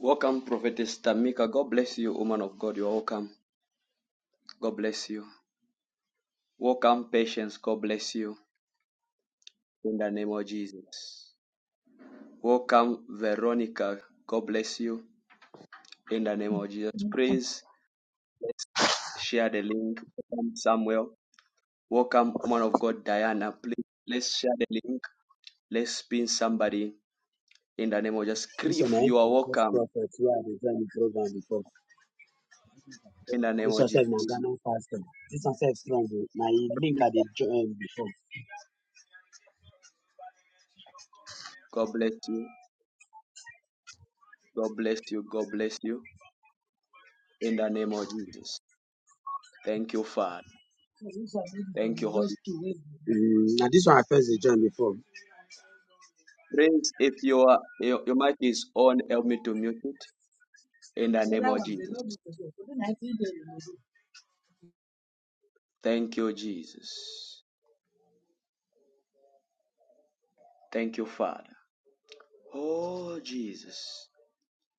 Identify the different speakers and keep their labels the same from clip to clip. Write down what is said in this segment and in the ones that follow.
Speaker 1: Welcome, Prophetess Tamika. God bless you, woman of God. You're welcome. God bless you. Welcome, Patience. God bless you. In the name of Jesus. Welcome, Veronica. God bless you. In the name of Jesus.
Speaker 2: Mm.
Speaker 1: Please, let's share the link. Welcome, Samuel. Welcome, woman of God, Diana. Please, let's share the link. Let's pin somebody. In the name of Jesus.
Speaker 3: This one
Speaker 1: Cliff,
Speaker 3: I ain't
Speaker 1: you are
Speaker 3: first
Speaker 1: welcome.
Speaker 3: prophet where I dey join the program before.
Speaker 1: In the name
Speaker 3: This
Speaker 1: of
Speaker 3: one self
Speaker 1: Jesus.
Speaker 3: na Ghana pastor. This one self strong. oh. Na e link I dey join before.
Speaker 1: God bless you. God bless you. God bless you. In the name of Jesus. Thank you, Father. Thank you, Holy
Speaker 3: Mm, na this one I first dey join before.
Speaker 1: Praise. If your, your your mic is on, help me to mute it in the name of Jesus. Thank you, Jesus. Thank you, Father. Oh, Jesus.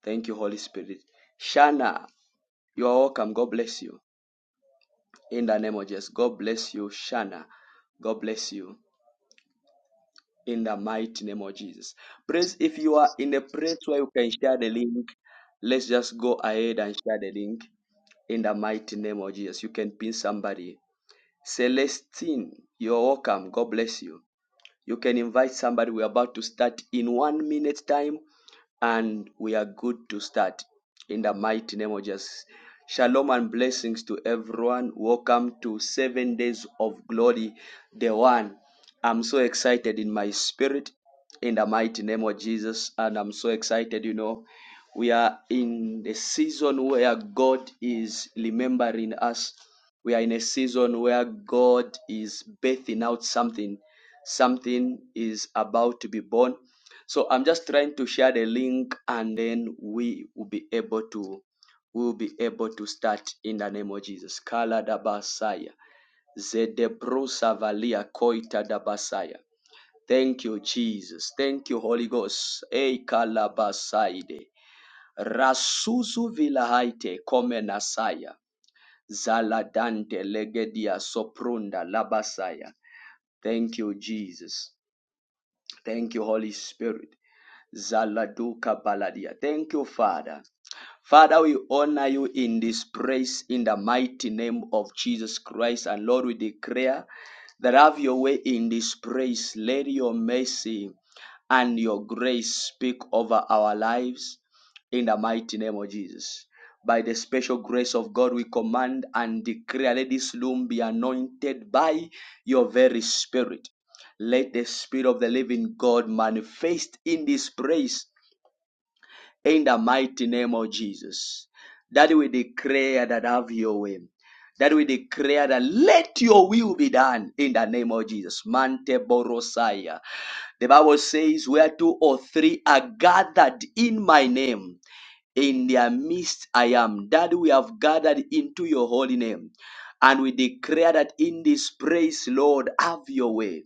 Speaker 1: Thank you, Holy Spirit. Shana, you are welcome. God bless you. In the name of Jesus. God bless you, Shana. God bless you. In the mighty name of Jesus. Praise. If you are in a place where you can share the link, let's just go ahead and share the link in the mighty name of Jesus. You can pin somebody. Celestine, you're welcome. God bless you. You can invite somebody. We're about to start in one minute time and we are good to start in the mighty name of Jesus. Shalom and blessings to everyone. Welcome to Seven Days of Glory, day one. I'm so excited in my spirit in the mighty name of Jesus, and I'm so excited, you know. We are in the season where God is remembering us. We are in a season where God is birthing out something. Something is about to be born so I'm just trying to share the link and then we will be able to we will be able to start in the name of Jesus. Kala da basaya. Zedebru savalia koita da basaya. Thank you, Jesus. Thank you, Holy Ghost. Ei kalabasaide. Rasuzu vilahaite komenasaya. Zaladante legedia soprunda labasaya. Thank you, Jesus. Thank you, Holy Spirit. Zaladuka Baladia. Thank you, Father. Father, we honor you in this praise in the mighty name of Jesus Christ. And Lord, we declare that have your way in this praise. Let your mercy and your grace speak over our lives in the mighty name of Jesus. By the special grace of God, we command and declare let this room be anointed by your very spirit. Let the spirit of the living God manifest in this place in the mighty name of Jesus. That we declare that have your way. That we declare that let your will be done in the name of Jesus. Mante Borosaya. The Bible says, Where two or three are gathered in my name. In their midst I am. That we have gathered into your holy name. And we declare that in this praise, Lord, have your way.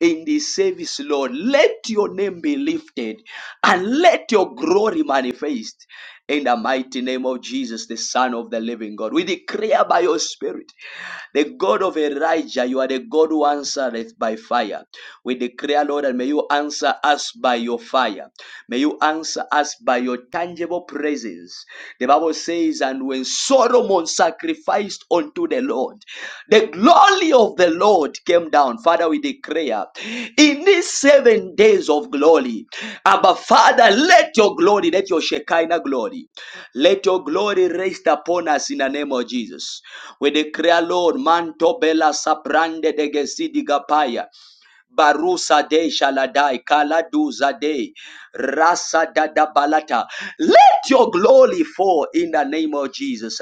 Speaker 1: In this service, Lord, let your name be lifted and let your glory manifest in the mighty name of Jesus, the Son of the living God. We declare by your Spirit. The God of Elijah, you are the God who answereth by fire. We declare, Lord, and may you answer us by your fire. May you answer us by your tangible presence. The Bible says, and when Solomon sacrificed unto the Lord, the glory of the Lord came down. Father, we declare in these seven days of glory, Abba Father, let your glory, let your Shekinah glory. Let your glory rest upon us in the name of Jesus. We declare, Lord, manto bela saprande de gesidi Barusa de Shaladai, Kaladuza de Rasa Dada Balata. Let your glory fall in the name of Jesus.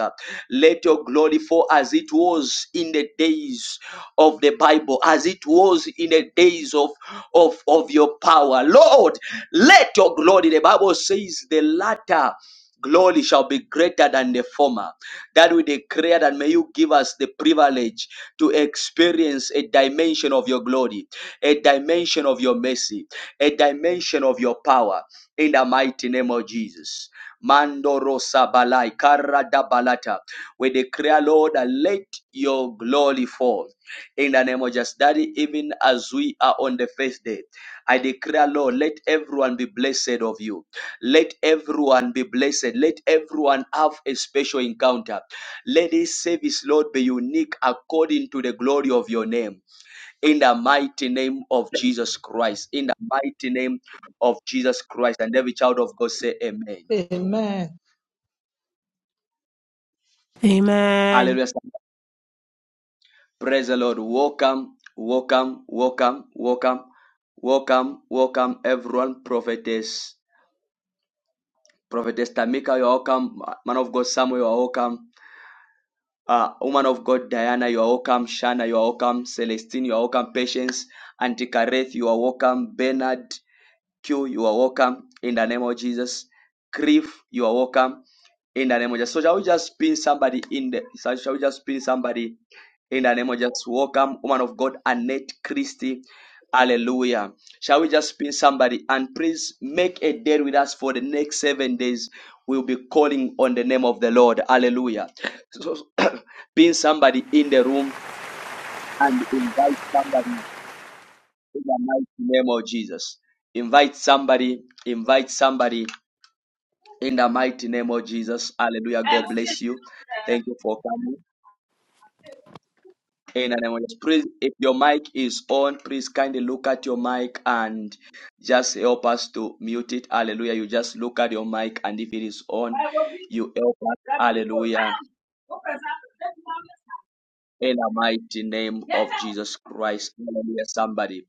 Speaker 1: Let your glory fall as it was in the days of the Bible, as it was in the days of, of, of your power. Lord, let your glory, the Bible says, the latter glory shall be greater than the former. That we declare that may you give us the privilege to experience a dimension of your glory a dimension of your mercy, a dimension of your power in the mighty name of Jesus. Mandorosa balai karada balata. We declare, Lord, that let your glory fall in the name of Jesus. Daddy, even as we are on the first day, I declare, Lord, let everyone be blessed of you. Let everyone be blessed. Let everyone have a special encounter. Let this service, Lord, be unique according to the glory of your name in the mighty name of Jesus Christ. In the mighty name of Jesus Christ. And every child of God say amen.
Speaker 2: Amen.
Speaker 4: Amen.
Speaker 1: Hallelujah. Praise the Lord. Welcome, welcome, welcome, welcome, welcome, welcome, everyone. Prophetess, Prophetess Tamika, you're welcome. Man of God Samuel, you're welcome. Uh, woman of God Diana, you're welcome. Shana, you're welcome. Celestine, you're welcome. Patience, Auntie Kareth, you are welcome. Bernard, Q, you are welcome in the name of Jesus. Grief, you are welcome in the name of Jesus. So shall we just pin somebody in the so shall we just pin somebody in the name of Jesus? Welcome, woman of God, Annette Christie. Hallelujah. Shall we just pin somebody and please make a day with us for the next seven days? We'll be calling on the name of the Lord. Hallelujah. So pin somebody in the room and invite somebody in the mighty name of Jesus. Invite somebody, invite somebody in the mighty name of Jesus. Hallelujah. God bless you. Thank you for coming. In the name of Jesus. Please, if your mic is on, please kindly look at your mic and just help us to mute it. Hallelujah. You just look at your mic and if it is on, you help us. Hallelujah. In the mighty name of Jesus Christ. Hallelujah. Somebody.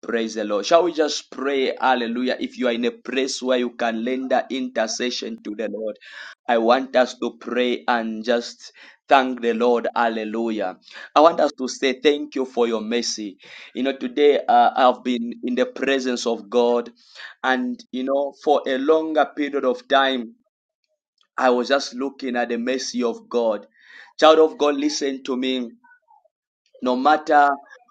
Speaker 1: Praise the Lord. Shall we just pray? Hallelujah. If you are in a place where you can render intercession to the Lord, I want us to pray and just thank the Lord. Hallelujah. I want us to say thank you for your mercy. You know, today uh, I've been in the presence of God, and you know, for a longer period of time, I was just looking at the mercy of God. Child of God, listen to me no matter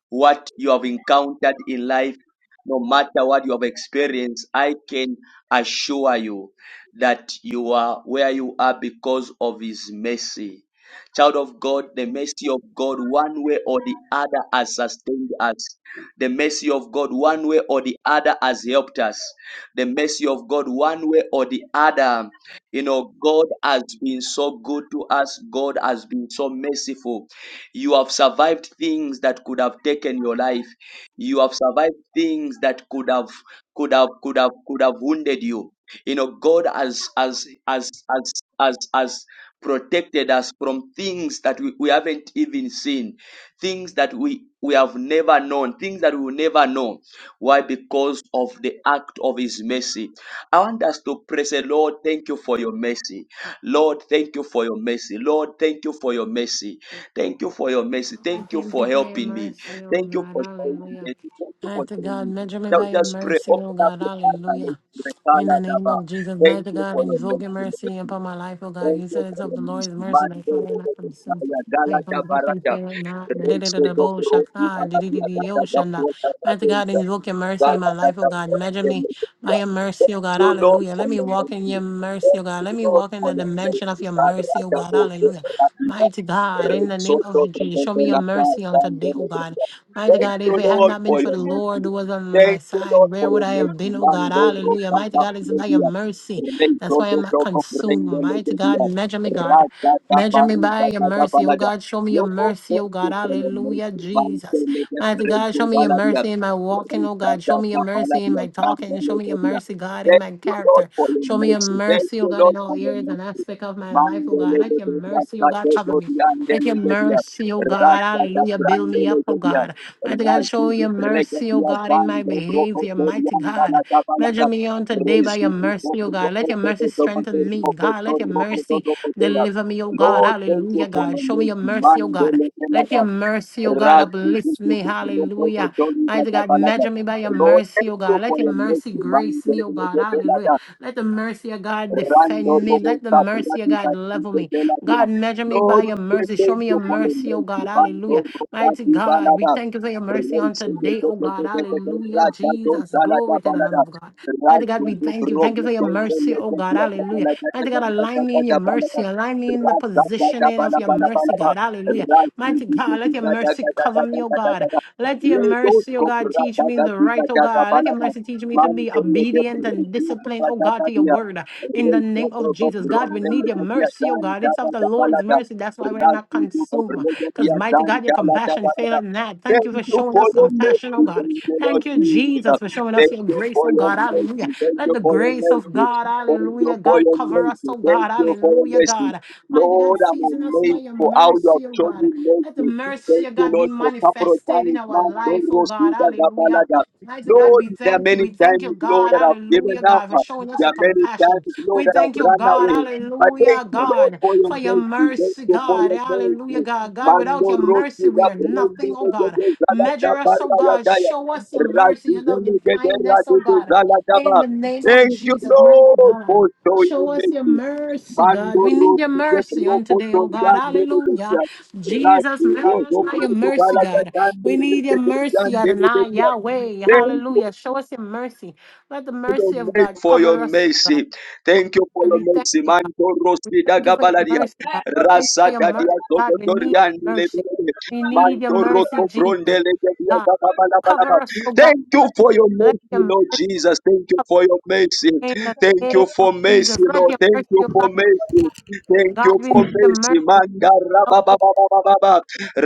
Speaker 1: what you have encountered in life, no matter what you have experienced, I can assure you that you are where you are because of His mercy. Child of God, the mercy of God, one way or the other, has sustained us. The mercy of God, one way or the other, has helped us. The mercy of God, one way or the other, you know, God has been so good to us. God has been so merciful. You have survived things that could have taken your life. You have survived things that could have could have could have could have wounded you. You know, God has as as as as as protected us from things that we, we haven't even seen, things that we we have never known, things that we will never know. Why? Because of the act of his mercy. I want us to praise the Lord, thank you for your mercy. Lord, thank you for your mercy. Lord, thank you for your mercy. Thank you for your mercy.
Speaker 4: Lord,
Speaker 1: Thank you
Speaker 4: thank
Speaker 1: for
Speaker 4: you for your
Speaker 1: helping me.
Speaker 4: mercy, oh
Speaker 1: Thank you
Speaker 4: God.
Speaker 1: for showing me.
Speaker 4: Hallelujah.
Speaker 1: mercy. Thank you for
Speaker 4: Mighty
Speaker 1: showing
Speaker 4: God,
Speaker 1: me.
Speaker 4: measure me
Speaker 1: Now
Speaker 4: by your
Speaker 1: just pray.
Speaker 4: mercy, oh
Speaker 1: Open up
Speaker 4: God.
Speaker 1: your heart and
Speaker 4: Hallelujah.
Speaker 1: let's
Speaker 4: In the name
Speaker 1: pray.
Speaker 4: of Jesus,
Speaker 1: Thank
Speaker 4: mighty
Speaker 1: you
Speaker 4: God,
Speaker 1: for your
Speaker 4: invoke your
Speaker 1: mercy.
Speaker 4: mercy
Speaker 1: Lord.
Speaker 4: upon my life, oh God.
Speaker 1: Thank
Speaker 4: You
Speaker 1: you
Speaker 4: said it's
Speaker 1: for
Speaker 4: of
Speaker 1: your
Speaker 4: the
Speaker 1: mercy.
Speaker 4: Lord's mercy that
Speaker 1: Mando
Speaker 4: why I'm
Speaker 1: robo
Speaker 4: not consume.
Speaker 1: kusaya gala
Speaker 4: My
Speaker 1: ya
Speaker 4: compassion
Speaker 1: baraka.
Speaker 4: faileth not.
Speaker 1: Reise do robo
Speaker 4: Da-da-da-da-da-bo-shaka,
Speaker 1: baba ya gata ya
Speaker 4: di-di-di-di-yo-shanda.
Speaker 1: puerta
Speaker 4: Mighty God,
Speaker 1: radeita.
Speaker 4: invoke your mercy in
Speaker 1: Gala
Speaker 4: my
Speaker 1: ya
Speaker 4: life, oh
Speaker 1: ya
Speaker 4: God. Measure
Speaker 1: puerta
Speaker 4: me by
Speaker 1: media.
Speaker 4: your mercy, oh
Speaker 1: Thank
Speaker 4: God.
Speaker 1: you Lord
Speaker 4: Hallelujah.
Speaker 1: for
Speaker 4: Let me
Speaker 1: your
Speaker 4: walk in your
Speaker 1: mercy. Thank
Speaker 4: mercy, oh God. Let
Speaker 1: you
Speaker 4: me
Speaker 1: Lord
Speaker 4: walk in
Speaker 1: for
Speaker 4: the
Speaker 1: your
Speaker 4: dimension of
Speaker 1: mercy.
Speaker 4: your
Speaker 1: Padre
Speaker 4: mercy, oh
Speaker 1: ya
Speaker 4: God.
Speaker 1: puerta
Speaker 4: Hallelujah.
Speaker 1: radeita.
Speaker 4: Mighty God, in the
Speaker 1: Reise
Speaker 4: name of
Speaker 1: do
Speaker 4: Jesus,
Speaker 1: robo
Speaker 4: show
Speaker 1: de
Speaker 4: me your
Speaker 1: la
Speaker 4: mercy on
Speaker 1: casa
Speaker 4: today, oh God. Mighty
Speaker 1: Thank
Speaker 4: God,
Speaker 1: you
Speaker 4: if it had
Speaker 1: Lord
Speaker 4: not been
Speaker 1: for
Speaker 4: for
Speaker 1: your
Speaker 4: the Lord
Speaker 1: mercy.
Speaker 4: who was on my
Speaker 1: Thank you
Speaker 4: side,
Speaker 1: Lord for
Speaker 4: where would
Speaker 1: your
Speaker 4: I have
Speaker 1: mercy.
Speaker 4: been, oh God?
Speaker 1: Mando robo
Speaker 4: Hallelujah. Mighty
Speaker 1: baba
Speaker 4: God, it's by your mercy. That's
Speaker 1: Reto
Speaker 4: why
Speaker 1: do
Speaker 4: I'm not
Speaker 1: troco
Speaker 4: consumed.
Speaker 1: prende
Speaker 4: Mighty
Speaker 1: le
Speaker 4: God,
Speaker 1: dia.
Speaker 4: measure me, God.
Speaker 1: Raga da
Speaker 4: Measure me
Speaker 1: pari da
Speaker 4: by your
Speaker 1: da
Speaker 4: mercy, oh
Speaker 1: balada.
Speaker 4: God. Show me your
Speaker 1: Loco
Speaker 4: mercy, oh
Speaker 1: coche
Speaker 4: God.
Speaker 1: con lo
Speaker 4: Hallelujah,
Speaker 1: messo manche
Speaker 4: Jesus.
Speaker 1: le de
Speaker 4: Mighty God,
Speaker 1: preso
Speaker 4: show me your
Speaker 1: baladia.
Speaker 4: mercy in my walking, oh
Speaker 1: Renta
Speaker 4: God.
Speaker 1: da
Speaker 4: Show me your
Speaker 1: da
Speaker 4: mercy in
Speaker 1: baladia
Speaker 4: my
Speaker 1: canta
Speaker 4: talking.
Speaker 1: le
Speaker 4: Show me
Speaker 1: de
Speaker 4: your
Speaker 1: dia.
Speaker 4: mercy, God, in
Speaker 1: Thank
Speaker 4: my
Speaker 1: you Lord
Speaker 4: character.
Speaker 1: for your
Speaker 4: Show me your
Speaker 1: mercy. Thank
Speaker 4: mercy, oh
Speaker 1: you
Speaker 4: God, in
Speaker 1: Lord
Speaker 4: all
Speaker 1: for your
Speaker 4: areas and
Speaker 1: mercy.
Speaker 4: aspect of my life, oh
Speaker 1: Mandele
Speaker 4: God.
Speaker 1: de
Speaker 4: Let your
Speaker 1: de
Speaker 4: mercy, oh God,
Speaker 1: de
Speaker 4: cover
Speaker 1: do
Speaker 4: me.
Speaker 1: di
Speaker 4: Let your
Speaker 1: dia.
Speaker 4: mercy, oh God,
Speaker 1: Rasta da
Speaker 4: hallelujah, build me
Speaker 1: brandele
Speaker 4: up, oh
Speaker 1: de dia.
Speaker 4: God. Mighty God,
Speaker 1: Rasta
Speaker 4: show me
Speaker 1: de
Speaker 4: your
Speaker 1: rega
Speaker 4: mercy, oh
Speaker 1: dia
Speaker 4: God, in my
Speaker 1: roco
Speaker 4: behavior,
Speaker 1: de
Speaker 4: mighty
Speaker 1: yanda la
Speaker 4: God. Measure
Speaker 1: balada.
Speaker 4: me on today
Speaker 1: Lord,
Speaker 4: by your mercy, oh God. Let your mercy strengthen me, God. Let your mercy deliver me, oh God.
Speaker 1: thank you
Speaker 4: Hallelujah,
Speaker 1: for
Speaker 4: God.
Speaker 1: the
Speaker 4: Show me your
Speaker 1: mercy.
Speaker 4: mercy, oh
Speaker 1: Mandele
Speaker 4: God. Let
Speaker 1: Pelada.
Speaker 4: your mercy, O God,
Speaker 1: Ratu Tutu
Speaker 4: uplift me. Hallelujah. Mighty God, measure me by your
Speaker 1: Lord,
Speaker 4: mercy,
Speaker 1: thank
Speaker 4: O
Speaker 1: you
Speaker 4: God.
Speaker 1: for
Speaker 4: Let your
Speaker 1: your
Speaker 4: mercy
Speaker 1: mercy.
Speaker 4: grace me, O
Speaker 1: Mandele
Speaker 4: God.
Speaker 1: Pelada.
Speaker 4: Hallelujah. Let the mercy of God
Speaker 1: Rando
Speaker 4: defend me.
Speaker 1: Robo
Speaker 4: Let the mercy of
Speaker 1: Sakurati
Speaker 4: God level
Speaker 1: Kasite
Speaker 4: me.
Speaker 1: Teladia.
Speaker 4: God, measure me by
Speaker 1: Lord, we
Speaker 4: your
Speaker 1: say
Speaker 4: mercy. Show
Speaker 1: thank
Speaker 4: me your
Speaker 1: you for the
Speaker 4: mercy, O
Speaker 1: mercy.
Speaker 4: God.
Speaker 1: Bando
Speaker 4: Hallelujah. Mighty
Speaker 1: Rosati
Speaker 4: God, we
Speaker 1: Balada.
Speaker 4: thank you for your mercy on
Speaker 1: Raise
Speaker 4: today, O God.
Speaker 1: the
Speaker 4: Hallelujah.
Speaker 1: Raja
Speaker 4: Jesus,
Speaker 1: Dosalada
Speaker 4: glory to the Lamb
Speaker 1: Balada.
Speaker 4: of God. Mighty God,
Speaker 1: Raja
Speaker 4: we thank you. Thank you
Speaker 1: Robo
Speaker 4: for your
Speaker 1: Songo
Speaker 4: mercy, oh God.
Speaker 1: Legacia
Speaker 4: Hallelujah.
Speaker 1: Balada
Speaker 4: Mighty God, align me in your
Speaker 1: Balada Balada.
Speaker 4: mercy. Align me in the
Speaker 1: Raja Balada
Speaker 4: positioning of your
Speaker 1: Balada
Speaker 4: mercy,
Speaker 1: Balada.
Speaker 4: God. Hallelujah. Mighty God, let your
Speaker 1: Raja
Speaker 4: mercy cover me, oh God. Let your
Speaker 1: Let those
Speaker 4: mercy, oh
Speaker 1: go.
Speaker 4: God, teach me the right, oh
Speaker 1: Raja
Speaker 4: God. Let your
Speaker 1: Balada.
Speaker 4: mercy teach me to
Speaker 1: Man,
Speaker 4: be
Speaker 1: tell the
Speaker 4: obedient
Speaker 1: praise
Speaker 4: and
Speaker 1: you,
Speaker 4: disciplined, oh God, to your
Speaker 1: Raja
Speaker 4: word.
Speaker 1: Thank
Speaker 4: In the
Speaker 1: you for
Speaker 4: name of Jesus, God, we need need your mercy, oh God. It's of the Lord's mercy. That's why we're not consumed. Because, mighty God, your compassion faileth not. Thank you for showing us
Speaker 1: your
Speaker 4: compassion, oh
Speaker 1: mercy,
Speaker 4: God.
Speaker 1: thank you, Lord
Speaker 4: Thank you,
Speaker 1: Jesus.
Speaker 4: Jesus, for showing us
Speaker 1: Thank
Speaker 4: your
Speaker 1: you
Speaker 4: grace,
Speaker 1: for
Speaker 4: oh
Speaker 1: your
Speaker 4: God. Hallelujah.
Speaker 1: mercy, thank
Speaker 4: Let
Speaker 1: you
Speaker 4: the
Speaker 1: for your
Speaker 4: grace of
Speaker 1: mercy,
Speaker 4: God,
Speaker 1: thank you
Speaker 4: hallelujah,
Speaker 1: for
Speaker 4: God,
Speaker 1: your
Speaker 4: cover
Speaker 1: mercy,
Speaker 4: us, oh
Speaker 1: thank
Speaker 4: God.
Speaker 1: you for your
Speaker 4: Hallelujah,
Speaker 1: mercy.
Speaker 4: God. Mighty God,
Speaker 1: Lord, I'm
Speaker 4: season us by
Speaker 1: amazed
Speaker 4: your
Speaker 1: for how you have
Speaker 4: mercy, oh
Speaker 1: shown
Speaker 4: God.
Speaker 1: me
Speaker 4: Let the
Speaker 1: mercy. Thank
Speaker 4: mercy of
Speaker 1: you,
Speaker 4: God be
Speaker 1: Lord, for couple of
Speaker 4: manifested in
Speaker 1: times,
Speaker 4: our
Speaker 1: man, Lord,
Speaker 4: life, oh God.
Speaker 1: Rosita,
Speaker 4: Hallelujah.
Speaker 1: Gapalaga.
Speaker 4: Mighty God,
Speaker 1: Lord,
Speaker 4: we
Speaker 1: there are
Speaker 4: thank you.
Speaker 1: many
Speaker 4: We thank you,
Speaker 1: times, Lord,
Speaker 4: God.
Speaker 1: that I've given
Speaker 4: Hallelujah,
Speaker 1: up.
Speaker 4: God, for showing us
Speaker 1: There are
Speaker 4: your
Speaker 1: many
Speaker 4: compassion.
Speaker 1: times, Lord,
Speaker 4: We
Speaker 1: that have
Speaker 4: thank you,
Speaker 1: run
Speaker 4: God.
Speaker 1: away. I thank
Speaker 4: Hallelujah,
Speaker 1: you, Lord,
Speaker 4: God,
Speaker 1: for your
Speaker 4: for your
Speaker 1: mercy. Thank
Speaker 4: mercy,
Speaker 1: you for
Speaker 4: God.
Speaker 1: your
Speaker 4: Hallelujah,
Speaker 1: mercy.
Speaker 4: God. God, without
Speaker 1: Mando
Speaker 4: your
Speaker 1: roti
Speaker 4: mercy, we
Speaker 1: da
Speaker 4: are
Speaker 1: prende de
Speaker 4: nothing, oh
Speaker 1: de
Speaker 4: God.
Speaker 1: de zala da
Speaker 4: Measure us, oh
Speaker 1: barra la
Speaker 4: God.
Speaker 1: daya.
Speaker 4: Show us your mercy,
Speaker 1: Razi
Speaker 4: your
Speaker 1: zele
Speaker 4: loving
Speaker 1: de de
Speaker 4: kindness,
Speaker 1: razi
Speaker 4: oh
Speaker 1: de
Speaker 4: God.
Speaker 1: zala da
Speaker 4: In
Speaker 1: ba.
Speaker 4: the name of
Speaker 1: Thank you,
Speaker 4: Jesus, my
Speaker 1: Lord, for
Speaker 4: God. Show
Speaker 1: showing
Speaker 4: us your
Speaker 1: mercy.
Speaker 4: mercy, God.
Speaker 1: Mando
Speaker 4: We need your
Speaker 1: roti de
Speaker 4: mercy on
Speaker 1: broco
Speaker 4: today, oh God.
Speaker 1: tornando de de
Speaker 4: Hallelujah.
Speaker 1: de.
Speaker 4: Jesus,
Speaker 1: Razi yo
Speaker 4: measure us
Speaker 1: yo
Speaker 4: by your
Speaker 1: broco
Speaker 4: mercy,
Speaker 1: bala da
Speaker 4: God.
Speaker 1: cande
Speaker 4: We
Speaker 1: de
Speaker 4: need your
Speaker 1: de de
Speaker 4: mercy,
Speaker 1: cande de
Speaker 4: Adonai,
Speaker 1: de
Speaker 4: Yahweh.
Speaker 1: de
Speaker 4: Hallelujah. Show us your mercy. Let the mercy of
Speaker 1: you
Speaker 4: God
Speaker 1: for your
Speaker 4: cover us, oh God.
Speaker 1: mercy. Thank you for
Speaker 4: God,
Speaker 1: your
Speaker 4: we thank
Speaker 1: mercy.
Speaker 4: you, God.
Speaker 1: Manto
Speaker 4: We
Speaker 1: Rosida
Speaker 4: thank you for your
Speaker 1: Gabaladia.
Speaker 4: mercy, God. Thank you for
Speaker 1: Rasa
Speaker 4: your
Speaker 1: Dadia
Speaker 4: mercy, God. We need
Speaker 1: Dogotorian
Speaker 4: your mercy.
Speaker 1: Lebele.
Speaker 4: We need your
Speaker 1: Manto
Speaker 4: mercy,
Speaker 1: Roto
Speaker 4: Jesus.
Speaker 1: Grondele Gadia
Speaker 4: God,
Speaker 1: Gabalabalaba.
Speaker 4: cover us, oh God.
Speaker 1: Thank you for your
Speaker 4: Let
Speaker 1: mercy,
Speaker 4: your
Speaker 1: Lord
Speaker 4: mercy
Speaker 1: Jesus. Thank you
Speaker 4: cover
Speaker 1: for your mercy.
Speaker 4: in the
Speaker 1: Thank
Speaker 4: name
Speaker 1: you
Speaker 4: of
Speaker 1: for
Speaker 4: Jesus.
Speaker 1: mercy,
Speaker 4: Let
Speaker 1: Lord.
Speaker 4: your
Speaker 1: Thank
Speaker 4: mercy,
Speaker 1: you
Speaker 4: oh
Speaker 1: for
Speaker 4: God.
Speaker 1: mercy. Thank
Speaker 4: God,
Speaker 1: you
Speaker 4: we need
Speaker 1: for
Speaker 4: your
Speaker 1: mercy,
Speaker 4: mercy. We
Speaker 1: Manda
Speaker 4: love, oh,
Speaker 1: Rabababa.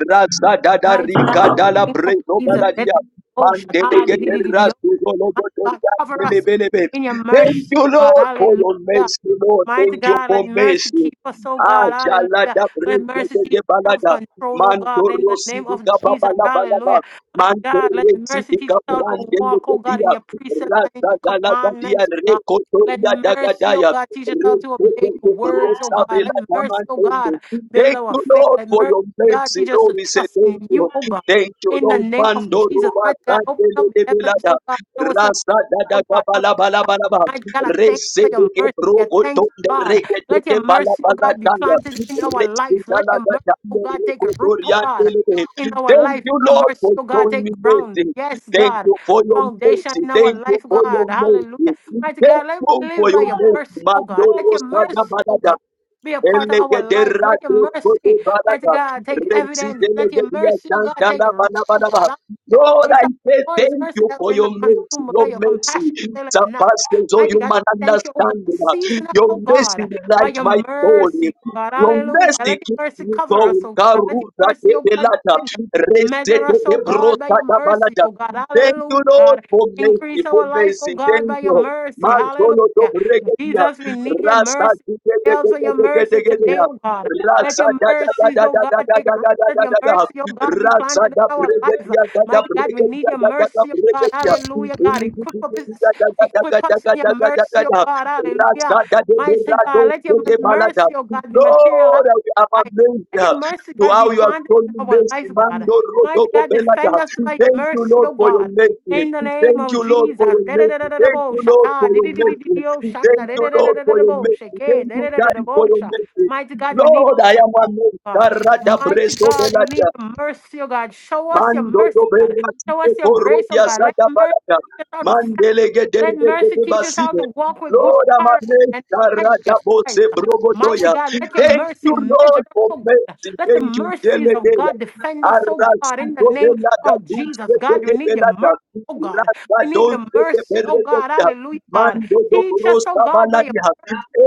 Speaker 1: Rasa Dada
Speaker 4: mighty God,
Speaker 1: Rika
Speaker 4: in
Speaker 1: Dala
Speaker 4: the name of
Speaker 1: Bredo
Speaker 4: Jesus. Let it
Speaker 1: Galadia.
Speaker 4: go, oh,
Speaker 1: Mandele
Speaker 4: Shaddai, di- di-
Speaker 1: Gede
Speaker 4: di- di- di- oh,
Speaker 1: Rasu Dolo
Speaker 4: my God, cover
Speaker 1: Gotorian
Speaker 4: us in your
Speaker 1: Thank
Speaker 4: mercy,
Speaker 1: you,
Speaker 4: oh God.
Speaker 1: Lord, for your
Speaker 4: Hallelujah.
Speaker 1: mercy, Lord.
Speaker 4: Mighty
Speaker 1: Thank you
Speaker 4: God, let
Speaker 1: for
Speaker 4: mercy
Speaker 1: mercy.
Speaker 4: keep us, oh
Speaker 1: Ah,
Speaker 4: God. Hallelujah.
Speaker 1: Jalada
Speaker 4: Let mercy
Speaker 1: Breke
Speaker 4: teach us
Speaker 1: Balada.
Speaker 4: self-control, oh God, in
Speaker 1: Mantoro
Speaker 4: the name of
Speaker 1: Sidiga
Speaker 4: Jesus.
Speaker 1: Babala
Speaker 4: Hallelujah.
Speaker 1: Balaba.
Speaker 4: Mighty God, let
Speaker 1: Mantore
Speaker 4: mercy teach
Speaker 1: Sidiga
Speaker 4: us how to
Speaker 1: Brande
Speaker 4: walk, oh God, in
Speaker 1: dia.
Speaker 4: your precepts and in
Speaker 1: Rasa
Speaker 4: your
Speaker 1: Galagadia
Speaker 4: commandments, oh God. Let
Speaker 1: Recotoria
Speaker 4: mercy, oh
Speaker 1: Dagadaya.
Speaker 4: God, teach us how to obey your
Speaker 1: Recotoria
Speaker 4: words, oh
Speaker 1: Brosa
Speaker 4: God. Let
Speaker 1: Vela
Speaker 4: mercy, oh God,
Speaker 1: Damantende.
Speaker 4: build
Speaker 1: Thank
Speaker 4: our
Speaker 1: you,
Speaker 4: faith.
Speaker 1: Lord,
Speaker 4: Let
Speaker 1: for
Speaker 4: mercy,
Speaker 1: your
Speaker 4: God,
Speaker 1: mercy.
Speaker 4: teach us
Speaker 1: Lord,
Speaker 4: to
Speaker 1: we say
Speaker 4: trust in
Speaker 1: thank
Speaker 4: you,
Speaker 1: you.
Speaker 4: oh God.
Speaker 1: Thank you,
Speaker 4: In the
Speaker 1: Lord.
Speaker 4: name of
Speaker 1: Mando
Speaker 4: Jesus,
Speaker 1: Roba
Speaker 4: mighty God, open up
Speaker 1: Sandele
Speaker 4: the
Speaker 1: de
Speaker 4: heavens,
Speaker 1: Belada.
Speaker 4: oh God. Show us your,
Speaker 1: Rasa da da
Speaker 4: oh
Speaker 1: ga
Speaker 4: God.
Speaker 1: ba la ba la ba la ba.
Speaker 4: My God, I thank you
Speaker 1: Rese
Speaker 4: for
Speaker 1: de
Speaker 4: your
Speaker 1: ke
Speaker 4: mercy.
Speaker 1: bro
Speaker 4: I
Speaker 1: o
Speaker 4: thank
Speaker 1: to
Speaker 4: you,
Speaker 1: de re
Speaker 4: God.
Speaker 1: ke te
Speaker 4: Let your
Speaker 1: ke ba la
Speaker 4: mercy,
Speaker 1: ba
Speaker 4: oh
Speaker 1: la
Speaker 4: God, be
Speaker 1: ta ya.
Speaker 4: planted in our
Speaker 1: Rese
Speaker 4: life.
Speaker 1: da
Speaker 4: Let
Speaker 1: la
Speaker 4: your
Speaker 1: ga
Speaker 4: mercy,
Speaker 1: da
Speaker 4: oh
Speaker 1: me
Speaker 4: God,
Speaker 1: re
Speaker 4: take
Speaker 1: ko
Speaker 4: root,
Speaker 1: to
Speaker 4: oh
Speaker 1: ria te
Speaker 4: God,
Speaker 1: le de.
Speaker 4: in our
Speaker 1: Thank
Speaker 4: life.
Speaker 1: you,
Speaker 4: Let your
Speaker 1: Lord,
Speaker 4: mercy,
Speaker 1: for
Speaker 4: oh God,
Speaker 1: showing
Speaker 4: take
Speaker 1: me
Speaker 4: ground.
Speaker 1: mercy.
Speaker 4: Yes,
Speaker 1: Thank
Speaker 4: God.
Speaker 1: you for your
Speaker 4: Foundation
Speaker 1: mercy.
Speaker 4: in our
Speaker 1: Thank you
Speaker 4: life,
Speaker 1: for
Speaker 4: God.
Speaker 1: your mercy.
Speaker 4: Hallelujah. Mighty
Speaker 1: Thank
Speaker 4: God, let
Speaker 1: you
Speaker 4: me
Speaker 1: for
Speaker 4: live by
Speaker 1: your
Speaker 4: your
Speaker 1: mercy.
Speaker 4: mercy, oh
Speaker 1: Mando
Speaker 4: God. Let your
Speaker 1: rosa da
Speaker 4: mercy,
Speaker 1: ba la
Speaker 4: oh
Speaker 1: da.
Speaker 4: God. Be a part of our life. Let
Speaker 1: Elegederado
Speaker 4: your
Speaker 1: kodo
Speaker 4: mercy, mighty
Speaker 1: barada.
Speaker 4: God, take
Speaker 1: Renzi
Speaker 4: evidence. Let your
Speaker 1: delegedia
Speaker 4: mercy, oh God, take
Speaker 1: dandala
Speaker 4: root,
Speaker 1: bana
Speaker 4: oh
Speaker 1: bana ba.
Speaker 4: God. Hallelujah.
Speaker 1: Lord,
Speaker 4: It's
Speaker 1: I
Speaker 4: our
Speaker 1: say
Speaker 4: Lord's
Speaker 1: thank
Speaker 4: mercy
Speaker 1: you
Speaker 4: that
Speaker 1: for
Speaker 4: we're
Speaker 1: your
Speaker 4: not
Speaker 1: mercy.
Speaker 4: consumed
Speaker 1: Your
Speaker 4: because your compassion
Speaker 1: mercy
Speaker 4: faileth not.
Speaker 1: surpasses all
Speaker 4: Mighty God, we
Speaker 1: human
Speaker 4: thank you, oh God.
Speaker 1: understanding.
Speaker 4: Season us,
Speaker 1: Your
Speaker 4: oh
Speaker 1: mercy
Speaker 4: God, by
Speaker 1: light
Speaker 4: your
Speaker 1: my soul.
Speaker 4: mercy, oh God.
Speaker 1: Your
Speaker 4: Hallelujah.
Speaker 1: mercy
Speaker 4: Let
Speaker 1: keeps
Speaker 4: your mercy
Speaker 1: me
Speaker 4: cover us,
Speaker 1: going.
Speaker 4: oh God. Let
Speaker 1: Karuza
Speaker 4: your
Speaker 1: de
Speaker 4: mercy, oh God,
Speaker 1: belata.
Speaker 4: defend us.
Speaker 1: Reste
Speaker 4: Measure
Speaker 1: de
Speaker 4: us,
Speaker 1: de
Speaker 4: oh God, by
Speaker 1: brosa
Speaker 4: your
Speaker 1: da
Speaker 4: mercy,
Speaker 1: balata.
Speaker 4: oh God.
Speaker 1: Thank you,
Speaker 4: Hallelujah,
Speaker 1: Lord,
Speaker 4: God.
Speaker 1: for
Speaker 4: Increase
Speaker 1: mercy, for
Speaker 4: our life,
Speaker 1: mercy.
Speaker 4: oh God,
Speaker 1: Thank
Speaker 4: by your
Speaker 1: you.
Speaker 4: mercy.
Speaker 1: Mazolo do
Speaker 4: Hallelujah.
Speaker 1: bregedia.
Speaker 4: Jesus, we need your
Speaker 1: Rasa
Speaker 4: mercy.
Speaker 1: di de
Speaker 4: We Pray
Speaker 1: de
Speaker 4: out
Speaker 1: de
Speaker 4: for your
Speaker 1: de de
Speaker 4: mercy
Speaker 1: de de
Speaker 4: today,
Speaker 1: de.
Speaker 4: oh God. Let
Speaker 1: Rasa
Speaker 4: your
Speaker 1: da da
Speaker 4: mercies,
Speaker 1: da da
Speaker 4: oh
Speaker 1: da
Speaker 4: God,
Speaker 1: da
Speaker 4: take
Speaker 1: da
Speaker 4: root.
Speaker 1: da
Speaker 4: Let
Speaker 1: da
Speaker 4: your
Speaker 1: da da.
Speaker 4: mercy, oh God, be planted in
Speaker 1: Ratsada
Speaker 4: our lives.
Speaker 1: bregedia gada
Speaker 4: Mighty God, we need
Speaker 1: bregedia
Speaker 4: your
Speaker 1: gada gada
Speaker 4: mercy, oh God.
Speaker 1: bregedia.
Speaker 4: Hallelujah, God. Equip us, Equip us in your mercy, oh God. Hallelujah.
Speaker 1: Ratsada de
Speaker 4: Mighty
Speaker 1: berado
Speaker 4: God, let your
Speaker 1: de balada.
Speaker 4: mercy, oh God, be materialized
Speaker 1: Lord, we
Speaker 4: in
Speaker 1: are
Speaker 4: our life.
Speaker 1: amazed
Speaker 4: Let your
Speaker 1: uh,
Speaker 4: mercy,
Speaker 1: to
Speaker 4: God, be
Speaker 1: how you are
Speaker 4: planted
Speaker 1: showing
Speaker 4: in our
Speaker 1: mercy.
Speaker 4: life, God.
Speaker 1: Mando
Speaker 4: Mighty
Speaker 1: rodogo
Speaker 4: God, defend
Speaker 1: belada.
Speaker 4: us by your
Speaker 1: Thank you,
Speaker 4: mercy,
Speaker 1: Lord,
Speaker 4: oh
Speaker 1: for your
Speaker 4: God.
Speaker 1: mercy.
Speaker 4: In the name
Speaker 1: Thank
Speaker 4: of
Speaker 1: you, Lord,
Speaker 4: Jesus.
Speaker 1: for your mercy. Thank
Speaker 4: Da-da-da-da-da-da-bo,
Speaker 1: you, Lord, for
Speaker 4: shata,
Speaker 1: your mercy.
Speaker 4: di-di-di-di-di-di-o,
Speaker 1: Thank
Speaker 4: shanda,
Speaker 1: you, Lord, for your
Speaker 4: da-da-da-da-da-da-da-bo,
Speaker 1: mercy.
Speaker 4: shake,
Speaker 1: Thank you, Daddy, for
Speaker 4: da-da-da-da-da-bo,
Speaker 1: your
Speaker 4: sha.
Speaker 1: mercy.
Speaker 4: Mighty God, we need your
Speaker 1: Lord, I am amazed.
Speaker 4: God.
Speaker 1: Karada
Speaker 4: Mighty
Speaker 1: breso
Speaker 4: God, we
Speaker 1: belada.
Speaker 4: need your mercy, oh God. Show us your
Speaker 1: Mando
Speaker 4: mercy, God.
Speaker 1: doberra
Speaker 4: Show us
Speaker 1: tike
Speaker 4: your
Speaker 1: porro
Speaker 4: grace, oh
Speaker 1: dia
Speaker 4: God. Let
Speaker 1: zaga
Speaker 4: mercy
Speaker 1: barada.
Speaker 4: teach us how to stand.
Speaker 1: Mandele gedere
Speaker 4: Let mercy
Speaker 1: gede
Speaker 4: teach us how
Speaker 1: baside.
Speaker 4: to walk with good
Speaker 1: Lord
Speaker 4: character
Speaker 1: amane
Speaker 4: and integrity
Speaker 1: karada
Speaker 4: of Christ.
Speaker 1: bose
Speaker 4: Mighty
Speaker 1: brogodoya.
Speaker 4: God, let your
Speaker 1: Thank you
Speaker 4: mercy measure
Speaker 1: Lord
Speaker 4: us,
Speaker 1: for
Speaker 4: oh God.
Speaker 1: mercy.
Speaker 4: Let the
Speaker 1: Thank you
Speaker 4: mercies of
Speaker 1: delegeya.
Speaker 4: God defend us,
Speaker 1: Arra
Speaker 4: oh God, in the
Speaker 1: sudo de
Speaker 4: name
Speaker 1: la
Speaker 4: of
Speaker 1: gaduse
Speaker 4: Jesus.
Speaker 1: de
Speaker 4: God, we
Speaker 1: de
Speaker 4: need your mercy, oh
Speaker 1: dos
Speaker 4: God.
Speaker 1: Rata
Speaker 4: We need your
Speaker 1: donse de
Speaker 4: mercy, oh God.
Speaker 1: berregeta.
Speaker 4: Hallelujah, God.
Speaker 1: Mando do
Speaker 4: Teach us, oh
Speaker 1: brosta
Speaker 4: God, by your,
Speaker 1: baladia.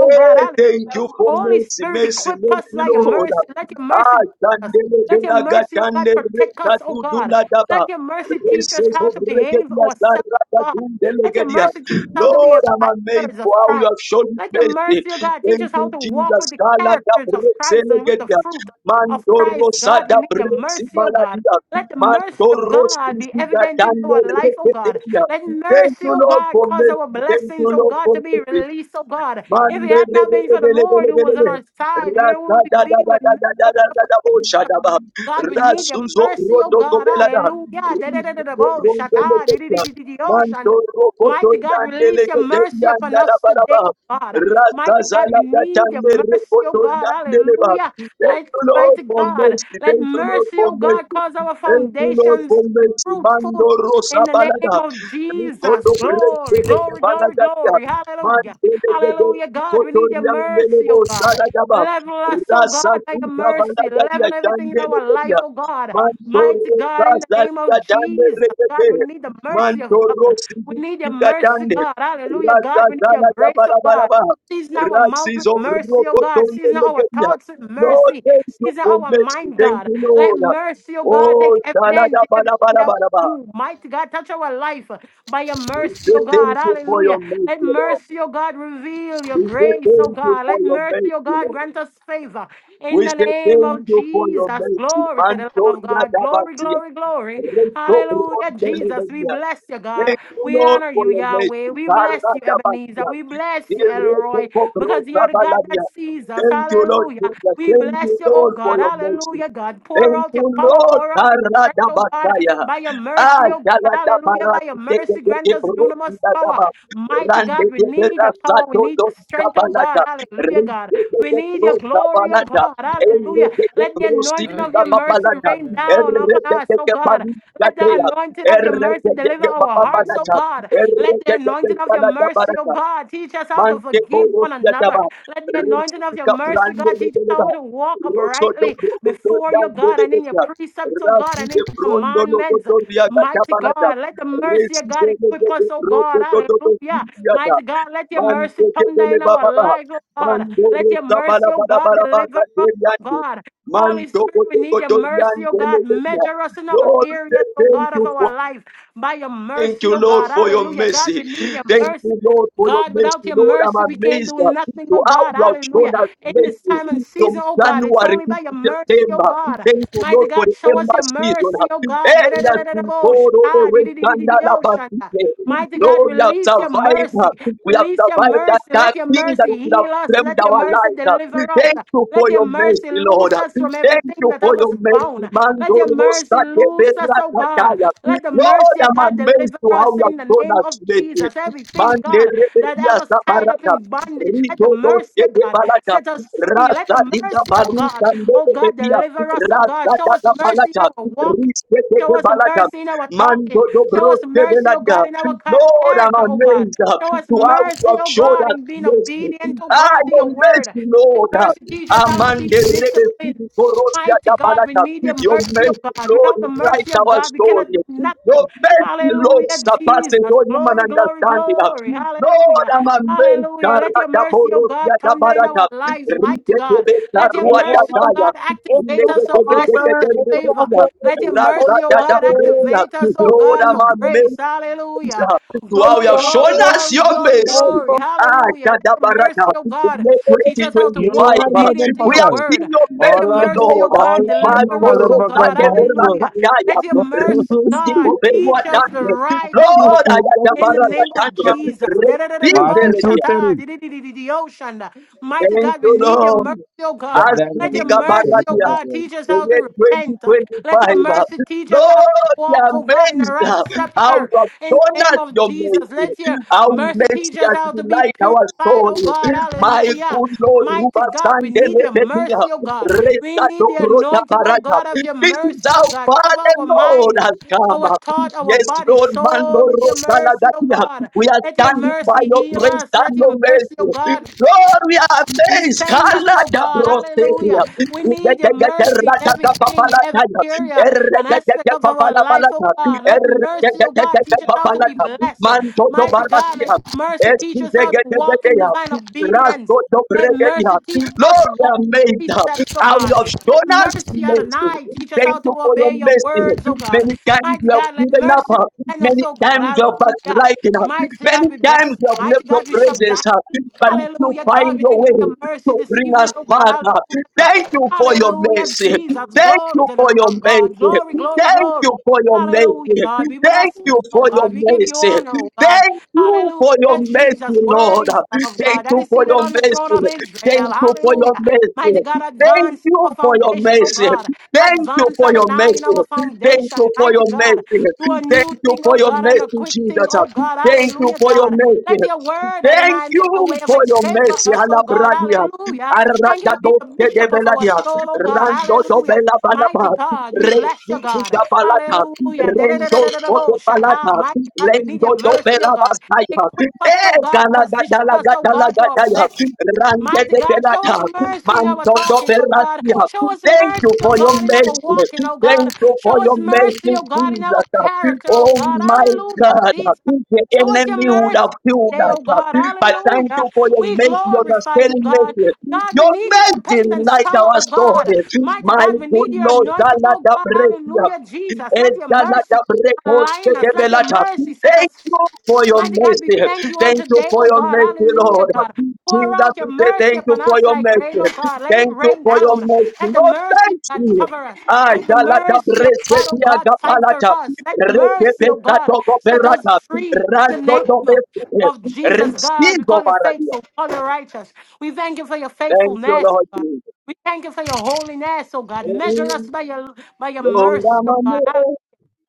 Speaker 4: oh God.
Speaker 1: thank you for
Speaker 4: Holy
Speaker 1: mercy,
Speaker 4: Spirit,
Speaker 1: mercy,
Speaker 4: equip us
Speaker 1: mercy
Speaker 4: like your
Speaker 1: Lord.
Speaker 4: mercy. Let your mercy
Speaker 1: Ah,
Speaker 4: us.
Speaker 1: Sandele
Speaker 4: Let your
Speaker 1: Belaga
Speaker 4: mercy, oh God,
Speaker 1: Tandele
Speaker 4: protect us, oh God.
Speaker 1: Kadudula Daba.
Speaker 4: Let your mercy teach us
Speaker 1: Races
Speaker 4: how
Speaker 1: of
Speaker 4: to behave
Speaker 1: Regedia
Speaker 4: ourselves,
Speaker 1: Sarada
Speaker 4: oh God. Let your
Speaker 1: Dundelegedia.
Speaker 4: mercy teach us how to be
Speaker 1: Lord, I'm amazed
Speaker 4: ambassadors of
Speaker 1: for how you
Speaker 4: Christ.
Speaker 1: have shown me
Speaker 4: Let your
Speaker 1: mercy.
Speaker 4: mercy, oh God, teach
Speaker 1: Thank
Speaker 4: us how
Speaker 1: you,
Speaker 4: to walk with
Speaker 1: Jesus.
Speaker 4: the
Speaker 1: Kala da
Speaker 4: characters of Christ and with the
Speaker 1: Brexelegedia.
Speaker 4: fruit of
Speaker 1: Mandoro
Speaker 4: Christ, God. We
Speaker 1: Sada
Speaker 4: need your mercy, oh God.
Speaker 1: Brexibaladia.
Speaker 4: Let the mercy of
Speaker 1: Mandoro
Speaker 4: God be
Speaker 1: Sisiga
Speaker 4: evident in our
Speaker 1: Tandele
Speaker 4: life, oh God.
Speaker 1: Regedia.
Speaker 4: Let
Speaker 1: Thank
Speaker 4: mercy,
Speaker 1: you,
Speaker 4: oh
Speaker 1: Lord,
Speaker 4: God,
Speaker 1: for
Speaker 4: cause our
Speaker 1: mercy. Thank you,
Speaker 4: blessings, oh
Speaker 1: Lord,
Speaker 4: God,
Speaker 1: for
Speaker 4: to be
Speaker 1: mercy.
Speaker 4: released, oh God. If it
Speaker 1: Mande re
Speaker 4: had not
Speaker 1: re
Speaker 4: been
Speaker 1: re
Speaker 4: for the
Speaker 1: re re
Speaker 4: Lord who
Speaker 1: re re
Speaker 4: was on
Speaker 1: re.
Speaker 4: our side, where
Speaker 1: Rasa
Speaker 4: would we
Speaker 1: da da
Speaker 4: be
Speaker 1: da da
Speaker 4: when
Speaker 1: da da da da da bo shada ba.
Speaker 4: God, we need
Speaker 1: Rasu
Speaker 4: your
Speaker 1: zo ro
Speaker 4: mercy, oh
Speaker 1: do go
Speaker 4: God.
Speaker 1: bela da.
Speaker 4: Hallelujah.
Speaker 1: Risu zo
Speaker 4: Da-da-da-da-da-bo,
Speaker 1: ro nde le
Speaker 4: shata,
Speaker 1: ke ya.
Speaker 4: di-di-di-di-di-di, oh,
Speaker 1: Manto
Speaker 4: shanda.
Speaker 1: ro ko to
Speaker 4: Mighty God,
Speaker 1: nde le
Speaker 4: release your
Speaker 1: ke de
Speaker 4: mercy
Speaker 1: ya
Speaker 4: upon
Speaker 1: da
Speaker 4: us
Speaker 1: ba da
Speaker 4: today,
Speaker 1: ba.
Speaker 4: oh God.
Speaker 1: Rasa
Speaker 4: Mighty
Speaker 1: za
Speaker 4: God,
Speaker 1: la
Speaker 4: we
Speaker 1: da ta
Speaker 4: need your
Speaker 1: le re ko
Speaker 4: mercy, oh
Speaker 1: to
Speaker 4: God.
Speaker 1: nde le ba.
Speaker 4: Hallelujah.
Speaker 1: Thank
Speaker 4: Like,
Speaker 1: you Lord
Speaker 4: mighty
Speaker 1: for
Speaker 4: God,
Speaker 1: mercy.
Speaker 4: let
Speaker 1: Thank you Lord
Speaker 4: mercy,
Speaker 1: for
Speaker 4: oh God,
Speaker 1: mercy.
Speaker 4: cause our
Speaker 1: Thank you Lord
Speaker 4: foundations
Speaker 1: for
Speaker 4: to be
Speaker 1: mercy.
Speaker 4: fruitful
Speaker 1: Mando
Speaker 4: in
Speaker 1: rosa
Speaker 4: the name
Speaker 1: balada.
Speaker 4: of Jesus.
Speaker 1: Godo re ke
Speaker 4: Glory,
Speaker 1: de
Speaker 4: glory, glory,
Speaker 1: balada.
Speaker 4: glory.
Speaker 1: Lord,
Speaker 4: Hallelujah.
Speaker 1: thank you
Speaker 4: Hallelujah, God. We need your mercy, oh God. Level us, oh God, by your mercy. Level everything in our life, oh God. Mighty God, in the name of Jesus, God, we need the mercy of God. We need your mercy, God. Hallelujah, God. We need your grace, oh God. Season our mouth with mercy, oh God. Season our thoughts with mercy. Season
Speaker 1: for
Speaker 4: our
Speaker 1: mercy.
Speaker 4: mind,
Speaker 1: Thank
Speaker 4: God.
Speaker 1: you,
Speaker 4: Let
Speaker 1: Lord.
Speaker 4: mercy, oh God,
Speaker 1: Oh,
Speaker 4: take evidence
Speaker 1: Shalada
Speaker 4: in everything
Speaker 1: Bala Bala
Speaker 4: that
Speaker 1: Bala
Speaker 4: we
Speaker 1: Bala.
Speaker 4: do. Mighty God, touch our life by your
Speaker 1: We
Speaker 4: mercy,
Speaker 1: say
Speaker 4: oh
Speaker 1: thank
Speaker 4: God.
Speaker 1: you for
Speaker 4: Hallelujah.
Speaker 1: your mercy,
Speaker 4: Let
Speaker 1: Lord.
Speaker 4: mercy, oh God, reveal your
Speaker 1: We say
Speaker 4: grace, oh
Speaker 1: thank you
Speaker 4: God.
Speaker 1: for
Speaker 4: Let
Speaker 1: your
Speaker 4: mercy, oh
Speaker 1: mercy,
Speaker 4: God,
Speaker 1: Lord.
Speaker 4: grant us favor in
Speaker 1: We
Speaker 4: the
Speaker 1: say
Speaker 4: name
Speaker 1: thank
Speaker 4: of
Speaker 1: you for your
Speaker 4: Jesus.
Speaker 1: mercy.
Speaker 4: Glory to the Lamb of
Speaker 1: Mantoria
Speaker 4: God. Glory,
Speaker 1: Dabasia.
Speaker 4: glory, glory.
Speaker 1: Resto
Speaker 4: Hallelujah, Jesus. We
Speaker 1: Priontelebenia.
Speaker 4: bless you, God.
Speaker 1: Thank you,
Speaker 4: We
Speaker 1: Lord,
Speaker 4: honor
Speaker 1: for
Speaker 4: you,
Speaker 1: your
Speaker 4: Yahweh.
Speaker 1: mercy.
Speaker 4: We bless
Speaker 1: Carla
Speaker 4: you, Ebenezer.
Speaker 1: Dabasia.
Speaker 4: We bless you, Elroy, because you're the God that sees us.
Speaker 1: Thank you, Lord
Speaker 4: Hallelujah.
Speaker 1: Jesus.
Speaker 4: We
Speaker 1: Thank you,
Speaker 4: bless you, oh
Speaker 1: Lord, for
Speaker 4: God.
Speaker 1: your mercy.
Speaker 4: Hallelujah, God. Pour
Speaker 1: Thank
Speaker 4: out
Speaker 1: you,
Speaker 4: your power,
Speaker 1: Lord.
Speaker 4: pour out your strength, oh God,
Speaker 1: Karadabasaya.
Speaker 4: by your
Speaker 1: Ah,
Speaker 4: mercy, oh God. Hallelujah, by your
Speaker 1: Karadabarasu
Speaker 4: mercy, grant us
Speaker 1: dekedekeburusu
Speaker 4: dunamis power.
Speaker 1: dadaba.
Speaker 4: Mighty God, we need your power. We need your strength, oh God.
Speaker 1: Randekeberasatodokabalata.
Speaker 4: Hallelujah, God. We need your glory, oh
Speaker 1: Rindekedekeburusabalata.
Speaker 4: God. Hallelujah. Let the anointing of
Speaker 5: Alright,
Speaker 4: your
Speaker 5: take the
Speaker 4: mercy
Speaker 5: paper
Speaker 1: Enrekedekeburusidababalata.
Speaker 5: from
Speaker 4: rain
Speaker 5: your mouth.
Speaker 4: down upon us, oh God. Let the
Speaker 1: Errekedekebarikateya.
Speaker 4: anointing of your mercy
Speaker 5: Take the
Speaker 4: deliver
Speaker 5: paper
Speaker 4: our
Speaker 5: from your
Speaker 4: hearts, oh
Speaker 1: Errekedekebabalata.
Speaker 5: mouth.
Speaker 4: God. Let the anointing of your mercy,
Speaker 1: Errekedekebalatabarata.
Speaker 4: oh God, teach us how to
Speaker 1: Mande
Speaker 4: forgive
Speaker 1: boros
Speaker 4: one another.
Speaker 1: yataba.
Speaker 4: Let the anointing of your
Speaker 1: Rinsikika
Speaker 4: mercy,
Speaker 1: brande
Speaker 4: God, teach us
Speaker 1: lebeleba.
Speaker 4: how to walk
Speaker 1: Rosso do
Speaker 4: uprightly
Speaker 1: brogo do
Speaker 4: before your
Speaker 1: dande
Speaker 4: God and in your
Speaker 1: lebeleba.
Speaker 4: precepts, oh God,
Speaker 1: Rasi
Speaker 4: and in
Speaker 1: de
Speaker 4: your
Speaker 1: brondo no do
Speaker 4: commandments.
Speaker 1: do riaga
Speaker 4: Mighty
Speaker 1: tabalata.
Speaker 4: God, let the mercy
Speaker 1: Resi
Speaker 4: of
Speaker 1: de
Speaker 4: God
Speaker 1: no
Speaker 4: equip
Speaker 1: do
Speaker 4: us,
Speaker 1: do
Speaker 4: oh God.
Speaker 1: brogo do do do
Speaker 4: Hallelujah.
Speaker 1: siriata.
Speaker 4: Mighty God, let your
Speaker 1: Mande
Speaker 4: mercy
Speaker 1: de
Speaker 4: thunder
Speaker 1: bele
Speaker 4: in our
Speaker 1: baba ba.
Speaker 4: life, oh God.
Speaker 1: Mando
Speaker 4: Let your
Speaker 1: rosa
Speaker 4: mercy,
Speaker 1: bala
Speaker 4: oh
Speaker 1: bala
Speaker 4: God,
Speaker 1: bala
Speaker 4: deliver
Speaker 1: bala
Speaker 4: us, oh
Speaker 1: teriande.
Speaker 4: God. Holy
Speaker 1: Mando go
Speaker 4: Spirit, we
Speaker 1: go go
Speaker 4: need your
Speaker 1: do
Speaker 4: mercy,
Speaker 1: yande
Speaker 4: oh
Speaker 1: de
Speaker 4: God.
Speaker 1: lebeleba.
Speaker 4: Measure us in all
Speaker 1: Lord, we
Speaker 4: areas, oh
Speaker 1: thank
Speaker 4: God, of
Speaker 1: you for
Speaker 4: our life by your
Speaker 1: Thank
Speaker 4: mercy,
Speaker 1: you,
Speaker 4: oh
Speaker 1: Lord,
Speaker 4: God.
Speaker 1: for your
Speaker 4: Hallelujah. God, we
Speaker 1: mercy.
Speaker 4: need your
Speaker 1: Thank you,
Speaker 4: mercy.
Speaker 1: Lord, for your
Speaker 4: God, without
Speaker 1: mercy.
Speaker 4: your
Speaker 1: Lord,
Speaker 4: mercy,
Speaker 1: I'm
Speaker 4: we can't
Speaker 1: amazed
Speaker 4: do
Speaker 1: at
Speaker 4: nothing,
Speaker 1: you
Speaker 4: oh
Speaker 1: how
Speaker 4: God.
Speaker 1: you have shown
Speaker 4: Hallelujah.
Speaker 1: us
Speaker 4: In this time and
Speaker 1: mercy from
Speaker 4: season, oh God, it's
Speaker 1: January
Speaker 4: only
Speaker 1: to
Speaker 4: by your mercy, oh
Speaker 1: September.
Speaker 4: God.
Speaker 1: Thank you,
Speaker 4: Mighty
Speaker 1: Lord, for
Speaker 4: God,
Speaker 1: the
Speaker 4: show us
Speaker 1: ember
Speaker 4: your
Speaker 1: season.
Speaker 4: mercy, oh God.
Speaker 1: And has been called all the
Speaker 4: Da-da-da-da-da-da-bo-shata,
Speaker 1: way
Speaker 4: di-di-di-di-di-di-oshata.
Speaker 1: Sandalabasite.
Speaker 4: Mighty God,
Speaker 1: Lord, we have
Speaker 4: release your
Speaker 1: survived.
Speaker 4: mercy.
Speaker 1: We have
Speaker 4: Release your
Speaker 1: survived that
Speaker 4: mercy.
Speaker 1: dark
Speaker 4: Let your
Speaker 1: thing that
Speaker 4: mercy
Speaker 1: would have
Speaker 4: heal us.
Speaker 1: framed
Speaker 4: Let your
Speaker 1: our
Speaker 4: mercy
Speaker 1: lives.
Speaker 4: deliver us.
Speaker 1: Thank you for
Speaker 4: Let your
Speaker 1: your
Speaker 4: mercy
Speaker 1: mercy, Lord.
Speaker 4: loose us from
Speaker 1: Thank
Speaker 4: everything
Speaker 1: you
Speaker 4: that
Speaker 1: for
Speaker 4: have
Speaker 1: your
Speaker 4: us
Speaker 1: mercy,
Speaker 4: bound.
Speaker 1: man.
Speaker 4: Let your
Speaker 1: Lord,
Speaker 4: mercy loose us, oh God. Let the mercy of
Speaker 1: I'm
Speaker 4: God
Speaker 1: amazed
Speaker 4: deliver
Speaker 1: to how
Speaker 4: us
Speaker 1: you have
Speaker 4: in the
Speaker 1: shown
Speaker 4: name
Speaker 1: us
Speaker 4: of
Speaker 1: mercy.
Speaker 4: Jesus.
Speaker 1: Man,
Speaker 4: Everything, God, that have us tied up in bondage, let
Speaker 1: Rido
Speaker 4: the
Speaker 1: dos
Speaker 4: mercy
Speaker 1: de
Speaker 4: of God
Speaker 1: balata,
Speaker 4: set us free. Let
Speaker 1: rasa
Speaker 4: the
Speaker 1: di da
Speaker 4: mercy of God
Speaker 1: baruta de
Speaker 4: Oh God,
Speaker 1: bedia,
Speaker 4: deliver us, oh
Speaker 1: rasa
Speaker 4: God.
Speaker 1: da
Speaker 4: Show us
Speaker 1: da
Speaker 4: mercy in
Speaker 1: balata,
Speaker 4: our walking.
Speaker 1: riste de de
Speaker 4: Show us
Speaker 1: balata,
Speaker 4: mercy in our
Speaker 1: mando
Speaker 4: talking.
Speaker 1: do
Speaker 4: Show us
Speaker 1: bros de
Speaker 4: mercy, oh
Speaker 1: beladia.
Speaker 4: God, in our cha-
Speaker 1: Lord, I'm
Speaker 4: character, oh God.
Speaker 1: amazed to
Speaker 4: Show us
Speaker 1: how you
Speaker 4: mercy,
Speaker 1: have
Speaker 4: oh
Speaker 1: showed us
Speaker 4: God, in being
Speaker 1: mercy.
Speaker 4: obedient, oh
Speaker 1: Ah,
Speaker 4: God, to
Speaker 1: your
Speaker 4: your word.
Speaker 1: mercy,
Speaker 4: Let
Speaker 1: Lord.
Speaker 4: mercy teach us how to be
Speaker 1: Amande rebe
Speaker 4: disciplined.
Speaker 1: fidi korosia
Speaker 4: Mighty
Speaker 1: da
Speaker 4: God, we
Speaker 1: barata.
Speaker 4: need your
Speaker 1: Your
Speaker 4: mercy, oh
Speaker 1: mercy,
Speaker 4: God.
Speaker 1: Lord,
Speaker 4: Without the
Speaker 1: is right
Speaker 4: mercy of
Speaker 1: our
Speaker 4: God, we cannot do
Speaker 1: story. Your
Speaker 4: nothing.
Speaker 1: mercy, Lord,
Speaker 4: Hallelujah, Jesus.
Speaker 1: surpasses all human
Speaker 4: Glory, glory, glory.
Speaker 1: understanding. Lord,
Speaker 4: Hallelujah.
Speaker 1: I'm amazed.
Speaker 4: Hallelujah. Let your
Speaker 1: Karata
Speaker 4: mercy, oh
Speaker 1: borosia
Speaker 4: God,
Speaker 1: da
Speaker 4: thunder in
Speaker 1: barata.
Speaker 4: our lives, mighty
Speaker 1: Rike
Speaker 4: God.
Speaker 1: debe
Speaker 4: Let your
Speaker 1: sarua da
Speaker 4: mercy, oh
Speaker 1: daya.
Speaker 4: God, activate us for blessings and favor. Let your mercy, oh God, activate us, oh
Speaker 1: Lord,
Speaker 4: God,
Speaker 1: I'm
Speaker 4: for
Speaker 1: amazed
Speaker 4: grace. Hallelujah.
Speaker 1: Wow, you
Speaker 4: Glory,
Speaker 1: have
Speaker 4: glory,
Speaker 1: shown us
Speaker 4: glory,
Speaker 1: your
Speaker 4: glory,
Speaker 1: mercy.
Speaker 4: glory.
Speaker 1: Ah,
Speaker 4: Hallelujah. Let your
Speaker 1: Kadabarada,
Speaker 4: mercy, oh
Speaker 1: in
Speaker 4: God,
Speaker 1: May
Speaker 4: teach us how to
Speaker 6: You
Speaker 4: walk
Speaker 6: are
Speaker 1: 2025, uh,
Speaker 4: obedient to
Speaker 1: we
Speaker 4: your
Speaker 1: have
Speaker 6: motherfucker.
Speaker 1: seen
Speaker 4: word.
Speaker 1: your
Speaker 4: Let your
Speaker 6: All
Speaker 1: mercy,
Speaker 6: of
Speaker 4: mercy,
Speaker 1: Lord.
Speaker 4: oh
Speaker 6: all
Speaker 4: God,
Speaker 6: of
Speaker 1: My
Speaker 6: you
Speaker 4: deliver us, oh
Speaker 6: motherfucker.
Speaker 4: God. Hallelujah.
Speaker 1: Makorotakeberakataya,
Speaker 4: Let your mercy, God, teach us the
Speaker 1: rindikoberuatake.
Speaker 4: right, oh God.
Speaker 1: Lord,
Speaker 4: In the name
Speaker 1: Ayadabarada,
Speaker 4: of Jesus.
Speaker 1: receive
Speaker 6: Mathi
Speaker 1: the redeemer.
Speaker 4: Da-da-da-da-da-bo-shata,
Speaker 6: chuteri.
Speaker 4: di-di-di-di-di-di-oshanda. Mighty
Speaker 1: Thank
Speaker 4: God, we
Speaker 1: you,
Speaker 4: need your
Speaker 1: Lord
Speaker 4: mercy, oh
Speaker 6: That
Speaker 4: God.
Speaker 1: as
Speaker 6: that is the
Speaker 4: Let your
Speaker 6: name
Speaker 1: Bika
Speaker 4: mercy, oh
Speaker 1: Baradia
Speaker 6: of
Speaker 4: God,
Speaker 6: the
Speaker 4: teach us
Speaker 1: the
Speaker 4: how to
Speaker 1: year
Speaker 4: repent. Let
Speaker 1: 2025.
Speaker 4: your mercy teach us
Speaker 1: Lord,
Speaker 4: how to
Speaker 1: we
Speaker 4: walk,
Speaker 1: are
Speaker 4: oh God, in the right
Speaker 1: amazed out
Speaker 4: scepter.
Speaker 1: of
Speaker 4: In the name
Speaker 1: donors
Speaker 4: of
Speaker 1: your
Speaker 4: Jesus.
Speaker 1: mercy.
Speaker 4: Let your
Speaker 1: How
Speaker 4: mercy teach
Speaker 1: mercy
Speaker 4: us
Speaker 1: has
Speaker 4: how to be
Speaker 1: delight our
Speaker 4: purified,
Speaker 1: soul.
Speaker 4: oh God.
Speaker 1: My
Speaker 4: Hallelujah.
Speaker 1: good Lord,
Speaker 4: Mighty
Speaker 1: Ruba
Speaker 4: God, we need your
Speaker 1: Sandelebedia,
Speaker 4: mercy, oh God. We
Speaker 1: Reza
Speaker 4: need the
Speaker 1: Dobrota
Speaker 4: anointing, oh
Speaker 1: Barata.
Speaker 4: God, of your
Speaker 1: This is
Speaker 4: mercy, oh
Speaker 1: how
Speaker 4: God.
Speaker 1: far
Speaker 4: Cover our
Speaker 1: the Lord
Speaker 4: minds,
Speaker 1: has
Speaker 4: our
Speaker 1: come.
Speaker 4: thought, our
Speaker 1: Yes,
Speaker 4: body,
Speaker 1: Lord, Mando
Speaker 4: soul with your mercy, oh
Speaker 1: Rosalagadia.
Speaker 4: God.
Speaker 1: We are
Speaker 4: Let your
Speaker 1: standing by
Speaker 4: mercy
Speaker 1: your
Speaker 4: heal
Speaker 1: grace
Speaker 4: us. Let
Speaker 1: and
Speaker 4: your
Speaker 1: your
Speaker 4: mercy, oh
Speaker 1: mercy.
Speaker 4: God.
Speaker 1: Lord, we are amazed.
Speaker 4: Defend us,
Speaker 1: Kala
Speaker 4: oh
Speaker 1: da
Speaker 4: God.
Speaker 1: brosteria.
Speaker 4: Hallelujah. We need your mercy in everything, in every
Speaker 1: Ugegegegeratakapapalakaya.
Speaker 4: area and aspect of our life, oh
Speaker 1: Erregegegepapalapalaka.
Speaker 4: God. Let mercy, oh God, teach us how to be
Speaker 1: Erregegegepapalataka.
Speaker 4: blessed.
Speaker 1: Manto do
Speaker 4: Mighty God, let
Speaker 1: baratia.
Speaker 4: mercy teach us how to walk in
Speaker 1: Eskuzegegegegeya.
Speaker 4: divine obedience.
Speaker 1: Rasko do
Speaker 4: Let
Speaker 1: bregedia.
Speaker 4: mercy teach us how
Speaker 1: Lord,
Speaker 4: to
Speaker 1: we
Speaker 4: walk
Speaker 1: are
Speaker 4: in
Speaker 1: made
Speaker 4: your
Speaker 1: up
Speaker 4: precepts, oh
Speaker 1: out
Speaker 4: God.
Speaker 1: of
Speaker 4: Let
Speaker 1: Jonah's
Speaker 4: mercy,
Speaker 1: mercy.
Speaker 4: Adonai, teach us how
Speaker 1: Thank
Speaker 4: to
Speaker 1: you for your
Speaker 4: obey your
Speaker 1: mercy.
Speaker 4: words, oh God.
Speaker 1: Many times
Speaker 4: Mighty
Speaker 1: you have
Speaker 4: God, let
Speaker 1: given
Speaker 4: mercy
Speaker 1: up.
Speaker 4: defend us,
Speaker 1: Many
Speaker 4: oh God.
Speaker 1: times you have passed
Speaker 4: Hallelujah.
Speaker 1: right now.
Speaker 4: Mighty
Speaker 1: Many
Speaker 4: God, we
Speaker 1: times
Speaker 4: bless. you.
Speaker 1: you have
Speaker 4: Mighty
Speaker 1: left your
Speaker 4: God, we shall
Speaker 1: presence,
Speaker 4: back.
Speaker 1: uh, but you still
Speaker 4: Hallelujah,
Speaker 1: find
Speaker 4: God. We
Speaker 1: your
Speaker 4: thank you
Speaker 1: way
Speaker 4: for your
Speaker 1: to
Speaker 4: mercy this
Speaker 1: bring
Speaker 4: evening,
Speaker 1: us
Speaker 4: oh God.
Speaker 1: back. uh.
Speaker 4: Hallelujah, God.
Speaker 1: Thank you for your
Speaker 4: Hallelujah,
Speaker 1: mercy.
Speaker 4: Jesus.
Speaker 1: Thank
Speaker 4: Glory
Speaker 1: you
Speaker 4: to
Speaker 1: for
Speaker 4: the
Speaker 1: your
Speaker 4: love of God.
Speaker 1: mercy.
Speaker 4: Glory, glory,
Speaker 1: Thank
Speaker 4: glory.
Speaker 1: you for your
Speaker 4: Hallelujah,
Speaker 1: mercy.
Speaker 4: God. We
Speaker 1: Thank
Speaker 4: bless you,
Speaker 1: you
Speaker 4: oh
Speaker 1: for your
Speaker 4: God. We give you
Speaker 1: mercy.
Speaker 4: honor, oh God.
Speaker 1: Thank you
Speaker 4: Hallelujah.
Speaker 1: for your mercy,
Speaker 4: Jesus, word
Speaker 1: Lord.
Speaker 4: is the Lamb of
Speaker 1: Thank
Speaker 4: God that
Speaker 1: you
Speaker 4: is
Speaker 1: for
Speaker 4: seated
Speaker 1: your
Speaker 4: on the throne
Speaker 1: mercy.
Speaker 4: of Israel.
Speaker 1: Thank you for your
Speaker 4: Hallelujah.
Speaker 1: mercy.
Speaker 4: Mighty God,
Speaker 1: Thank
Speaker 4: advance
Speaker 1: you
Speaker 4: our
Speaker 1: for your
Speaker 4: foundation, oh
Speaker 1: mercy.
Speaker 4: God.
Speaker 1: Thank you
Speaker 4: Advance
Speaker 1: for your
Speaker 4: Adonai in
Speaker 1: mercy.
Speaker 4: our
Speaker 1: Thank
Speaker 4: foundation.
Speaker 1: you for
Speaker 4: Mighty
Speaker 1: your
Speaker 4: God,
Speaker 1: mercy.
Speaker 4: do a
Speaker 1: Thank
Speaker 4: new
Speaker 1: you
Speaker 4: thing,
Speaker 1: for
Speaker 4: oh
Speaker 1: your
Speaker 4: God, and a
Speaker 1: mercy,
Speaker 4: quick thing,
Speaker 1: Jesus.
Speaker 4: oh God.
Speaker 1: Thank you
Speaker 4: Hallelujah,
Speaker 1: for your
Speaker 4: God.
Speaker 1: mercy.
Speaker 4: Let your word,
Speaker 1: Thank
Speaker 4: Adonai, make a
Speaker 1: you
Speaker 4: way of
Speaker 1: for your
Speaker 4: escape for
Speaker 1: mercy.
Speaker 4: us, oh God.
Speaker 1: Alabradia.
Speaker 4: Hallelujah. Thank you
Speaker 1: Arada
Speaker 4: for being the
Speaker 1: doske de
Speaker 4: bishop of our
Speaker 1: beladia.
Speaker 4: soul, oh God.
Speaker 1: Rando do
Speaker 4: Hallelujah.
Speaker 1: bela balaba.
Speaker 4: Mighty God, we bless you, God.
Speaker 1: Rezuga balata,
Speaker 4: Hallelujah.
Speaker 1: rendo sote
Speaker 4: Da-da-da-da-da-da-bo, shata.
Speaker 1: balata,
Speaker 4: Mighty God, we need
Speaker 1: rendo
Speaker 4: your
Speaker 1: do
Speaker 4: mercy, oh
Speaker 1: bela
Speaker 4: God.
Speaker 1: basaya,
Speaker 4: Equip
Speaker 1: e
Speaker 4: us, oh God.
Speaker 1: gala
Speaker 4: Position
Speaker 1: gada la
Speaker 4: us, oh
Speaker 1: gada la
Speaker 4: God, for a
Speaker 1: gada ya,
Speaker 4: blessing.
Speaker 1: rande
Speaker 4: Mighty
Speaker 1: de
Speaker 4: God, show us
Speaker 1: belata,
Speaker 4: mercy in our
Speaker 1: mando do
Speaker 4: talking, oh God.
Speaker 1: belatia.
Speaker 4: Show us
Speaker 1: Thank you
Speaker 4: mercy, oh
Speaker 1: for your
Speaker 4: God, in our
Speaker 1: mercy.
Speaker 4: walking, oh
Speaker 1: Thank
Speaker 4: God.
Speaker 1: you for
Speaker 4: Show us
Speaker 1: your
Speaker 4: mercy,
Speaker 1: mercy,
Speaker 4: oh God, in our
Speaker 1: Jesus.
Speaker 4: character, oh
Speaker 1: Oh
Speaker 4: God.
Speaker 1: my
Speaker 4: Hallelujah,
Speaker 1: God,
Speaker 4: Jesus.
Speaker 1: the
Speaker 4: Show us your
Speaker 1: enemy would
Speaker 4: mercy
Speaker 1: have killed
Speaker 4: today, oh
Speaker 1: us,
Speaker 4: God.
Speaker 1: but thank
Speaker 4: Hallelujah.
Speaker 1: you for your
Speaker 4: We
Speaker 1: mercy, your
Speaker 4: glorify you,
Speaker 1: scaling
Speaker 4: God.
Speaker 1: mercy.
Speaker 4: God, we
Speaker 1: Your
Speaker 4: need your
Speaker 1: mercy
Speaker 4: repentance
Speaker 1: light
Speaker 4: power,
Speaker 1: our
Speaker 4: oh God.
Speaker 1: story.
Speaker 4: Mighty
Speaker 1: My
Speaker 4: God, we
Speaker 1: good
Speaker 4: need your
Speaker 1: Lord,
Speaker 4: anointing, oh
Speaker 1: Zalata
Speaker 4: God.
Speaker 1: Brekia.
Speaker 4: Hallelujah, Jesus. Let your
Speaker 1: Ezalata
Speaker 4: mercy
Speaker 1: Breko
Speaker 4: align us. Let your
Speaker 1: Segebelata.
Speaker 4: mercy set
Speaker 1: Thank
Speaker 4: us
Speaker 1: you for your
Speaker 4: Mighty God, we
Speaker 1: mercy.
Speaker 4: thank you on
Speaker 1: Thank you
Speaker 4: today,
Speaker 1: for
Speaker 4: oh
Speaker 1: your
Speaker 4: God.
Speaker 1: mercy,
Speaker 4: Hallelujah,
Speaker 1: Lord.
Speaker 4: God. Pour
Speaker 1: Jesus,
Speaker 4: out your
Speaker 1: we say
Speaker 4: mercy
Speaker 1: thank
Speaker 4: upon
Speaker 1: you for
Speaker 4: us
Speaker 1: your
Speaker 4: like rain,
Speaker 1: mercy.
Speaker 4: oh God. Let it
Speaker 1: Thank you
Speaker 4: rain
Speaker 1: for your
Speaker 4: down.
Speaker 1: mercy.
Speaker 4: Let the
Speaker 1: Lord,
Speaker 4: mercy of
Speaker 1: thank
Speaker 4: God
Speaker 1: you.
Speaker 4: cover us.
Speaker 1: Ah,
Speaker 4: Let the
Speaker 1: Zalata
Speaker 4: mercy of God, oh
Speaker 1: Bresetia
Speaker 4: God, fight for
Speaker 1: Gapalata.
Speaker 4: us. Let the mercy, oh
Speaker 1: Rekebeka
Speaker 4: God, set us
Speaker 1: Dogoberata.
Speaker 4: free in the
Speaker 1: Rando
Speaker 4: name
Speaker 1: Dobe.
Speaker 4: of of Jesus,
Speaker 1: Receive
Speaker 4: God. We call you
Speaker 1: Govaradia.
Speaker 4: faithful. We call you righteous. We thank you for your
Speaker 1: Thank you,
Speaker 4: faithfulness,
Speaker 1: Lord
Speaker 4: oh God. We thank you for your holiness, oh God. Measure
Speaker 1: Jesus.
Speaker 4: us by your by your
Speaker 1: Lord,
Speaker 4: mercy,
Speaker 1: I'm
Speaker 4: oh
Speaker 1: a
Speaker 4: God. Hallelujah.
Speaker 1: man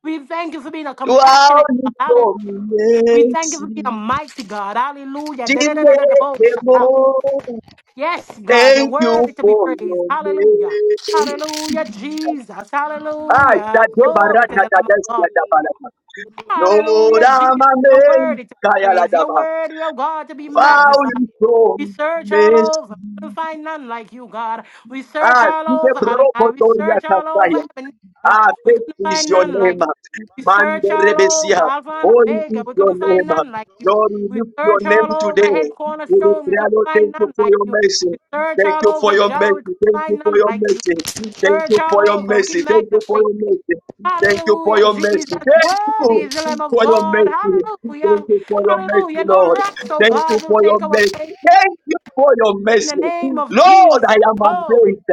Speaker 4: We thank you for being a
Speaker 1: who out
Speaker 4: compassionate
Speaker 1: in
Speaker 4: God. We thank you for being a
Speaker 1: mercy.
Speaker 4: mighty God. Hallelujah. Da-da-da-da-da-da-bo-shaka.
Speaker 1: Deliverable.
Speaker 4: Yes, God, you're
Speaker 1: Thank you
Speaker 4: worthy to be
Speaker 1: for
Speaker 4: praised.
Speaker 1: your
Speaker 4: Hallelujah.
Speaker 1: mercy.
Speaker 4: Hallelujah, Jesus.
Speaker 1: Ah,
Speaker 4: Hallelujah.
Speaker 1: that the
Speaker 4: Glory
Speaker 1: barata
Speaker 4: to the Lamb
Speaker 1: that
Speaker 4: of
Speaker 1: is
Speaker 4: God.
Speaker 1: the barata. No more
Speaker 4: Hallelujah,
Speaker 1: I'm
Speaker 4: Jesus.
Speaker 1: a
Speaker 4: You're
Speaker 1: man.
Speaker 4: worthy to be
Speaker 1: Kaya la
Speaker 4: praised. You're
Speaker 1: daba.
Speaker 4: worthy, oh God, to be
Speaker 5: It's
Speaker 1: Wow,
Speaker 4: magnified.
Speaker 5: trust.
Speaker 1: you so
Speaker 4: We search all
Speaker 1: mercy.
Speaker 4: over, couldn't find none like you, God. We search
Speaker 1: Ah,
Speaker 4: all
Speaker 1: the
Speaker 4: over, Adonai. We search all
Speaker 1: brokotoria
Speaker 4: over, Ebenezer.
Speaker 1: Ah,
Speaker 4: We couldn't
Speaker 1: great is
Speaker 4: find
Speaker 1: your
Speaker 4: none
Speaker 1: name.
Speaker 4: like you. We
Speaker 1: Mande
Speaker 4: search all
Speaker 1: Rebesia.
Speaker 4: over, Alpha and
Speaker 1: Holy
Speaker 4: Omega.
Speaker 1: is
Speaker 4: We
Speaker 1: your
Speaker 4: couldn't find
Speaker 1: name.
Speaker 4: none like you.
Speaker 1: Lord, we
Speaker 4: We
Speaker 1: lift your
Speaker 4: search
Speaker 1: name
Speaker 4: all over,
Speaker 1: today.
Speaker 4: Head
Speaker 1: We
Speaker 4: Cornerstone. We
Speaker 1: declare,
Speaker 4: couldn't
Speaker 1: Lord,
Speaker 4: find
Speaker 1: thank you
Speaker 4: none
Speaker 1: for
Speaker 4: like
Speaker 1: your
Speaker 4: you.
Speaker 1: mercy.
Speaker 4: We search
Speaker 1: Thank
Speaker 4: all
Speaker 1: you
Speaker 4: over,
Speaker 1: for your
Speaker 4: Jah. We
Speaker 1: mercy.
Speaker 4: couldn't
Speaker 1: Thank
Speaker 4: find
Speaker 1: you for
Speaker 4: none
Speaker 1: your
Speaker 4: like you.
Speaker 1: mercy. Thank
Speaker 4: Search
Speaker 1: you for your
Speaker 4: all over. We
Speaker 1: mercy. Thank you for
Speaker 4: magnify you.
Speaker 1: your mercy. Thank you for
Speaker 4: Hallelujah,
Speaker 1: your
Speaker 4: Jesus.
Speaker 1: mercy. Thank
Speaker 4: Worthy is the
Speaker 1: you
Speaker 4: Lamb of
Speaker 1: for your
Speaker 4: God.
Speaker 1: mercy. Thank
Speaker 4: Hallelujah.
Speaker 1: you for your mercy,
Speaker 4: Hallelujah. No
Speaker 1: Lord.
Speaker 4: rocks, oh
Speaker 1: Thank you
Speaker 4: God, will
Speaker 1: for your
Speaker 4: take our
Speaker 1: mercy.
Speaker 4: place.
Speaker 1: Thank you for your
Speaker 4: In the
Speaker 1: mercy.
Speaker 4: name of
Speaker 1: Lord,
Speaker 4: Jesus,
Speaker 1: I am
Speaker 4: glory.
Speaker 1: amazed.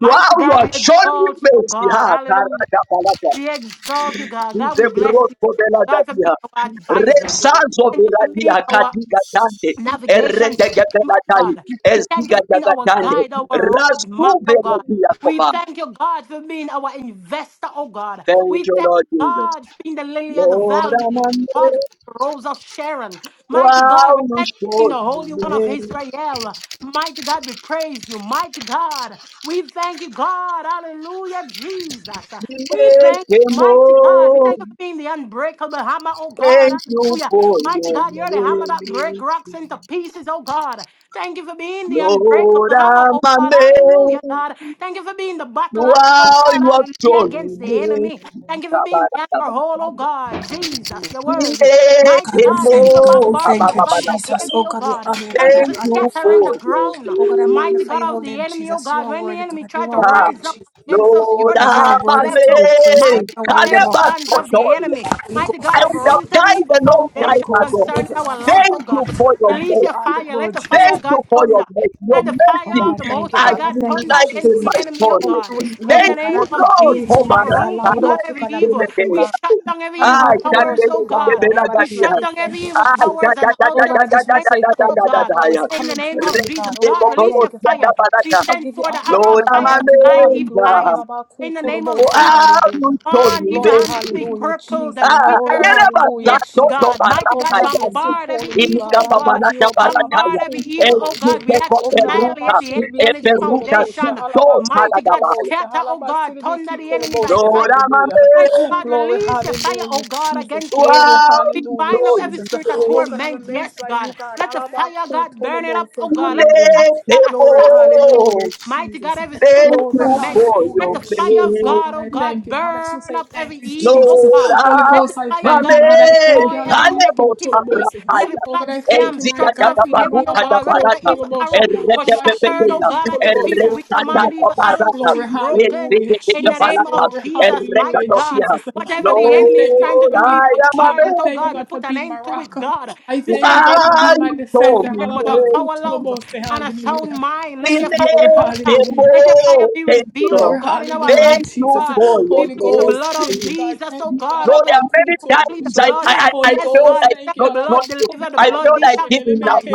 Speaker 1: Wow, you
Speaker 4: God,
Speaker 1: are
Speaker 4: we
Speaker 1: showing
Speaker 4: exalt you, oh
Speaker 1: mercy.
Speaker 4: God.
Speaker 1: Ha,
Speaker 4: Hallelujah.
Speaker 1: Karadabalata.
Speaker 4: We exalt you, God. God, we
Speaker 1: The
Speaker 4: bless
Speaker 1: broad
Speaker 4: you.
Speaker 1: for
Speaker 4: Thank
Speaker 1: the
Speaker 4: you, God, for
Speaker 1: Lagadia.
Speaker 4: being our
Speaker 1: Red
Speaker 4: advisor.
Speaker 1: sons of
Speaker 4: Thank
Speaker 1: the
Speaker 4: you for being
Speaker 1: Radia
Speaker 4: our
Speaker 1: Kadiga Dante.
Speaker 4: navigation system, oh
Speaker 1: Eredegabelatai.
Speaker 4: God. We thank you
Speaker 1: Eziga
Speaker 4: for being our
Speaker 1: Jagatande.
Speaker 4: guide, our
Speaker 1: Rasu
Speaker 4: roadmap, oh God.
Speaker 1: Veladia
Speaker 4: We
Speaker 1: Koba.
Speaker 4: thank you, God, for being our investor, oh God.
Speaker 1: Thank
Speaker 4: We
Speaker 1: you,
Speaker 4: thank
Speaker 1: Lord Jesus.
Speaker 4: God for being the lily of the
Speaker 1: Lord,
Speaker 4: valley. We
Speaker 1: I'm
Speaker 4: thank God
Speaker 1: under.
Speaker 4: for the rose of Sharon. Mighty God, we
Speaker 1: Wow, you
Speaker 4: thank you. for being
Speaker 1: show
Speaker 4: the Holy One of
Speaker 1: me.
Speaker 4: Israel. Mighty God, we praise you. Mighty God, we thank you, God. Hallelujah, Jesus. We thank you, mighty God. We thank you for being the unbreakable hammer, oh God.
Speaker 1: Thank you
Speaker 4: Hallelujah.
Speaker 1: for
Speaker 4: Mighty
Speaker 1: your
Speaker 4: God, you're the hammer that break
Speaker 1: name.
Speaker 4: rocks into pieces, oh God. Thank you for being the unbreakable
Speaker 1: Lord,
Speaker 4: hammer,
Speaker 1: I'm
Speaker 4: oh God. Hallelujah,
Speaker 1: amazed.
Speaker 4: God. Thank you for being the battle axe, oh
Speaker 1: Wow,
Speaker 4: God.
Speaker 1: you have
Speaker 4: Hallelujah, against
Speaker 1: done
Speaker 4: the
Speaker 1: me.
Speaker 4: enemy. Thank you for being the anchor hole, oh God. Jesus, you're worthy. Mighty
Speaker 7: God, we
Speaker 4: God, thank you
Speaker 7: thank you,
Speaker 4: for
Speaker 7: God. We
Speaker 4: bombarding
Speaker 7: thank
Speaker 4: the
Speaker 7: you,
Speaker 4: plans of the
Speaker 7: Jesus. Oh,
Speaker 4: enemy, oh
Speaker 7: God, we
Speaker 4: God.
Speaker 7: honor you, God.
Speaker 4: Thank
Speaker 7: I
Speaker 4: you for
Speaker 1: Thank
Speaker 7: honor you,
Speaker 1: you
Speaker 4: scattering the
Speaker 1: for
Speaker 7: Father.
Speaker 1: your
Speaker 4: ground,
Speaker 7: Oh, God, I
Speaker 4: mighty
Speaker 1: grace.
Speaker 7: magnify
Speaker 4: God
Speaker 7: your
Speaker 4: of
Speaker 7: holy
Speaker 4: the
Speaker 7: name,
Speaker 4: enemy, oh
Speaker 7: Jesus. You
Speaker 4: God.
Speaker 7: are
Speaker 4: When the
Speaker 7: worthy,
Speaker 4: enemy
Speaker 7: God. You
Speaker 4: tried to
Speaker 7: are
Speaker 1: Ah,
Speaker 7: worthy,
Speaker 4: rise up
Speaker 7: Jesus.
Speaker 4: against us,
Speaker 7: Oh,
Speaker 1: Lord,
Speaker 4: you're the
Speaker 7: God, you
Speaker 1: I'm
Speaker 4: God
Speaker 7: are
Speaker 4: that
Speaker 7: worthy to
Speaker 4: level,
Speaker 7: be praised, God.
Speaker 1: amazed.
Speaker 7: You
Speaker 4: mighty
Speaker 7: are
Speaker 1: Can
Speaker 4: God,
Speaker 7: worthy
Speaker 4: every
Speaker 7: about
Speaker 1: never
Speaker 7: our
Speaker 4: plans
Speaker 7: praise,
Speaker 4: of
Speaker 1: thought
Speaker 4: the
Speaker 7: God.
Speaker 1: of
Speaker 4: enemy.
Speaker 7: Holy
Speaker 4: Mighty
Speaker 7: Ghost,
Speaker 4: God,
Speaker 7: I
Speaker 1: I would
Speaker 7: thank
Speaker 1: have
Speaker 7: you,
Speaker 4: uproot every
Speaker 7: God.
Speaker 1: died
Speaker 4: evil
Speaker 1: a long
Speaker 7: Holy
Speaker 4: foundation
Speaker 1: time
Speaker 7: Ghost,
Speaker 1: ago.
Speaker 7: I give
Speaker 4: concerning
Speaker 7: you all
Speaker 4: our
Speaker 7: the
Speaker 4: life,
Speaker 1: Thank
Speaker 4: oh
Speaker 7: honor,
Speaker 1: you
Speaker 4: God.
Speaker 7: God.
Speaker 1: for your
Speaker 7: I give
Speaker 4: Release
Speaker 7: you
Speaker 4: your
Speaker 7: all
Speaker 1: mercy.
Speaker 7: the
Speaker 4: fire.
Speaker 7: glory,
Speaker 4: Let the fire,
Speaker 7: Jesus.
Speaker 1: Thank
Speaker 4: of
Speaker 1: you
Speaker 4: God,
Speaker 1: for your
Speaker 4: thunder.
Speaker 1: mercy. Your
Speaker 4: Let the
Speaker 7: Oh
Speaker 1: mercy
Speaker 7: God,
Speaker 4: fire of
Speaker 7: I
Speaker 4: the
Speaker 7: thank
Speaker 4: Most
Speaker 7: you,
Speaker 1: has
Speaker 4: High
Speaker 7: God. I
Speaker 4: God
Speaker 1: been
Speaker 7: thank
Speaker 4: thunder
Speaker 7: you,
Speaker 1: light in
Speaker 4: against
Speaker 7: Jesus.
Speaker 4: the
Speaker 1: my
Speaker 4: enemy, oh
Speaker 7: Oh
Speaker 1: story.
Speaker 7: God, I
Speaker 4: God.
Speaker 7: would
Speaker 4: In
Speaker 7: love
Speaker 1: Thank
Speaker 4: the
Speaker 7: you, God.
Speaker 4: name
Speaker 1: you,
Speaker 7: I
Speaker 4: of
Speaker 1: Lord,
Speaker 4: Jesus,
Speaker 7: appreciate
Speaker 1: for
Speaker 7: you, mighty God,
Speaker 4: uproot,
Speaker 7: Lord.
Speaker 4: oh
Speaker 1: Barataya.
Speaker 7: Without
Speaker 4: God,
Speaker 7: you,
Speaker 4: every
Speaker 7: God, I'm
Speaker 4: evil.
Speaker 7: nothing,
Speaker 4: We
Speaker 7: God.
Speaker 4: shut down every
Speaker 7: I'm
Speaker 4: evil
Speaker 1: Ah,
Speaker 7: nothing
Speaker 4: towers,
Speaker 7: without your
Speaker 4: oh
Speaker 7: Father.
Speaker 4: God.
Speaker 7: Oh God, I
Speaker 4: We
Speaker 7: just want
Speaker 1: Shandebelagadia.
Speaker 4: shut
Speaker 7: to say
Speaker 4: down every
Speaker 7: thank you,
Speaker 4: evil
Speaker 1: Ah,
Speaker 7: Jesus.
Speaker 4: towers and
Speaker 7: Oh
Speaker 4: altars
Speaker 7: God, I just want to
Speaker 4: against
Speaker 7: say
Speaker 4: us, oh
Speaker 7: thank you, God,
Speaker 4: God.
Speaker 7: for
Speaker 1: Shadadadadadadadadadadadaya.
Speaker 7: always
Speaker 4: In the
Speaker 7: coming through
Speaker 4: name
Speaker 7: for
Speaker 4: of
Speaker 7: me,
Speaker 4: Jesus,
Speaker 7: God. Oh God,
Speaker 4: God,
Speaker 7: I
Speaker 4: release your
Speaker 7: thank you,
Speaker 4: fire.
Speaker 7: Father.
Speaker 4: We
Speaker 7: I
Speaker 4: send
Speaker 7: give you
Speaker 4: for the
Speaker 7: all the
Speaker 4: arrow
Speaker 1: Lord,
Speaker 4: of
Speaker 7: honor,
Speaker 1: I'm
Speaker 7: God.
Speaker 4: fire
Speaker 7: I
Speaker 4: to
Speaker 7: give you all
Speaker 4: blind
Speaker 7: the
Speaker 4: evil
Speaker 1: amazed.
Speaker 7: glory. All
Speaker 4: eyes.
Speaker 7: about cool,
Speaker 4: In the
Speaker 7: total
Speaker 4: name of
Speaker 7: about
Speaker 1: Oh,
Speaker 7: say
Speaker 4: Jesus,
Speaker 1: how you
Speaker 7: hallelujah.
Speaker 1: showed
Speaker 4: on,
Speaker 1: me
Speaker 4: evil
Speaker 7: Glory,
Speaker 4: hands to
Speaker 1: mercy.
Speaker 4: be
Speaker 7: hallelujah,
Speaker 4: crippled
Speaker 7: Jesus.
Speaker 4: and
Speaker 1: Ah,
Speaker 7: Glory,
Speaker 1: ayana
Speaker 4: withered.
Speaker 1: basa
Speaker 7: hallelujah,
Speaker 4: Yes,
Speaker 1: do
Speaker 7: Jesus.
Speaker 1: do
Speaker 4: God.
Speaker 1: bara
Speaker 4: Mighty
Speaker 7: Oh God,
Speaker 4: God,
Speaker 7: I bless
Speaker 1: kayandi.
Speaker 7: your
Speaker 4: bombard every
Speaker 7: holy name,
Speaker 4: evil,
Speaker 1: Inika
Speaker 7: God.
Speaker 4: oh
Speaker 7: I lift
Speaker 1: babana
Speaker 4: God.
Speaker 1: da
Speaker 7: you up. all
Speaker 1: bara
Speaker 7: about
Speaker 4: Bombard every
Speaker 1: kayandi.
Speaker 7: cool, total
Speaker 4: evil, oh
Speaker 7: about
Speaker 1: Esu
Speaker 7: you.
Speaker 4: God. We
Speaker 1: deko
Speaker 4: ask
Speaker 7: Oh
Speaker 4: to
Speaker 7: God, halaba
Speaker 1: beruta,
Speaker 4: annihilate the enemy
Speaker 1: e
Speaker 4: and its
Speaker 7: shilibiki
Speaker 1: beruta
Speaker 7: kolobosha,
Speaker 4: foundation.
Speaker 1: do
Speaker 7: halaba ko
Speaker 1: sada
Speaker 4: Mighty
Speaker 1: da
Speaker 4: God,
Speaker 1: baya.
Speaker 7: tolobosa,
Speaker 4: scatter, oh
Speaker 7: halaba
Speaker 4: God. Thunder
Speaker 7: silibiki
Speaker 4: the enemy by
Speaker 7: kolobosha,
Speaker 4: fire.
Speaker 1: Lord
Speaker 7: hallelujah.
Speaker 1: amame,
Speaker 4: Mighty God,
Speaker 7: Glory,
Speaker 4: release your fire, oh
Speaker 7: hallelujah,
Speaker 4: God,
Speaker 7: Jesus.
Speaker 4: against the enemy.
Speaker 7: Glory,
Speaker 1: wow,
Speaker 4: We
Speaker 7: hallelujah,
Speaker 1: so
Speaker 4: bind up every
Speaker 7: Jesus.
Speaker 4: spirit of
Speaker 7: Oh God, I'm
Speaker 4: torment.
Speaker 7: amazed
Speaker 4: Yes,
Speaker 7: by you,
Speaker 4: God.
Speaker 7: God.
Speaker 4: Let the
Speaker 7: Halaba
Speaker 4: fire,
Speaker 7: ko
Speaker 4: God, burn it up, oh
Speaker 7: tolobosa,
Speaker 1: you
Speaker 4: God. Let the fire,
Speaker 7: hallelujah.
Speaker 1: make me
Speaker 4: God,
Speaker 7: Glory,
Speaker 4: assassinate.
Speaker 1: whole.
Speaker 7: hallelujah,
Speaker 4: Mighty God, every
Speaker 7: Jesus.
Speaker 4: spirit of
Speaker 1: Thank
Speaker 7: Glory,
Speaker 1: you
Speaker 4: torment,
Speaker 1: for
Speaker 4: let
Speaker 1: your
Speaker 7: hallelujah,
Speaker 4: the fire
Speaker 7: Jesus.
Speaker 4: of
Speaker 1: grace.
Speaker 7: Oh
Speaker 4: God,
Speaker 7: God,
Speaker 4: oh
Speaker 7: I thank
Speaker 4: God,
Speaker 7: you, God. I just want to
Speaker 4: burn
Speaker 7: say
Speaker 4: up
Speaker 7: thank
Speaker 4: every
Speaker 7: you,
Speaker 4: evil, oh
Speaker 7: Jesus.
Speaker 1: Lord,
Speaker 4: God.
Speaker 7: Holy
Speaker 1: ah,
Speaker 4: Let the
Speaker 7: Ghost, I
Speaker 4: fire, of
Speaker 7: thank you,
Speaker 4: God,
Speaker 7: God. I
Speaker 1: Amen.
Speaker 7: thank you,
Speaker 4: destroy every
Speaker 7: Halabaku
Speaker 4: negativity,
Speaker 7: Tolobose.
Speaker 4: every
Speaker 1: Alebotabrahaya.
Speaker 7: Oh God,
Speaker 4: plot,
Speaker 7: I thank you,
Speaker 4: scam,
Speaker 7: mighty
Speaker 4: straps
Speaker 7: God,
Speaker 4: of
Speaker 7: for
Speaker 4: the
Speaker 7: the
Speaker 4: enemy, oh
Speaker 1: Ezigadabaruta
Speaker 4: God.
Speaker 7: Malabako
Speaker 4: Whatever
Speaker 1: dabarata.
Speaker 4: evil
Speaker 7: Tolobosha,
Speaker 4: arrow was shattered, oh
Speaker 1: Erekebebekeya.
Speaker 7: Mahalabashilibiki
Speaker 4: God, at your people,
Speaker 7: Kolobose.
Speaker 4: we command
Speaker 7: Hallelujah.
Speaker 4: evil arrows
Speaker 1: Erekadabarata.
Speaker 4: to be
Speaker 7: Glory,
Speaker 4: broken
Speaker 7: hallelujah,
Speaker 4: in the
Speaker 7: Jesus.
Speaker 4: name
Speaker 1: Ezigidigabalata.
Speaker 4: of
Speaker 7: Glory,
Speaker 4: Jesus,
Speaker 7: hallelujah,
Speaker 4: mighty God.
Speaker 1: Erekadofia.
Speaker 7: Jesus.
Speaker 4: Whatever
Speaker 7: Oh God,
Speaker 4: the
Speaker 7: I
Speaker 4: enemy is
Speaker 7: thank you, God,
Speaker 4: trying to
Speaker 1: Lord,
Speaker 7: for
Speaker 4: do,
Speaker 7: being
Speaker 4: we
Speaker 1: I
Speaker 7: my
Speaker 1: am a
Speaker 7: King.
Speaker 4: bombard
Speaker 7: I
Speaker 4: it,
Speaker 1: man
Speaker 4: oh
Speaker 7: thank you,
Speaker 4: God. We
Speaker 7: God, for
Speaker 4: put an
Speaker 7: being my
Speaker 4: end to
Speaker 7: rock.
Speaker 4: it, God.
Speaker 7: I
Speaker 4: You
Speaker 1: who
Speaker 7: thank
Speaker 4: say
Speaker 7: you,
Speaker 4: you
Speaker 7: God,
Speaker 4: didn't
Speaker 7: for
Speaker 4: give
Speaker 1: are
Speaker 7: being
Speaker 4: us
Speaker 7: my
Speaker 1: you
Speaker 4: the
Speaker 1: told
Speaker 7: defender.
Speaker 1: me.
Speaker 4: fear, but of
Speaker 7: Halabaku
Speaker 4: power, love
Speaker 7: Tolobose.
Speaker 4: and a sound
Speaker 7: Hallelujah.
Speaker 4: mind. Let
Speaker 1: Thank
Speaker 4: your fire
Speaker 7: Glory,
Speaker 4: thunder.
Speaker 1: you,
Speaker 7: hallelujah.
Speaker 4: Let your fire be revealed, oh
Speaker 1: Lord.
Speaker 7: Glory,
Speaker 4: God, in our
Speaker 7: hallelujah,
Speaker 4: life,
Speaker 1: Thank
Speaker 4: oh
Speaker 1: you
Speaker 7: Jesus.
Speaker 4: God.
Speaker 1: for your
Speaker 4: We
Speaker 7: Holy
Speaker 4: plead the
Speaker 7: Ghost,
Speaker 4: blood of
Speaker 1: mercy.
Speaker 7: thank you, God.
Speaker 4: Jesus,
Speaker 7: Thank you.
Speaker 4: oh God,
Speaker 1: Lord,
Speaker 4: over
Speaker 1: there
Speaker 4: your
Speaker 1: are many
Speaker 4: people. We plead the
Speaker 1: times
Speaker 7: Halabakutoloboshe.
Speaker 1: I,
Speaker 4: blood.
Speaker 1: I, I I
Speaker 7: Holy
Speaker 4: Yes,
Speaker 1: felt
Speaker 7: Ghost,
Speaker 4: God, you
Speaker 1: like
Speaker 4: said
Speaker 7: thank you.
Speaker 4: the
Speaker 1: not, not,
Speaker 4: blood deliver, the
Speaker 1: I
Speaker 4: blood
Speaker 1: felt like
Speaker 7: Halabakutoloboshe.
Speaker 1: giving up.
Speaker 4: detoxifies.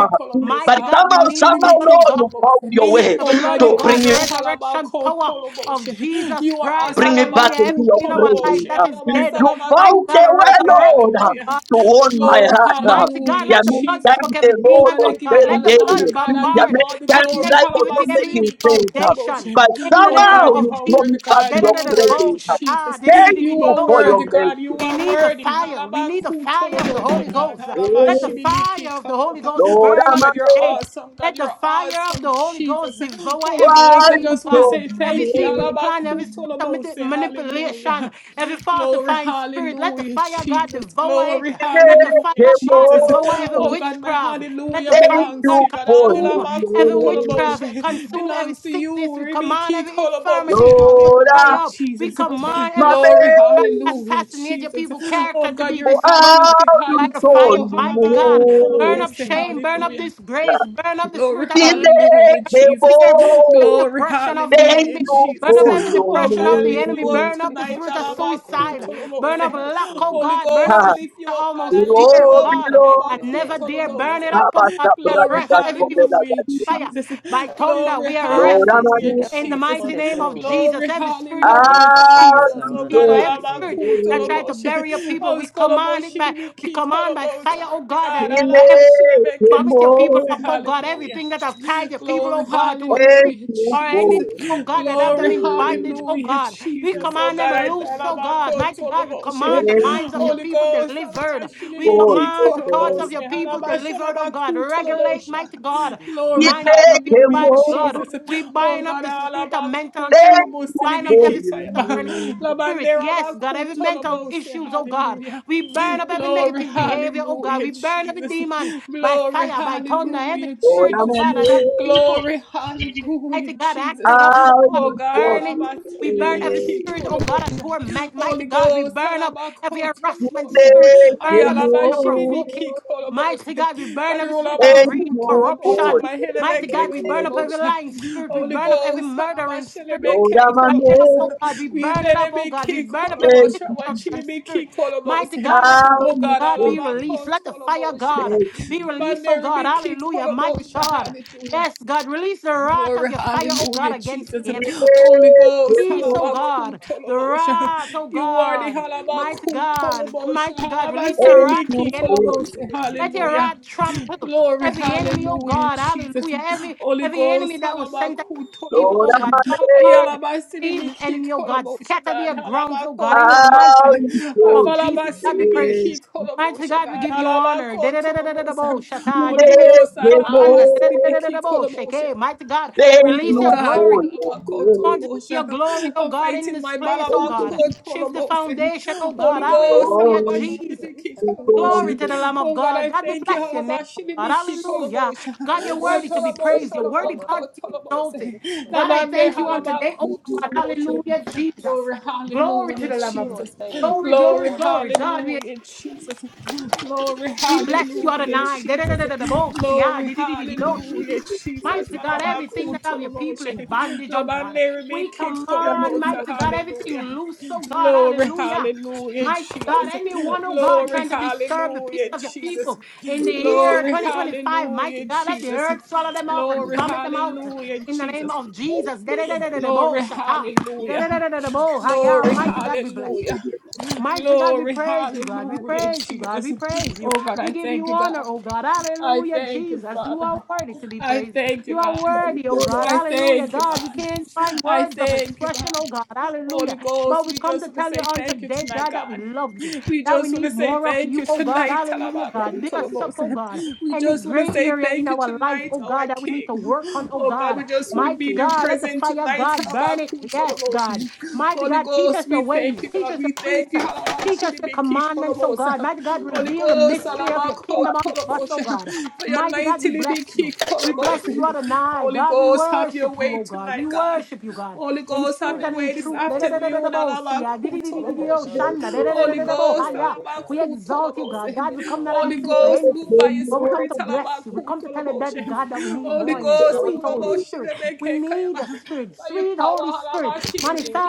Speaker 1: But
Speaker 4: Mighty God, we
Speaker 1: somehow,
Speaker 4: need the
Speaker 1: somehow,
Speaker 4: blood, oh
Speaker 1: Lord,
Speaker 4: God.
Speaker 1: you found
Speaker 7: Halabashinimikikolobose.
Speaker 4: We
Speaker 1: your
Speaker 4: need
Speaker 1: way
Speaker 4: the
Speaker 7: Oh
Speaker 4: blood,
Speaker 7: God,
Speaker 4: oh
Speaker 7: you
Speaker 1: to
Speaker 7: are
Speaker 1: bring
Speaker 4: God, the
Speaker 1: me,
Speaker 7: so
Speaker 4: resurrection power of
Speaker 7: halabakutoloboshe.
Speaker 4: Jesus
Speaker 7: You are
Speaker 4: Christ.
Speaker 1: bring me back
Speaker 4: Hallelujah. Everything
Speaker 1: into your
Speaker 4: in our life
Speaker 1: presence.
Speaker 7: asalabakutoloboshe.
Speaker 4: that is dead.
Speaker 1: You
Speaker 4: Mighty
Speaker 1: found
Speaker 4: God,
Speaker 1: the way,
Speaker 7: Halabasalabakutolobose.
Speaker 4: resurrect,
Speaker 1: Lord, to
Speaker 4: oh
Speaker 7: Hallelujah.
Speaker 4: God
Speaker 1: warm
Speaker 4: blood.
Speaker 1: my
Speaker 7: Glory,
Speaker 1: heart.
Speaker 4: Mighty God,
Speaker 7: hallelujah,
Speaker 1: There
Speaker 4: let
Speaker 1: are
Speaker 4: the
Speaker 1: many
Speaker 4: blood
Speaker 1: times
Speaker 4: choke
Speaker 1: the
Speaker 7: Jesus.
Speaker 4: every
Speaker 7: Oh
Speaker 1: Lord
Speaker 4: demon,
Speaker 7: God, I
Speaker 1: was
Speaker 4: oh
Speaker 7: give you
Speaker 4: God.
Speaker 1: very
Speaker 7: all
Speaker 4: Let the
Speaker 7: the honor,
Speaker 4: blood
Speaker 7: God.
Speaker 1: heavy.
Speaker 7: I
Speaker 1: There
Speaker 7: give
Speaker 1: are
Speaker 7: you
Speaker 4: bombard
Speaker 1: many
Speaker 7: all the
Speaker 4: every
Speaker 1: times
Speaker 7: glory.
Speaker 1: life was
Speaker 4: negativity,
Speaker 1: not
Speaker 4: every evil
Speaker 1: making
Speaker 7: Halabasiribiki
Speaker 1: sense.
Speaker 4: foundation.
Speaker 7: koloboshe.
Speaker 1: But
Speaker 4: In the
Speaker 7: Oh
Speaker 4: name
Speaker 7: God,
Speaker 1: somehow,
Speaker 7: you
Speaker 4: of
Speaker 1: you
Speaker 7: are
Speaker 1: brought
Speaker 4: Jesus.
Speaker 7: worthy,
Speaker 1: me back
Speaker 7: God.
Speaker 1: to your
Speaker 7: You are worthy,
Speaker 4: Da-da-da-da-da-bo,
Speaker 1: presence.
Speaker 4: shata,
Speaker 7: Jesus.
Speaker 1: Thank
Speaker 7: You
Speaker 4: di-di-di-di-di-di,
Speaker 1: you
Speaker 7: are
Speaker 1: for your
Speaker 7: worthy,
Speaker 4: ocean.
Speaker 7: God. You
Speaker 4: We
Speaker 7: are
Speaker 4: need the
Speaker 7: worthy.
Speaker 4: fire. We need the fire of the
Speaker 7: Halabakutolobose,
Speaker 4: Holy
Speaker 7: God.
Speaker 4: Ghost. Let the
Speaker 1: mercy.
Speaker 4: fire
Speaker 7: Halabashiribiki
Speaker 4: of the Holy
Speaker 7: kolobo.
Speaker 4: Ghost
Speaker 1: Lord,
Speaker 4: burn
Speaker 7: Oh
Speaker 1: I'm a
Speaker 4: on
Speaker 7: God, you're
Speaker 4: today.
Speaker 7: awesome, God.
Speaker 4: Let the
Speaker 7: You're
Speaker 4: fire of the
Speaker 7: awesome,
Speaker 4: Holy Ghost
Speaker 7: Jesus.
Speaker 4: devour
Speaker 7: Holy
Speaker 4: every
Speaker 7: Ghost, I
Speaker 4: enemy, oh
Speaker 1: wise
Speaker 7: just want to
Speaker 4: God.
Speaker 1: of
Speaker 7: say
Speaker 4: Every
Speaker 7: thank you.
Speaker 1: you.
Speaker 4: secret plan, every spirit of manip-
Speaker 7: Halabakutolobose.
Speaker 4: manipulation,
Speaker 7: Hallelujah.
Speaker 4: every
Speaker 7: Glory,
Speaker 4: falsifying spirit, let the
Speaker 7: hallelujah,
Speaker 4: fire of God
Speaker 7: Jesus.
Speaker 4: devour
Speaker 7: Glory,
Speaker 4: it. Let the fire
Speaker 7: hallelujah,
Speaker 4: of God
Speaker 7: Jesus.
Speaker 4: devour every
Speaker 7: Oh God, my
Speaker 4: witchcraft. Let
Speaker 7: hallelujah
Speaker 4: the fire
Speaker 1: Thank
Speaker 4: of
Speaker 7: belongs to
Speaker 1: you
Speaker 7: you,
Speaker 4: God
Speaker 7: God.
Speaker 1: for your
Speaker 4: consume every
Speaker 1: love.
Speaker 4: witchcraft,
Speaker 7: Adilabakutoloboshe.
Speaker 4: consume every
Speaker 7: Belongs to you,
Speaker 4: sickness. We command
Speaker 7: Ribiki
Speaker 4: every
Speaker 7: Kolobose.
Speaker 4: infirmity to
Speaker 1: Lord,
Speaker 4: dry
Speaker 7: Hallelujah,
Speaker 1: I'm
Speaker 4: up. We
Speaker 7: Jesus.
Speaker 5: One
Speaker 4: command every
Speaker 7: Glory,
Speaker 4: spirit that try
Speaker 1: a
Speaker 4: to
Speaker 7: hallelujah,
Speaker 4: assassinate your
Speaker 7: Jesus.
Speaker 4: people's
Speaker 7: Oh
Speaker 4: character to
Speaker 7: God,
Speaker 4: be
Speaker 7: you're
Speaker 1: for
Speaker 7: a God
Speaker 4: destroyed.
Speaker 7: who
Speaker 1: out
Speaker 7: sits high,
Speaker 4: By
Speaker 1: you
Speaker 4: the
Speaker 7: looks
Speaker 4: fire,
Speaker 1: told
Speaker 7: low.
Speaker 4: mighty God, burn up
Speaker 7: Halabakutolobose.
Speaker 1: me.
Speaker 4: shame, burn up
Speaker 7: Hallelujah.
Speaker 4: disgrace, burn up the
Speaker 7: Glory,
Speaker 4: spirit of delay
Speaker 7: hallelujah, Jesus.
Speaker 4: fear, burn up every
Speaker 7: Glory,
Speaker 4: oppression of the
Speaker 1: Thank
Speaker 7: hallelujah,
Speaker 4: enemy.
Speaker 1: you
Speaker 4: Burn
Speaker 7: Jesus.
Speaker 4: up
Speaker 1: for
Speaker 4: every
Speaker 1: your
Speaker 7: Oh
Speaker 4: depression
Speaker 7: God,
Speaker 4: of
Speaker 7: I
Speaker 4: the
Speaker 7: lift
Speaker 4: enemy.
Speaker 7: you up
Speaker 1: name.
Speaker 4: Burn up the
Speaker 7: tonight.
Speaker 5: because
Speaker 4: spirit of
Speaker 5: she went to the
Speaker 4: suicide.
Speaker 5: salon, so
Speaker 4: Burn up
Speaker 5: her
Speaker 7: Alabakutolobose.
Speaker 5: hair is
Speaker 4: lack,
Speaker 5: so
Speaker 4: oh
Speaker 5: rude.
Speaker 7: Holy
Speaker 4: God. Burn
Speaker 7: Ghost,
Speaker 4: up
Speaker 7: I
Speaker 1: Ah,
Speaker 4: the spirit
Speaker 7: lift you
Speaker 4: of
Speaker 7: up, God.
Speaker 4: almost
Speaker 5: If
Speaker 7: I lift
Speaker 5: it's
Speaker 4: dear
Speaker 7: you
Speaker 1: Lord,
Speaker 5: not the
Speaker 7: up.
Speaker 4: God.
Speaker 5: because of
Speaker 1: Lord,
Speaker 4: And
Speaker 5: your hair,
Speaker 4: never
Speaker 5: like
Speaker 4: dear.
Speaker 5: I'll let
Speaker 4: Burn it
Speaker 5: you
Speaker 7: Alabakutolobose.
Speaker 4: up, oh
Speaker 1: Abba,
Speaker 5: change.
Speaker 4: God. We
Speaker 1: Sabra,
Speaker 7: Glory,
Speaker 1: Dika,
Speaker 4: arrest every evil
Speaker 7: hallelujah
Speaker 1: Sobela,
Speaker 4: spirit
Speaker 7: hallelujah,
Speaker 1: Gadia.
Speaker 4: by fire.
Speaker 7: Jesus.
Speaker 4: By thunder,
Speaker 7: Glory,
Speaker 4: we
Speaker 5: The lab,
Speaker 1: Lord,
Speaker 4: arrest it.
Speaker 5: please
Speaker 1: I'm
Speaker 5: be
Speaker 7: hallelujah,
Speaker 4: In
Speaker 5: careful
Speaker 4: the
Speaker 7: Jesus.
Speaker 5: before
Speaker 4: mighty
Speaker 5: the
Speaker 4: name
Speaker 5: thing
Speaker 4: of
Speaker 5: will just
Speaker 4: Jesus,
Speaker 7: Glory,
Speaker 4: every
Speaker 1: Thank
Speaker 4: spirit, oh
Speaker 5: bring
Speaker 4: God,
Speaker 7: hallelujah,
Speaker 4: that tried to
Speaker 5: particles
Speaker 7: Jesus. Oh
Speaker 4: change
Speaker 1: you
Speaker 5: around
Speaker 7: God,
Speaker 4: people,
Speaker 5: and to
Speaker 4: every
Speaker 5: come
Speaker 4: spirit
Speaker 7: alabaku
Speaker 4: that tried to
Speaker 7: toloboshe.
Speaker 4: bury your people,
Speaker 7: Oh,
Speaker 4: we command it
Speaker 7: skoloboshe,
Speaker 4: by we
Speaker 7: libiki
Speaker 4: command by
Speaker 7: kolobose.
Speaker 4: fire, oh God, that,
Speaker 7: God,
Speaker 4: that every
Speaker 7: alabashilebeke
Speaker 4: Vomit your people
Speaker 7: tolobose.
Speaker 4: up, oh God.
Speaker 7: Hallelujah.
Speaker 4: Everything that have tied your people,
Speaker 7: Glory,
Speaker 4: oh God, to a tree
Speaker 7: hallelujah,
Speaker 4: or
Speaker 7: Jesus.
Speaker 4: anything,
Speaker 1: for
Speaker 4: oh God, that have
Speaker 7: Glory,
Speaker 4: them in bondage, oh
Speaker 7: hallelujah,
Speaker 4: God. We
Speaker 7: Jesus. Oh
Speaker 4: command them
Speaker 7: God, I
Speaker 4: loose,
Speaker 7: thank
Speaker 5: on
Speaker 4: oh
Speaker 7: about
Speaker 4: God. Mighty God, we
Speaker 7: Kotoloboshe.
Speaker 4: command the minds of your
Speaker 7: Holy
Speaker 4: people
Speaker 7: Ghost,
Speaker 4: delivered. We
Speaker 7: Alabashilibiki
Speaker 4: command the thoughts of
Speaker 7: Kolobose,
Speaker 4: your people delivered, oh God. Regulate,
Speaker 7: Alabashalabakutolobosha.
Speaker 4: mighty God, the
Speaker 7: Glory,
Speaker 4: minds of your people
Speaker 7: hallelujah,
Speaker 4: by the blood.
Speaker 7: Jesus.
Speaker 4: We
Speaker 7: Oh
Speaker 4: bind up
Speaker 7: God,
Speaker 4: the spirit of mental illness, bind up
Speaker 1: your
Speaker 4: every
Speaker 7: Alabakutolobosibiki Sayaba.
Speaker 4: schizophrenic
Speaker 1: grace.
Speaker 4: spirit. Yes, God,
Speaker 5: it.
Speaker 4: every mental
Speaker 7: Labanderabakutolobose,
Speaker 4: issues, oh God.
Speaker 7: hallelujah.
Speaker 4: We burn up every
Speaker 5: Molly,
Speaker 7: Glory,
Speaker 4: negative behavior, oh God.
Speaker 7: hallelujah,
Speaker 4: We burn every
Speaker 7: Jesus.
Speaker 4: demon by
Speaker 7: Glory,
Speaker 4: fire, by thunder, every
Speaker 7: hallelujah,
Speaker 1: Lord,
Speaker 4: spirit, oh
Speaker 7: Jesus.
Speaker 4: God, of that have people.
Speaker 7: Glory,
Speaker 4: Mighty
Speaker 7: hallelujah,
Speaker 4: God,
Speaker 7: Jesus.
Speaker 4: acting up, oh God,
Speaker 7: Oh God,
Speaker 4: burn it. We
Speaker 7: alabatili
Speaker 4: burn every
Speaker 7: biki
Speaker 4: spirit, oh God, of
Speaker 7: kolobosha.
Speaker 4: torment. Mighty
Speaker 7: Holy
Speaker 4: God, we
Speaker 7: Ghost,
Speaker 4: burn up every
Speaker 7: Alabakoto.
Speaker 4: harassment spirit. We burn every spirit of provoking.
Speaker 7: Ayalabashilibiki
Speaker 4: Mighty
Speaker 7: kolobose.
Speaker 4: God, we burn every spirit of greed,
Speaker 7: Badirolabakuto kolobose.
Speaker 4: corruption.
Speaker 7: My
Speaker 4: Mighty
Speaker 7: helebeke
Speaker 4: God, we burn up every
Speaker 7: kolobose.
Speaker 4: lying spirit. We
Speaker 7: Holy
Speaker 4: burn up every
Speaker 7: Ghost,
Speaker 4: murdering spirit.
Speaker 7: Alabashilibeke
Speaker 4: We
Speaker 1: I'm
Speaker 4: burn it up,
Speaker 7: kolobose.
Speaker 4: oh God. We
Speaker 7: We
Speaker 4: burn it up, oh God. We
Speaker 7: telebiki
Speaker 4: burn up every
Speaker 7: kolobose.
Speaker 4: destruction spirit.
Speaker 7: Wachilibiki
Speaker 4: Mighty
Speaker 7: kolobose.
Speaker 4: God, let the fire
Speaker 7: Oh
Speaker 4: of
Speaker 7: God,
Speaker 4: God
Speaker 1: amazed.
Speaker 4: be released.
Speaker 7: Alabakoto
Speaker 4: Let the fire of
Speaker 1: Thank
Speaker 4: God
Speaker 7: kolobose.
Speaker 4: be released, oh God.
Speaker 7: Banderibiki
Speaker 4: Hallelujah. Mighty
Speaker 7: kolobose.
Speaker 4: God.
Speaker 7: Hallelujah.
Speaker 4: Yes, God, release the wrath
Speaker 7: Glory,
Speaker 4: of your fire, oh God,
Speaker 7: hallelujah,
Speaker 4: against
Speaker 7: Jesus.
Speaker 4: the enemy.
Speaker 1: you for your grace.
Speaker 7: Holy
Speaker 1: You made
Speaker 7: Ghost,
Speaker 1: me
Speaker 4: Release, oh
Speaker 1: more.
Speaker 7: halabaku
Speaker 4: God, the
Speaker 7: tolobosha.
Speaker 4: wrath, oh
Speaker 7: You are the
Speaker 4: God, mighty
Speaker 7: halabaku
Speaker 4: God,
Speaker 7: tolobosha.
Speaker 4: mighty God, release your wrath to
Speaker 7: Halabasilibiki
Speaker 4: the enemy.
Speaker 7: kolobose.
Speaker 4: Let your
Speaker 7: Hallelujah.
Speaker 4: wrath trample
Speaker 7: Glory,
Speaker 4: every enemy, oh
Speaker 7: hallelujah,
Speaker 4: God,
Speaker 7: Jesus.
Speaker 4: hallelujah. Every
Speaker 7: Holy
Speaker 4: every enemy
Speaker 7: Ghost,
Speaker 4: that was sent against
Speaker 7: halabaku
Speaker 4: people, oh God,
Speaker 7: tolobosha.
Speaker 4: bombard every hidden
Speaker 7: Ayalabasilibiki
Speaker 4: enemy, oh God,
Speaker 7: kolobosha,
Speaker 4: scatter
Speaker 7: God.
Speaker 4: their grounds, oh God,
Speaker 7: Halabako
Speaker 4: in the mighty
Speaker 7: tolobose.
Speaker 4: Oh, Jesus, God, we praise you.
Speaker 7: Afalabasilibiki
Speaker 4: Mighty
Speaker 7: kolobosha,
Speaker 4: God, we
Speaker 7: God.
Speaker 4: give you honor.
Speaker 7: Halabako
Speaker 4: Da-da-da-da-da-da-bo,
Speaker 7: tolobose.
Speaker 4: shata,
Speaker 7: Holy Ghost,
Speaker 4: di-di-di-di-di-yo, anda,
Speaker 7: halabasi. libiki
Speaker 4: da-da-da-da-da-da-bo,
Speaker 7: biki
Speaker 4: shake. Mighty God,
Speaker 1: Thank
Speaker 4: release
Speaker 7: your
Speaker 4: your
Speaker 1: you
Speaker 7: God,
Speaker 4: glory.
Speaker 1: for
Speaker 4: God.
Speaker 1: your
Speaker 4: We Want
Speaker 1: grace.
Speaker 4: to see your
Speaker 7: Halabakotolobosha,
Speaker 4: glory, oh
Speaker 7: I'm
Speaker 4: God, in
Speaker 7: fighting
Speaker 4: this
Speaker 7: my
Speaker 4: place, oh
Speaker 1: Thank
Speaker 4: God.
Speaker 1: you
Speaker 4: Shift the
Speaker 7: Balabakotolobosha.
Speaker 4: foundation, oh
Speaker 5: can you
Speaker 7: Holy
Speaker 4: God.
Speaker 5: move that
Speaker 7: Ghost,
Speaker 5: closer?
Speaker 4: Hallelujah,
Speaker 5: I'm
Speaker 1: Lord,
Speaker 5: not
Speaker 4: Jesus.
Speaker 5: sure. If
Speaker 7: Halabashilibiki
Speaker 5: I finish
Speaker 1: because
Speaker 4: Glory
Speaker 7: Kolobosha.
Speaker 5: watching
Speaker 4: to the
Speaker 5: our
Speaker 4: Lamb of
Speaker 7: Oh God,
Speaker 4: God.
Speaker 7: I
Speaker 4: God, we
Speaker 5: podcast,
Speaker 7: thank you,
Speaker 4: bless
Speaker 5: so
Speaker 4: your
Speaker 5: I'm
Speaker 4: name,
Speaker 5: not
Speaker 4: oh
Speaker 5: sure.
Speaker 4: God.
Speaker 7: Halabashilibiki
Speaker 4: Hallelujah.
Speaker 7: Kolobosha.
Speaker 4: God,
Speaker 5: Hey,
Speaker 4: you're worthy
Speaker 5: don't
Speaker 4: to
Speaker 5: put
Speaker 4: be
Speaker 5: it yet.
Speaker 1: thank
Speaker 4: praised.
Speaker 7: Atolobosha,
Speaker 4: You're
Speaker 5: Take all
Speaker 4: worthy,
Speaker 5: your
Speaker 4: God, to
Speaker 5: house
Speaker 4: be
Speaker 5: clothes to the
Speaker 4: exalted.
Speaker 5: next
Speaker 7: Labakotolobosha.
Speaker 5: place.
Speaker 4: God, I
Speaker 7: Labande
Speaker 4: thank you on
Speaker 5: I'm
Speaker 4: today, oh
Speaker 1: you,
Speaker 4: God.
Speaker 7: Halabakotolobosha.
Speaker 1: Jesus, for
Speaker 4: Hallelujah, Jesus.
Speaker 7: Glory,
Speaker 4: Glory to
Speaker 7: hallelujah,
Speaker 4: the Lamb of
Speaker 5: pressing
Speaker 4: God.
Speaker 5: what
Speaker 7: Jesus.
Speaker 5: I Start
Speaker 4: Glory,
Speaker 5: That's
Speaker 7: Glory,
Speaker 4: glory,
Speaker 5: what
Speaker 4: glory. God, we
Speaker 7: hallelujah, Jesus. Glory,
Speaker 4: we
Speaker 1: your
Speaker 4: bless you
Speaker 7: hallelujah,
Speaker 1: grace.
Speaker 4: Adonai.
Speaker 7: Jesus.
Speaker 4: Da-da-da-da-da-da-bo-si-ah,
Speaker 7: Glory,
Speaker 4: di-di-di-di-di-osh.
Speaker 7: hallelujah, Jesus.
Speaker 4: Mighty God, everything that have your people in
Speaker 7: Alabakutoloboshe.
Speaker 4: bondage, oh God. We
Speaker 1: And
Speaker 4: command,
Speaker 1: then
Speaker 7: Labanerebekikolobosa,
Speaker 4: mighty God, everything
Speaker 7: Hallelujah.
Speaker 4: loose, oh God.
Speaker 7: Glory,
Speaker 4: Hallelujah.
Speaker 7: hallelujah,
Speaker 4: Mighty God,
Speaker 7: Jesus.
Speaker 4: anyone, oh God,
Speaker 7: Glory,
Speaker 4: trying to disturb the peace
Speaker 7: hallelujah,
Speaker 4: of your
Speaker 7: Jesus.
Speaker 4: people in the year
Speaker 7: Glory,
Speaker 4: 2025, mighty
Speaker 7: hallelujah,
Speaker 4: God, let the
Speaker 7: Jesus.
Speaker 4: earth swallow them up and
Speaker 7: Glory,
Speaker 4: vomit them out
Speaker 7: hallelujah,
Speaker 4: in the name
Speaker 7: Jesus.
Speaker 4: of Jesus.
Speaker 7: Glory,
Speaker 4: Da-da-da-da-da-da-bo-shata.
Speaker 7: hallelujah.
Speaker 4: Da-da-da-da-da-da-bo-ha-ya.
Speaker 7: Glory,
Speaker 4: Mighty God, be blessed.
Speaker 7: hallelujah.
Speaker 4: Mighty God, we
Speaker 7: Glory,
Speaker 4: praise you, God. We
Speaker 7: hallelujah,
Speaker 4: praise you, God.
Speaker 7: Jesus.
Speaker 4: We praise you.
Speaker 7: Oh God, I
Speaker 4: We give
Speaker 7: thank
Speaker 4: you
Speaker 7: you,
Speaker 4: honor,
Speaker 7: God.
Speaker 4: oh God.
Speaker 7: I
Speaker 4: Hallelujah,
Speaker 7: thank you,
Speaker 4: Jesus. You are
Speaker 7: Father.
Speaker 4: worthy to be
Speaker 7: I
Speaker 4: praised.
Speaker 7: thank you,
Speaker 4: You are
Speaker 7: God.
Speaker 1: I'm gonna be
Speaker 4: worthy,
Speaker 1: there
Speaker 4: oh
Speaker 1: for
Speaker 4: God.
Speaker 1: you.
Speaker 7: I
Speaker 4: Hallelujah,
Speaker 7: thank you,
Speaker 4: God. We
Speaker 7: God.
Speaker 4: can't find
Speaker 7: I
Speaker 4: words of
Speaker 7: thank you,
Speaker 4: expression,
Speaker 7: God.
Speaker 4: oh God. Hallelujah.
Speaker 7: Holy
Speaker 4: But
Speaker 7: Ghost,
Speaker 4: we
Speaker 7: we
Speaker 4: come
Speaker 7: just
Speaker 4: to
Speaker 7: want to
Speaker 4: tell you
Speaker 7: say
Speaker 4: on
Speaker 7: thank you
Speaker 4: today,
Speaker 7: tonight,
Speaker 4: God, that we
Speaker 7: God.
Speaker 4: love you,
Speaker 7: We
Speaker 4: that we
Speaker 7: just want to
Speaker 4: need
Speaker 7: say
Speaker 4: more of
Speaker 7: thank
Speaker 4: you,
Speaker 7: you
Speaker 4: oh God.
Speaker 7: tonight,
Speaker 4: Hallelujah, God. Build us up, oh
Speaker 7: Talabakutolobose.
Speaker 4: God.
Speaker 7: We
Speaker 4: Any
Speaker 7: just want to
Speaker 4: gray
Speaker 7: say
Speaker 4: area
Speaker 7: thank
Speaker 4: in
Speaker 7: you
Speaker 4: our life,
Speaker 7: tonight,
Speaker 4: oh
Speaker 7: our
Speaker 4: God, that we need to
Speaker 7: King.
Speaker 4: work on, oh
Speaker 7: Oh God,
Speaker 4: God.
Speaker 7: we just want to be
Speaker 4: Mighty
Speaker 7: in your
Speaker 4: God, let the
Speaker 7: presence
Speaker 4: fire,
Speaker 7: tonight,
Speaker 4: God, burn it. Yes, God.
Speaker 7: Talabakutolobose.
Speaker 4: Mighty
Speaker 7: Holy
Speaker 4: God, teach us
Speaker 7: Ghost,
Speaker 4: your
Speaker 7: we thank you,
Speaker 4: ways, teach
Speaker 7: God.
Speaker 4: us
Speaker 7: We
Speaker 4: your
Speaker 7: thank
Speaker 4: precepts.
Speaker 7: you,
Speaker 4: Teach us your commandments, oh God.
Speaker 7: Halabashinibikitolobose.
Speaker 4: Mighty God,
Speaker 7: Holy
Speaker 4: reveal the
Speaker 7: Ghost,
Speaker 4: mystery of your kingdom unto us, oh God.
Speaker 7: Halabakutolobose. for your
Speaker 4: Mighty God,
Speaker 7: mighty
Speaker 4: we bless you. We bless you,
Speaker 7: Libikitolobose.
Speaker 4: Adonai.
Speaker 7: Holy
Speaker 4: God, we
Speaker 7: Ghost, have your
Speaker 4: worship you,
Speaker 7: way
Speaker 4: oh God. We
Speaker 7: tonight, God.
Speaker 4: worship you, God,
Speaker 7: Holy
Speaker 4: in
Speaker 7: Ghost,
Speaker 5: you
Speaker 7: have
Speaker 4: spirit
Speaker 5: are.
Speaker 7: your
Speaker 4: and in
Speaker 7: way
Speaker 5: Bring
Speaker 7: this
Speaker 4: truth.
Speaker 5: the egg. in.
Speaker 7: afternoon.
Speaker 4: Da-da-da-da-da-da-bo, siya,
Speaker 5: Remove the
Speaker 4: di-di-di-di-di-di-o,
Speaker 7: Alabakutoloboshe.
Speaker 5: shells
Speaker 4: shanda,
Speaker 5: into the bin
Speaker 7: Holy
Speaker 5: and
Speaker 4: da-da-da-da-da-da-bo,
Speaker 5: throw
Speaker 7: Ghost,
Speaker 5: the egg
Speaker 4: hiya.
Speaker 5: with
Speaker 4: We
Speaker 5: out.
Speaker 4: exalt you,
Speaker 5: So that
Speaker 4: God.
Speaker 5: your
Speaker 7: alabakutoloboshe.
Speaker 4: God, we
Speaker 5: baby can
Speaker 4: come not
Speaker 5: wash.
Speaker 7: Holy
Speaker 4: asking for
Speaker 7: Ghost, move
Speaker 1: made
Speaker 4: anything.
Speaker 1: me
Speaker 7: by your
Speaker 4: But we
Speaker 1: more.
Speaker 4: come
Speaker 7: spirit.
Speaker 4: to bless you. We come to tell you, Daddy
Speaker 7: alabakutoloboshe.
Speaker 4: God, that we need
Speaker 7: Holy
Speaker 4: more
Speaker 5: Tell
Speaker 4: of
Speaker 5: it
Speaker 4: you.
Speaker 7: Ghost,
Speaker 5: now,
Speaker 4: Sweet
Speaker 1: Thank
Speaker 4: Holy
Speaker 5: Jim.
Speaker 1: you.
Speaker 4: Spirit. We need your
Speaker 7: muloboshelebekekayama.
Speaker 4: spirit.
Speaker 7: by your
Speaker 4: Sweet Holy
Speaker 7: power.
Speaker 4: Spirit.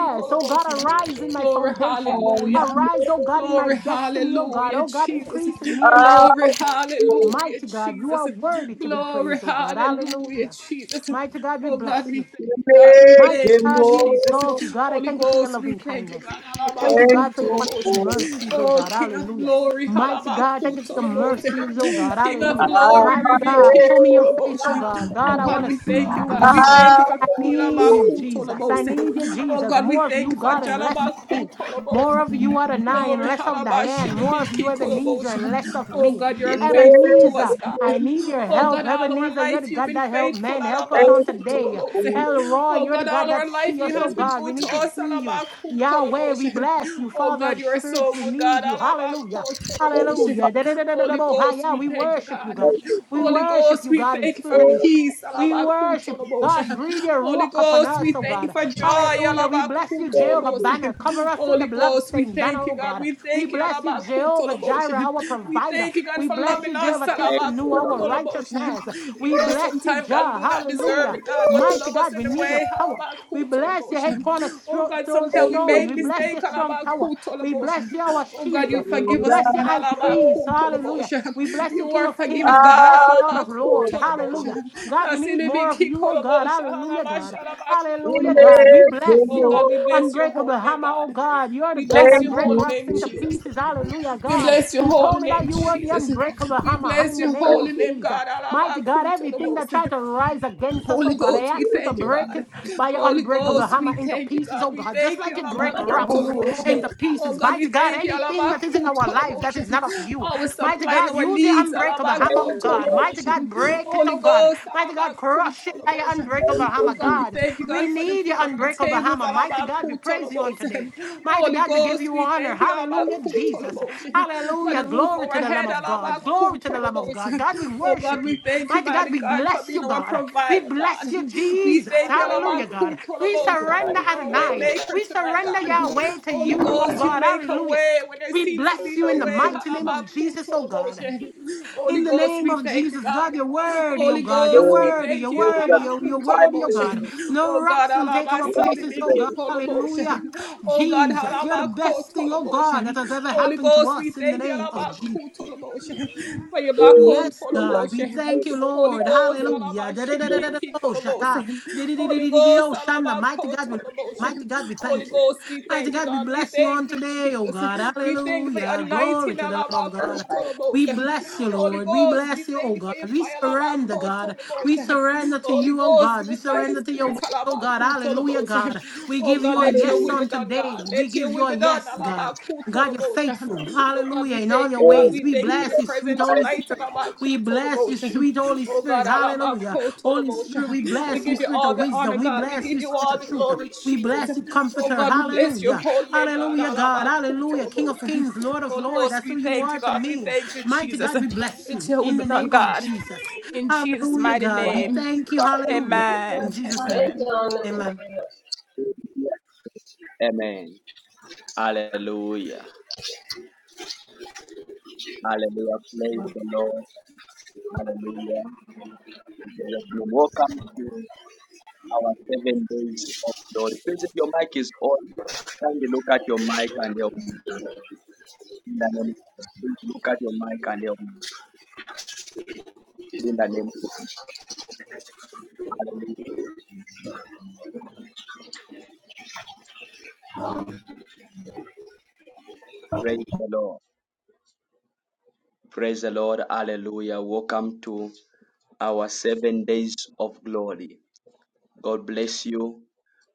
Speaker 5: Remove
Speaker 4: Oh God, arise in
Speaker 5: the
Speaker 4: my
Speaker 7: Glory,
Speaker 4: foundation.
Speaker 1: I'm
Speaker 7: hallelujah.
Speaker 4: Arise, oh God, in my
Speaker 7: Glory,
Speaker 4: destiny, oh God.
Speaker 7: hallelujah,
Speaker 4: Oh God,
Speaker 5: egg.
Speaker 7: Jesus.
Speaker 4: increase in me as I
Speaker 7: Glory,
Speaker 1: out to
Speaker 7: hallelujah,
Speaker 4: mighty God. You
Speaker 7: Jesus.
Speaker 4: are worthy to be
Speaker 7: Glory,
Speaker 4: praised, oh God.
Speaker 7: hallelujah,
Speaker 4: Hallelujah.
Speaker 7: Jesus.
Speaker 4: Mighty God, we
Speaker 7: Oh God,
Speaker 4: bless you.
Speaker 7: we thank you, God. We
Speaker 1: make
Speaker 4: Mighty
Speaker 7: thank
Speaker 1: him
Speaker 7: you,
Speaker 4: God, we
Speaker 7: Jesus.
Speaker 1: more.
Speaker 4: exalt you, God. I
Speaker 7: Holy
Speaker 4: thank you for your
Speaker 7: Ghost, we
Speaker 4: loving
Speaker 7: thank you,
Speaker 4: kindness.
Speaker 7: God.
Speaker 4: I thank you,
Speaker 1: Thank
Speaker 4: God, for your
Speaker 1: you
Speaker 4: wonderful
Speaker 1: for
Speaker 7: Alabakutolabose.
Speaker 4: mercies, oh
Speaker 7: Oh,
Speaker 4: God.
Speaker 7: King of
Speaker 4: Hallelujah.
Speaker 7: glory,
Speaker 4: Mighty God, thank you for your
Speaker 7: Halabakutolabose.
Speaker 4: mercies, oh God.
Speaker 7: King of
Speaker 4: Hallelujah.
Speaker 7: glory,
Speaker 4: Mighty
Speaker 1: Amade.
Speaker 4: God,
Speaker 7: Rebeki
Speaker 4: show me your face, oh
Speaker 7: Kolabosha.
Speaker 4: God.
Speaker 7: Oh
Speaker 4: God, I want
Speaker 7: God,
Speaker 4: to
Speaker 7: we
Speaker 4: see
Speaker 7: thank you,
Speaker 4: you,
Speaker 7: God. We
Speaker 4: God.
Speaker 7: thank you for
Speaker 4: I need you, Jesus. I
Speaker 7: Pilabakutolabose.
Speaker 4: need you,
Speaker 7: Oh
Speaker 4: Jesus.
Speaker 7: God, we
Speaker 4: More of
Speaker 7: thank
Speaker 4: you,
Speaker 7: you for
Speaker 4: God, and less of me. More
Speaker 7: Jalabakutolabose.
Speaker 4: of you, Adonai, and
Speaker 7: Glory,
Speaker 4: less of Diane. More of you, Ebenezer, and
Speaker 7: halabashinibikikolobosham.
Speaker 4: less of
Speaker 7: Oh
Speaker 4: me.
Speaker 7: God, you are
Speaker 1: In the
Speaker 7: faithful to us,
Speaker 4: Ebenezer,
Speaker 7: God.
Speaker 4: I need your
Speaker 7: Oh
Speaker 4: help.
Speaker 7: God, all our
Speaker 4: Ebenezer, you're the
Speaker 7: life you've
Speaker 4: God
Speaker 7: been
Speaker 4: that help
Speaker 7: faithful.
Speaker 4: man. Help us
Speaker 1: Thank
Speaker 4: on today.
Speaker 7: halabakutoloboshem.
Speaker 4: El Roy,
Speaker 7: Oh
Speaker 4: you're the
Speaker 7: God,
Speaker 4: God
Speaker 7: all
Speaker 4: that
Speaker 7: our life
Speaker 4: see
Speaker 7: you
Speaker 4: us, oh
Speaker 7: has been
Speaker 4: God. We
Speaker 7: good to
Speaker 4: need to
Speaker 7: us.
Speaker 4: see you. Yahweh, we
Speaker 7: halabakutoloboshem.
Speaker 4: bless you.
Speaker 7: Oh
Speaker 4: Father
Speaker 7: God,
Speaker 4: of
Speaker 7: you are so
Speaker 4: spirits, we
Speaker 7: good, God.
Speaker 4: need you. Hallelujah.
Speaker 7: halabakutoloboshem.
Speaker 4: Hallelujah.
Speaker 7: Holy Ghost,
Speaker 4: Da-da-da-da-da-da-bo-hi-ya.
Speaker 7: we
Speaker 4: We
Speaker 7: thank you,
Speaker 4: worship you,
Speaker 7: God.
Speaker 4: God. We
Speaker 7: Holy
Speaker 4: worship
Speaker 7: Ghost,
Speaker 4: you,
Speaker 7: we
Speaker 4: God, in
Speaker 7: thank you
Speaker 4: spirit
Speaker 7: for
Speaker 4: and in truth.
Speaker 7: peace.
Speaker 4: We worship you, God.
Speaker 7: Alabakutolobosha.
Speaker 4: Breathe your
Speaker 7: Holy
Speaker 4: rock upon
Speaker 7: Ghost,
Speaker 4: us,
Speaker 7: we
Speaker 4: oh
Speaker 7: thank you
Speaker 4: God.
Speaker 7: for joy.
Speaker 4: Hallelujah. We bless you, Jehovah Banner.
Speaker 7: Alabakutolobosha.
Speaker 4: Cover us with
Speaker 7: Holy
Speaker 4: the
Speaker 7: Ghost, we
Speaker 4: bloodstained banner,
Speaker 7: thank you,
Speaker 4: oh
Speaker 7: God.
Speaker 4: God.
Speaker 7: We
Speaker 4: We
Speaker 7: thank you.
Speaker 4: bless you, Jehovah Jireh,
Speaker 7: Alabakutolobosha.
Speaker 4: our
Speaker 7: We
Speaker 4: provider.
Speaker 7: thank you, God,
Speaker 4: We
Speaker 7: for
Speaker 4: bless
Speaker 7: loving
Speaker 4: you,
Speaker 7: us.
Speaker 4: Jehovah Tiskanu, our
Speaker 7: Alabakutolobosha.
Speaker 4: righteousness.
Speaker 7: You
Speaker 4: We
Speaker 7: know,
Speaker 4: bless you,
Speaker 7: sometimes, God, we
Speaker 4: Jah.
Speaker 7: do not
Speaker 4: Hallelujah.
Speaker 7: deserve it, God, but you
Speaker 4: Mighty
Speaker 7: love us
Speaker 4: God, we need your
Speaker 7: anyway.
Speaker 4: power. We bless your head
Speaker 7: Oh God, sometimes we
Speaker 4: cornerstone.
Speaker 7: made
Speaker 4: We bless
Speaker 7: mistake.
Speaker 4: your strong tower. We
Speaker 7: Alabakutalabosha.
Speaker 4: bless you, our
Speaker 7: Oh God, you
Speaker 4: shield. We
Speaker 7: forgive us,
Speaker 4: bless you,
Speaker 7: God.
Speaker 4: high priest. Hallelujah.
Speaker 7: Alabakutalabosha.
Speaker 4: We bless you,
Speaker 7: You
Speaker 4: King
Speaker 7: are
Speaker 4: of
Speaker 7: forgiving,
Speaker 4: Kings. We
Speaker 7: God.
Speaker 4: bless you, Lord of Lords. Hallelujah.
Speaker 7: Alabakutalabosha.
Speaker 4: God, we need more of you, oh God.
Speaker 7: Nasilibikikolabosa.
Speaker 4: Hallelujah,
Speaker 7: Alabasha,
Speaker 4: God. Hallelujah, God.
Speaker 7: alabakutalabose.
Speaker 4: We bless
Speaker 7: Oh
Speaker 4: you.
Speaker 7: God, we bless your holy
Speaker 4: Unbreakable
Speaker 7: name,
Speaker 4: hammer, oh
Speaker 7: God.
Speaker 4: God. You're the
Speaker 7: We
Speaker 4: God
Speaker 7: bless
Speaker 4: that
Speaker 7: your
Speaker 4: break
Speaker 7: holy
Speaker 4: rocks
Speaker 7: name,
Speaker 4: into
Speaker 7: Jesus.
Speaker 4: pieces. Hallelujah,
Speaker 7: We
Speaker 4: God.
Speaker 7: bless your
Speaker 4: You
Speaker 7: holy
Speaker 4: told me that
Speaker 7: name,
Speaker 4: you were the
Speaker 7: Jesus.
Speaker 4: unbreakable
Speaker 7: We
Speaker 4: hammer in
Speaker 7: bless
Speaker 4: the
Speaker 7: your
Speaker 4: name
Speaker 7: holy
Speaker 4: of
Speaker 7: name,
Speaker 4: Jesus.
Speaker 7: God.
Speaker 4: Mighty God, everything that tried
Speaker 7: Alabakutalabose.
Speaker 4: to rise against us,
Speaker 7: Holy
Speaker 4: oh God, I
Speaker 7: Ghost, we
Speaker 4: ask you to
Speaker 7: thank you,
Speaker 4: break
Speaker 7: God.
Speaker 4: it by your
Speaker 7: Holy
Speaker 4: unbreakable
Speaker 7: Ghost,
Speaker 4: hammer
Speaker 7: we
Speaker 4: into
Speaker 7: thank you,
Speaker 4: pieces,
Speaker 7: God.
Speaker 4: oh
Speaker 7: We
Speaker 4: God, just
Speaker 7: thank
Speaker 4: like
Speaker 7: you,
Speaker 4: you break rocks
Speaker 7: Alabakutolobosha.
Speaker 4: into
Speaker 7: Oh
Speaker 4: pieces.
Speaker 7: God, we
Speaker 4: Mighty God,
Speaker 7: thank you,
Speaker 4: anything that is in our life that is
Speaker 7: Alabakutolobosha.
Speaker 4: not of you,
Speaker 7: Always
Speaker 4: mighty
Speaker 7: supplying
Speaker 4: God,
Speaker 7: our
Speaker 4: use your
Speaker 7: needs,
Speaker 4: unbreakable hammer, oh God. Mighty
Speaker 7: Alabakutolobosha.
Speaker 4: God, break it,
Speaker 7: Holy
Speaker 4: oh God.
Speaker 7: Ghost,
Speaker 4: Mighty God, crush it by your
Speaker 7: Alabakutolobosha.
Speaker 1: you.
Speaker 4: unbreakable
Speaker 1: Thank for
Speaker 7: Oh
Speaker 4: hammer,
Speaker 7: God, we
Speaker 4: God.
Speaker 7: thank you,
Speaker 4: We
Speaker 7: God, for
Speaker 4: need
Speaker 7: the
Speaker 4: media,
Speaker 7: food on our
Speaker 4: unbreakable
Speaker 7: tables,
Speaker 4: Bahama, Mighty God, we praise you on
Speaker 7: Alabakutolobosha.
Speaker 4: today. Mighty
Speaker 7: Holy
Speaker 4: God, we give
Speaker 7: Ghost,
Speaker 4: you
Speaker 7: we
Speaker 4: honor.
Speaker 7: thank you,
Speaker 4: Hallelujah, Jesus.
Speaker 7: Alabakutolobosha. For the
Speaker 4: Hallelujah.
Speaker 7: roof
Speaker 4: Glory to the Lamb
Speaker 7: overhead,
Speaker 4: of God. Glory to the Lamb of God.
Speaker 7: Alabakutolobosha.
Speaker 4: God, we
Speaker 7: Oh God,
Speaker 4: worship
Speaker 7: we
Speaker 4: you.
Speaker 7: thank you,
Speaker 4: Mighty
Speaker 7: mighty
Speaker 4: God, we
Speaker 7: God, for
Speaker 4: bless you,
Speaker 7: being our
Speaker 4: God. We
Speaker 7: provider,
Speaker 4: bless
Speaker 7: God.
Speaker 4: you,
Speaker 7: We
Speaker 4: Jesus.
Speaker 7: thank you, Alabama
Speaker 4: Hallelujah, God. We
Speaker 7: for
Speaker 4: surrender
Speaker 7: being our way
Speaker 4: Adonai.
Speaker 7: maker
Speaker 4: We
Speaker 7: tonight,
Speaker 4: surrender
Speaker 7: God.
Speaker 4: Yahweh to
Speaker 7: Holy
Speaker 4: you, oh
Speaker 7: Ghost, you
Speaker 4: God.
Speaker 7: make a
Speaker 4: Hallelujah.
Speaker 7: way when there
Speaker 4: We
Speaker 7: seems to
Speaker 4: bless
Speaker 7: be
Speaker 4: you
Speaker 7: no
Speaker 4: in the
Speaker 7: way.
Speaker 4: mighty name of
Speaker 7: Alabama
Speaker 4: Jesus, oh God.
Speaker 7: Holy
Speaker 4: In the
Speaker 7: Ghost,
Speaker 4: name
Speaker 7: we
Speaker 4: of
Speaker 7: thank you,
Speaker 4: Jesus, God,
Speaker 7: God.
Speaker 4: you're worthy, oh
Speaker 7: Holy
Speaker 4: God. You're
Speaker 7: Ghost, we
Speaker 4: worthy,
Speaker 7: thank
Speaker 4: you're
Speaker 7: you.
Speaker 4: worthy, oh, you're worthy, oh
Speaker 1: Jesus,
Speaker 4: God.
Speaker 7: Alabakutonomotion.
Speaker 4: No
Speaker 7: Oh God,
Speaker 4: rocks will take our
Speaker 1: We are
Speaker 4: places, oh God.
Speaker 1: today.
Speaker 4: Hallelujah.
Speaker 7: Alabasilibikipolomotion. Oh God,
Speaker 4: Jesus, you're the best thing, oh God, that
Speaker 7: Alabakotolomotion.
Speaker 4: has ever
Speaker 7: Holy
Speaker 4: happened to
Speaker 7: Ghost, we
Speaker 4: us in the
Speaker 7: thank you.
Speaker 4: name of Jesus.
Speaker 7: Alabakutonomotion. For your black
Speaker 1: Oh,
Speaker 7: coat
Speaker 4: Yes,
Speaker 1: Jesus,
Speaker 4: God, we
Speaker 1: we
Speaker 7: motion.
Speaker 4: thank you,
Speaker 1: pray
Speaker 7: Holy
Speaker 4: Lord.
Speaker 1: for
Speaker 7: Ghost,
Speaker 1: us.
Speaker 4: Hallelujah. Da-da-da-da-da-da. Oh, shata.
Speaker 7: Alabashilibikikolomotion.
Speaker 4: da da da da
Speaker 7: Holy
Speaker 4: da da
Speaker 7: Ghost,
Speaker 4: Oh, Shanda. Mighty God, we Mighty
Speaker 7: Alabakotolomotion.
Speaker 4: God, we
Speaker 7: Holy
Speaker 4: thank you.
Speaker 7: Ghost, we
Speaker 4: Mighty
Speaker 7: thank you,
Speaker 4: God, we
Speaker 7: God. We
Speaker 4: bless you on
Speaker 7: thank you,
Speaker 4: today, oh
Speaker 7: Jesus.
Speaker 4: God.
Speaker 7: We thank you for your
Speaker 4: Hallelujah.
Speaker 7: anointing,
Speaker 4: Glory to the love of God.
Speaker 7: Alabakutolobos.
Speaker 4: We bless you,
Speaker 7: Holy
Speaker 4: Lord. We
Speaker 7: Ghost, we
Speaker 4: bless you,
Speaker 7: thank
Speaker 4: oh
Speaker 7: you for
Speaker 4: God.
Speaker 7: your
Speaker 4: We
Speaker 7: fire,
Speaker 4: surrender, God. We
Speaker 7: Alabakutolobos.
Speaker 4: surrender to
Speaker 7: Holy
Speaker 4: you, oh
Speaker 7: Ghost,
Speaker 4: God. We
Speaker 7: move by your
Speaker 4: surrender to your
Speaker 7: spirit,
Speaker 4: will. Oh God, hallelujah,
Speaker 7: Alabakutolobos.
Speaker 4: God. We
Speaker 7: Oh
Speaker 4: give
Speaker 7: God,
Speaker 4: you a
Speaker 7: let your
Speaker 4: yes
Speaker 7: will
Speaker 1: Hallelujah.
Speaker 7: be
Speaker 4: on
Speaker 7: done, God.
Speaker 4: today. We
Speaker 7: Let
Speaker 4: give
Speaker 7: your
Speaker 4: you
Speaker 7: will
Speaker 4: a
Speaker 7: be done,
Speaker 4: yes, God. God, you're
Speaker 7: Alabakutolobos.
Speaker 4: faithful.
Speaker 7: Oh God,
Speaker 4: Hallelujah.
Speaker 7: we
Speaker 4: In all
Speaker 7: thank
Speaker 4: your
Speaker 7: you, God.
Speaker 1: Oh,
Speaker 4: ways.
Speaker 7: We
Speaker 4: We
Speaker 7: thank you for your
Speaker 4: bless
Speaker 1: Jesus,
Speaker 4: you,
Speaker 7: presence.
Speaker 4: sweet
Speaker 7: And
Speaker 4: Holy
Speaker 7: tonight, all
Speaker 4: Spirit.
Speaker 7: about
Speaker 4: We
Speaker 7: cool total
Speaker 4: bless you,
Speaker 7: emotion.
Speaker 4: sweet Holy
Speaker 7: Oh
Speaker 4: Spirit.
Speaker 7: God, all about
Speaker 4: Hallelujah.
Speaker 7: cool total
Speaker 4: Holy Spirit,
Speaker 7: emotion.
Speaker 4: we
Speaker 7: We
Speaker 4: bless you,
Speaker 7: give you
Speaker 4: Spirit
Speaker 7: all
Speaker 4: of
Speaker 7: the honor,
Speaker 4: wisdom. We
Speaker 7: God. We
Speaker 4: bless you,
Speaker 7: give you
Speaker 4: Spirit
Speaker 7: all
Speaker 4: of
Speaker 7: the
Speaker 4: truth.
Speaker 7: glory,
Speaker 4: We
Speaker 7: Jesus.
Speaker 4: bless you,
Speaker 7: Oh
Speaker 4: Comforter.
Speaker 7: God, we bless your
Speaker 4: Hallelujah.
Speaker 7: holy name, God.
Speaker 4: Hallelujah,
Speaker 7: All
Speaker 4: God.
Speaker 7: about cool
Speaker 4: Hallelujah.
Speaker 7: total
Speaker 4: King of
Speaker 7: emotion.
Speaker 4: kings, Lord of
Speaker 7: Holy
Speaker 4: lords.
Speaker 7: Ghost,
Speaker 4: That's who
Speaker 7: we
Speaker 4: you
Speaker 7: thank you,
Speaker 4: are to
Speaker 7: God. We
Speaker 4: me.
Speaker 7: thank you,
Speaker 4: Mighty
Speaker 7: Jesus.
Speaker 4: God, we bless
Speaker 7: It's
Speaker 4: you
Speaker 7: your will
Speaker 4: in
Speaker 7: be
Speaker 4: the
Speaker 7: done,
Speaker 4: name of
Speaker 7: God.
Speaker 4: Jesus.
Speaker 7: In Jesus'
Speaker 4: Hallelujah,
Speaker 7: mighty
Speaker 4: God. We
Speaker 7: name.
Speaker 4: thank you. Hallelujah. In
Speaker 7: Amen.
Speaker 4: Jesus' name.
Speaker 7: Amen.
Speaker 4: Amen.
Speaker 1: mighty. Amen. Hallelujah. Hallelujah. Praise the Lord. Hallelujah. Jesus' name. Welcome to our seven days of glory. Please, if your mic is on, kindly look at your mic and help me. In the name of Jesus. Look at your mic and help me. In the name of Hallelujah. Praise the Lord. Praise the Lord. Hallelujah. Welcome to our seven days of glory. God bless you.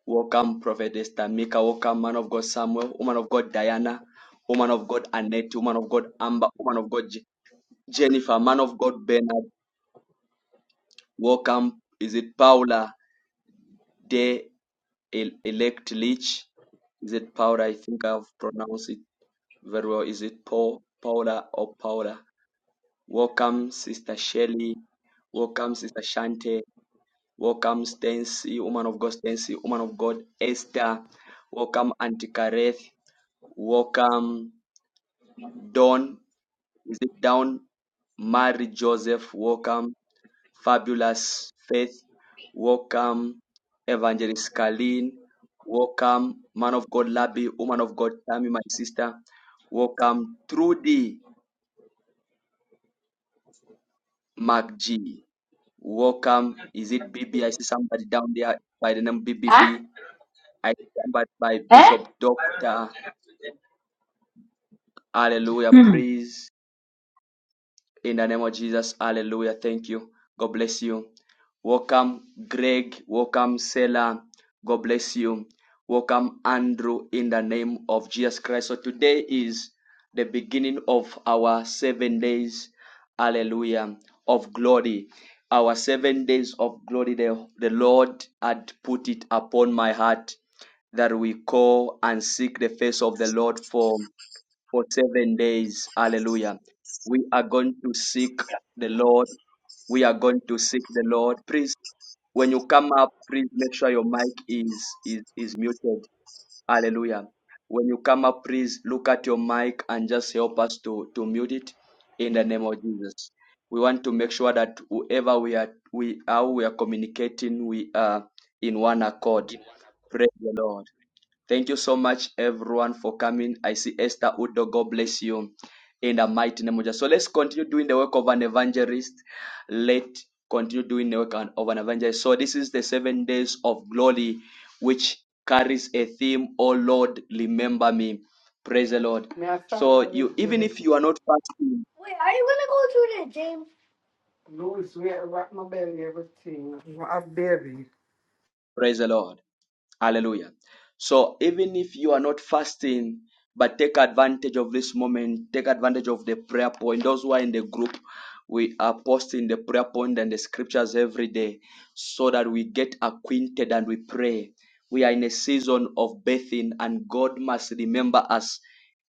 Speaker 1: Welcome, Prophetess Tamika. Welcome, man of God Samuel, woman of God Diana, woman of God Annette, woman of God Amber, woman of God Je- Jennifer, man of God Bernard. Welcome. Is it Paula de El- Elect Leach? Is it Paula? I think I've pronounced it very well. Is it Paul, Paula or Paula? Welcome, Sister Shelley. Welcome, Sister Shante. Welcome, Stancy, woman of God, Stancy, woman of God, Esther. Welcome, Auntie Kareth. Welcome, Dawn. Is it Dawn? Mary Joseph. Welcome, Fabulous Faith. Welcome, Evangelist Kaleen. Welcome, Man of God Labi, Woman of God Tammy, my sister. Welcome, Trudy McG. Welcome. Is it B B? I see somebody down there by the name B B
Speaker 8: Huh?
Speaker 1: B. I see somebody by
Speaker 8: Huh?
Speaker 1: Bishop Doctor. Hallelujah.
Speaker 8: Hmm.
Speaker 1: Praise In the name of Jesus, hallelujah. Thank you. God bless you. Welcome, Greg. Welcome, Selah. God bless you. Welcome, Andrew, in the name of Jesus Christ. So today is the beginning of our seven days, hallelujah, of glory. Our seven days of glory, the, the Lord had put it upon my heart that we call and seek the face of the Lord for for seven days. Hallelujah. We are going to seek the Lord. We are going to seek the Lord. Please, when you come up, please make sure your mic is is, is muted. Hallelujah. When you come up, please look at your mic and just help us to, to mute it in the name of Jesus. We want to make sure that whoever we are we are we are communicating, we are in one accord.
Speaker 9: in one
Speaker 1: Praise the Lord. Thank you so much, everyone, for coming. I see Esther Udo. God bless you in the mighty name of Jesus. So let's continue doing the work of an evangelist. Let continue doing the work of an evangelist. So this is the seven days of glory, which carries a theme. Oh Lord, remember me. Praise the Lord.
Speaker 10: May I start
Speaker 1: So
Speaker 10: y'all the
Speaker 1: you, even
Speaker 10: gym.
Speaker 1: if you are not fasting,
Speaker 10: Wait, are you gonna go to the gym? Louis, we had to my belly everything. My belly.
Speaker 1: praise the Lord. Hallelujah. So even if you are not fasting, but take advantage of this moment, take advantage of the prayer point. Those who are in the group, we are posting the prayer point and the scriptures every day so that we get acquainted and we pray. We are in a season of bathing, and God must remember us.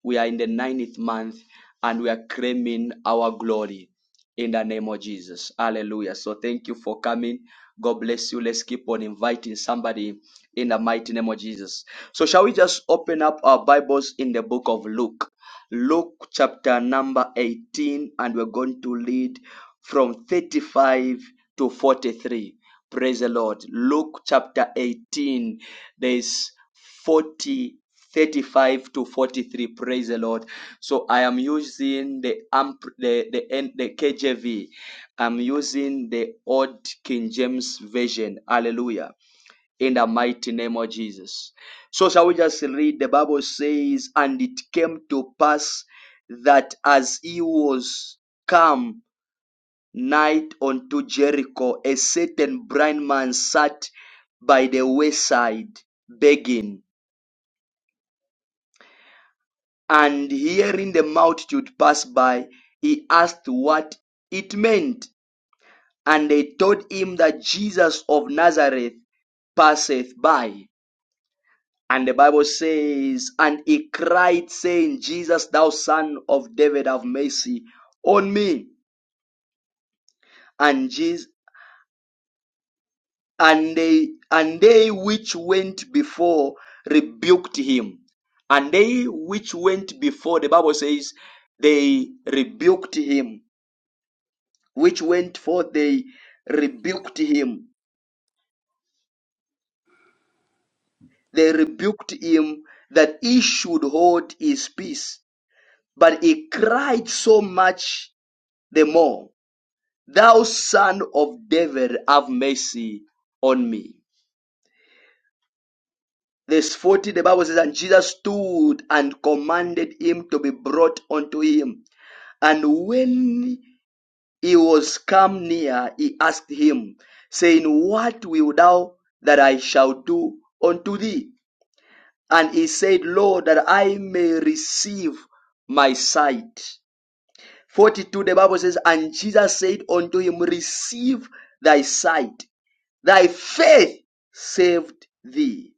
Speaker 1: We are in the ninth month and we are claiming our glory in the name of Jesus. Hallelujah. So thank you for coming. God bless you. Let's keep on inviting somebody in the mighty name of Jesus. So, shall we just open up our Bibles in the book of Luke? Luke chapter number 18, and we're going to read from 35 to 43. Praise the Lord. Luke chapter 18, there's 40 35 to 43 praise the lord so i am using the amp the the, N- the kjv i'm using the old king james version hallelujah in the mighty name of Jesus. So shall we just read the Bible says, and it came to pass that as he was come night unto Jericho, a certain blind man sat by the wayside begging, and hearing the multitude pass by, he asked what it meant, and they told him that Jesus of Nazareth passeth by. And the Bible says, And he cried, saying, Jesus, thou son of David, have mercy on me. And Jesus, and they and they which went before rebuked him. And they which went before, the Bible says, they rebuked him. Which went forth, they rebuked him. They rebuked him that he should hold his peace. But he cried so much the more Thou son of David, have mercy on me. Verse 40, the Bible says, And Jesus stood and commanded him to be brought unto him. And when he was come near, he asked him, saying, What wilt thou that I shall do unto thee? And he said, Lord, that I may receive my sight. 42, the Bible says, And Jesus said unto him, Receive thy sight. Thy faith saved thee.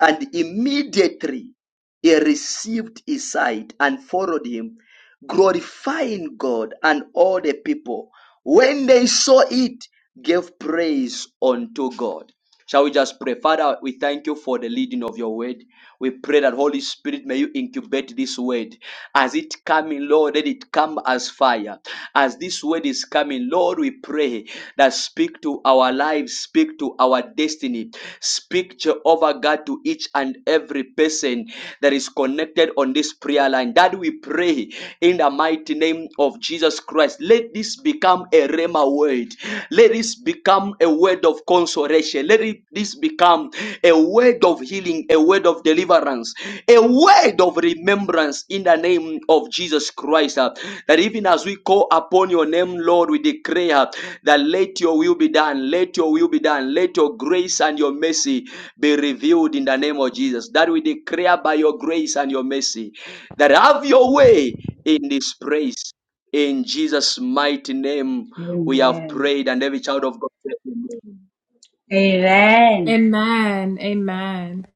Speaker 1: And immediately he received his sight and followed him, glorifying God and all the people. When they saw it, gave praise unto God. Shall we just pray? Father, we thank you for the leading of your word. We pray that Holy Spirit, may you incubate this word. As it coming, Lord, let it come as fire. As this word is coming, Lord, we pray that speak to our lives, speak to our destiny destiny. Speak, Jehovah God, to each and every person that is connected on this prayer line. That we pray in the mighty name of Jesus Christ. Let this become a rhema word. Let this become a word of consolation. Let it, this become a word of healing, a word of deliverance, a word of remembrance in the name of Jesus Christ. uh, That even as we call upon your name, Lord, we declare that let your will be done, let your will be done, let your grace and your mercy be revealed in the name of Jesus. That we declare by your grace and your mercy that have your way in this place. In Jesus' mighty name, we have
Speaker 8: Amen.
Speaker 1: prayed, and every child of God,
Speaker 8: Amen.
Speaker 7: Amen. Amen.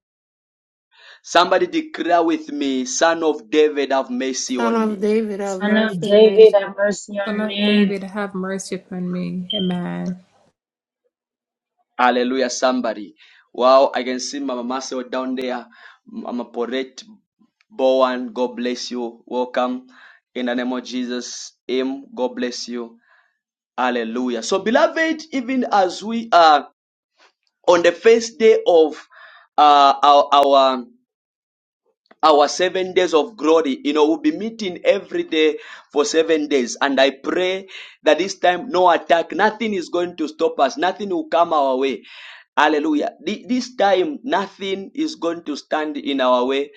Speaker 1: somebody declare with me, Son of David, have mercy on me.
Speaker 8: Son of David, have mercy
Speaker 7: Son
Speaker 8: on
Speaker 7: of
Speaker 8: me.
Speaker 7: David, have mercy upon me. Amen.
Speaker 1: Hallelujah, somebody. Wow, I can see Mama Marcel down there. Mama Porette Bowen, God bless you. Welcome in the name of Jesus. Him, God bless you. Hallelujah. So, beloved, even as we are on the first day of uh, our, our our seven days of glory. You know, we'll be meeting every day for seven days. And I pray that this time, no attack, nothing is going to stop us, nothing will come our way. Hallelujah. Thi- This time, nothing is going to stand in our way,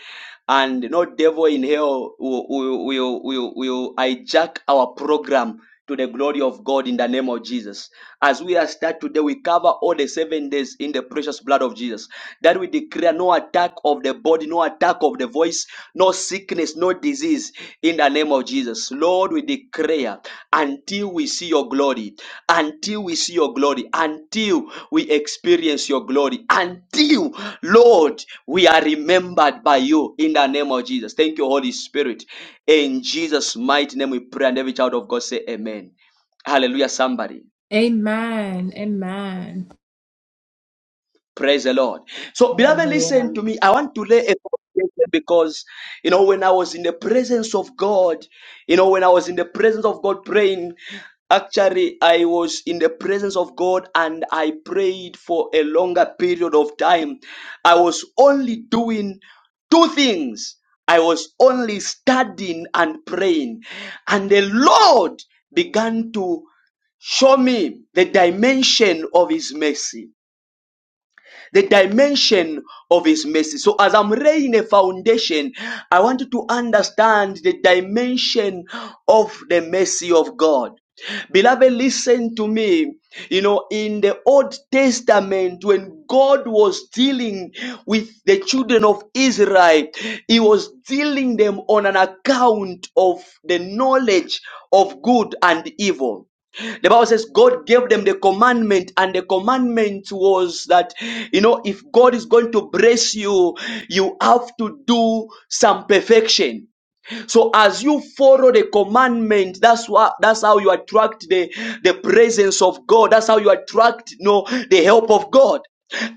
Speaker 1: and no devil in hell will, will, will, will, will hijack our program to the glory of God in the name of Jesus. As we are start today, we cover all the seven days in the precious blood of Jesus that we declare no attack of the body, no attack of the voice, no sickness, no disease in the name of Jesus. Lord, we declare until we see your glory, until we see your glory, until we experience your glory, until, Lord, we are remembered by you in the name of Jesus. Thank you, Holy Spirit. In Jesus' mighty name we pray, and every child of God say, Amen. Hallelujah, somebody.
Speaker 7: Amen. Amen.
Speaker 1: Praise the Lord. So, beloved, listen
Speaker 8: Hallelujah.
Speaker 1: to me. I want to lay a foundation because, you know, when I was in the presence of God, you know, when I was in the presence of God praying, actually, I was in the presence of God and I prayed for a longer period of time. I was only doing two things. I was only studying and praying. And the Lord began to show me the dimension of His mercy the dimension of his mercy. So as I'm laying a foundation, I want you to understand the dimension of the mercy of God. Beloved, listen to me. You know, in the Old Testament, when God was dealing with the children of Israel, He was dealing them on an account of the knowledge of good and evil. The Bible says God gave them the commandment, and the commandment was that, you know, if God is going to bless you, you have to do some perfection. So as you follow the commandment, that's what that's how you attract the, the presence of God. That's how you attract you know, the help of God.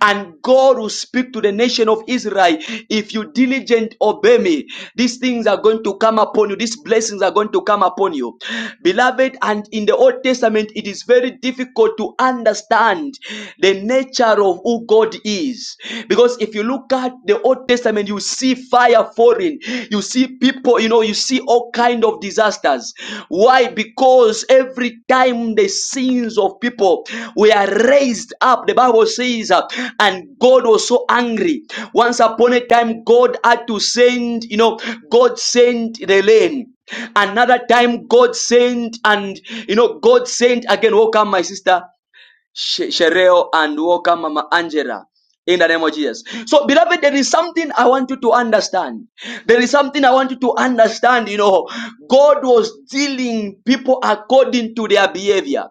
Speaker 1: And God will speak to the nation of Israel. If you diligent obey me, these things are going to come upon you. These blessings are going to come upon you. Beloved, and in the Old Testament, it is very difficult to understand the nature of who God is. Because if if you look at the Old Testament, you see fire falling, you see people, you know, you see all kind of disasters. Why? Because every time the sins of people were raised up, the Bible says, uh, and God was so angry. Once upon a time, God had to send, you know, God sent the rain. Another time, God sent, and you know, God sent again. Welcome, my sister. Shereo and Walker, Mama Angela. In the name of Jesus. So, beloved, there is something I want you to understand. There is something I want you to understand. You know, God was dealing people according to their behavior.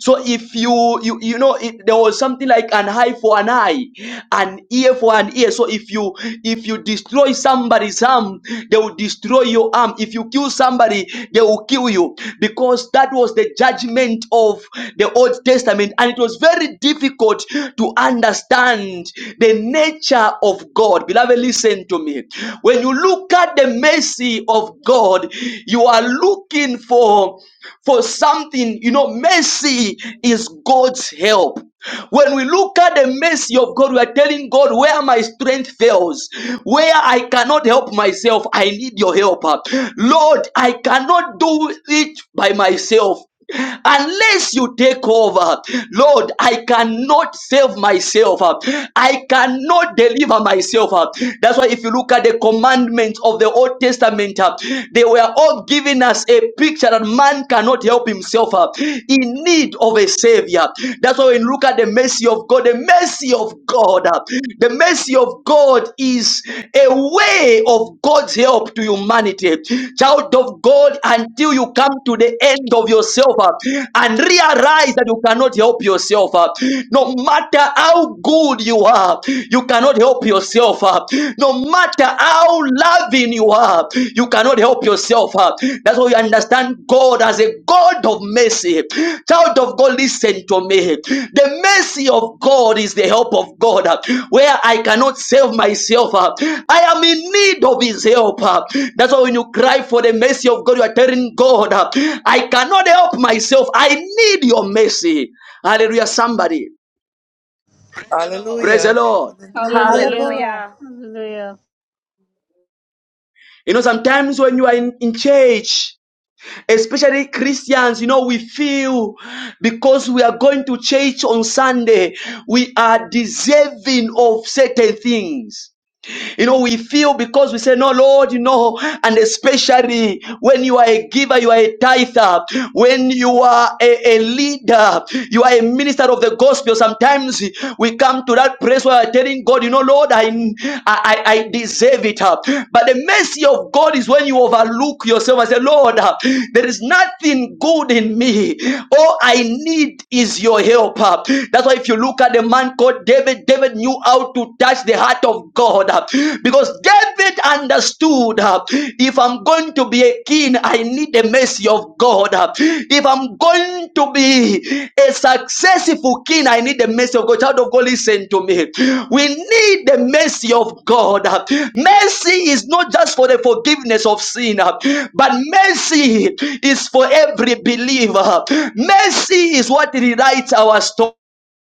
Speaker 1: So, if you you you know, it, there was something like an eye for an eye, an ear for an ear. So, if you if you destroy somebody's arm, they will destroy your arm. If you kill somebody, they will kill you because that was the judgment of the Old Testament. And and it was very difficult to understand the nature of God. Beloved, listen to me. When you look at the mercy of God, you are looking for for something. You know, mercy is God's help. When we look at the mercy of God, we are telling God where my strength fails, where I cannot help myself, I need your help. Lord, I cannot do it by myself. Unless you take over, Lord, I cannot save myself. I cannot deliver myself. That's why, if you look at the commandments of the Old Testament, they were all giving us a picture that man cannot help himself in need of a savior. That's why, when you look at the mercy of God, the mercy of God. God. The mercy of God is a way of God's help to humanity. Child of God, until you come to the end of yourself uh, and realize that you cannot help yourself, uh, no matter how good you are, you cannot help yourself. uh, No matter how loving you are, you cannot help help yourself. uh. That's why you understand God as a God of mercy. Child of God, listen to me. The mercy of God is the help of God, uh, where I cannot save myself. uh. I am in need of His help. uh. That's why when you cry for the mercy of God, you are telling God, uh, I cannot help myself. I need your mercy. Hallelujah, somebody. Praise the
Speaker 11: Hallelujah.
Speaker 1: Lord.
Speaker 11: Hallelujah.
Speaker 12: Hallelujah.
Speaker 13: Hallelujah.
Speaker 14: Hallelujah.
Speaker 12: Hallelujah.
Speaker 1: You know, sometimes when you are in, in church, especially Christians, you know, we feel because we are going to church on Sunday, we are deserving of certain things. You know, we feel because we say, No, Lord, you know, and especially when you are a giver, you are a tither, when you are a, a leader, you are a minister of the gospel. Sometimes we come to that place where we're telling God, You know, Lord, I, I, I I deserve it. But the mercy of God is when you overlook yourself and say, Lord, there is nothing good in me. All I need is your help. That's why if you look at the man called David, David David knew how to touch the heart of God uh, because David understood uh, if I'm going to be a king, I need the mercy of God. uh, If I'm going to be a successful king, I need the mercy of God. Child of God, listen to me. We need the mercy of God. uh, Mercy is not just for the forgiveness of sin, uh, but mercy is for every believer. Mercy is what rewrites our story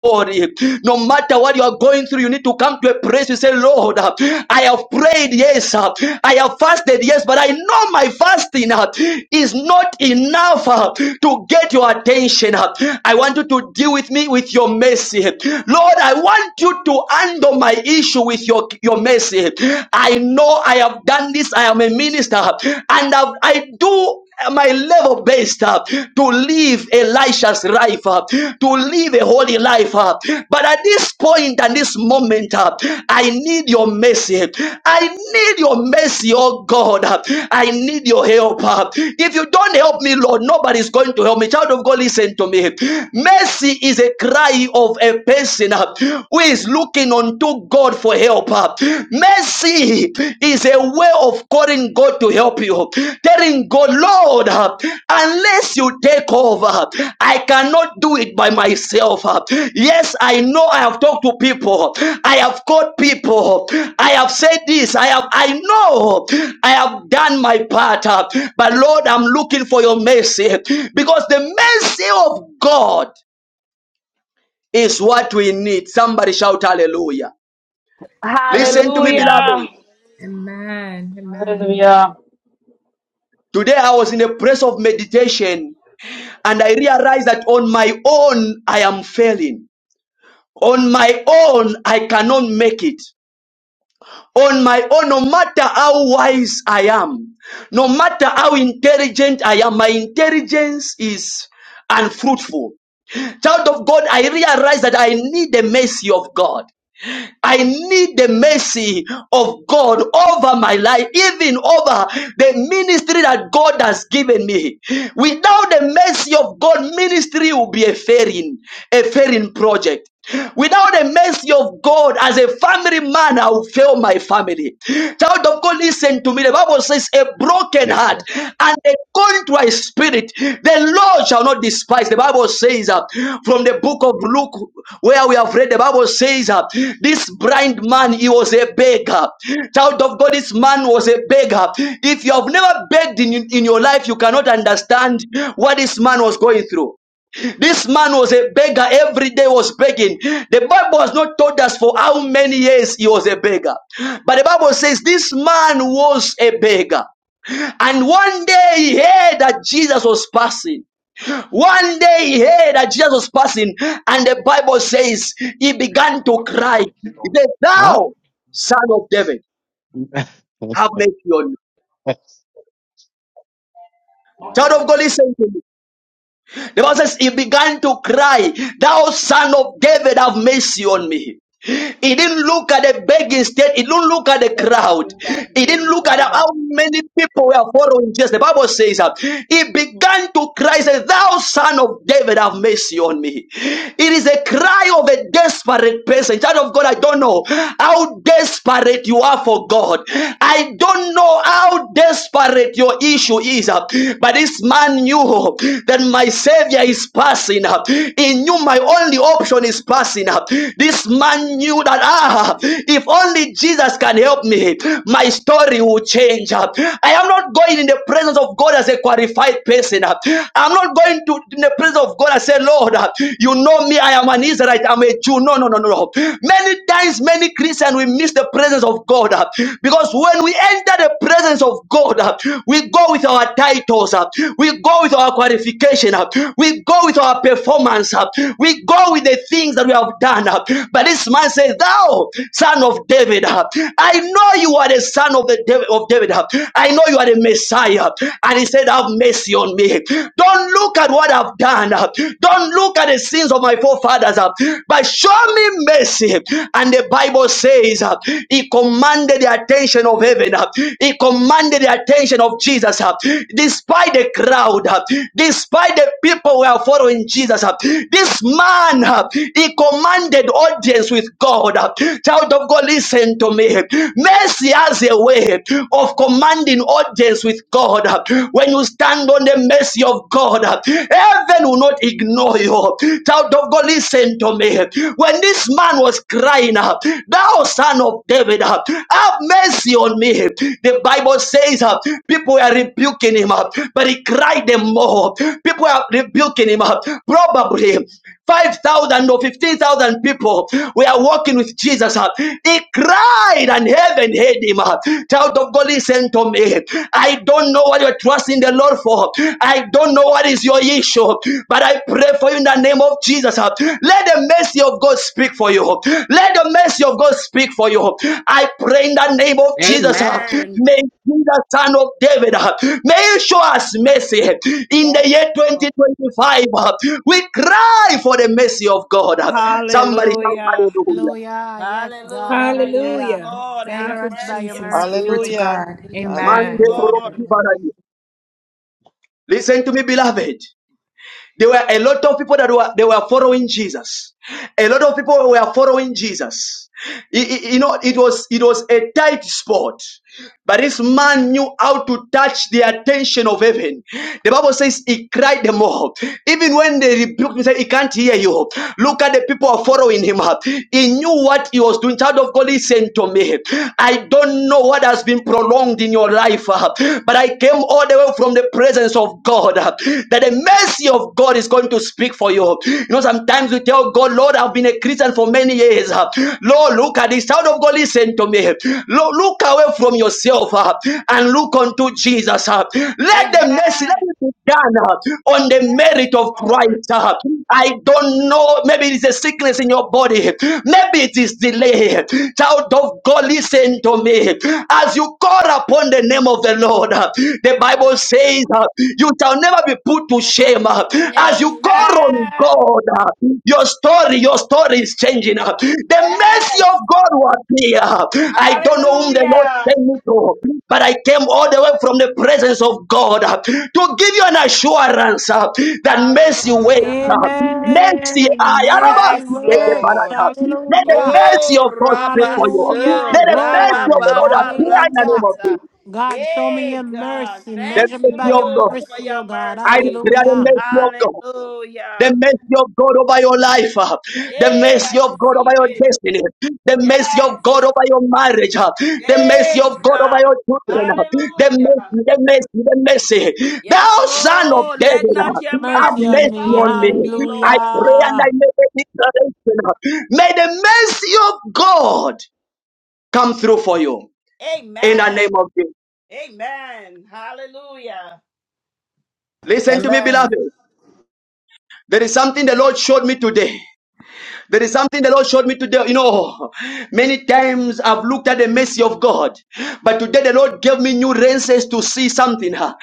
Speaker 1: glory. No matter what you are going through, you need to come to a place you say, Lord, uh, I have prayed, yes, uh, I have fasted, yes, but I know my fasting uh, is not enough uh, to get your attention. uh. I want you to deal with me with your mercy. Lord, I want you to handle my issue with your, your mercy. I know I have done this, I am a minister, uh, and I've- I do my level based up to live Elisha's life up, to live a holy life up. But at this point and this moment up, I need your mercy. I need your mercy, oh God. I need your help up. If you don't help me, Lord, nobody's going to help me. Child of God, listen to me. Mercy is a cry of a person uh, who is looking unto God for help. up. Mercy is a way of calling God to help you, telling God, Lord, uh, unless you take over, I cannot do it by myself. uh. Yes, I know I have talked to people, I have called people, I have said this, I have, I know I have done my part, uh, but Lord, I'm looking for your mercy because the mercy of God is what we need. Somebody shout hallelujah. Listen to me, beloved.
Speaker 7: Hallelujah.
Speaker 14: Hallelujah.
Speaker 7: Amen. Amen.
Speaker 8: Hallelujah.
Speaker 1: Today I was in a place of meditation and I realized that on my own I am failing. On my own I cannot make it. On my own, no matter how wise I am, no matter how intelligent I am, my intelligence is unfruitful. Child of God, I realize that I need the mercy of God. I need the mercy of God over my life, even over the ministry that God has given me. Without the mercy of God, ministry will be a failing, a failing project. Without the mercy of God, as a family man, I will fail my family. Child of God, listen to me. The Bible says, a broken
Speaker 15: Next
Speaker 1: heart
Speaker 15: door.
Speaker 1: and a contrite spirit, the Lord shall not despise. The Bible says uh, from the book of Luke, where we have read, the Bible says uh, this blind man, he was a beggar. Child of God, this man was a beggar. If you have never begged in, in your life, you cannot understand what this man was going through. This man was a beggar every day was begging. The Bible has not told us for how many years he was a beggar. But the Bible says this man was a beggar. And one day he heard that Jesus was passing. One day he heard that Jesus was passing, and the Bible says he began to cry. He said,
Speaker 15: Huh?
Speaker 1: Thou, son of David, have mercy on me. Child of God, listen to me. The Bible says he began to cry, Thou son of David, have mercy on me. He didn't look at the begging state. He didn't look at the
Speaker 16: Just
Speaker 1: crowd.
Speaker 16: confess that to
Speaker 1: He
Speaker 16: do
Speaker 1: didn't
Speaker 16: the
Speaker 1: look at
Speaker 16: justice
Speaker 1: how many people were following Jesus. The Bible says that he began to cry, say, Thou son of David, have mercy on me. It is a cry of a desperate person. Child of God, I don't know how desperate you are for God. I don't know how desperate married, your issue is, uh, but this man knew that my Savior is passing. uh, He knew my only option is passing. uh, This man knew that, ah, if only Jesus can help me, my story will change. uh. I am not going in the presence of God as a qualified person. uh. I'm not going to in the presence of God and say, Lord, uh, you know me, I am an Israelite, I'm a Jew. No, no, no, no. no. Many times, many Christians, we miss miss the presence of God. uh, Because when we enter the presence of God, uh, we go with our titles, uh, we go with our qualification, uh, we go with our performance, uh, we go with the things that we have done. uh, But this man says, Thou, son of David, uh, I know you are the son of, the Dav- of David. uh, I know you are the Messiah. And he said, Have mercy on me. Don't look at what I've done. uh, Don't look at the sins of my forefathers oh Fathers, uh, but show me mercy. And the Bible says uh, he commanded the attention of heaven, uh, he commanded the attention of Jesus, uh, despite the crowd, uh, despite the people who are following Jesus. uh, This man, uh, he commanded audience with God. uh, Child of God, listen to me. Mercy has a way of commanding audience with God. uh, When you stand on the mercy of God, heaven will not ignore you. Child of God, listen to me. When this man was crying, thou son of David, have mercy on me. The Bible says people were rebuking him, but he cried them more. People are rebuking him, probably. 5,000 or 15,000 people were walking with Jesus. uh, He cried and heaven heard him. uh, Child of God, listen to me. I don't know what you're trusting the Lord for. I don't know what is your issue, but I pray for you in the name of Jesus. uh, Let the mercy of God speak for you. Let the mercy of God speak for you. I pray in the name of Jesus. uh,
Speaker 14: Amen.
Speaker 1: May the son of David, uh, may you show us mercy in the
Speaker 14: Yes.
Speaker 1: year
Speaker 14: Lord.
Speaker 1: 2025. uh, We cry for the mercy of God. uh. Somebody shout
Speaker 14: Hallelujah.
Speaker 1: hallelujah.
Speaker 4: Hallelujah. Yes, God.
Speaker 14: Hallelujah. Yes,
Speaker 4: Hallelujah.
Speaker 7: Hallelujah.
Speaker 14: Lord. Have
Speaker 7: Thank
Speaker 4: Measure
Speaker 7: you,
Speaker 4: us by
Speaker 14: mercy
Speaker 4: your
Speaker 7: Jesus.
Speaker 14: upon
Speaker 7: Glory
Speaker 4: mercy, oh
Speaker 7: to
Speaker 14: me.
Speaker 11: Hallelujah.
Speaker 4: God.
Speaker 7: God.
Speaker 4: We Need your
Speaker 14: Yes,
Speaker 4: mercy
Speaker 1: Mande
Speaker 7: Amen.
Speaker 11: Hallelujah.
Speaker 4: in the
Speaker 14: Lord.
Speaker 4: name of
Speaker 11: Amen.
Speaker 4: Jesus.
Speaker 1: Listen to me, beloved. There were a lot of people that were they were following Jesus. A lot of people were following Jesus. I- You know, it was it was a tight spot, but this man knew how to touch the attention of heaven. The Bible says he cried them all. Even when they rebuked him, said he can't hear you. Look at the people are following him up. He knew what he was doing. Child of God, listen to me. I don't know what has been prolonged in your life, uh, but I came all the way from the presence of God. uh, That the mercy of God is going to speak for you. You know, sometimes we tell God, Lord, I've been a Christian for many years. Lord, look at this child of God, listen to me. Lord, look away from yourself uh, and look unto Jesus. uh. Let the mercy,
Speaker 14: Amen.
Speaker 1: let it be done uh, on the merit of
Speaker 14: Lord.
Speaker 1: Christ. uh. I don't know, maybe it's a sickness in your body. Maybe it is delay. Child of God, listen to me. As you call upon the name of the Lord, uh, the
Speaker 14: Hallelujah.
Speaker 1: Bible says uh, you shall never be put to shame. uh, As you call on
Speaker 14: Amen.
Speaker 1: God, uh, your story, your story is changing. uh, The mercy
Speaker 14: Yes.
Speaker 1: of God was appear. I don't know whom the Lord
Speaker 14: Hallelujah.
Speaker 1: sent me to, but I came all the way from the presence of God uh, to give you an assurance uh, that mercy waits.
Speaker 14: Hallelujah.
Speaker 1: uh, Mercy,
Speaker 4: Amen.
Speaker 1: I am
Speaker 4: Mercy
Speaker 14: Yes,
Speaker 1: a-
Speaker 4: works.
Speaker 14: Lord.
Speaker 1: let the
Speaker 4: Hallelujah.
Speaker 1: mercy
Speaker 14: Oh,
Speaker 1: of God speak
Speaker 14: Rabba,
Speaker 1: for you.
Speaker 14: sir,
Speaker 4: Hallelujah.
Speaker 1: Let the
Speaker 14: Rabba,
Speaker 1: mercy of
Speaker 4: Glory.
Speaker 1: the Lord
Speaker 14: Baba,
Speaker 1: appear in the name
Speaker 4: Hallelujah.
Speaker 1: of
Speaker 14: Ratata.
Speaker 1: Jesus.
Speaker 4: God, show me your
Speaker 14: Hey, God,
Speaker 4: mercy.
Speaker 1: The
Speaker 4: Measure
Speaker 14: thank
Speaker 4: me
Speaker 14: you,
Speaker 1: mercy
Speaker 4: by
Speaker 1: of
Speaker 4: your
Speaker 14: Lord,
Speaker 1: God.
Speaker 14: for
Speaker 4: mercy,
Speaker 14: your
Speaker 4: oh God.
Speaker 1: I
Speaker 14: mercy.
Speaker 1: declare the
Speaker 4: Hallelujah.
Speaker 1: mercy of God. The
Speaker 14: Hallelujah.
Speaker 1: mercy of God over your life. ah. The
Speaker 14: Hey,
Speaker 1: mercy
Speaker 14: I
Speaker 1: of God over
Speaker 14: receive
Speaker 1: your
Speaker 14: it.
Speaker 1: destiny. The mercy of
Speaker 14: Yes.
Speaker 1: God over your marriage. ah. The mercy
Speaker 14: Hey,
Speaker 1: of God over
Speaker 14: God.
Speaker 1: your children. ah. The
Speaker 14: Hallelujah.
Speaker 1: mercy, the mercy, the mercy. Thou
Speaker 14: Yes,
Speaker 1: son of
Speaker 14: Lord, let
Speaker 1: David, ah,
Speaker 14: not your
Speaker 1: have
Speaker 4: Mercy
Speaker 14: mercy
Speaker 4: on
Speaker 14: be
Speaker 1: mercy
Speaker 4: me.
Speaker 14: far
Speaker 1: on me.
Speaker 14: from me,
Speaker 1: I
Speaker 14: Lord.
Speaker 1: pray and
Speaker 4: Hallelujah.
Speaker 1: I make a declaration. ah. May the mercy of God come through for you in the
Speaker 14: Amen.
Speaker 1: name of Jesus.
Speaker 14: Amen. Hallelujah.
Speaker 1: Listen to me,
Speaker 11: Amen.
Speaker 1: beloved. There is something the Lord showed me today. There is something the Lord showed me today. You know, many times I've looked at the mercy of God, but today the Lord gave me new lenses to see something. huh?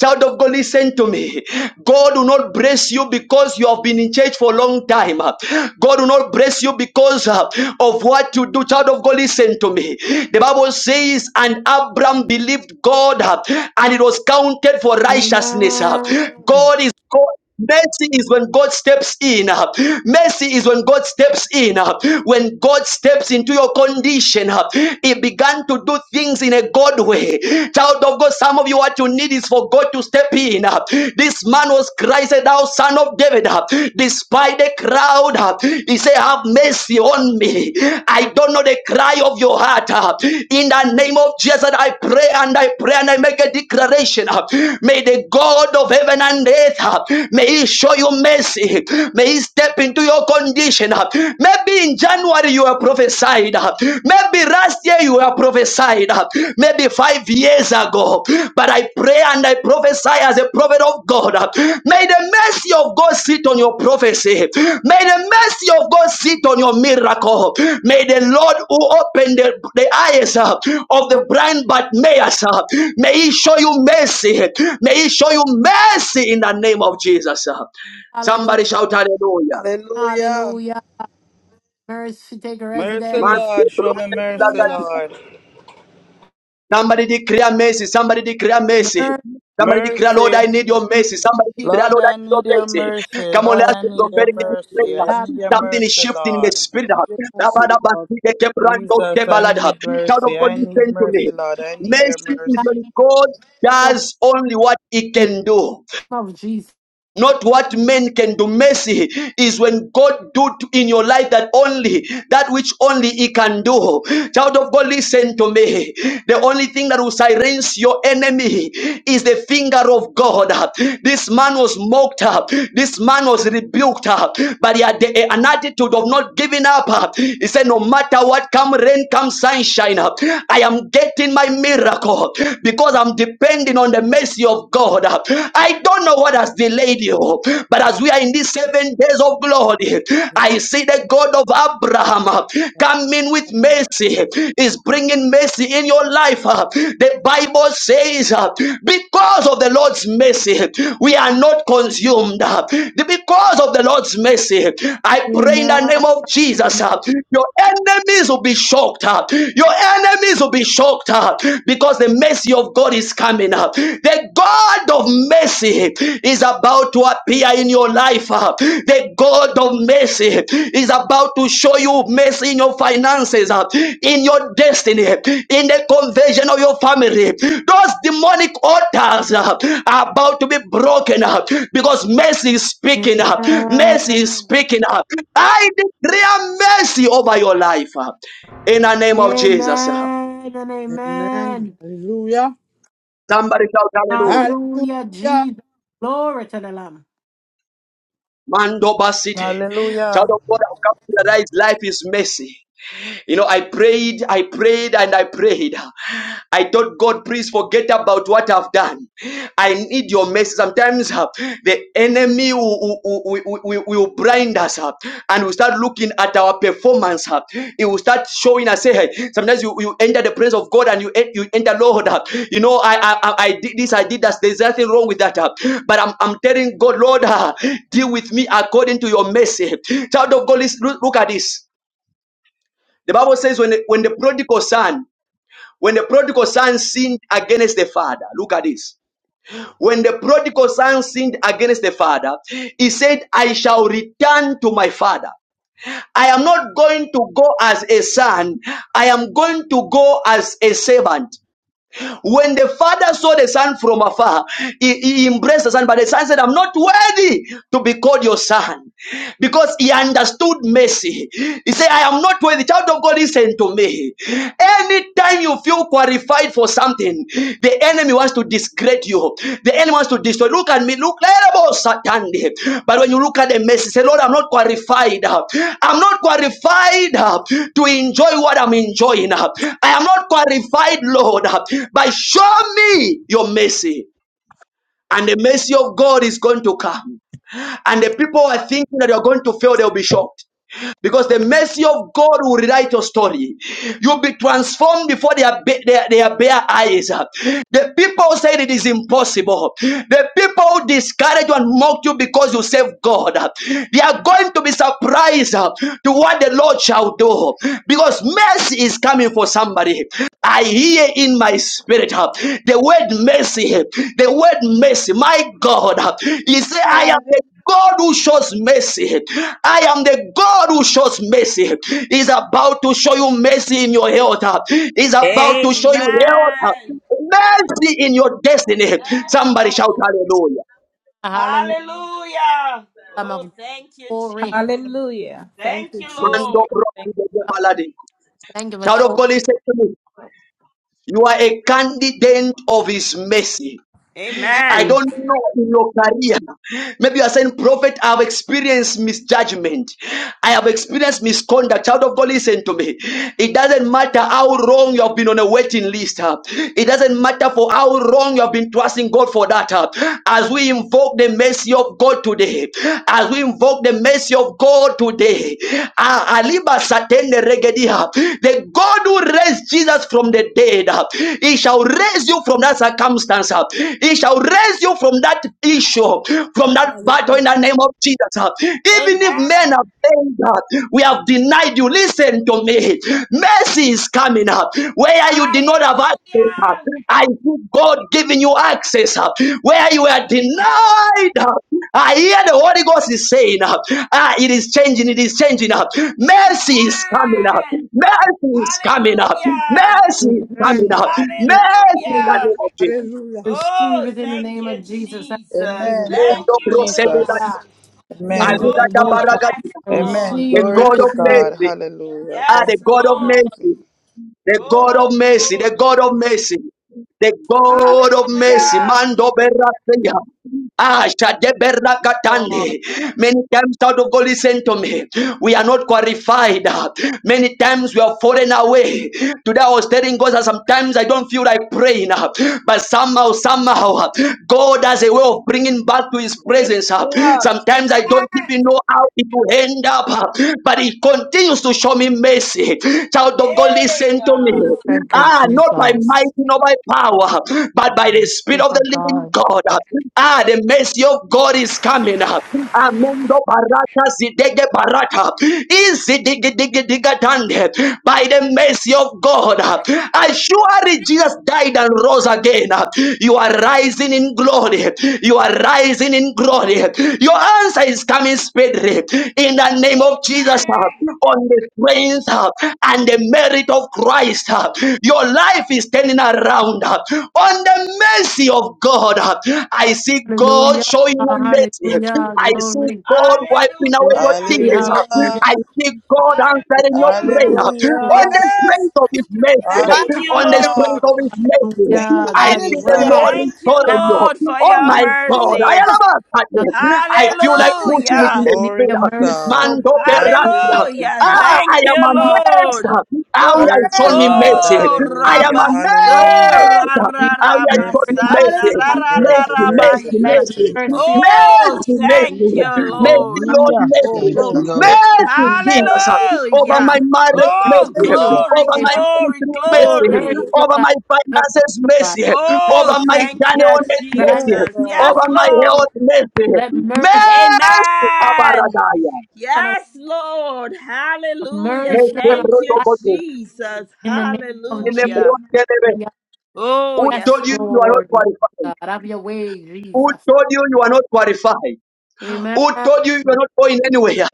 Speaker 1: Child of God, listen to me. God will not bless you because you have been in church for a long time. huh? God will not bless you because huh, of what you do. Child of God, listen to me. The Bible says, and Abram believed God, huh, and it was counted for righteousness. huh?
Speaker 4: Amen.
Speaker 1: God is God. Mercy is when God steps in. uh, Mercy is when God steps in. uh, When God steps into your condition, uh, He began to do things in a God way. Child of God, some of you, what you need is for God to step in. uh, This man was Christ, thou son of David. uh, Despite the crowd, uh, He said, Have mercy on me me. I don't know the cry of your heart. uh, In the name of Jesus, I pray and I pray and I make a declaration. uh, May the God of heaven and earth, uh, may He show you mercy. May He step into your condition. uh. Maybe in January you are prophesied. uh, Maybe last year you are prophesied. uh, Maybe five years years ago. But I pray and I prophesy as a prophet of God. May the mercy of God sit on your prophecy. May the mercy of God sit on your miracle. May the Lord who opened the, the eyes uh, of
Speaker 4: Oh,
Speaker 1: the blind Bartimaeus, uh, may he show you mercy. May he show you mercy in the name of Jesus. uh.
Speaker 4: hallelujah.
Speaker 1: Somebody shout hallelujah.
Speaker 11: Hallelujah.
Speaker 4: Hallelujah. Mercy take
Speaker 11: Mercy,
Speaker 4: residence.
Speaker 11: Lord. Show me mercy,
Speaker 17: Hallelujah.
Speaker 11: Lord.
Speaker 1: Somebody declare mercy. Somebody declare mercy.
Speaker 4: Mercy,
Speaker 1: Somebody declare, Lord,
Speaker 11: Mercy.
Speaker 1: I need your mercy.
Speaker 17: Mercy.
Speaker 1: Somebody
Speaker 4: mercy,
Speaker 1: declare,
Speaker 11: Lord,
Speaker 1: Lord, I
Speaker 11: I
Speaker 1: need your
Speaker 11: need your
Speaker 1: mercy.
Speaker 11: mercy.
Speaker 1: Come on,
Speaker 11: Lord,
Speaker 1: let's
Speaker 17: God
Speaker 11: I
Speaker 1: be
Speaker 11: need
Speaker 17: is your
Speaker 11: your
Speaker 1: prophetic.
Speaker 11: mercy. I
Speaker 17: mercy.
Speaker 4: God,
Speaker 11: need your
Speaker 4: look
Speaker 1: Something is
Speaker 11: mercy,
Speaker 1: shifting in the
Speaker 11: Lord.
Speaker 1: spirit.
Speaker 17: Your mercy,
Speaker 1: Child
Speaker 17: Lord.
Speaker 11: Jesus, I need
Speaker 1: of
Speaker 11: mercy.
Speaker 1: God,
Speaker 11: I need
Speaker 1: listen to me.
Speaker 11: mercy, Lord. I need your
Speaker 1: Mercy is
Speaker 4: like
Speaker 11: mercy.
Speaker 1: when God
Speaker 4: your
Speaker 1: does only what He
Speaker 4: name
Speaker 1: can do
Speaker 4: of Jesus.
Speaker 1: not what men can do mercy is when god do to- in your life that only that which only he can do child of god listen to me the only thing that will silence your enemy is the finger of god this man was mocked up this man was rebuked up but he had the- an attitude of not giving up he said no matter what come rain come sunshine i am getting my miracle because i'm depending on the mercy of God. I don't know what has delayed you, but as we are in these seven days of glory, I see the God of Abraham coming with mercy, is bringing mercy in your life. The Bible says, because of the Lord's mercy, we are not consumed. Because of the Lord's mercy, I pray in the
Speaker 4: Amen.
Speaker 1: name of Jesus, your enemies will be shocked. Your enemies will be shocked up because the mercy of God is coming up. The God of mercy is about to appear in your life. uh. The God of mercy is about to show you mercy in your finances, uh, in your destiny, in the conversion of your family. Those demonic altars uh, are about to be broken up because mercy is speaking up. Mercy is
Speaker 4: Amen
Speaker 1: speaking up. I declare mercy over your life uh, in the name of Jesus.
Speaker 4: Amen and
Speaker 17: Amen.
Speaker 4: amen.
Speaker 17: Hallelujah.
Speaker 1: Somebody shout hallelujah.
Speaker 4: Hallelujah,
Speaker 17: Hallelujah.
Speaker 4: Jesus. Glory to the Lamb.
Speaker 1: Mando basite. Child
Speaker 11: Hallelujah.
Speaker 1: of God, I've come to realize life is messy. You know, I prayed, I prayed, and I prayed. I thought, God, please forget about what I've done. I need your mercy. Sometimes uh, the enemy will, will, will, will- will blind us up and we start looking at our performance. uh, It will start showing us. say, hey, sometimes you, you enter the presence of God and you, en- you enter, Lord, uh, you know, I, I, I I did this, I did that. There's nothing wrong with that. uh, But I'm, I'm telling God, Lord, uh, deal with me according to your mercy. Child of God, listen- look look at this. The Bible says when the, when the prodigal son, when the prodigal son sinned against the father, look at this. When the prodigal son sinned against the father, he said, I shall return to my father. I am not going to go as a son. I am going to go as a servant. When the father saw the son from afar, he, he embraced the son, but the son said, I'm not worthy to be called your son because he understood mercy. He said, I am not worthy. Child of God, listen to me. Anytime you feel qualified for something, the enemy wants to discredit you. The enemy wants to destroy. Look at me. Look, terrible Satan. But when you look at the message, say, Lord, I'm not qualified. I'm not qualified to enjoy what I'm enjoying. I am not qualified, Lord. But show me your mercy. And the mercy of God is going to come. And the people who are thinking that they are going to fail, they'll be shocked because the mercy of God will rewrite your story. You'll be transformed before their, ba- their, their bare eyes. The people said it is impossible. The people discouraged you and mocked you because you serve God. They are going to be surprised uh, to what the Lord shall do because mercy is coming for somebody. I hear in my spirit uh, the word mercy, the word mercy. My God, uh, He said, I am. the God who shows mercy. I am the God who shows mercy. He's about to show you mercy in your health. He's about to show you health.
Speaker 14: Amen.
Speaker 1: Mercy in your destiny.
Speaker 14: Yes,
Speaker 1: Somebody shout
Speaker 14: Lord.
Speaker 1: hallelujah.
Speaker 4: Hallelujah,
Speaker 14: Hallelujah.
Speaker 4: Lamb
Speaker 14: Oh,
Speaker 4: of
Speaker 14: thank you,
Speaker 4: glory.
Speaker 14: Jesus.
Speaker 7: Hallelujah. Thank
Speaker 14: Thank
Speaker 7: you,
Speaker 14: you,
Speaker 7: Jesus.
Speaker 14: Lord.
Speaker 1: Mando
Speaker 7: Thank
Speaker 1: bro-
Speaker 4: Thank you for
Speaker 1: Child of
Speaker 4: showing
Speaker 1: God, listen to me. You are a candidate of his mercy. I
Speaker 14: Amen.
Speaker 1: don't know in your career. Maybe you are saying, Prophet, I have experienced misjudgment. I have experienced misconduct. Child of God, listen to me. It doesn't matter how wrong you have been on a waiting list. huh? It doesn't matter for how wrong you have been trusting God for that. huh? As we invoke the mercy of God today, as we invoke the mercy of God today, ah, Aliba Satende Regedia. The God who raised Jesus from the dead, he shall raise you from that circumstance. He shall raise you from that issue, from that battle
Speaker 17: Hallelujah.
Speaker 1: in the name of Jesus. Even if men
Speaker 14: Amen.
Speaker 1: have failed, up, we have denied you. Listen to me. Mercy is coming up. Where you did not have
Speaker 14: Hallelujah.
Speaker 1: access, I see God giving you access. Where you are
Speaker 14: Lord.
Speaker 1: denied, I hear the Holy Ghost is saying, uh, ah, it is changing, it is changing up. Mercy is coming up.
Speaker 14: Amen.
Speaker 1: Mercy is coming up.
Speaker 14: Hallelujah.
Speaker 1: Mercy
Speaker 4: me.
Speaker 1: is
Speaker 4: Receive
Speaker 1: coming
Speaker 17: Amen.
Speaker 1: up.
Speaker 4: mercy.
Speaker 1: Mercy in
Speaker 4: Receive
Speaker 1: the
Speaker 4: it.
Speaker 1: name
Speaker 14: Hallelujah.
Speaker 1: of Jesus.
Speaker 17: Hallelujah.
Speaker 4: Receive
Speaker 14: Oh,
Speaker 4: it in the
Speaker 14: thank
Speaker 4: name
Speaker 14: you,
Speaker 4: of Jesus. I
Speaker 14: Jesus.
Speaker 4: receive it.
Speaker 11: Amen.
Speaker 14: Thank
Speaker 11: Thank
Speaker 1: Mendo
Speaker 11: you,
Speaker 14: you, Lord.
Speaker 1: proseguda-
Speaker 4: Yeah.
Speaker 11: Jesus.
Speaker 4: Let it
Speaker 11: Amen.
Speaker 1: Alida
Speaker 4: be both.
Speaker 14: Oh,
Speaker 4: I
Speaker 14: yes,
Speaker 1: Gabaragada.
Speaker 14: Lord.
Speaker 11: Amen.
Speaker 4: Receive
Speaker 1: The
Speaker 11: Glory
Speaker 1: God
Speaker 4: mercy.
Speaker 11: to
Speaker 1: of
Speaker 11: God.
Speaker 1: mercy.
Speaker 11: Hallelujah.
Speaker 1: Ah,
Speaker 11: Thank
Speaker 1: the
Speaker 14: Yes,
Speaker 11: you for
Speaker 1: God of
Speaker 14: Lord.
Speaker 11: mercy.
Speaker 1: mercy. The God of
Speaker 14: Oh,
Speaker 1: mercy. The
Speaker 14: glory.
Speaker 1: God of mercy. The God of mercy.
Speaker 14: Hallelujah,
Speaker 1: Mando Beraseya. Ah, Shadeberna
Speaker 14: Lord.
Speaker 1: Katande. Many times, out of God, listen to me. We are not qualified. Many times we are falling away. Today I was telling God that sometimes I don't feel like praying, but somehow, somehow, God has a way of bringing back to His
Speaker 18: Praise
Speaker 1: presence.
Speaker 18: God.
Speaker 1: Sometimes I don't
Speaker 14: Amen.
Speaker 1: even know how it will end up, but He continues to show me mercy. Child of God,
Speaker 14: Hey,
Speaker 1: listen to me.
Speaker 14: God.
Speaker 10: Thank you,
Speaker 1: Ah, not by might,
Speaker 10: Jesus.
Speaker 1: not by power, but empowered by
Speaker 10: By
Speaker 1: the
Speaker 10: the
Speaker 1: Spirit
Speaker 10: Spirit
Speaker 1: of the
Speaker 10: of
Speaker 1: living
Speaker 10: God.
Speaker 1: God. Ah, the mercy of God is coming. Amendo barata zidege barata. Izidigi-digi-digatande. By the mercy of God. As surely Jesus died and rose again. You are rising in glory. You are rising in glory. Your answer is coming speedily. In the name of Jesus.
Speaker 14: Amen.
Speaker 1: On the strength and the merit of Christ. Your life is turning around. uh, On the mercy of God, uh, I see God
Speaker 4: Hallelujah.
Speaker 1: showing you mercy.
Speaker 4: Hallelujah.
Speaker 1: I see
Speaker 4: Glory.
Speaker 1: God wiping away your
Speaker 14: Hallelujah.
Speaker 4: Glory,
Speaker 1: tears. uh,
Speaker 11: Hallelujah.
Speaker 4: hallelujah.
Speaker 1: I see God
Speaker 4: Glory,
Speaker 1: answering your
Speaker 14: Hallelujah.
Speaker 4: glory,
Speaker 1: prayer.
Speaker 4: glory,
Speaker 1: On
Speaker 11: Hallelujah.
Speaker 1: the
Speaker 17: Yes.
Speaker 1: strength of His mercy,
Speaker 14: Thank you,
Speaker 1: on the
Speaker 17: Hallelujah.
Speaker 1: strength
Speaker 11: Hallelujah.
Speaker 14: Lord.
Speaker 1: of His
Speaker 11: Thank
Speaker 1: mercy,
Speaker 4: hallelujah.
Speaker 11: you,
Speaker 1: I
Speaker 4: God, you're
Speaker 1: see the
Speaker 11: Jesus.
Speaker 17: Hallelujah.
Speaker 1: Lord
Speaker 4: worthy.
Speaker 14: Thank you,
Speaker 4: You're
Speaker 1: restoring
Speaker 4: not
Speaker 1: you.
Speaker 14: Lord, for
Speaker 1: Oh
Speaker 4: allowing
Speaker 14: your
Speaker 17: Thank
Speaker 1: my
Speaker 17: you,
Speaker 1: God, I am
Speaker 14: mercy.
Speaker 17: Jesus.
Speaker 1: about to-
Speaker 4: us to mercy.
Speaker 1: I feel like pushing
Speaker 17: Hallelujah.
Speaker 1: it in
Speaker 14: Hallelujah.
Speaker 1: the
Speaker 4: We need
Speaker 11: Glory to
Speaker 4: your
Speaker 1: spirit.
Speaker 4: mercy.
Speaker 11: God.
Speaker 4: Oh,
Speaker 1: Mando
Speaker 4: God.
Speaker 1: Berrasia.
Speaker 11: Hallelujah,
Speaker 14: Hallelujah.
Speaker 11: Jesus.
Speaker 1: Ah,
Speaker 14: Thank
Speaker 1: I
Speaker 14: you,
Speaker 1: am
Speaker 17: Hallelujah.
Speaker 1: amazed
Speaker 14: Lord.
Speaker 1: how
Speaker 4: Hallelujah.
Speaker 1: you have shown
Speaker 17: Glory.
Speaker 11: Mercy,
Speaker 1: me
Speaker 11: Lord.
Speaker 1: mercy.
Speaker 14: Oh,
Speaker 4: We
Speaker 1: I
Speaker 4: need
Speaker 1: am
Speaker 11: Hallelujah.
Speaker 14: Rabaso,
Speaker 17: Glory.
Speaker 11: Hallelujah.
Speaker 1: amazed
Speaker 4: we need
Speaker 1: how you have
Speaker 4: your
Speaker 1: shown
Speaker 11: Mercy,
Speaker 1: me
Speaker 4: mercy. Oh,
Speaker 1: mercy.
Speaker 17: Hallelujah.
Speaker 11: Jesus.
Speaker 4: God.
Speaker 14: Rabasandra,
Speaker 11: Mercy,
Speaker 1: Mercy,
Speaker 11: mercy,
Speaker 1: mercy,
Speaker 14: Rabahira.
Speaker 4: Hallelujah. Let
Speaker 1: mercy.
Speaker 11: mercy.
Speaker 4: mercy,
Speaker 14: Oh,
Speaker 1: Mercy,
Speaker 14: thank
Speaker 1: mercy.
Speaker 14: you,
Speaker 4: oh,
Speaker 1: Mercy,
Speaker 14: Lord.
Speaker 4: God.
Speaker 11: Thank you,
Speaker 1: Lord,
Speaker 3: Yeah,
Speaker 17: Oh,
Speaker 1: mercy.
Speaker 3: thank
Speaker 4: Oh,
Speaker 3: you
Speaker 17: glory.
Speaker 11: Jesus.
Speaker 3: Lord.
Speaker 11: Thank you,
Speaker 1: Mercy,
Speaker 11: Jesus.
Speaker 1: Jesus. Over
Speaker 4: I
Speaker 1: my
Speaker 4: say
Speaker 14: Hallelujah.
Speaker 11: Thank
Speaker 1: marriage,
Speaker 4: mercy,
Speaker 14: Oh,
Speaker 11: you,
Speaker 1: mercy.
Speaker 4: oh, God.
Speaker 17: Hallelujah.
Speaker 11: Jesus.
Speaker 14: glory,
Speaker 1: Over my
Speaker 4: Favor.
Speaker 14: glory,
Speaker 1: ministry,
Speaker 4: Let
Speaker 17: Glory.
Speaker 1: mercy.
Speaker 4: mercy,
Speaker 14: glory.
Speaker 4: oh,
Speaker 1: Over
Speaker 4: God.
Speaker 1: my
Speaker 4: Favor us,
Speaker 1: finances,
Speaker 4: oh, God.
Speaker 1: mercy.
Speaker 14: Oh,
Speaker 1: Over my
Speaker 4: Mercy, oh,
Speaker 14: thank you,
Speaker 1: journey,
Speaker 4: grant
Speaker 17: Yes,
Speaker 1: mercy.
Speaker 14: Jesus.
Speaker 17: Lord.
Speaker 14: Yes,
Speaker 1: Over
Speaker 4: us, oh,
Speaker 1: my
Speaker 4: God.
Speaker 14: Lord.
Speaker 1: health, mercy.
Speaker 4: Let mercy
Speaker 1: Mercy,
Speaker 14: Amen.
Speaker 1: Abaradaya.
Speaker 4: upon our
Speaker 14: Yes, Lord. Hallelujah.
Speaker 4: mercy
Speaker 1: Mercy,
Speaker 4: upon our
Speaker 14: Thank you,
Speaker 4: life
Speaker 1: Bruto
Speaker 14: Jesus.
Speaker 4: in the name of
Speaker 1: Who
Speaker 14: Hallelujah.
Speaker 4: Jesus.
Speaker 14: Oh, yes,
Speaker 4: Yes,
Speaker 1: told you
Speaker 14: Lord.
Speaker 1: you are not
Speaker 4: Lord, my
Speaker 1: qualified?
Speaker 4: God, have your way,
Speaker 1: Who
Speaker 4: Jesus.
Speaker 1: told you you are not qualified?
Speaker 4: Amen.
Speaker 1: Who told you you're not going anywhere?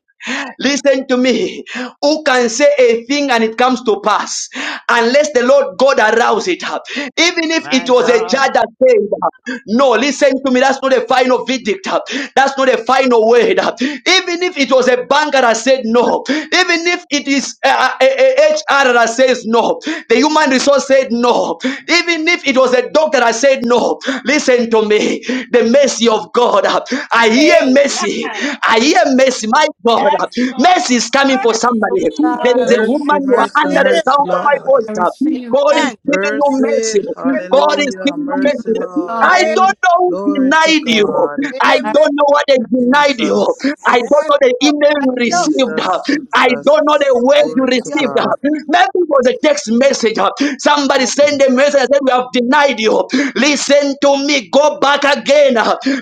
Speaker 1: Listen to me. Who can say a thing and it comes to pass unless the Lord God arouse it up? Even if it
Speaker 14: My
Speaker 1: was a
Speaker 14: God.
Speaker 1: judge that said, No, listen to me. That's not a final verdict. That's not a final word. Even if it was a banker that said no, even if it is uh, a, a HR that says no, the human resource said no, even if it was a doctor that said no, listen to me the mercy of God. I hear
Speaker 14: Amen.
Speaker 1: mercy. I hear mercy. My God,
Speaker 14: Yes,
Speaker 1: mercy
Speaker 14: Lord.
Speaker 1: is coming for
Speaker 14: Mercy,
Speaker 4: Lord,
Speaker 1: somebody.
Speaker 14: speak for
Speaker 1: There
Speaker 4: I
Speaker 1: is a
Speaker 14: me.
Speaker 4: receive,
Speaker 11: Mercy,
Speaker 1: woman you are
Speaker 11: mercy,
Speaker 1: under
Speaker 17: Receive.
Speaker 1: the
Speaker 11: mercy,
Speaker 1: sound of my
Speaker 14: Hallelujah.
Speaker 11: Lord.
Speaker 1: voice.
Speaker 4: I receive,
Speaker 1: God
Speaker 4: I
Speaker 17: Amen.
Speaker 1: is giving you
Speaker 11: Mercy,
Speaker 1: mercy.
Speaker 17: Amen.
Speaker 1: God is
Speaker 11: hallelujah,
Speaker 1: giving you
Speaker 4: receive,
Speaker 11: mercy,
Speaker 1: mercy.
Speaker 11: Lord.
Speaker 4: God,
Speaker 1: I
Speaker 17: Amen.
Speaker 4: yeah,
Speaker 1: don't know who
Speaker 11: Glory to
Speaker 1: denied you.
Speaker 11: God.
Speaker 1: I
Speaker 4: I
Speaker 17: Amen.
Speaker 1: don't know what they
Speaker 4: remember.
Speaker 1: denied you. I
Speaker 11: Jesus,
Speaker 1: don't
Speaker 17: Yes,
Speaker 1: know the
Speaker 17: Lord.
Speaker 1: email you
Speaker 17: Thank you.
Speaker 1: received.
Speaker 11: Jesus,
Speaker 1: I don't know the
Speaker 11: Jesus.
Speaker 1: word you
Speaker 11: Glory to
Speaker 17: Hallelujah.
Speaker 1: received.
Speaker 11: God.
Speaker 1: Maybe it was a text message. Somebody sent a
Speaker 17: Hallelujah.
Speaker 1: message and said, We have denied you. Listen to me. Go back again.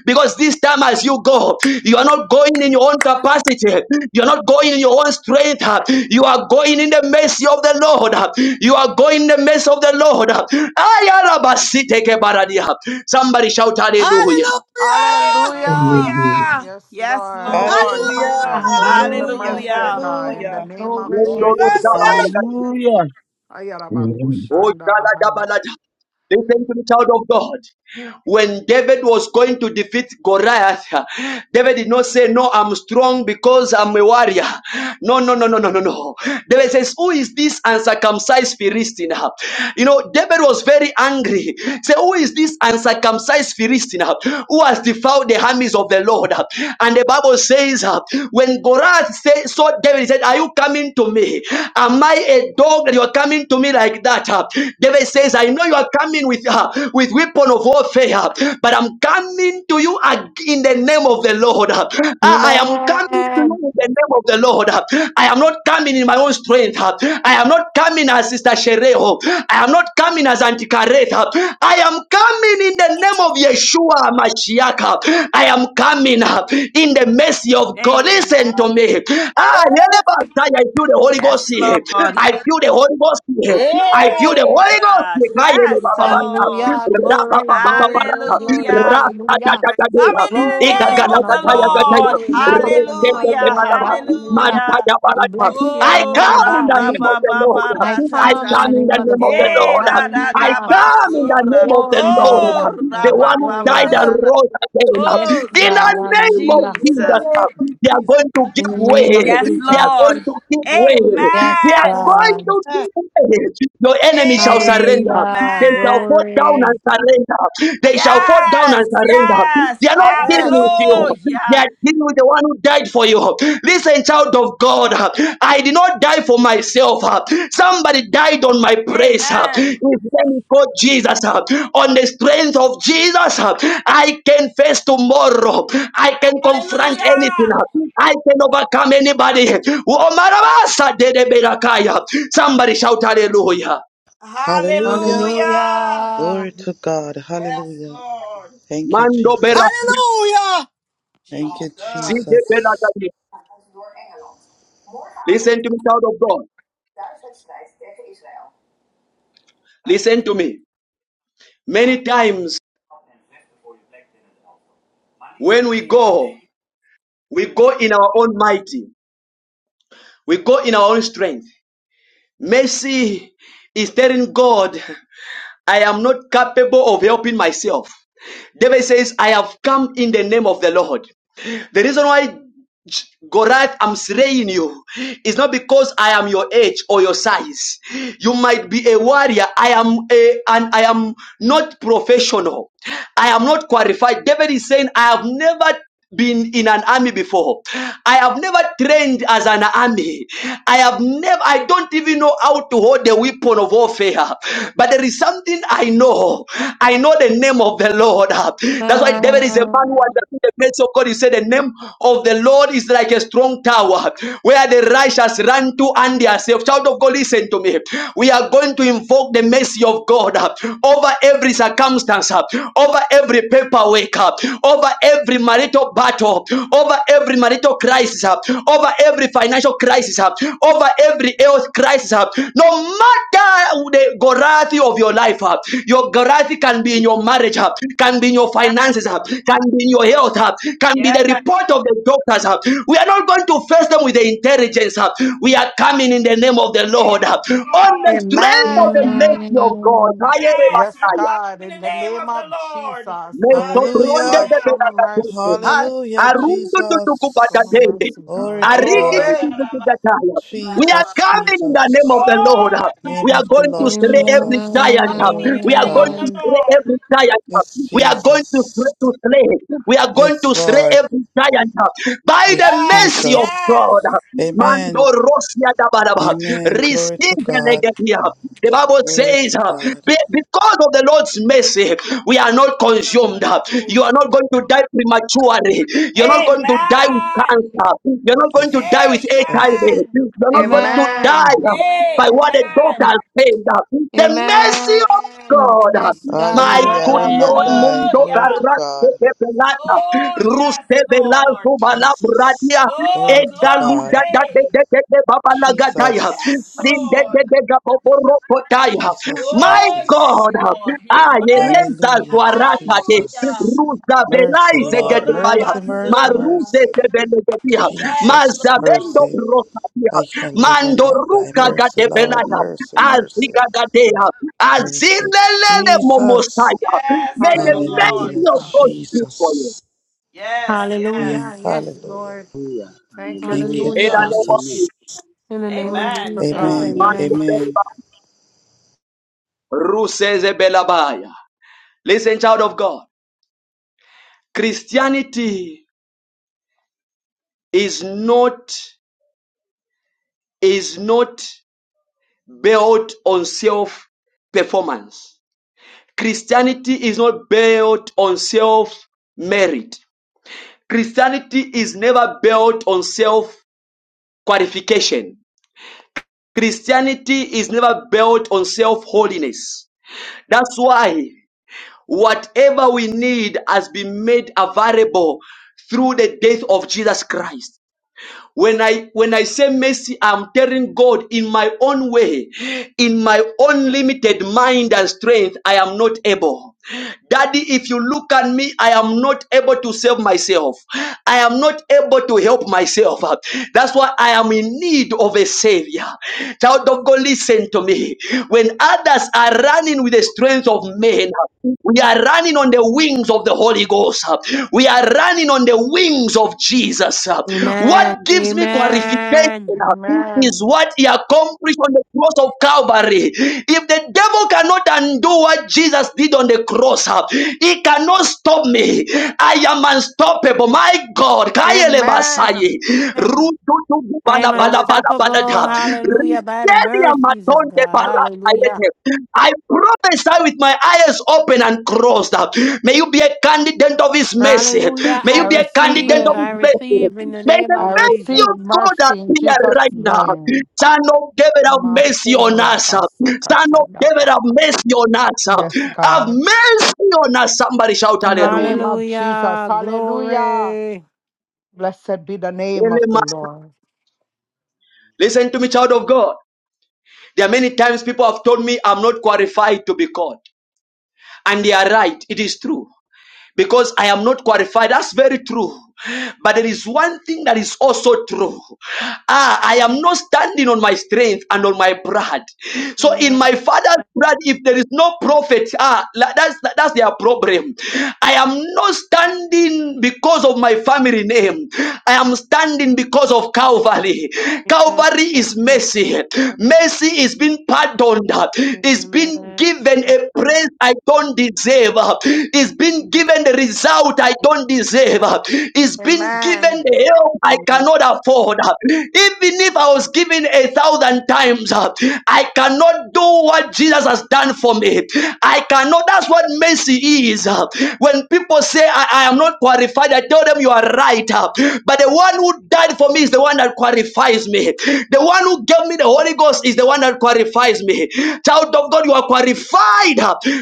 Speaker 1: Because this time, as you go, you are not going in your own capacity. You are not going in your own strength. You are going in the mercy of the Lord. You are going in the mercy of the Lord. Somebody shout hallelujah.
Speaker 17: Hallelujah.
Speaker 10: Hallelujah.
Speaker 19: Hallelujah.
Speaker 14: Hallelujah.
Speaker 10: Yes,
Speaker 14: Yes,
Speaker 10: Lord.
Speaker 14: Lord.
Speaker 10: We
Speaker 11: Hallelujah,
Speaker 10: are going
Speaker 17: Hallelujah.
Speaker 10: in the
Speaker 4: Hallelujah,
Speaker 11: hallelujah,
Speaker 10: mercy of
Speaker 14: Hallelujah.
Speaker 10: God in the
Speaker 11: hallelujah.
Speaker 4: hallelujah,
Speaker 10: name of
Speaker 11: Glory to
Speaker 4: glory.
Speaker 10: Jesus.
Speaker 11: God.
Speaker 17: Mercy.
Speaker 3: Hallelujah.
Speaker 19: Amen.
Speaker 10: Ayarabakushanda bahana.
Speaker 1: Listen to the child of God. When David was going to defeat Goliath, David did not say, No, I'm strong because I'm a warrior. No, no, no, no, no, no, no. David says, Who is this uncircumcised Philistine? You know, David was very angry. He said, Who is this uncircumcised Philistine who has defiled the armies of the Lord? And the Bible says, When Goliath said, saw David, he said, Are you coming to me? Am I a dog that you are coming to me? me like that. huh? David says, I know you are coming with uh, with weapon of warfare, huh, but I'm coming to you ag- in the name of the Lord. huh. I, I am coming to you
Speaker 4: Amen.
Speaker 1: in the name of the Lord. huh. I am not coming in my own strength. huh. I am not coming as Sister Shereho. I am not coming as Antikareth. huh. I am coming in the name of Yeshua Mashiach. huh. I am coming huh, in the mercy of God.
Speaker 14: Amen.
Speaker 1: Listen
Speaker 17: Yes.
Speaker 1: to me. Ah, yeah, yeah, yeah, yeah, yeah, I feel the Holy
Speaker 14: Yes,
Speaker 1: Ghost here.
Speaker 14: Lord.
Speaker 1: I feel the Holy Ghost here. I
Speaker 17: Hallelujah.
Speaker 1: feel the
Speaker 14: Hey,
Speaker 1: Holy Ghost.
Speaker 14: God. Yes,
Speaker 17: Yes.
Speaker 14: Lord.
Speaker 4: Hallelujah, glory, glory, glory, glory,
Speaker 14: Hallelujah.
Speaker 4: hallelujah.
Speaker 14: We're coming in the
Speaker 4: Glory to the
Speaker 14: name
Speaker 4: Lamb
Speaker 14: of
Speaker 4: of
Speaker 14: the
Speaker 4: God.
Speaker 14: Lord.
Speaker 4: Glory, we come in the name of
Speaker 17: Hallelujah.
Speaker 4: the
Speaker 14: Hallelujah.
Speaker 4: Lord. Hallelujah.
Speaker 14: Hallelujah.
Speaker 4: We bless you,
Speaker 1: I
Speaker 14: Oh,
Speaker 4: Adonai,
Speaker 1: come in the
Speaker 14: rabba
Speaker 4: Yahweh.
Speaker 1: name of
Speaker 14: ba
Speaker 1: the
Speaker 14: ba
Speaker 1: Lord.
Speaker 14: ba
Speaker 4: I
Speaker 14: ra ta
Speaker 1: I
Speaker 4: come
Speaker 14: ta.
Speaker 4: in the
Speaker 1: come in
Speaker 4: name
Speaker 1: the
Speaker 4: of the
Speaker 1: name of the
Speaker 4: Lord.
Speaker 14: Eh,
Speaker 1: Lord.
Speaker 14: la da
Speaker 1: I
Speaker 14: da
Speaker 4: Hallelujah.
Speaker 14: ba
Speaker 1: come in
Speaker 14: so,
Speaker 1: the
Speaker 14: ra.
Speaker 1: name of the
Speaker 4: Glory to the
Speaker 1: Lord.
Speaker 4: Lamb
Speaker 14: Oh,
Speaker 4: of
Speaker 1: The
Speaker 4: God.
Speaker 14: rabba
Speaker 1: one who
Speaker 14: ba
Speaker 1: died
Speaker 14: ba
Speaker 4: Glory.
Speaker 17: Yes.
Speaker 1: and
Speaker 14: ra ra.
Speaker 1: rose
Speaker 4: Yes,
Speaker 14: Oh,
Speaker 1: again. In
Speaker 4: God.
Speaker 1: the
Speaker 14: thank you,
Speaker 1: name of
Speaker 4: Hallelujah.
Speaker 17: In the
Speaker 14: Jesus.
Speaker 17: name of
Speaker 1: Jesus, they are
Speaker 17: Jesus.
Speaker 1: going to
Speaker 4: In
Speaker 1: give
Speaker 4: the name
Speaker 1: way.
Speaker 4: of
Speaker 14: Yes,
Speaker 1: They are going
Speaker 4: Jesus.
Speaker 14: Lord.
Speaker 1: to give way.
Speaker 4: Yes,
Speaker 1: They are
Speaker 14: Amen.
Speaker 17: Yes.
Speaker 1: going
Speaker 4: God.
Speaker 1: to
Speaker 17: Yes.
Speaker 1: give way. Your enemy shall surrender.
Speaker 4: Hallelujah.
Speaker 1: They shall fall
Speaker 14: Amen.
Speaker 1: down and
Speaker 4: Glory.
Speaker 1: surrender. They shall fall down and
Speaker 14: Yes,
Speaker 1: surrender. They
Speaker 14: yes.
Speaker 1: are not dealing
Speaker 17: Yes.
Speaker 1: with you. They are
Speaker 14: Hallelujah.
Speaker 1: dealing with the one who died for you. Listen, child of God. I did not die for myself. Somebody died on my praise. His
Speaker 14: Amen.
Speaker 1: name is called Jesus. On the strength of Jesus, I can face tomorrow. I can confront anything.
Speaker 14: Hallelujah.
Speaker 1: I can overcome anybody. Omarabasa dede berakaya. Somebody shout hallelujah.
Speaker 11: Hallelujah,
Speaker 14: Hallelujah.
Speaker 4: Hallelujah.
Speaker 11: glory to God.
Speaker 14: Yes,
Speaker 11: Hallelujah.
Speaker 14: Lord.
Speaker 11: Thank you,
Speaker 1: Mando
Speaker 11: Jesus.
Speaker 1: berakaya.
Speaker 17: Hallelujah.
Speaker 11: Thank
Speaker 14: Jesus.
Speaker 11: you,
Speaker 1: Zide
Speaker 11: Jesus.
Speaker 1: berakaya.
Speaker 20: door Engeland.
Speaker 1: Listen
Speaker 20: Morgenavond
Speaker 1: to me, child of God.
Speaker 20: duizend wedstrijd tegen Israël.
Speaker 1: Listen to me. Many times when we go, we go in our own mighty. We go in our own strength. Mercy is telling God, I am not capable of helping myself. David says, I have come in the name of the Lord. The reason why J- Goliath, I'm slaying you. It's not because I am your age or your size. You might be a warrior. I am a, and I am not professional. I am not qualified. David is saying, I have never been in an army before. I have never trained as an army. I have never, I don't even know how to hold the weapon of warfare. But there is something I know. I know the name of the Lord. That's why David is a man who
Speaker 4: Amen.
Speaker 1: understood the grace of God. He said, The name of the Lord God is like a strong tower where the righteous run to and they are safe. Child of God, listen to me. We are going to invoke the mercy of God uh, over every circumstance, uh, over every paperwork, uh, over every marital battle, over every marital crisis, uh, over every financial crisis, uh, over every health crisis. uh, No matter the Goliath of your life, uh, your Goliath can be in your marriage, uh, can be in your
Speaker 14: Amen.
Speaker 1: finances, uh, can be in your health, uh, can be
Speaker 14: Yes.
Speaker 1: the report of the doctors, uh, we are not going to face them with the intelligence. huh? We are coming in the name of the Lord. huh? On the strength of the
Speaker 10: Amen.
Speaker 1: mercy of God.
Speaker 4: Amen.
Speaker 10: Yes, God, in the
Speaker 14: Name of
Speaker 10: name
Speaker 14: the
Speaker 10: of
Speaker 14: Lord.
Speaker 10: Jesus.
Speaker 1: so
Speaker 11: Hallelujah,
Speaker 10: Lord, show
Speaker 14: Hallelujah.
Speaker 10: me mercy.
Speaker 17: Hallelujah.
Speaker 11: hallelujah,
Speaker 1: Arundu
Speaker 10: Show me
Speaker 1: tutukupatande.
Speaker 11: Jesus.
Speaker 10: mercy,
Speaker 11: Glory
Speaker 10: God.
Speaker 11: to
Speaker 1: Aridi
Speaker 14: Yes.
Speaker 11: God.
Speaker 14: We're
Speaker 17: Glory.
Speaker 14: coming in the name
Speaker 1: tutukutataya.
Speaker 14: of the
Speaker 1: We are
Speaker 14: Lord. Hallelujah.
Speaker 11: Jesus,
Speaker 14: Yeah.
Speaker 1: coming in the name of
Speaker 11: Jesus.
Speaker 1: the Lord.
Speaker 14: Oh, yes,
Speaker 11: Name
Speaker 1: We are
Speaker 11: of the
Speaker 1: going to
Speaker 14: Lord.
Speaker 11: Lord
Speaker 1: slay every
Speaker 14: We're
Speaker 11: Jesus.
Speaker 1: giant.
Speaker 14: coming in
Speaker 11: Glory
Speaker 14: the
Speaker 11: to
Speaker 1: We are
Speaker 14: name of
Speaker 1: going
Speaker 11: God.
Speaker 1: to
Speaker 14: the
Speaker 4: Amen.
Speaker 1: slay every
Speaker 14: Lord.
Speaker 1: giant.
Speaker 11: Yes,
Speaker 1: We are going to,
Speaker 11: Jesus.
Speaker 1: to slay. We are going
Speaker 11: Yes,
Speaker 1: to slay
Speaker 11: Lord.
Speaker 1: every giant by the
Speaker 11: Yes,
Speaker 14: Yes,
Speaker 1: mercy of
Speaker 11: Jesus.
Speaker 14: yes.
Speaker 1: God. Mando
Speaker 11: Amen.
Speaker 1: Rosia Dabaraba.
Speaker 11: Amen. Glory to
Speaker 1: Receive the
Speaker 11: God.
Speaker 1: legacy. The Bible
Speaker 11: Glory
Speaker 1: says,
Speaker 11: to God.
Speaker 1: "Be- because of the Lord's mercy, we are not
Speaker 14: Not
Speaker 1: consumed. You
Speaker 14: confused.
Speaker 1: are not going to die prematurely. You're not going to die with
Speaker 14: Amen.
Speaker 1: cancer. You're not going to
Speaker 11: Yes,
Speaker 1: die with HIV.
Speaker 11: Jesus.
Speaker 14: Amen.
Speaker 1: You're not going to
Speaker 4: Amen.
Speaker 1: die
Speaker 10: Amen.
Speaker 1: uh, by what the
Speaker 14: Amen.
Speaker 1: doctor said. uh, The mercy
Speaker 4: Amen.
Speaker 1: of God, uh,
Speaker 4: Yes, God, will
Speaker 1: my
Speaker 11: Hallelujah.
Speaker 4: work
Speaker 11: I
Speaker 4: it
Speaker 11: will
Speaker 1: good
Speaker 4: out for
Speaker 11: not
Speaker 1: Lord,
Speaker 4: me.
Speaker 11: die.
Speaker 1: mundo
Speaker 11: Glory to
Speaker 14: Hallelujah.
Speaker 1: carrasco
Speaker 11: God.
Speaker 1: de pelata,
Speaker 14: Oh, yes,
Speaker 1: ruste
Speaker 14: Lord.
Speaker 1: belazo
Speaker 11: Jesus.
Speaker 1: balabradia,
Speaker 14: Oh,
Speaker 11: Glory to
Speaker 1: egaluda
Speaker 11: God.
Speaker 1: da de
Speaker 14: glory.
Speaker 1: de de de babalagadaya,
Speaker 14: Yes,
Speaker 11: Jesus.
Speaker 1: zinde de de
Speaker 14: Lord.
Speaker 1: de gaboborokotaya.
Speaker 11: Jesus,
Speaker 1: My
Speaker 14: Oh, yes,
Speaker 11: Jesus.
Speaker 1: God,
Speaker 14: Lord. His
Speaker 1: Ah, yelenta
Speaker 14: mercy.
Speaker 11: Hallelujah,
Speaker 1: guarata de
Speaker 14: Hallelujah.
Speaker 11: Jesus.
Speaker 1: ruza belai
Speaker 11: Mercy,
Speaker 1: se
Speaker 14: Oh,
Speaker 11: Lord.
Speaker 1: gedevaya,
Speaker 11: Mercy, mercy,
Speaker 14: Rabasura.
Speaker 1: maruze
Speaker 11: mercy.
Speaker 1: se belegedia,
Speaker 14: Yes,
Speaker 11: Jesus,
Speaker 1: mazdabendo
Speaker 14: Lord.
Speaker 11: mercy.
Speaker 1: rosadia,
Speaker 11: I shall live and not die.
Speaker 1: mandoruka
Speaker 11: Mercy, Lord,
Speaker 1: gadebelaya,
Speaker 11: mercy, mercy.
Speaker 1: aziga gadea,
Speaker 11: Mercy,
Speaker 1: azilelele
Speaker 11: Jesus.
Speaker 1: momosaya.
Speaker 14: Yes,
Speaker 1: May the
Speaker 10: Hallelujah,
Speaker 14: Lord.
Speaker 1: mercy
Speaker 11: Hallelujah,
Speaker 1: of God
Speaker 10: Jesus.
Speaker 1: speak for you.
Speaker 11: Jesus.
Speaker 14: Yes, yes.
Speaker 11: Amen.
Speaker 4: Hallelujah. Yes,
Speaker 11: Hallelujah.
Speaker 4: Lord.
Speaker 3: Hallelujah.
Speaker 10: Thank you,
Speaker 11: Thank you,
Speaker 3: Hallelujah.
Speaker 1: In the
Speaker 4: Hallelujah.
Speaker 10: Jesus.
Speaker 1: name of
Speaker 3: Amen.
Speaker 11: Jesus.
Speaker 1: Jesus,
Speaker 4: In the name
Speaker 10: Glory be
Speaker 4: of
Speaker 10: to
Speaker 14: Amen.
Speaker 4: Jesus.
Speaker 10: God.
Speaker 11: Amen.
Speaker 3: Amen.
Speaker 4: Amen.
Speaker 11: Amen.
Speaker 1: Manchester, Ruse ze Listen, child of God, Christianity is not is not built on self performance. Christianity is not built on self merit. Christianity is never built on self qualification. Christianity is never built on self holiness. That's why whatever we need has been made available through the death of Jesus Christ. When I when I say mercy, I'm telling God in my own way, in my own limited mind and strength, I am not able. Daddy, if you look at me, I am not able to save myself. I am not able to help myself. That's why I am in need of a savior. Child of God, listen to me. When others are running with the strength of men, we we are running on the wings of the Holy Ghost. We are running on the wings of Jesus.
Speaker 4: Amen.
Speaker 1: What gives me qualification
Speaker 4: Amen.
Speaker 1: is
Speaker 10: Amen.
Speaker 1: what he accomplished on the cross of Calvary. If the devil cannot undo what Jesus did on the cross, he cannot stop me. I am unstoppable. My God. Kayele
Speaker 10: Amen.
Speaker 1: Basaye.
Speaker 4: Amen.
Speaker 1: Rududu
Speaker 4: I am
Speaker 1: bala bala
Speaker 10: Glory to
Speaker 1: bala bala
Speaker 4: unstoppable.
Speaker 1: da.
Speaker 10: Jesus.
Speaker 4: Hallelujah. By the mercies of God. Hallelujah.
Speaker 1: I prophesy with my eyes open and crossed. May you be a candidate of His mercy.
Speaker 4: Hallelujah.
Speaker 1: May
Speaker 4: I
Speaker 10: I
Speaker 1: you be a
Speaker 10: receive
Speaker 1: candidate
Speaker 4: receive.
Speaker 1: of
Speaker 10: it.
Speaker 1: His
Speaker 4: I
Speaker 1: mercy.
Speaker 4: receive in the
Speaker 1: May
Speaker 4: name
Speaker 1: the
Speaker 10: I
Speaker 4: of
Speaker 1: mercy
Speaker 4: Jesus.
Speaker 10: receive
Speaker 1: of God
Speaker 10: mercy in
Speaker 1: appear
Speaker 10: Jesus'
Speaker 1: right now.
Speaker 10: name.
Speaker 1: Son of David, have mercy on
Speaker 10: Makura
Speaker 1: us. Son of
Speaker 10: basakataya
Speaker 1: David, have
Speaker 10: baba.
Speaker 1: mercy on us.
Speaker 10: Yes,
Speaker 1: Have
Speaker 10: God.
Speaker 1: mercy on us. Somebody shout
Speaker 10: In the name
Speaker 1: hallelujah.
Speaker 10: of Jesus.
Speaker 4: Hallelujah.
Speaker 10: Hallelujah.
Speaker 4: Glory.
Speaker 10: Blessed be the name of the Lord.
Speaker 1: Listen to me, child of God. There are many times people have told me I'm not qualified to be called. And they are right. It is true. because I am not qualified. That's very true. But there is one thing that is also true. Ah, I am not standing on my strength and on my pride. So in my father's pride, if there is no prophet, ah, la- that's that's their problem. I am not standing because of my family name. I am standing because of of Calvary. Calvary is mercy. Mercy is being pardoned, is
Speaker 4: Amen.
Speaker 1: being given a praise I don't deserve, is being given the result I don't deserve, is being given
Speaker 10: Amen.
Speaker 1: the help I cannot afford. Even if I was given a thousand times, I cannot do Jesus has done for me. I cannot. That's what mercy is. When people say I, I am not qualified, I tell them you are right. But the one who died for me is the one that qualifies me. The one who gave me the Holy Ghost is the one that qualifies me. Child of God, you are qualified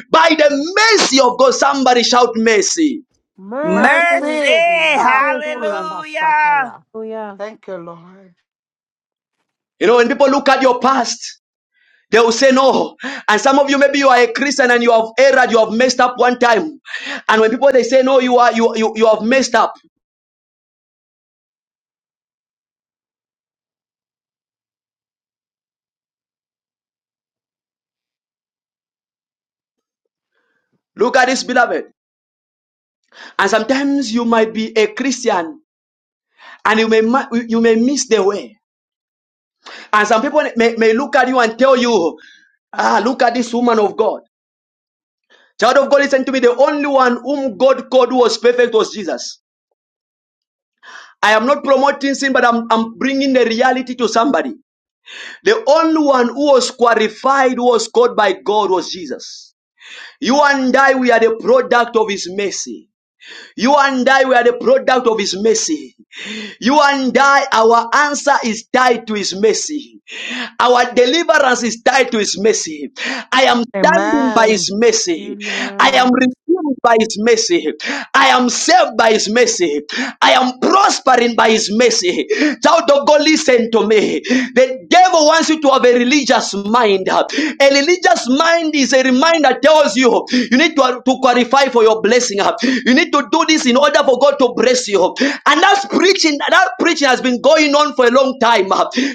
Speaker 1: by the mercy of God. Somebody shout mercy.
Speaker 4: Mercy.
Speaker 14: Mercy.
Speaker 10: Mercy. Ah,
Speaker 4: Mercy.
Speaker 14: Hallelujah.
Speaker 10: kurabasataya.
Speaker 4: Hallelujah.
Speaker 10: Thank you, Lord.
Speaker 1: You know, when people look at your past, they will say no. And some of you, maybe you are a Christian and you have erred, you have messed up one time. And when people they say no, you are you you, you have messed up. Look at this, beloved. And sometimes you might be a Christian and you may ma- you may miss the way. And some people may, may look at you and tell you, ah, look at this woman of God. Child of God, listen to me. The only one whom God called who was perfect was Jesus. I am not promoting sin, but I'm, I'm bringing the reality to somebody. The only one who was qualified, who was called by God, was Jesus. You and I, we are the product of His mercy. You and I, we are the product of His mercy. You and I, our answer is tied to His mercy. Our deliverance is tied to His mercy. I am standing by His
Speaker 10: Amen.
Speaker 1: mercy. I am
Speaker 4: Amen.
Speaker 1: redeemed by His mercy. I am saved by His mercy. I am prospering by His mercy. Child of God, listen to me. The devil wants you to have a religious mind. A religious mind is a reminder that tells you you need to, to to qualify for your blessing. You need to do this in order for God to bless you. And that's preaching, that preaching has been going on for a long time.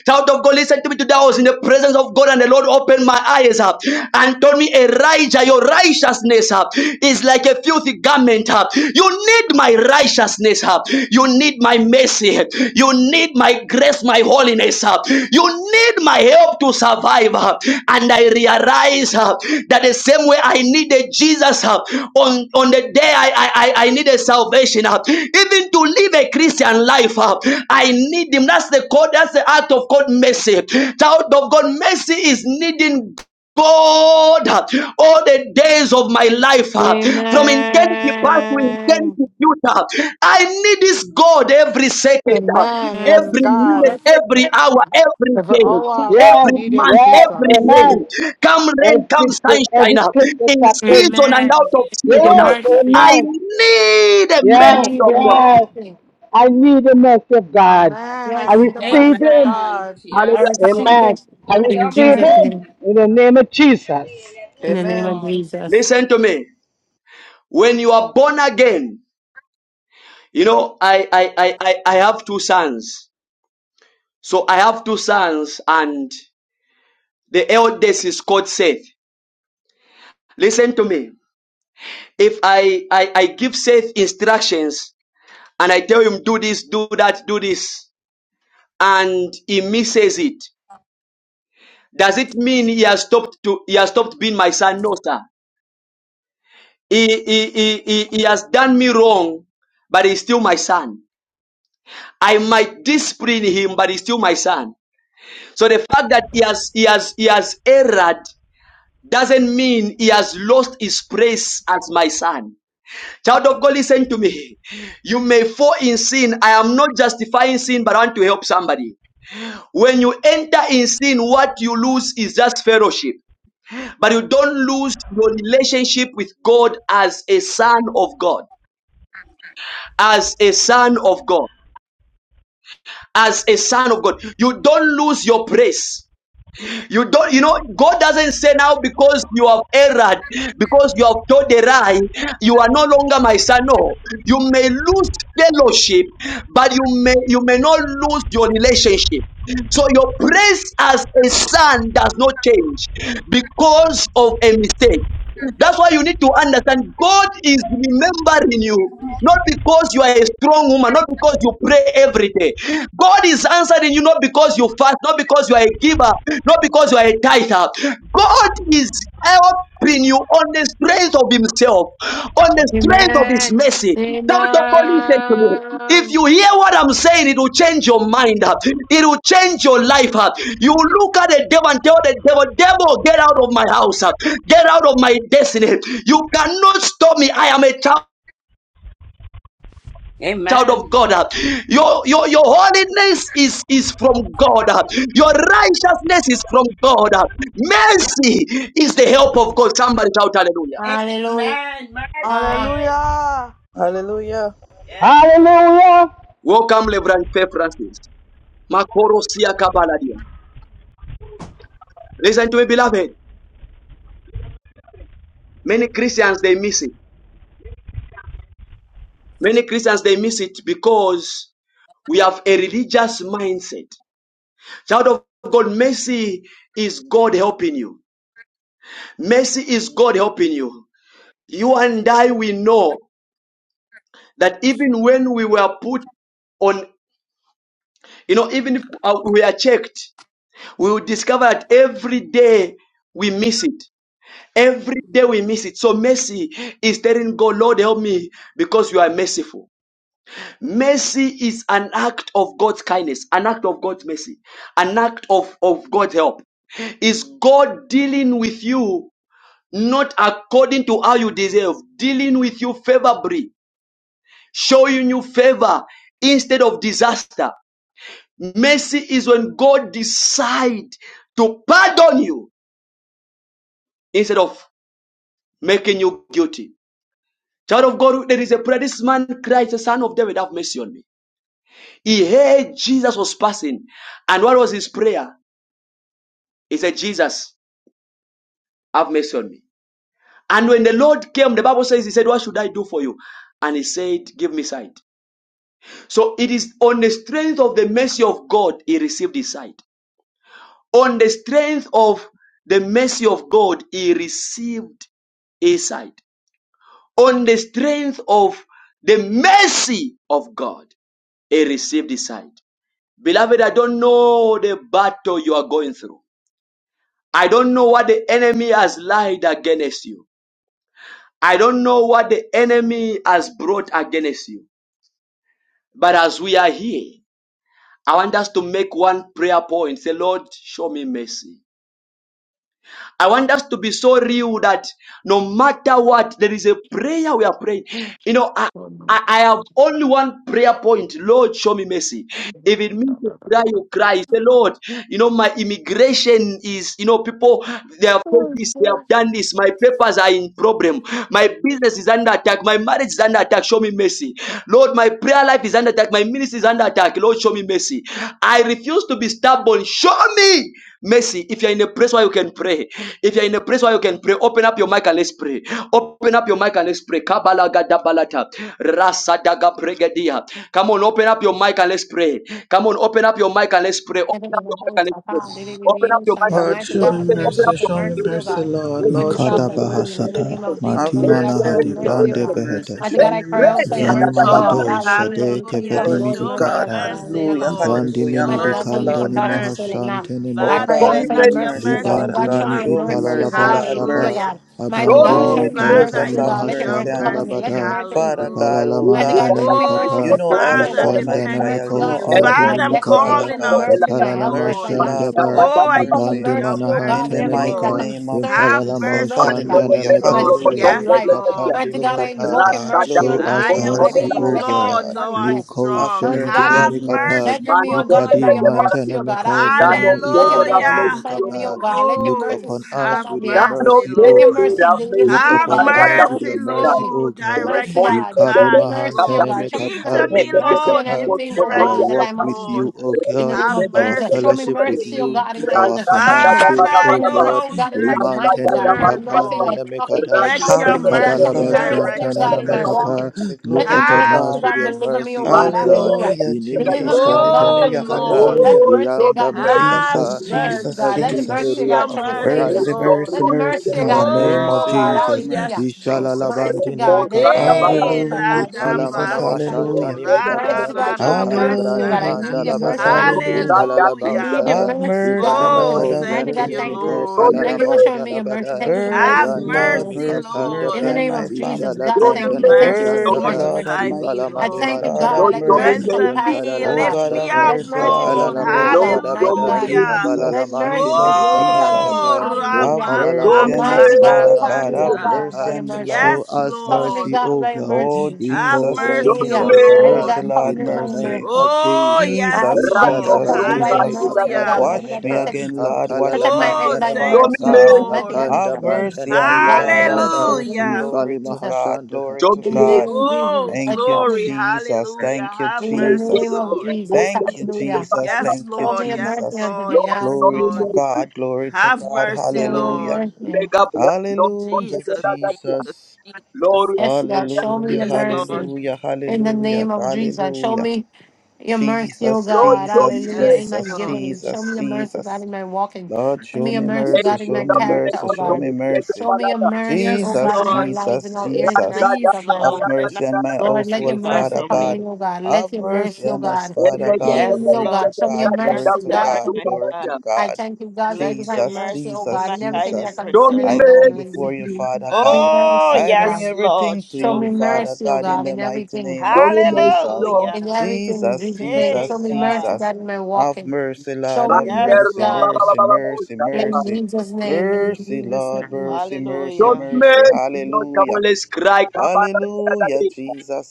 Speaker 1: Child of God, listen to me today. I was in the presence of God and the Lord opened my eyes up and told me, Elijah, your righteousness uh, is like a filthy garment. uh. You need my righteousness. uh. You need my mercy. You need my grace, my holiness. uh. You need my help to survive. uh. And I realize uh, that the same way I needed Jesus uh, on, on the day I, I, I needed salvation, uh, even to live a Christian life, uh, I need Him. That's the code, that's the act of God mercy. Child of God, mercy is needing God, all the days of my life, uh, from eternity past to
Speaker 4: Amen.
Speaker 1: eternity future, I need this God every second, uh,
Speaker 10: Amen. Yes,
Speaker 4: And
Speaker 1: every minute,
Speaker 10: God.
Speaker 4: yes,
Speaker 1: every
Speaker 4: Lord.
Speaker 1: hour, every
Speaker 10: If
Speaker 1: day,
Speaker 10: Allah
Speaker 17: Yes,
Speaker 1: every
Speaker 10: needed
Speaker 1: month,
Speaker 17: yes,
Speaker 1: every
Speaker 10: Jesus.
Speaker 17: amen.
Speaker 1: year. Come rain, come
Speaker 17: Every
Speaker 1: sunshine,
Speaker 17: every
Speaker 1: uh,
Speaker 17: click is
Speaker 1: in
Speaker 17: a click.
Speaker 1: season and
Speaker 4: Amen.
Speaker 1: out of season.
Speaker 4: Your
Speaker 1: uh,
Speaker 17: Yes,
Speaker 4: mercy,
Speaker 1: I
Speaker 4: Lord.
Speaker 17: amen.
Speaker 1: need a
Speaker 4: I
Speaker 17: Yes,
Speaker 1: mercy
Speaker 4: need
Speaker 1: of
Speaker 4: your
Speaker 1: God.
Speaker 17: yes.
Speaker 4: mercy.
Speaker 17: I need the mercy of God.
Speaker 10: Amen. I
Speaker 17: I
Speaker 4: Yes,
Speaker 10: need the
Speaker 4: God.
Speaker 17: receive
Speaker 10: mercy of
Speaker 17: Him.
Speaker 14: Amen.
Speaker 10: God.
Speaker 4: I
Speaker 14: Yes,
Speaker 1: Hallelujah.
Speaker 14: Lord.
Speaker 4: receive
Speaker 17: Amen.
Speaker 4: it
Speaker 17: I
Speaker 14: Keep
Speaker 4: in
Speaker 14: your
Speaker 17: receive
Speaker 14: mercy.
Speaker 4: Jesus'
Speaker 17: Him
Speaker 4: name.
Speaker 17: in the name of Jesus.
Speaker 4: In the
Speaker 14: Yes,
Speaker 4: name
Speaker 11: Amen.
Speaker 4: of
Speaker 14: Lord.
Speaker 4: Jesus.
Speaker 1: Listen to me. When you are born again, you know, I, I, I, I I have two sons. So I have two sons, and the eldest is called Seth. Listen to me. If I, I, I give Seth instructions and I tell him, do this, do that, do this, and he misses it, does it mean he has stopped to he has stopped being my son? No, sir. He, he, he, he, he has done me wrong, but he's still my son. I might discipline him, but he's still my son. So the fact that he has he has he has erred doesn't mean he has lost his praise as my son. Child of God, listen to me. You may fall in sin. I am not justifying sin, but I want to help somebody. When you enter in sin, what you lose is just fellowship, but you don't lose your relationship with God as a son of God. As a son of God. As a son of God. You don't lose your praise. You don't, you know, God doesn't say now because you have erred, because you have told a lie, you are no longer my son. No, you may lose fellowship, but you may you may not lose your relationship. So your place as a son does not change because of a mistake. That's why you need to understand God is remembering you, not because you are a strong woman, not because you pray every day. God is answering you not because you fast, not because you are a giver, not because you are a tither. God is helping you on the strength of Himself, on the strength of His
Speaker 4: Amen.
Speaker 1: mercy. Sound of God, listen to me. If
Speaker 4: Amen.
Speaker 1: you hear what I'm saying, it will change your mind. uh, It will change your life. uh. You will look at the devil and tell the devil, devil, get out of my house. uh, Get out of my destiny. You cannot stop me. I am a child. Child of
Speaker 14: Amen.
Speaker 1: God, uh. your your your holiness is is from God. uh. Your righteousness is from God. uh. Mercy is the help of God. Somebody shout hallelujah.
Speaker 4: Hallelujah.
Speaker 14: Amen. Mercy.
Speaker 10: Hallelujah.
Speaker 11: Hallelujah.
Speaker 14: Yes,
Speaker 17: Hallelujah.
Speaker 1: Welcome, Reverend Faith Francis. Makoro Sia Kabaladia. Listen to me, beloved. Many Christians they miss it. Many Christians they miss it because we have a religious mindset. Child of God, mercy is God helping you. Mercy is God helping you. You and I, we know that even when we were put on, you know, even if uh, we are checked, we will discover that every day we miss it. Every day we miss it. So mercy is telling God, Lord, help me because you are merciful. Mercy is an act of God's kindness, an act of God's mercy, an act of, of God's help. Is God dealing with you not according to how you deserve, dealing with you favorably, showing you favor instead of disaster. Mercy is when God decide to pardon you instead of making you guilty. Child of God, there is a prayer. This man cries, the son of David, have mercy on me. He heard Jesus was passing. And what was his prayer? He said, Jesus, have mercy on me. And when the Lord came, the Bible says, He said, What should I do for you? And he said, Give me sight. So it is on the strength of the mercy of God he received his sight. On the strength of the mercy of God he received his sight. On the strength of the mercy of God he received his sight. Beloved, I don't know the battle you are going through. I don't know what the enemy has lied against you. I don't know what the enemy has brought against you, but as we are here, I want us to make one prayer point. Say, Lord, show me mercy. I want us to be so real that no matter what, there is a prayer we are praying. You know, I, I, I have only one prayer point. Lord, show me mercy. If it means to cry, you cry. Say, Lord, you know, my immigration is, you know, people, they have done this, they have done this. My papers are in problem. My business is under attack. My marriage is under attack. Show me mercy. Lord, my prayer life is under attack. My ministry is under attack. Lord, show me mercy. I refuse to be stubborn. Show me mercy. If you're in a place where you can pray, if you're in a place where you can pray, open up your mic and let's pray. Open up your mic and let's pray. Kabalagadabalata. Rasadagapregedia. Come on, open up your mic and let's pray. Come on, open up your mic and let's pray.
Speaker 4: Heaven
Speaker 1: Open up
Speaker 4: and
Speaker 1: your mic
Speaker 4: above,
Speaker 1: and let's pray.
Speaker 4: Satan, it is
Speaker 1: Open
Speaker 4: the
Speaker 1: up your
Speaker 4: ocean,
Speaker 1: mic
Speaker 4: the
Speaker 1: and let's
Speaker 11: Lord,
Speaker 4: mighty
Speaker 1: pray.
Speaker 11: show me
Speaker 4: God, in
Speaker 1: Let's
Speaker 4: the
Speaker 11: mercy.
Speaker 4: and
Speaker 11: Show me
Speaker 4: mercy, O
Speaker 11: mercy,
Speaker 4: God,
Speaker 1: pray. Open
Speaker 11: Lord.
Speaker 4: on
Speaker 11: Lord,
Speaker 4: this
Speaker 1: up
Speaker 11: show
Speaker 1: your mic
Speaker 21: Ikada
Speaker 11: me
Speaker 4: afternoon, in
Speaker 11: mercy.
Speaker 4: the
Speaker 21: bahasata,
Speaker 4: name
Speaker 1: and let's pray. Let's pray. Let's pray.
Speaker 4: of Jesus,
Speaker 11: Have
Speaker 4: mighty God,
Speaker 21: matimana
Speaker 11: mercy
Speaker 4: show us
Speaker 11: on
Speaker 21: hadi
Speaker 11: me, Lord.
Speaker 4: mercy, O
Speaker 21: brande
Speaker 11: Have
Speaker 4: God.
Speaker 21: vehete.
Speaker 11: mercy.
Speaker 4: Mighty
Speaker 11: Show
Speaker 4: God, I
Speaker 11: me
Speaker 4: cry
Speaker 1: Let's pray.
Speaker 4: out
Speaker 11: mercy,
Speaker 4: for your
Speaker 14: Yes,
Speaker 11: Lord.
Speaker 21: Zanima
Speaker 4: mercy,
Speaker 11: Show
Speaker 4: O
Speaker 1: Let's
Speaker 11: me
Speaker 14: Lord.
Speaker 4: God,
Speaker 1: pray.
Speaker 21: hado
Speaker 11: mercy.
Speaker 4: hallelujah.
Speaker 21: shade
Speaker 4: You send us
Speaker 14: Hallelujah.
Speaker 4: of the
Speaker 11: Glory
Speaker 21: kevedimi
Speaker 4: Lord's
Speaker 11: to
Speaker 14: Show
Speaker 4: mercy,
Speaker 14: me
Speaker 11: God.
Speaker 4: that's
Speaker 21: ikapa.
Speaker 4: why we're
Speaker 14: mercy,
Speaker 4: not
Speaker 11: Hallelujah.
Speaker 14: Lord.
Speaker 4: consumed.
Speaker 11: Hallelujah.
Speaker 21: Ibandimini
Speaker 4: Mighty
Speaker 14: Show
Speaker 4: God,
Speaker 11: Mercy,
Speaker 4: show your
Speaker 14: me
Speaker 11: Lord,
Speaker 21: ikandoni
Speaker 4: compassion,
Speaker 11: mercy.
Speaker 4: fail it
Speaker 14: mercy.
Speaker 4: not.
Speaker 21: mahashantene
Speaker 11: Oh
Speaker 4: I
Speaker 14: Father,
Speaker 4: cry
Speaker 11: God,
Speaker 21: mikapa.
Speaker 11: I
Speaker 4: out
Speaker 14: let
Speaker 4: for your
Speaker 11: need
Speaker 14: not
Speaker 1: Dominate.
Speaker 14: your
Speaker 4: mercy,
Speaker 11: mercy,
Speaker 4: O God,
Speaker 14: mercy
Speaker 4: oh
Speaker 11: Father
Speaker 4: God, show
Speaker 11: God.
Speaker 21: Libandinimi
Speaker 4: me
Speaker 14: far
Speaker 4: your
Speaker 11: Show
Speaker 14: from
Speaker 11: me
Speaker 14: me.
Speaker 4: mercy, O
Speaker 11: mercy,
Speaker 4: God,
Speaker 21: ipalalaba
Speaker 11: Lord,
Speaker 4: hallelujah,
Speaker 21: shaba.
Speaker 11: mercy.
Speaker 14: Hallelujah.
Speaker 4: God. Mighty God,
Speaker 14: Oh,
Speaker 4: show
Speaker 21: Abandimini
Speaker 11: Oh
Speaker 4: me your
Speaker 1: Dominate.
Speaker 14: Father, I
Speaker 4: mercy,
Speaker 11: Jesus,
Speaker 21: kontani
Speaker 4: O
Speaker 11: have
Speaker 4: God,
Speaker 14: need
Speaker 4: let your
Speaker 14: your
Speaker 11: mercy
Speaker 4: mercy
Speaker 11: on
Speaker 4: cover
Speaker 11: me.
Speaker 4: me,
Speaker 14: mercy.
Speaker 4: let your
Speaker 21: mahashantalabada.
Speaker 4: mercy
Speaker 11: Father
Speaker 4: increase me.
Speaker 14: Hallelujah.
Speaker 11: God, oh
Speaker 1: Let's
Speaker 4: Mighty
Speaker 1: pray.
Speaker 21: Ipalalamante
Speaker 11: God,
Speaker 4: God, show me
Speaker 1: Kadagadabalata.
Speaker 4: mercy
Speaker 14: Oh,
Speaker 4: in
Speaker 11: you
Speaker 4: the
Speaker 21: minikapa.
Speaker 11: know
Speaker 1: Dominate.
Speaker 4: purpose,
Speaker 11: all
Speaker 4: O
Speaker 14: Father, I'm
Speaker 11: about
Speaker 4: God, show
Speaker 11: my
Speaker 4: me
Speaker 21: Ishandana
Speaker 14: depending
Speaker 11: trial.
Speaker 4: mercy,
Speaker 11: You
Speaker 14: on
Speaker 21: meko
Speaker 4: God
Speaker 11: know
Speaker 14: you.
Speaker 11: all
Speaker 4: in my
Speaker 21: flandini
Speaker 14: Father,
Speaker 11: about
Speaker 14: I'm
Speaker 11: me,
Speaker 4: destiny.
Speaker 11: Father
Speaker 21: mikapa.
Speaker 4: Show
Speaker 14: calling
Speaker 4: me
Speaker 1: Dominate.
Speaker 14: out
Speaker 11: God.
Speaker 14: to
Speaker 4: mercy in my
Speaker 14: you,
Speaker 4: health,
Speaker 21: Apalalama
Speaker 4: my
Speaker 14: Lord.
Speaker 11: Mercy, Lord,
Speaker 4: finances, oh
Speaker 21: shandaba.
Speaker 4: God.
Speaker 11: mercy,
Speaker 14: Oh, I
Speaker 4: Show me
Speaker 14: need
Speaker 11: mercy.
Speaker 14: your
Speaker 4: mercy,
Speaker 21: Ibandimana
Speaker 4: oh
Speaker 11: In
Speaker 4: God, in
Speaker 14: mercy,
Speaker 11: the
Speaker 21: hantene
Speaker 4: everything
Speaker 11: mighty
Speaker 4: that
Speaker 21: mika.
Speaker 14: Lord.
Speaker 11: name of
Speaker 4: concerns
Speaker 14: Have
Speaker 4: me. Show me
Speaker 21: Impalalama
Speaker 11: Jesus.
Speaker 14: mercy
Speaker 1: Run,
Speaker 4: mercy, God,
Speaker 14: upon
Speaker 21: shandana
Speaker 11: Hallelujah.
Speaker 14: me,
Speaker 4: in my
Speaker 21: meko
Speaker 14: Lord.
Speaker 11: Hallelujah.
Speaker 4: spiritual
Speaker 14: Yes,
Speaker 21: fenimi
Speaker 4: life.
Speaker 14: Lord.
Speaker 4: Mighty God, I
Speaker 11: Glory to
Speaker 21: ikapandimikapa.
Speaker 4: invoke your
Speaker 11: God.
Speaker 4: mercy
Speaker 11: Glory
Speaker 21: Show
Speaker 4: on
Speaker 11: to
Speaker 4: today
Speaker 21: us
Speaker 14: I
Speaker 4: in my
Speaker 11: God.
Speaker 14: am
Speaker 4: life, oh
Speaker 11: Have
Speaker 21: mercy,
Speaker 14: weak,
Speaker 4: God.
Speaker 21: O
Speaker 4: Let your
Speaker 11: mercy,
Speaker 21: God.
Speaker 4: mercy
Speaker 14: Lord,
Speaker 11: Lord.
Speaker 14: thou art
Speaker 4: manifest.
Speaker 21: Liko
Speaker 11: Have
Speaker 14: strong.
Speaker 4: Mighty
Speaker 11: mercy.
Speaker 4: God,
Speaker 21: shantini
Speaker 14: Have
Speaker 11: Have
Speaker 21: mikapa,
Speaker 11: mercy.
Speaker 14: mercy
Speaker 4: measure me, oh
Speaker 14: upon me,
Speaker 4: God, by
Speaker 21: likadi
Speaker 4: your
Speaker 14: Lord.
Speaker 4: mercy,
Speaker 21: mantene
Speaker 4: oh God. Hallelujah.
Speaker 21: mikofanimi
Speaker 4: Let your mercy
Speaker 21: ikandane
Speaker 14: Hallelujah.
Speaker 4: defend me,
Speaker 21: mikapa.
Speaker 4: oh God. Let your
Speaker 21: Look
Speaker 14: Oh,
Speaker 4: mercy
Speaker 21: upon
Speaker 4: speak on
Speaker 21: us
Speaker 14: have
Speaker 4: my
Speaker 21: with your
Speaker 4: behalf.
Speaker 14: mercy,
Speaker 21: mercy,
Speaker 4: Let
Speaker 21: O
Speaker 4: your
Speaker 14: Lord.
Speaker 21: God.
Speaker 4: mercy deliver
Speaker 21: Look
Speaker 4: me, oh
Speaker 14: Have
Speaker 21: upon
Speaker 4: God. Let your
Speaker 21: us with
Speaker 14: mercy,
Speaker 21: your
Speaker 4: mercy favor
Speaker 21: mercy,
Speaker 4: me.
Speaker 21: O
Speaker 14: Lord.
Speaker 21: God.
Speaker 14: Direct
Speaker 4: Mighty
Speaker 14: my
Speaker 4: God, show
Speaker 21: Ikadi
Speaker 14: path,
Speaker 4: me mercy, oh
Speaker 21: mahantene
Speaker 14: Lord.
Speaker 4: God. Show me
Speaker 14: Speak to
Speaker 21: mikapande
Speaker 14: me,
Speaker 4: mercy on
Speaker 14: Lord. Give
Speaker 21: minikapa.
Speaker 14: me
Speaker 4: everything, oh
Speaker 21: Our
Speaker 4: God, that I
Speaker 14: direction,
Speaker 21: walk
Speaker 4: must
Speaker 21: with
Speaker 14: Lord.
Speaker 21: you,
Speaker 4: do.
Speaker 21: O
Speaker 4: In the
Speaker 21: God.
Speaker 4: name
Speaker 14: Have
Speaker 4: of
Speaker 21: Our
Speaker 4: Jesus,
Speaker 14: mercy
Speaker 4: show me
Speaker 21: fellowship
Speaker 14: upon
Speaker 21: with
Speaker 4: mercy, oh
Speaker 21: you.
Speaker 14: me.
Speaker 4: God, in my
Speaker 21: Our
Speaker 4: understanding.
Speaker 14: Father,
Speaker 21: finances,
Speaker 4: Show
Speaker 14: I
Speaker 21: O
Speaker 4: me
Speaker 14: don't
Speaker 21: God.
Speaker 14: know
Speaker 4: mercy,
Speaker 14: which
Speaker 4: God, in my
Speaker 14: direction
Speaker 4: mind,
Speaker 14: to
Speaker 4: oh
Speaker 21: Limantene
Speaker 4: God. Show me
Speaker 14: turn,
Speaker 4: mercy in
Speaker 14: Lord.
Speaker 4: my
Speaker 21: mikapandene
Speaker 4: talking.
Speaker 21: mikata.
Speaker 14: Let
Speaker 11: Have
Speaker 14: your
Speaker 4: Mercy,
Speaker 11: mercy,
Speaker 4: God, show
Speaker 14: mercy
Speaker 4: me
Speaker 21: Ikabalaba
Speaker 11: Lord, have
Speaker 4: mercy, oh
Speaker 14: direct
Speaker 11: mercy,
Speaker 21: Shantana
Speaker 4: God,
Speaker 14: me,
Speaker 4: in my
Speaker 11: mercy,
Speaker 14: Lord.
Speaker 21: Mekapa.
Speaker 4: walking.
Speaker 11: mercy.
Speaker 4: Let
Speaker 21: Look
Speaker 11: Glory
Speaker 4: your
Speaker 11: to
Speaker 21: upon
Speaker 4: mercy,
Speaker 14: Have
Speaker 4: oh
Speaker 21: us
Speaker 11: God.
Speaker 21: with
Speaker 4: God,
Speaker 21: your
Speaker 4: deliver
Speaker 14: mercy
Speaker 4: me, oh
Speaker 21: mercy,
Speaker 14: upon
Speaker 21: O
Speaker 4: God.
Speaker 14: me,
Speaker 21: God.
Speaker 14: Lord.
Speaker 4: Hallelujah.
Speaker 11: Hallelujah,
Speaker 21: Inimi
Speaker 4: Deliver
Speaker 11: Jesus,
Speaker 4: me, oh God,
Speaker 21: Ishantana
Speaker 14: Oh,
Speaker 4: by your
Speaker 11: hallelujah,
Speaker 4: mercy.
Speaker 21: Mekapa.
Speaker 14: Lord.
Speaker 4: Let
Speaker 11: hallelujah.
Speaker 4: the mercy of God
Speaker 21: Iyandamini
Speaker 4: deliver me.
Speaker 14: Have
Speaker 21: Kapa.
Speaker 11: Jesus,
Speaker 4: Yes,
Speaker 21: In
Speaker 11: Jesus,
Speaker 4: God.
Speaker 14: mercy.
Speaker 4: Let the
Speaker 21: every
Speaker 14: I
Speaker 4: mercy
Speaker 11: Jesus.
Speaker 14: need
Speaker 4: of
Speaker 21: area
Speaker 14: your
Speaker 4: God show
Speaker 21: of
Speaker 4: me
Speaker 21: our
Speaker 14: mercy,
Speaker 4: Savior.
Speaker 21: lives.
Speaker 11: Mercy,
Speaker 14: Lord.
Speaker 11: mercy,
Speaker 4: Let the
Speaker 11: mercy,
Speaker 4: mercy of
Speaker 21: In the
Speaker 4: God
Speaker 11: Lord.
Speaker 4: lead
Speaker 21: name
Speaker 4: you,
Speaker 21: of
Speaker 4: oh
Speaker 11: Mercy,
Speaker 4: God.
Speaker 11: mercy,
Speaker 14: Oh,
Speaker 21: Jesus,
Speaker 4: Hallelujah.
Speaker 11: mercy,
Speaker 14: yes, Lord.
Speaker 11: Jesus.
Speaker 4: Mercy,
Speaker 21: Ishalalabantini
Speaker 4: God.
Speaker 21: Nimikapandaba,
Speaker 14: Hey, la
Speaker 11: Hallelujah,
Speaker 4: Da-da-da-da-da-da-bo-sa-ta.
Speaker 14: da
Speaker 11: Jesus,
Speaker 21: Ipalamana
Speaker 14: basu,
Speaker 11: hallelujah.
Speaker 4: Di-di-di-di-di-o-sha-na.
Speaker 21: Mashantani
Speaker 14: la ra
Speaker 4: Mercy,
Speaker 21: Mikapa,
Speaker 14: ra
Speaker 4: God, show
Speaker 14: ra
Speaker 4: me
Speaker 14: basanda.
Speaker 4: mercy, oh
Speaker 21: Apalebrandi
Speaker 4: God. I
Speaker 11: Hallelujah,
Speaker 4: need your
Speaker 11: Jesus,
Speaker 4: mercy
Speaker 21: Mandalabada,
Speaker 4: on today.
Speaker 11: hallelujah.
Speaker 4: I need
Speaker 14: Hallelujah.
Speaker 4: your
Speaker 21: Ipalalamausada,
Speaker 11: Have
Speaker 4: mercy, God,
Speaker 11: mercy,
Speaker 21: Ivana
Speaker 4: on
Speaker 14: Oh,
Speaker 11: Lord,
Speaker 21: Mako
Speaker 4: today.
Speaker 11: have
Speaker 4: Mighty
Speaker 14: thank
Speaker 4: God,
Speaker 21: Flantini
Speaker 14: you,
Speaker 11: mercy,
Speaker 4: thank
Speaker 21: Miko
Speaker 4: you.
Speaker 11: mercy,
Speaker 14: Lord.
Speaker 4: Thank you
Speaker 11: mercy.
Speaker 4: for showing me your mercy.
Speaker 21: Palalamondalabada,
Speaker 4: Thank you for
Speaker 14: Have
Speaker 4: measuring
Speaker 11: Mercy,
Speaker 4: me by your
Speaker 21: Ayantini
Speaker 11: Lord,
Speaker 14: mercy,
Speaker 4: mercy.
Speaker 11: mercy,
Speaker 14: Lord.
Speaker 4: In
Speaker 11: mercy
Speaker 4: the
Speaker 21: Mikapandaba,
Speaker 11: on
Speaker 4: name
Speaker 11: my
Speaker 4: of Jesus,
Speaker 11: family.
Speaker 14: Let
Speaker 4: God, I
Speaker 14: your
Speaker 4: thank you.
Speaker 21: Ishalabrantana
Speaker 4: I thank you
Speaker 14: mercy
Speaker 4: for the
Speaker 11: Mercy,
Speaker 4: divine
Speaker 21: Mebrandaba,
Speaker 11: Lord, on
Speaker 4: mercy.
Speaker 14: fortify
Speaker 11: my
Speaker 14: me,
Speaker 4: I
Speaker 21: Ivalamani
Speaker 11: children.
Speaker 14: Lord.
Speaker 4: thank you,
Speaker 11: Lord,
Speaker 21: Mantani
Speaker 4: God.
Speaker 11: have
Speaker 4: Let
Speaker 21: Mika,
Speaker 4: mercy
Speaker 11: mercy.
Speaker 14: Strengthen
Speaker 4: compass me,
Speaker 14: me,
Speaker 4: oh
Speaker 11: Oh,
Speaker 4: God.
Speaker 14: lift
Speaker 11: God,
Speaker 14: me
Speaker 11: have
Speaker 21: Impalalamashata,
Speaker 14: up,
Speaker 4: Let
Speaker 11: mercy.
Speaker 4: mercy
Speaker 11: Lord,
Speaker 14: Lord.
Speaker 11: have
Speaker 4: shield me, oh
Speaker 11: mercy.
Speaker 4: God. Mighty
Speaker 21: Apalalamosadabada,
Speaker 4: God.
Speaker 14: Hallelujah.
Speaker 4: Let
Speaker 11: Jesus,
Speaker 4: mercy
Speaker 21: Abalalamantini
Speaker 4: be
Speaker 11: Jesus,
Speaker 4: gracious unto
Speaker 11: Jesus.
Speaker 4: me.
Speaker 21: Mikapantapa,
Speaker 14: Oh,
Speaker 11: Have
Speaker 4: Hallelujah.
Speaker 11: mercy
Speaker 21: Impalalamo
Speaker 11: on us,
Speaker 4: Mighty God,
Speaker 11: Father
Speaker 4: cover
Speaker 11: God.
Speaker 4: me,
Speaker 21: shandamanantini
Speaker 11: Have
Speaker 4: oh
Speaker 14: rabababaratata.
Speaker 4: God,
Speaker 11: mercy
Speaker 21: mikapa.
Speaker 4: by your
Speaker 11: on me, Lord
Speaker 4: mercy.
Speaker 21: Show
Speaker 14: Yes,
Speaker 21: us
Speaker 4: Cover
Speaker 11: Jesus.
Speaker 4: me,
Speaker 14: Lord.
Speaker 21: mercy,
Speaker 4: God,
Speaker 21: O
Speaker 4: by your
Speaker 21: God.
Speaker 4: mercy.
Speaker 11: Oh,
Speaker 14: Have
Speaker 11: Jesus,
Speaker 14: mercy,
Speaker 21: Ikovrantini
Speaker 14: O
Speaker 4: Hallelujah.
Speaker 11: Jesus.
Speaker 4: Mighty
Speaker 21: mikapa.
Speaker 14: Lord.
Speaker 11: Mercy,
Speaker 4: God, cover
Speaker 11: Lord,
Speaker 21: In
Speaker 4: me
Speaker 21: the
Speaker 4: by your
Speaker 11: mercy.
Speaker 21: name
Speaker 4: mercy.
Speaker 21: of
Speaker 14: Oh,
Speaker 21: Jesus.
Speaker 4: I
Speaker 14: yes,
Speaker 4: ask you,
Speaker 11: Jesus,
Speaker 4: God, to
Speaker 14: Lord.
Speaker 11: Jesus,
Speaker 4: uphold me by
Speaker 21: Ishadabantini
Speaker 4: your
Speaker 11: Jesus.
Speaker 4: mercy, O God.
Speaker 14: Hallelujah.
Speaker 4: Mighty
Speaker 11: Wash
Speaker 4: God,
Speaker 11: me
Speaker 21: mikapantanamida.
Speaker 4: protect,
Speaker 11: again, Lord. Wash
Speaker 4: protect
Speaker 11: me
Speaker 4: my end
Speaker 14: Oh,
Speaker 11: again,
Speaker 21: Ampalalamantanamikapa.
Speaker 4: by your
Speaker 11: Father
Speaker 14: thank
Speaker 4: mercy,
Speaker 14: you,
Speaker 4: O
Speaker 21: mikapa.
Speaker 11: God.
Speaker 4: God. Mighty
Speaker 14: Lord.
Speaker 4: God,
Speaker 21: Apanda
Speaker 11: Have
Speaker 4: defend me
Speaker 11: mercy
Speaker 21: bantana
Speaker 11: on me,
Speaker 4: by your
Speaker 11: Lord.
Speaker 21: miyanda
Speaker 11: Have
Speaker 21: bada
Speaker 4: mercy in
Speaker 11: mercy.
Speaker 4: the
Speaker 14: Hallelujah.
Speaker 4: name of
Speaker 11: Glory
Speaker 21: ifali
Speaker 11: to
Speaker 4: Jesus.
Speaker 11: God.
Speaker 21: mahashandaha.
Speaker 11: Glory to
Speaker 4: In the name
Speaker 11: God.
Speaker 4: of
Speaker 21: Jesus.
Speaker 4: Jesus,
Speaker 14: Oh,
Speaker 4: God,
Speaker 11: Thank you,
Speaker 4: show
Speaker 14: glory.
Speaker 4: me.
Speaker 11: Jesus.
Speaker 14: Hallelujah.
Speaker 11: Thank you,
Speaker 14: Have
Speaker 4: In the
Speaker 14: mercy,
Speaker 4: name
Speaker 11: Jesus.
Speaker 4: of
Speaker 14: Lord.
Speaker 4: Jesus,
Speaker 11: Thank you,
Speaker 4: hallelujah.
Speaker 11: Jesus.
Speaker 14: Yes,
Speaker 11: Thank you,
Speaker 4: Show
Speaker 14: Lord.
Speaker 4: me your
Speaker 14: Yes,
Speaker 4: mercy
Speaker 11: Jesus.
Speaker 4: on
Speaker 14: Lord.
Speaker 4: today,
Speaker 14: Yes,
Speaker 11: Glory
Speaker 14: Lord.
Speaker 11: to
Speaker 1: Domine,
Speaker 4: hallelujah.
Speaker 11: God. Glory to
Speaker 14: Have
Speaker 11: God.
Speaker 14: mercy,
Speaker 4: Show me your
Speaker 11: Hallelujah.
Speaker 14: Lord.
Speaker 4: mercy.
Speaker 1: Mega brando con de
Speaker 11: Hallelujah,
Speaker 14: Jesus,
Speaker 1: la gracia.
Speaker 14: Jesus,
Speaker 11: Jesus.
Speaker 14: Jesus.
Speaker 1: Lord,
Speaker 4: Yes, God, show me
Speaker 11: Hallelujah.
Speaker 4: your
Speaker 14: Yes,
Speaker 4: mercy.
Speaker 14: Lord.
Speaker 11: Hallelujah.
Speaker 4: In the
Speaker 11: Hallelujah.
Speaker 4: name of Jesus, show
Speaker 11: Hallelujah.
Speaker 4: me Your mercy, oh
Speaker 11: Jesus,
Speaker 1: Lord,
Speaker 4: God,
Speaker 1: show me
Speaker 11: Jesus,
Speaker 1: the
Speaker 4: hallelujah, in
Speaker 14: Yes,
Speaker 4: my
Speaker 11: Jesus,
Speaker 14: Lord.
Speaker 4: giving. Show me
Speaker 11: Jesus,
Speaker 4: your mercy,
Speaker 11: Jesus.
Speaker 4: God, in my walking.
Speaker 11: Lord,
Speaker 4: Show
Speaker 11: show
Speaker 4: me your
Speaker 11: me
Speaker 4: mercy,
Speaker 1: way
Speaker 11: mercy,
Speaker 4: God, in
Speaker 1: to
Speaker 11: show
Speaker 4: my
Speaker 1: the
Speaker 11: me
Speaker 4: character,
Speaker 1: blessing
Speaker 11: mercy,
Speaker 4: oh
Speaker 1: of
Speaker 11: show
Speaker 1: the
Speaker 4: God.
Speaker 11: me
Speaker 1: Lord.
Speaker 11: mercy.
Speaker 4: Show me your
Speaker 1: Parada.
Speaker 4: mercy,
Speaker 14: Yes,
Speaker 4: oh God,
Speaker 11: Jesus,
Speaker 4: in my
Speaker 14: Lord.
Speaker 4: life, in
Speaker 11: Jesus,
Speaker 4: all areas and
Speaker 1: Rasta
Speaker 11: Jesus.
Speaker 1: da
Speaker 4: aspects
Speaker 14: Please,
Speaker 4: of
Speaker 1: da
Speaker 4: my
Speaker 1: da
Speaker 14: Lord,
Speaker 11: Have
Speaker 1: da
Speaker 4: life.
Speaker 14: let not
Speaker 11: mercy
Speaker 1: da
Speaker 11: on
Speaker 1: da.
Speaker 11: my
Speaker 1: da.
Speaker 14: your
Speaker 4: Lord,
Speaker 14: mercy
Speaker 4: let
Speaker 14: be
Speaker 4: your
Speaker 11: household,
Speaker 14: far
Speaker 11: Father
Speaker 4: mercy
Speaker 14: from
Speaker 4: cover
Speaker 14: me.
Speaker 4: me,
Speaker 11: God.
Speaker 4: oh God.
Speaker 11: Have
Speaker 4: Let your
Speaker 11: mercy
Speaker 4: mercy, oh
Speaker 11: on us,
Speaker 4: God,
Speaker 11: Father
Speaker 1: Erne de de
Speaker 11: God.
Speaker 4: heal
Speaker 14: Yes,
Speaker 1: de de
Speaker 4: me, oh
Speaker 11: Glory
Speaker 14: Lord.
Speaker 1: de
Speaker 11: to
Speaker 4: God. Show
Speaker 1: de
Speaker 4: me
Speaker 1: da
Speaker 4: your
Speaker 14: Let
Speaker 11: God,
Speaker 14: Your
Speaker 1: da
Speaker 11: glory
Speaker 1: da.
Speaker 4: mercy,
Speaker 14: mercy
Speaker 11: to
Speaker 4: God, I
Speaker 14: direct
Speaker 11: God,
Speaker 1: Brando
Speaker 4: thank
Speaker 14: my
Speaker 4: you.
Speaker 11: glory
Speaker 14: path.
Speaker 11: to
Speaker 1: parada.
Speaker 4: I
Speaker 11: God.
Speaker 4: thank you, God, for your
Speaker 14: Let your
Speaker 4: divine
Speaker 11: Jesus,
Speaker 4: mercy,
Speaker 14: mercy
Speaker 4: oh
Speaker 14: be
Speaker 4: God,
Speaker 11: Jesus,
Speaker 14: my
Speaker 4: in everything
Speaker 14: guiding
Speaker 4: that
Speaker 11: Jesus.
Speaker 1: Show me
Speaker 4: concerns that
Speaker 11: I
Speaker 14: principle.
Speaker 11: come
Speaker 1: mercy.
Speaker 11: before
Speaker 4: Lindsay.
Speaker 11: you, Father
Speaker 4: Show me
Speaker 11: God.
Speaker 14: Oh,
Speaker 4: mercy,
Speaker 11: I
Speaker 4: oh
Speaker 11: bring
Speaker 4: God.
Speaker 14: yes, Lord.
Speaker 11: everything to
Speaker 4: Show
Speaker 14: Show
Speaker 11: you,
Speaker 4: me
Speaker 14: me
Speaker 11: Father
Speaker 4: mercy, oh
Speaker 11: God, in
Speaker 14: mercy.
Speaker 4: God,
Speaker 11: the
Speaker 4: in
Speaker 11: mighty
Speaker 4: everything.
Speaker 11: name of
Speaker 1: Show me mercy,
Speaker 11: Jesus.
Speaker 1: Lord.
Speaker 4: In
Speaker 14: Hallelujah.
Speaker 4: everything in
Speaker 11: Jesus,
Speaker 4: Jesus' name. Show
Speaker 14: Hey,
Speaker 11: Jesus,
Speaker 4: me mercy,
Speaker 14: God.
Speaker 11: Jesus.
Speaker 4: God, in my
Speaker 11: Have
Speaker 4: walking.
Speaker 11: mercy, Lord,
Speaker 4: Show me
Speaker 11: have
Speaker 1: Mander
Speaker 4: mercy,
Speaker 14: Yes,
Speaker 11: mercy,
Speaker 1: ba
Speaker 4: God,
Speaker 1: ba
Speaker 14: Lord.
Speaker 1: ba ba
Speaker 11: mercy,
Speaker 1: ba ba.
Speaker 11: mercy,
Speaker 1: Sha, ba, ba.
Speaker 4: in
Speaker 11: mercy.
Speaker 4: Jesus' name. In
Speaker 11: Mercy,
Speaker 4: Jesus'
Speaker 11: Lord,
Speaker 4: name.
Speaker 11: mercy, mercy,
Speaker 1: Show me
Speaker 14: Hallelujah.
Speaker 11: mercy.
Speaker 1: mercy, Lord. Come
Speaker 11: Hallelujah.
Speaker 1: on, let's cry. Ka, ba, da, da, da, da,
Speaker 11: Hallelujah,
Speaker 1: da.
Speaker 11: Jesus.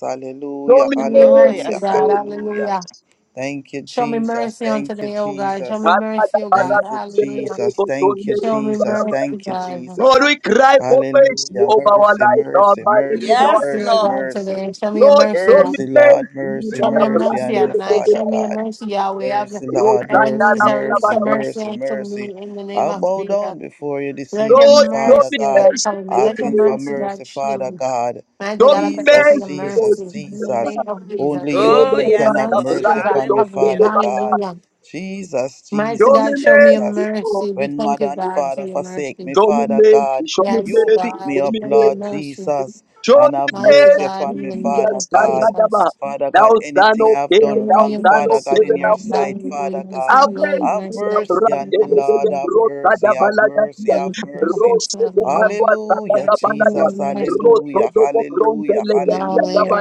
Speaker 1: Show
Speaker 11: Hallelujah,
Speaker 1: me
Speaker 4: Show me
Speaker 14: Oh,
Speaker 4: mercy,
Speaker 1: mercy.
Speaker 11: hallelujah,
Speaker 14: yes, Lord.
Speaker 4: God.
Speaker 1: Lord.
Speaker 11: hallelujah.
Speaker 4: Hallelujah.
Speaker 11: Thank you,
Speaker 4: Show me
Speaker 11: Jesus.
Speaker 4: mercy on
Speaker 11: Thank you,
Speaker 4: today, oh God. Show me
Speaker 1: Ka,
Speaker 11: Jesus.
Speaker 1: ba, da,
Speaker 4: mercy, oh
Speaker 1: ba, da,
Speaker 4: God.
Speaker 11: Thank you,
Speaker 4: Hallelujah.
Speaker 11: Jesus.
Speaker 1: da,
Speaker 11: Thank you,
Speaker 1: da,
Speaker 4: Show me
Speaker 1: da, da.
Speaker 11: Jesus.
Speaker 4: mercy,
Speaker 11: Thank you,
Speaker 4: God.
Speaker 1: Lord,
Speaker 11: Jesus.
Speaker 1: we cry for mercy
Speaker 11: Hallelujah.
Speaker 1: over our
Speaker 11: Mercy,
Speaker 1: life,
Speaker 11: mercy,
Speaker 1: Almighty
Speaker 4: Show me
Speaker 11: mercy,
Speaker 1: God.
Speaker 4: mercy,
Speaker 14: Yes,
Speaker 4: oh
Speaker 14: Lord.
Speaker 11: mercy,
Speaker 4: God,
Speaker 11: mercy.
Speaker 4: today. Show me your
Speaker 1: Lord,
Speaker 4: mercy,
Speaker 1: show me
Speaker 11: Mercy,
Speaker 4: God.
Speaker 1: mercy.
Speaker 11: Lord, mercy,
Speaker 4: Show me your
Speaker 11: mercy,
Speaker 4: mercy,
Speaker 11: and me,
Speaker 4: Adonai.
Speaker 11: Father
Speaker 4: Show me your
Speaker 11: God.
Speaker 4: mercy, Yahweh. Have-
Speaker 11: Mercy,
Speaker 1: Lord,
Speaker 11: Lord, mercy,
Speaker 4: Ebenezer, release
Speaker 11: mercy,
Speaker 4: your mercy
Speaker 11: mercy,
Speaker 4: unto
Speaker 11: mercy.
Speaker 4: me in the name
Speaker 11: I
Speaker 4: of
Speaker 11: bow down
Speaker 4: Jesus.
Speaker 11: before you this
Speaker 4: Let your
Speaker 11: evening,
Speaker 1: show
Speaker 11: Father
Speaker 1: me
Speaker 4: mercy, O
Speaker 11: God,
Speaker 4: God,
Speaker 1: mercy.
Speaker 4: cover me. Let your
Speaker 11: asking for
Speaker 4: mercy,
Speaker 11: mercy,
Speaker 4: God, shield
Speaker 11: Father
Speaker 4: me.
Speaker 11: God.
Speaker 4: Mighty
Speaker 1: Show
Speaker 4: God, I
Speaker 1: me
Speaker 4: thank you for
Speaker 11: Jesus,
Speaker 4: your
Speaker 1: mercy, Lord
Speaker 11: Jesus,
Speaker 4: mercy. In
Speaker 1: Jesus.
Speaker 4: the
Speaker 11: Jesus.
Speaker 4: name of Jesus.
Speaker 11: Only
Speaker 1: Show
Speaker 11: you
Speaker 1: me
Speaker 14: Oh,
Speaker 11: alone
Speaker 4: Let your
Speaker 11: can
Speaker 14: yes,
Speaker 11: have
Speaker 14: Lord.
Speaker 4: mercy,
Speaker 11: mercy
Speaker 4: oh God,
Speaker 11: upon me,
Speaker 4: cover me.
Speaker 14: Hallelujah.
Speaker 11: Father God.
Speaker 4: Hallelujah.
Speaker 11: Jesus,
Speaker 4: Mighty God,
Speaker 11: Jesus,
Speaker 4: show me your
Speaker 11: Jesus.
Speaker 1: mercy,
Speaker 4: mercy,
Speaker 1: Lord.
Speaker 11: When mother and
Speaker 4: God.
Speaker 11: father forsake me,
Speaker 1: Show me
Speaker 11: Father
Speaker 1: mercy,
Speaker 11: God,
Speaker 1: show me mercy, show me
Speaker 11: you pick me up,
Speaker 1: mercy,
Speaker 11: Lord Jesus,
Speaker 1: show
Speaker 11: and
Speaker 1: me
Speaker 11: have
Speaker 1: mercy,
Speaker 11: mercy upon me, Father
Speaker 1: yes,
Speaker 11: God. Father
Speaker 1: Now,
Speaker 11: God,
Speaker 1: son
Speaker 11: anything I
Speaker 1: of
Speaker 11: have
Speaker 1: David,
Speaker 11: done
Speaker 1: thou
Speaker 11: wrong,
Speaker 1: son
Speaker 11: Father
Speaker 1: of
Speaker 11: God, in
Speaker 1: David,
Speaker 11: your
Speaker 1: now,
Speaker 11: sight, Father God,
Speaker 1: Lord,
Speaker 11: have mercy on me, Lord, have mercy, have mercy, have mercy. Hallelujah, Jesus, hallelujah, hallelujah, hallelujah.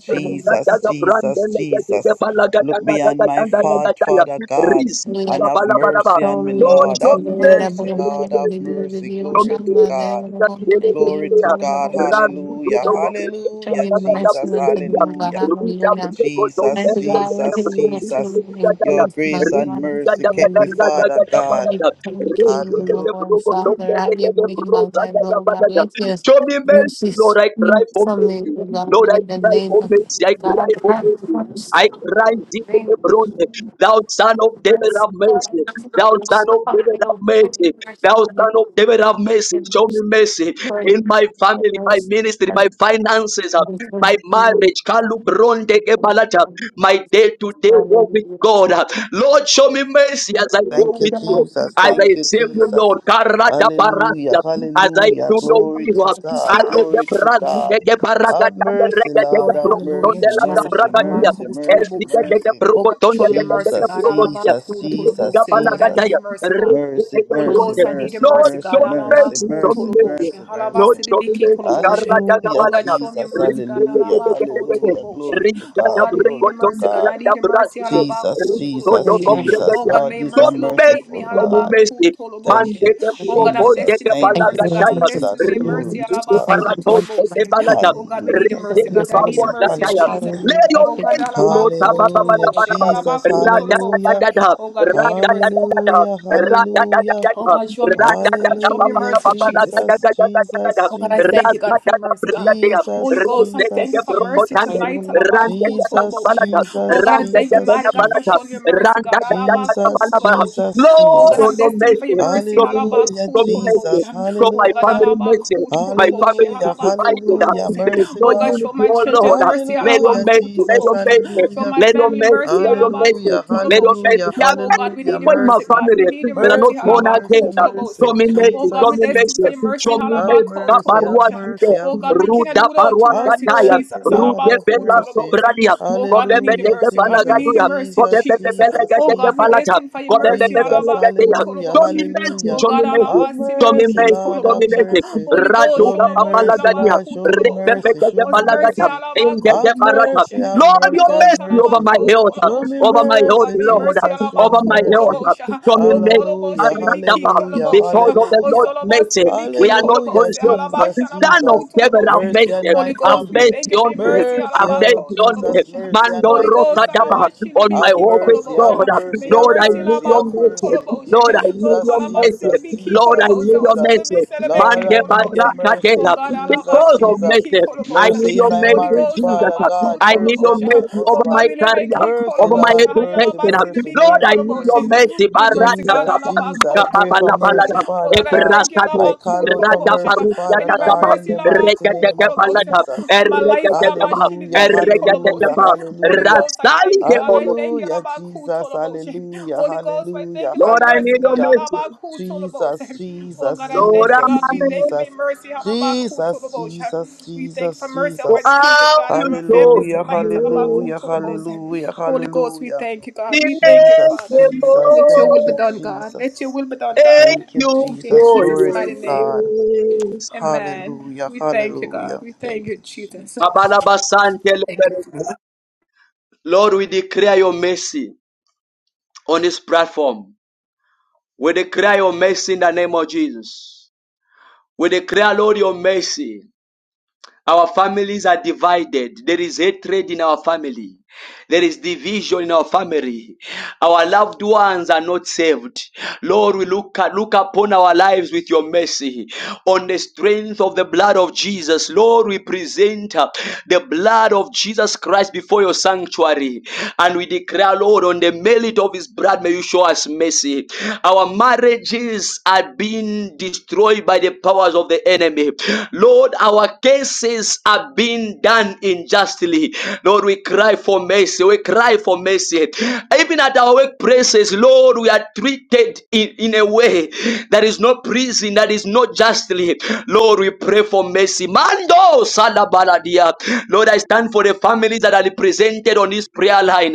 Speaker 11: Jesus, Jesus, Jesus. Look beyond my fault, Father God, and
Speaker 4: Hallelujah.
Speaker 11: have mercy
Speaker 4: Show
Speaker 11: on me,
Speaker 4: me your
Speaker 11: Lord.
Speaker 1: show
Speaker 4: mercy.
Speaker 11: Have
Speaker 1: me
Speaker 11: mercy, Lord, have
Speaker 1: mercy.
Speaker 11: mercy.
Speaker 1: Show
Speaker 11: Glory
Speaker 1: me
Speaker 11: to God. Glory to God. Hallelujah.
Speaker 4: God, show
Speaker 11: Hallelujah,
Speaker 4: me mercy
Speaker 11: Jesus.
Speaker 4: unto thee, oh God.
Speaker 11: Hallelujah.
Speaker 4: Hallelujah. Thank
Speaker 11: Jesus,
Speaker 4: the God. Lord, we
Speaker 11: Jesus,
Speaker 4: bless your
Speaker 11: Jesus.
Speaker 4: name.
Speaker 11: Your
Speaker 4: Praise the
Speaker 11: grace
Speaker 4: Lord.
Speaker 11: and
Speaker 4: Lord,
Speaker 11: mercy kept me,
Speaker 4: hallelujah.
Speaker 11: Father
Speaker 4: I
Speaker 11: God.
Speaker 4: mean, thank you,
Speaker 11: Hallelujah.
Speaker 4: Lord, Father. Have your way in my life, Lord God. Let your
Speaker 1: mercy,
Speaker 4: mercy
Speaker 1: Lord. I cry
Speaker 4: speak
Speaker 1: for
Speaker 4: from me,
Speaker 1: mercy.
Speaker 4: Lord God,
Speaker 1: Lord, I
Speaker 4: in the
Speaker 1: cry
Speaker 4: name
Speaker 1: for
Speaker 4: of
Speaker 1: mercy. I
Speaker 4: God.
Speaker 1: cry
Speaker 4: I
Speaker 1: for
Speaker 4: pray
Speaker 1: mercy.
Speaker 4: for mercy,
Speaker 1: I
Speaker 4: Lord,
Speaker 1: cry
Speaker 4: in
Speaker 1: deep
Speaker 4: the
Speaker 1: in
Speaker 4: name
Speaker 1: the
Speaker 4: of
Speaker 1: throne. Thou son of David,
Speaker 4: Christ.
Speaker 1: have
Speaker 4: Lord, I
Speaker 1: mercy.
Speaker 4: ask you
Speaker 1: Thou
Speaker 4: to
Speaker 1: son of
Speaker 4: stop
Speaker 1: David,
Speaker 4: me,
Speaker 1: have
Speaker 4: oh, God,
Speaker 1: mercy.
Speaker 4: in mercy,
Speaker 1: Thou
Speaker 4: for you,
Speaker 1: son of David, have mercy.
Speaker 4: in
Speaker 1: Show me
Speaker 4: mercy,
Speaker 1: mercy
Speaker 4: for you,
Speaker 1: in my
Speaker 4: for
Speaker 1: family, my
Speaker 4: mercy,
Speaker 1: ministry, my
Speaker 4: and
Speaker 1: finances, uh,
Speaker 4: return
Speaker 1: my
Speaker 4: me, oh,
Speaker 1: marriage. Kalu bronde
Speaker 4: God,
Speaker 1: kebalata.
Speaker 4: Father.
Speaker 1: My day to day walk with
Speaker 4: Hallelujah.
Speaker 1: God. uh. Lord, show me mercy as I walk
Speaker 11: Thank you,
Speaker 1: with you.
Speaker 11: Jesus.
Speaker 1: As I
Speaker 11: Thank you,
Speaker 1: serve you,
Speaker 11: Jesus.
Speaker 1: Lord. karada
Speaker 11: Hallelujah.
Speaker 1: parasia. As I
Speaker 11: Hallelujah.
Speaker 1: do no
Speaker 11: Glory
Speaker 1: evil.
Speaker 11: to
Speaker 1: uh.
Speaker 4: Thank
Speaker 1: I
Speaker 11: God.
Speaker 1: will the
Speaker 11: Glory to
Speaker 1: brasi
Speaker 11: God.
Speaker 1: de
Speaker 11: Have
Speaker 1: baragata de
Speaker 11: mercy,
Speaker 1: regate
Speaker 7: you,
Speaker 1: de
Speaker 11: Lord.
Speaker 7: Lord.
Speaker 11: Have
Speaker 1: broton
Speaker 7: Hallelujah.
Speaker 1: de
Speaker 11: mercy.
Speaker 1: la
Speaker 7: Jesus.
Speaker 11: Mercy,
Speaker 4: you,
Speaker 1: bragatia.
Speaker 4: Lord.
Speaker 11: mercy,
Speaker 1: El
Speaker 11: mercy,
Speaker 1: de
Speaker 7: Alabakutulubosi.
Speaker 1: de
Speaker 11: mercy.
Speaker 7: Oh God,
Speaker 1: broton
Speaker 7: show
Speaker 1: de
Speaker 7: me your
Speaker 1: la
Speaker 7: mercy,
Speaker 11: Jesus,
Speaker 7: God.
Speaker 11: Jesus, Jesus,
Speaker 7: Alabakutulubosi. Oh God, I need
Speaker 1: bragatia.
Speaker 11: Jesus.
Speaker 7: your mercy, God.
Speaker 11: Mercy,
Speaker 7: Holy
Speaker 11: mercy,
Speaker 7: Ghost, I need your
Speaker 11: mercy,
Speaker 1: Lord,
Speaker 7: mercy,
Speaker 11: mercy,
Speaker 7: God.
Speaker 1: show me
Speaker 11: mercy,
Speaker 1: mercy,
Speaker 7: Alabaku
Speaker 1: show me
Speaker 11: mercy,
Speaker 1: mercy.
Speaker 7: toloboshe.
Speaker 11: mercy,
Speaker 1: Lord,
Speaker 11: mercy.
Speaker 1: show me
Speaker 7: Halabasidibiki
Speaker 1: mercy.
Speaker 7: koloboshe.
Speaker 11: Hallelujah,
Speaker 7: Oh God,
Speaker 1: Karayagabalaya.
Speaker 7: show me your
Speaker 11: Jesus.
Speaker 7: mercy, God.
Speaker 11: Hallelujah.
Speaker 7: Alabaku
Speaker 1: Rinkedekedekede.
Speaker 11: Hallelujah. Glory
Speaker 7: toloboshe.
Speaker 11: to
Speaker 7: Oh
Speaker 11: God.
Speaker 7: God, we need
Speaker 11: Glory
Speaker 7: your
Speaker 11: to
Speaker 7: mercy, God.
Speaker 11: God.
Speaker 7: I need your mercy.
Speaker 1: Rinkadabrekodonderayabraside.
Speaker 11: Jesus,
Speaker 7: Alabaku
Speaker 11: Jesus,
Speaker 7: toloboshe.
Speaker 11: Jesus.
Speaker 7: Oh
Speaker 1: Rinkodokobrekadia.
Speaker 7: God, may
Speaker 11: Lord,
Speaker 7: your
Speaker 11: you
Speaker 1: Show
Speaker 11: are
Speaker 7: mercy
Speaker 1: me
Speaker 7: locate me.
Speaker 1: mercy,
Speaker 11: merciful,
Speaker 1: show me
Speaker 11: God.
Speaker 7: Alabaku
Speaker 1: mercy.
Speaker 11: Thank you,
Speaker 7: toloboshe. Oh God, I'm
Speaker 11: Jesus.
Speaker 7: destined for your
Speaker 11: Thank
Speaker 4: Thank
Speaker 11: you,
Speaker 7: mercy, God.
Speaker 1: Mandekeprokondekebalakataya.
Speaker 7: I'm destined
Speaker 11: Jesus.
Speaker 7: for your
Speaker 11: Glory
Speaker 7: mercy.
Speaker 11: to God.
Speaker 7: Alabaku
Speaker 4: you, God.
Speaker 7: toloboshe.
Speaker 1: Rinkedekebarakotelebalaya.
Speaker 7: Oh God, we need your
Speaker 11: Hallelujah,
Speaker 4: Thank you
Speaker 7: mercy,
Speaker 4: for
Speaker 7: God.
Speaker 4: this
Speaker 7: I need your
Speaker 4: mercy.
Speaker 11: hallelujah,
Speaker 7: mercy,
Speaker 1: Rinkedekebaruakataya.
Speaker 7: Jesus.
Speaker 11: hallelujah.
Speaker 4: Hallelujah.
Speaker 1: Let
Speaker 4: Thank
Speaker 1: your
Speaker 7: Oh God,
Speaker 4: you.
Speaker 1: mercy, Lord,
Speaker 7: alabaku
Speaker 11: Hallelujah,
Speaker 4: Thank
Speaker 7: toloboshe.
Speaker 1: Rabadabadabadaba.
Speaker 4: you,
Speaker 11: Jesus,
Speaker 7: Alabaku toloboshe.
Speaker 11: hallelujah.
Speaker 1: Radadadadada.
Speaker 7: Oh God, we need your mercy, God.
Speaker 11: Hallelujah, hallelujah.
Speaker 7: Oh
Speaker 1: Radadadadada.
Speaker 7: God, show
Speaker 1: Lord,
Speaker 7: me mercy, God. Show me
Speaker 11: Hallelujah,
Speaker 7: mercy, Jesus.
Speaker 11: Jesus, Jesus,
Speaker 7: Oh God, I thank you,
Speaker 11: Jesus.
Speaker 7: God, for your mercy, God. Holy
Speaker 11: Jesus,
Speaker 7: Ghost, I thank you
Speaker 11: Jesus,
Speaker 7: for mercy
Speaker 11: Jesus.
Speaker 7: tonight. Alabaku
Speaker 11: Jesus,
Speaker 7: tolobosha. Oh
Speaker 11: Jesus,
Speaker 7: God, I thank you,
Speaker 11: Jesus,
Speaker 7: mighty God, for showing
Speaker 11: Jesus.
Speaker 7: your mercy, God. Alabaku
Speaker 11: Jesus,
Speaker 7: tolobosha.
Speaker 11: Jesus,
Speaker 7: Oh God,
Speaker 1: oh
Speaker 7: I'm
Speaker 11: Jesus.
Speaker 1: no
Speaker 7: destined for
Speaker 1: mercy,
Speaker 7: your mercy.
Speaker 1: show me mercy,
Speaker 11: Hallelujah,
Speaker 1: show
Speaker 7: Alabaku
Speaker 1: me mercy,
Speaker 11: Jesus.
Speaker 7: tolobosha.
Speaker 1: show
Speaker 7: Oh
Speaker 1: my
Speaker 7: God,
Speaker 11: Hallelujah.
Speaker 1: family mercy,
Speaker 7: alabaku
Speaker 1: my
Speaker 7: tolobosha.
Speaker 1: family is
Speaker 11: Hallelujah.
Speaker 7: Alabaku
Speaker 1: divided,
Speaker 11: Hallelujah.
Speaker 1: there is
Speaker 7: tolobosha.
Speaker 11: Mercy,
Speaker 1: no
Speaker 7: Oh God,
Speaker 11: Lord.
Speaker 7: show
Speaker 1: unity,
Speaker 7: my
Speaker 1: oh Lord,
Speaker 7: children mercy mercy,
Speaker 1: let no
Speaker 11: Hallelujah,
Speaker 1: mercy, let
Speaker 11: Jesus.
Speaker 1: no
Speaker 7: Alabakutolobosha.
Speaker 1: mercy,
Speaker 7: Show
Speaker 11: Hallelujah.
Speaker 7: my
Speaker 1: let no
Speaker 7: family
Speaker 1: mercy,
Speaker 7: mercy,
Speaker 1: let no mercy,
Speaker 11: Hallelujah,
Speaker 1: let no
Speaker 7: Alabakutolobosha.
Speaker 1: mercy,
Speaker 11: hallelujah,
Speaker 1: there are
Speaker 7: Oh
Speaker 1: many
Speaker 7: God, we
Speaker 11: hallelujah.
Speaker 7: need your
Speaker 1: people in my
Speaker 7: mercy,
Speaker 11: Mercy,
Speaker 7: God.
Speaker 1: family
Speaker 7: We need your
Speaker 1: that are
Speaker 7: mercy,
Speaker 1: not
Speaker 11: mercy,
Speaker 1: born
Speaker 11: mercy,
Speaker 1: again, Show
Speaker 11: mercy.
Speaker 7: Alabakutolobosha.
Speaker 1: me
Speaker 7: Oh
Speaker 1: mercy,
Speaker 7: God,
Speaker 1: show
Speaker 7: we
Speaker 11: Jesus,
Speaker 1: me
Speaker 7: destined
Speaker 1: mercy,
Speaker 7: for your
Speaker 11: Jesus.
Speaker 7: mercy,
Speaker 1: show me
Speaker 11: Have
Speaker 1: mercy. Da
Speaker 11: mercy,
Speaker 1: barua
Speaker 11: have
Speaker 7: Alabakutolobosha.
Speaker 1: sike,
Speaker 11: mercy, have
Speaker 7: Oh God, we cannot
Speaker 11: mercy.
Speaker 7: do
Speaker 1: ruda
Speaker 7: without
Speaker 1: barua
Speaker 7: your
Speaker 11: Have
Speaker 7: mercy,
Speaker 1: kataya,
Speaker 11: mercy,
Speaker 7: Jesus,
Speaker 11: Lord,
Speaker 1: rude
Speaker 11: have
Speaker 1: bela
Speaker 11: mercy.
Speaker 7: Alabakutolobosha.
Speaker 1: sobradia,
Speaker 7: Oh God,
Speaker 1: kobe
Speaker 7: we need your
Speaker 1: bete
Speaker 11: Hallelujah,
Speaker 1: ke
Speaker 7: mercy,
Speaker 1: bala
Speaker 7: God. We need
Speaker 11: Jesus,
Speaker 7: your
Speaker 1: gaduya,
Speaker 7: mercy,
Speaker 1: kobe
Speaker 11: Jesus,
Speaker 1: bete
Speaker 7: Jesus.
Speaker 1: bele
Speaker 11: Jesus,
Speaker 7: Oh
Speaker 1: gete ke
Speaker 7: God, we
Speaker 1: bala
Speaker 11: Jesus.
Speaker 1: cha,
Speaker 7: destined for your
Speaker 1: kobe
Speaker 7: mercy,
Speaker 1: bete
Speaker 11: Jesus,
Speaker 1: bele gete ya.
Speaker 11: hallelujah,
Speaker 1: Show me
Speaker 7: Alabakutolobosha.
Speaker 1: mercy,
Speaker 7: Oh
Speaker 11: hallelujah.
Speaker 1: show me
Speaker 7: God,
Speaker 1: mercy,
Speaker 11: Have
Speaker 7: Alaba
Speaker 1: show me
Speaker 11: mercy,
Speaker 7: Silibiki
Speaker 1: mercy,
Speaker 11: Lord,
Speaker 1: show me
Speaker 11: have
Speaker 7: Kolobosha.
Speaker 1: mercy.
Speaker 11: mercy.
Speaker 7: Holy
Speaker 1: Radu
Speaker 7: Ghost,
Speaker 11: Show
Speaker 1: ga
Speaker 11: me
Speaker 7: Sholobo
Speaker 1: bala
Speaker 11: mercy,
Speaker 7: Shilaba
Speaker 1: gadia,
Speaker 11: Lord, show me
Speaker 1: rebe
Speaker 7: Kutolobos.
Speaker 11: mercy,
Speaker 1: bete ke
Speaker 11: show
Speaker 7: Oh,
Speaker 11: me
Speaker 1: bala
Speaker 7: mercy,
Speaker 1: gadia,
Speaker 11: mercy.
Speaker 1: inge
Speaker 7: Alabaku,
Speaker 1: de
Speaker 11: Have
Speaker 1: barata.
Speaker 11: mercy,
Speaker 7: Tolobosha.
Speaker 11: have
Speaker 1: Lord,
Speaker 7: Holy
Speaker 1: your
Speaker 11: mercy, have
Speaker 7: Ghost,
Speaker 1: mercy over
Speaker 11: mercy.
Speaker 1: my
Speaker 7: Alabaku,
Speaker 1: health,
Speaker 11: Show me
Speaker 7: Tolobosha.
Speaker 1: over my
Speaker 7: Oh,
Speaker 1: health,
Speaker 7: God,
Speaker 11: mercy,
Speaker 7: may
Speaker 1: Lord,
Speaker 7: mercy,
Speaker 11: Jesus, show
Speaker 1: over
Speaker 11: me
Speaker 7: Alabaku,
Speaker 1: my health.
Speaker 11: mercy.
Speaker 7: Kolobosha.
Speaker 1: Show me
Speaker 7: Lord,
Speaker 11: Hallelujah,
Speaker 7: Koloboshi, Libiki,
Speaker 1: mercy.
Speaker 11: hallelujah,
Speaker 7: Kolobosha.
Speaker 1: Because of the
Speaker 7: Oh,
Speaker 11: hallelujah.
Speaker 1: Lord's
Speaker 7: Solobos,
Speaker 1: mercy, we
Speaker 7: Libiki,
Speaker 1: are not
Speaker 11: Hallelujah,
Speaker 1: conscious.
Speaker 7: Kolobosha. Halabasha,
Speaker 11: Jesus,
Speaker 1: Son of
Speaker 7: Alabaku,
Speaker 11: Jesus.
Speaker 1: heaven, have
Speaker 7: Tolobosha.
Speaker 11: Mercy
Speaker 1: mercy.
Speaker 11: on my
Speaker 7: Holy
Speaker 1: Have
Speaker 7: Ghost, we
Speaker 11: family.
Speaker 7: thank
Speaker 1: mercy
Speaker 7: you for
Speaker 1: on
Speaker 7: your
Speaker 1: me.
Speaker 7: mercy.
Speaker 11: Mercy,
Speaker 1: Have
Speaker 11: oh
Speaker 1: mercy on me.
Speaker 11: Jesus,
Speaker 7: Alabakotolobosha.
Speaker 11: mercy on
Speaker 1: Mando
Speaker 7: Holy
Speaker 11: my
Speaker 1: Rosa
Speaker 7: Ghost,
Speaker 11: children.
Speaker 1: Daba, on my
Speaker 11: Have
Speaker 1: hope is
Speaker 11: mercy, have
Speaker 1: God.
Speaker 7: alabashilibiki-kolobosha. may
Speaker 11: mercy,
Speaker 7: your
Speaker 11: have
Speaker 1: Lord, I
Speaker 7: mercy
Speaker 1: need
Speaker 11: mercy,
Speaker 1: your
Speaker 11: have
Speaker 1: mercy.
Speaker 11: mercy.
Speaker 1: Lord,
Speaker 7: alabakukolobosha.
Speaker 1: I
Speaker 7: Lord,
Speaker 1: need your
Speaker 11: Jesus,
Speaker 1: mercy.
Speaker 11: Jesus,
Speaker 1: Lord, I
Speaker 11: Jesus,
Speaker 7: kolabasilibiki-kolobosha.
Speaker 1: need your
Speaker 11: Jesus.
Speaker 1: mercy.
Speaker 11: Lord,
Speaker 1: Mande
Speaker 11: I need your
Speaker 7: Otolobiselebekekolobosha.
Speaker 1: Baraka
Speaker 11: mercy.
Speaker 7: Oh
Speaker 1: Dela.
Speaker 7: God,
Speaker 1: Because
Speaker 11: Jesus,
Speaker 1: of
Speaker 11: Jesus.
Speaker 1: mercy, I
Speaker 7: alabashilibiki-kolobosha.
Speaker 1: need
Speaker 11: Mercy in
Speaker 1: your
Speaker 11: my
Speaker 7: Holy
Speaker 1: mercy,
Speaker 11: marriage,
Speaker 7: Ghost,
Speaker 1: Jesus.
Speaker 11: Father God.
Speaker 1: I need
Speaker 11: Mercy
Speaker 1: your
Speaker 11: on my
Speaker 7: alabakotolobosha.
Speaker 1: mercy over
Speaker 7: oh God,
Speaker 1: my
Speaker 11: husband.
Speaker 7: we live May
Speaker 1: career
Speaker 11: Mercy,
Speaker 1: over my
Speaker 11: Lord,
Speaker 1: education.
Speaker 11: mercy, mercy,
Speaker 1: Lord, I
Speaker 11: mercy,
Speaker 1: need your
Speaker 11: mercy.
Speaker 1: mercy.
Speaker 7: your mercy,
Speaker 1: Barata
Speaker 7: God,
Speaker 11: Jesus,
Speaker 1: kapa,
Speaker 11: Jesus, I pray
Speaker 1: kababa
Speaker 11: for
Speaker 1: la
Speaker 7: alabakotolobosha.
Speaker 11: mercy,
Speaker 1: balada,
Speaker 7: oh
Speaker 11: Father
Speaker 7: God, I thank
Speaker 11: God.
Speaker 7: thank you, Lord,
Speaker 1: ebrasade,
Speaker 11: I
Speaker 7: about cool
Speaker 11: call out for
Speaker 1: raja
Speaker 7: tolobosha.
Speaker 11: mercy,
Speaker 1: parusia
Speaker 7: For
Speaker 11: Father
Speaker 7: divine
Speaker 11: God,
Speaker 1: kapa,
Speaker 11: in
Speaker 7: mercy,
Speaker 11: the
Speaker 7: Lord, about
Speaker 11: mighty
Speaker 7: cool
Speaker 1: rekete
Speaker 11: name of
Speaker 7: colobosa.
Speaker 1: kapalada,
Speaker 11: Jesus.
Speaker 7: My life,
Speaker 1: erekete
Speaker 7: Lord, about
Speaker 1: kapa,
Speaker 7: shitty be
Speaker 11: Hallelujah,
Speaker 7: key
Speaker 1: erekete
Speaker 11: hallelujah,
Speaker 1: kapa,
Speaker 7: colobosa. Holy
Speaker 11: hallelujah.
Speaker 7: Ghost, I
Speaker 1: rasali
Speaker 7: thank you,
Speaker 1: de
Speaker 7: God. I
Speaker 1: oro.
Speaker 7: thank you, Lord,
Speaker 11: Hallelujah,
Speaker 7: about cool
Speaker 11: Jesus,
Speaker 7: tolobosha.
Speaker 11: hallelujah,
Speaker 7: Holy Ghost, I thank
Speaker 11: hallelujah,
Speaker 7: you for
Speaker 1: Lord,
Speaker 7: your
Speaker 1: I
Speaker 7: mercy,
Speaker 1: need your
Speaker 7: God.
Speaker 11: hallelujah.
Speaker 7: Lord,
Speaker 1: mercy.
Speaker 7: about cool
Speaker 11: Jesus,
Speaker 7: tolobosha. Oh, God,
Speaker 11: Jesus,
Speaker 7: I
Speaker 1: Lord,
Speaker 7: thank you,
Speaker 1: I'm
Speaker 11: Jesus,
Speaker 7: God. We
Speaker 1: having
Speaker 7: thank you for your
Speaker 11: Jesus,
Speaker 7: mercy, Lord, about cool
Speaker 11: Jesus,
Speaker 7: tolobosha.
Speaker 11: Jesus,
Speaker 7: We thank you for
Speaker 11: Jesus,
Speaker 7: mercy of
Speaker 1: for
Speaker 7: our
Speaker 11: Jesus.
Speaker 7: children,
Speaker 1: how
Speaker 7: God, and
Speaker 1: you
Speaker 7: our
Speaker 1: show
Speaker 7: families
Speaker 11: Hallelujah,
Speaker 1: me.
Speaker 7: tonight, Lord, about cool
Speaker 11: hallelujah,
Speaker 7: tolobosha.
Speaker 11: hallelujah,
Speaker 7: Holy Ghost, we
Speaker 11: hallelujah.
Speaker 7: thank you, God. We thank you,
Speaker 11: Jesus,
Speaker 7: Father.
Speaker 1: Dimekemo,
Speaker 11: Jesus,
Speaker 7: Let your will
Speaker 11: thank
Speaker 7: be
Speaker 11: you,
Speaker 7: done, God. Let your
Speaker 11: Jesus.
Speaker 7: will be done,
Speaker 1: Thank
Speaker 7: God.
Speaker 11: Thank you,
Speaker 1: you
Speaker 7: In
Speaker 11: Jesus.
Speaker 1: for
Speaker 7: Jesus'
Speaker 11: Glory
Speaker 1: your
Speaker 7: mighty
Speaker 11: to
Speaker 7: name.
Speaker 11: God.
Speaker 1: grace.
Speaker 7: Amen.
Speaker 11: Hallelujah,
Speaker 7: We thank you, God.
Speaker 11: hallelujah.
Speaker 7: We
Speaker 11: Thank
Speaker 7: thank you,
Speaker 11: you,
Speaker 7: Jesus.
Speaker 11: Jesus.
Speaker 7: Thank you.
Speaker 1: Mabalabasante Lord, we declare your mercy on this platform. We declare your mercy in the name of Jesus. We declare, Lord, your mercy. Our families are divided. There is hatred in our family. There is division in our family. Our loved ones are not saved. Lord, we look, look upon our lives with your mercy. On the strength of the blood of Jesus, Lord, we present uh, the blood of Jesus Christ before your sanctuary. And we declare, Lord, on the merit of his blood, may you show us mercy. Our marriages are being destroyed by the powers of the enemy. Lord, our cases are being done injustice vastly. Lord, we cry for mercy. We cry for mercy. Even at our workplaces, Lord, we are treated in, in a way that is not pleasing. that is not justly. Lord, we pray for mercy. Mando Salabaladia. Lord, I stand for the families that are represented on this prayer line.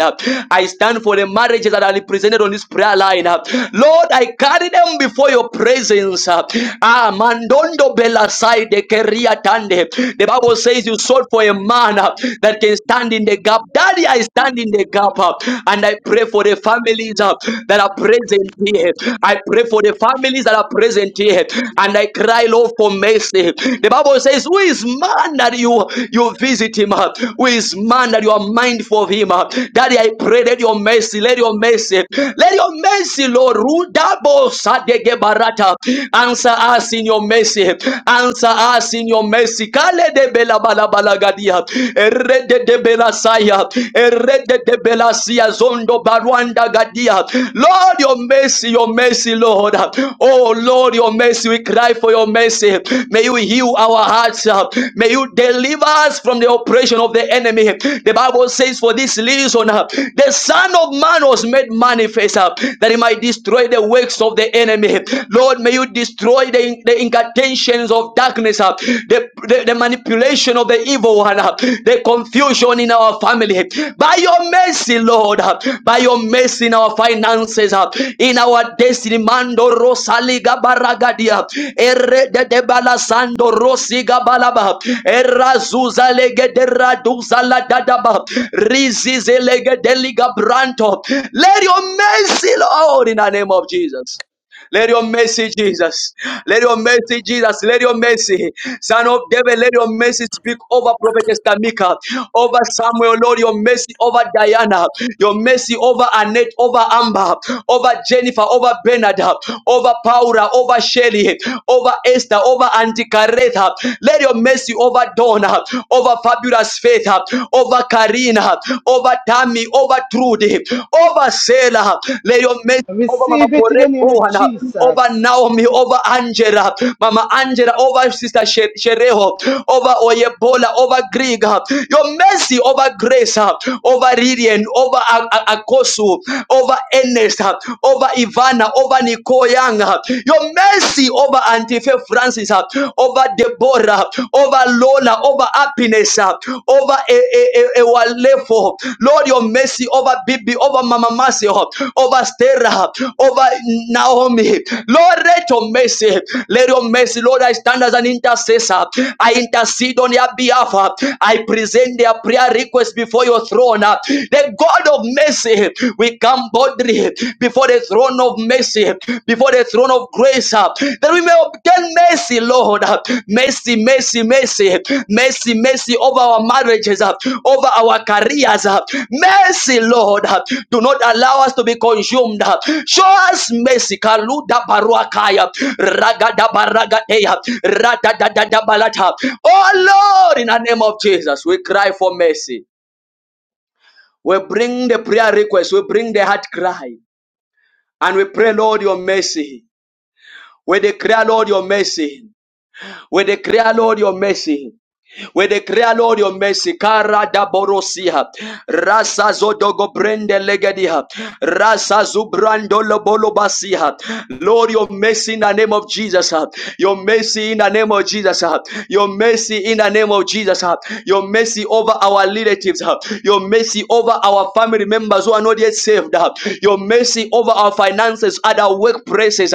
Speaker 1: I stand for the marriages that are represented on this prayer line. Lord, I carry them before your presence. Ah, Mandondo Bella Side Keria Tande. The Bible says you sought for a man uh, that can
Speaker 22: Thank
Speaker 1: stand in the gap. Daddy, I stand in the gap uh, and I pray for the families
Speaker 22: you.
Speaker 1: uh, that are present here. I pray for the families that are present here and I cry, Lord, for mercy. The Bible says, Who is man that you, you visit him? uh? Who is man that you are mindful of him? uh? Daddy, I pray, that your mercy, let your mercy, let your mercy, Lord, rule double Sadege Barata. Answer us in your mercy. Answer answer us in your mercy. Kale de bela bala bala gadia. Erede de bela saya. Erede de bela sia zondo barwanda gadia. Lord, your mercy, your mercy, Lord. Oh Lord, your mercy. We cry for your mercy. May you heal our hearts. May you deliver us from the oppression of the enemy. The Bible says, for this reason, uh, the Son of Man was made manifest uh, that he might destroy the works of the enemy. Lord, may you destroy destroy the, the incantations of darkness, uh, the, the, the manipulation of the evil one, uh, the confusion in our family. By your mercy, Lord, uh, by your mercy in our finances, uh, in our destiny, Mando Rosaliga Baragadia, Ere de de Balasando Rosiga Balaba, Erazuza Lege de Raduza La Dadaba, Rizize Lege de Liga Branto. Let your mercy, Lord, in the name of Jesus. Let your mercy, Jesus. Let your mercy, Jesus. Let your mercy, Son of David. Let your mercy speak over Prophetess Tamika, over Samuel, Lord. Your mercy over Diana. Your mercy over Annette, over Amber, over Jennifer, over Bernard, over Paula, over Sherry, over Esther, over Auntie Caretha. Let your mercy over Donna, over Fabulous Faith, over Karina, over Tammy, over Trudy, over Selah. Let your mercy
Speaker 17: I
Speaker 1: over Mama
Speaker 17: receive it in the
Speaker 1: Corette
Speaker 17: name of
Speaker 1: Bohan, over
Speaker 17: Jesus.
Speaker 1: Naomi, over Angela, Mama Angela, over Sister She- Shereho, over Oyebola, over Grieg, your mercy over Grace, uh, over Lillian, over A- A- Akosu, over Ernest, uh, over Ivana, over Nicole Young, your mercy over Antife Francis, uh, over Deborah, over Lola, over Happiness, uh, over a, a, a, a Lord, your mercy over Bibi, over Mama Mercy, over Stera, over Naomi. Lord, let your mercy, let your mercy, Lord, I stand as an intercessor. I intercede on their behalf. I present their prayer request before your throne. The God of mercy, we come boldly before the throne of mercy, before before the throne of grace uh, that we may obtain mercy, Lord. uh, Mercy, mercy, mercy, mercy, mercy over our marriages, uh, over our careers. uh, Mercy, Lord. uh, Do not allow us to be consumed. uh, Show us mercy. Kaluda baruakaya, ragada baragateya, radadadada balata. Oh Lord, in the name of Jesus, we cry for mercy. We bring the prayer request, we bring the heart cry, and we pray, Lord, your mercy. We declare, Lord, your mercy. We declare, Lord, your mercy. We declare, Lord, your mercy. Kara da borosia. Rasa zodogo brende legedia. Rasa zubrando lobolo basia. Lord, your mercy in the name of Jesus. Your mercy in the name of Jesus. Your mercy in the name of Jesus. Your mercy over our relatives. Your mercy over our family members who are not yet saved. Your mercy over our finances at our workplaces.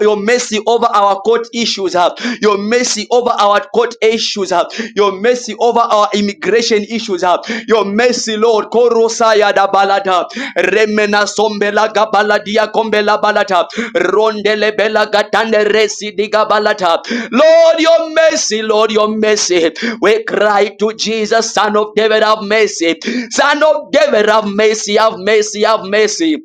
Speaker 1: Your mercy over over our court issues, uh, your mercy over our court issues, uh, your mercy over our immigration issues, uh, your mercy, Lord. Korosaya da balada, remena sombela gabaladia kombela balata, rondele bela gatande resi diga balata. Lord, your mercy, Lord, your mercy. We cry to Jesus, Son of David, have mercy. Son of David, have mercy, have mercy, have mercy.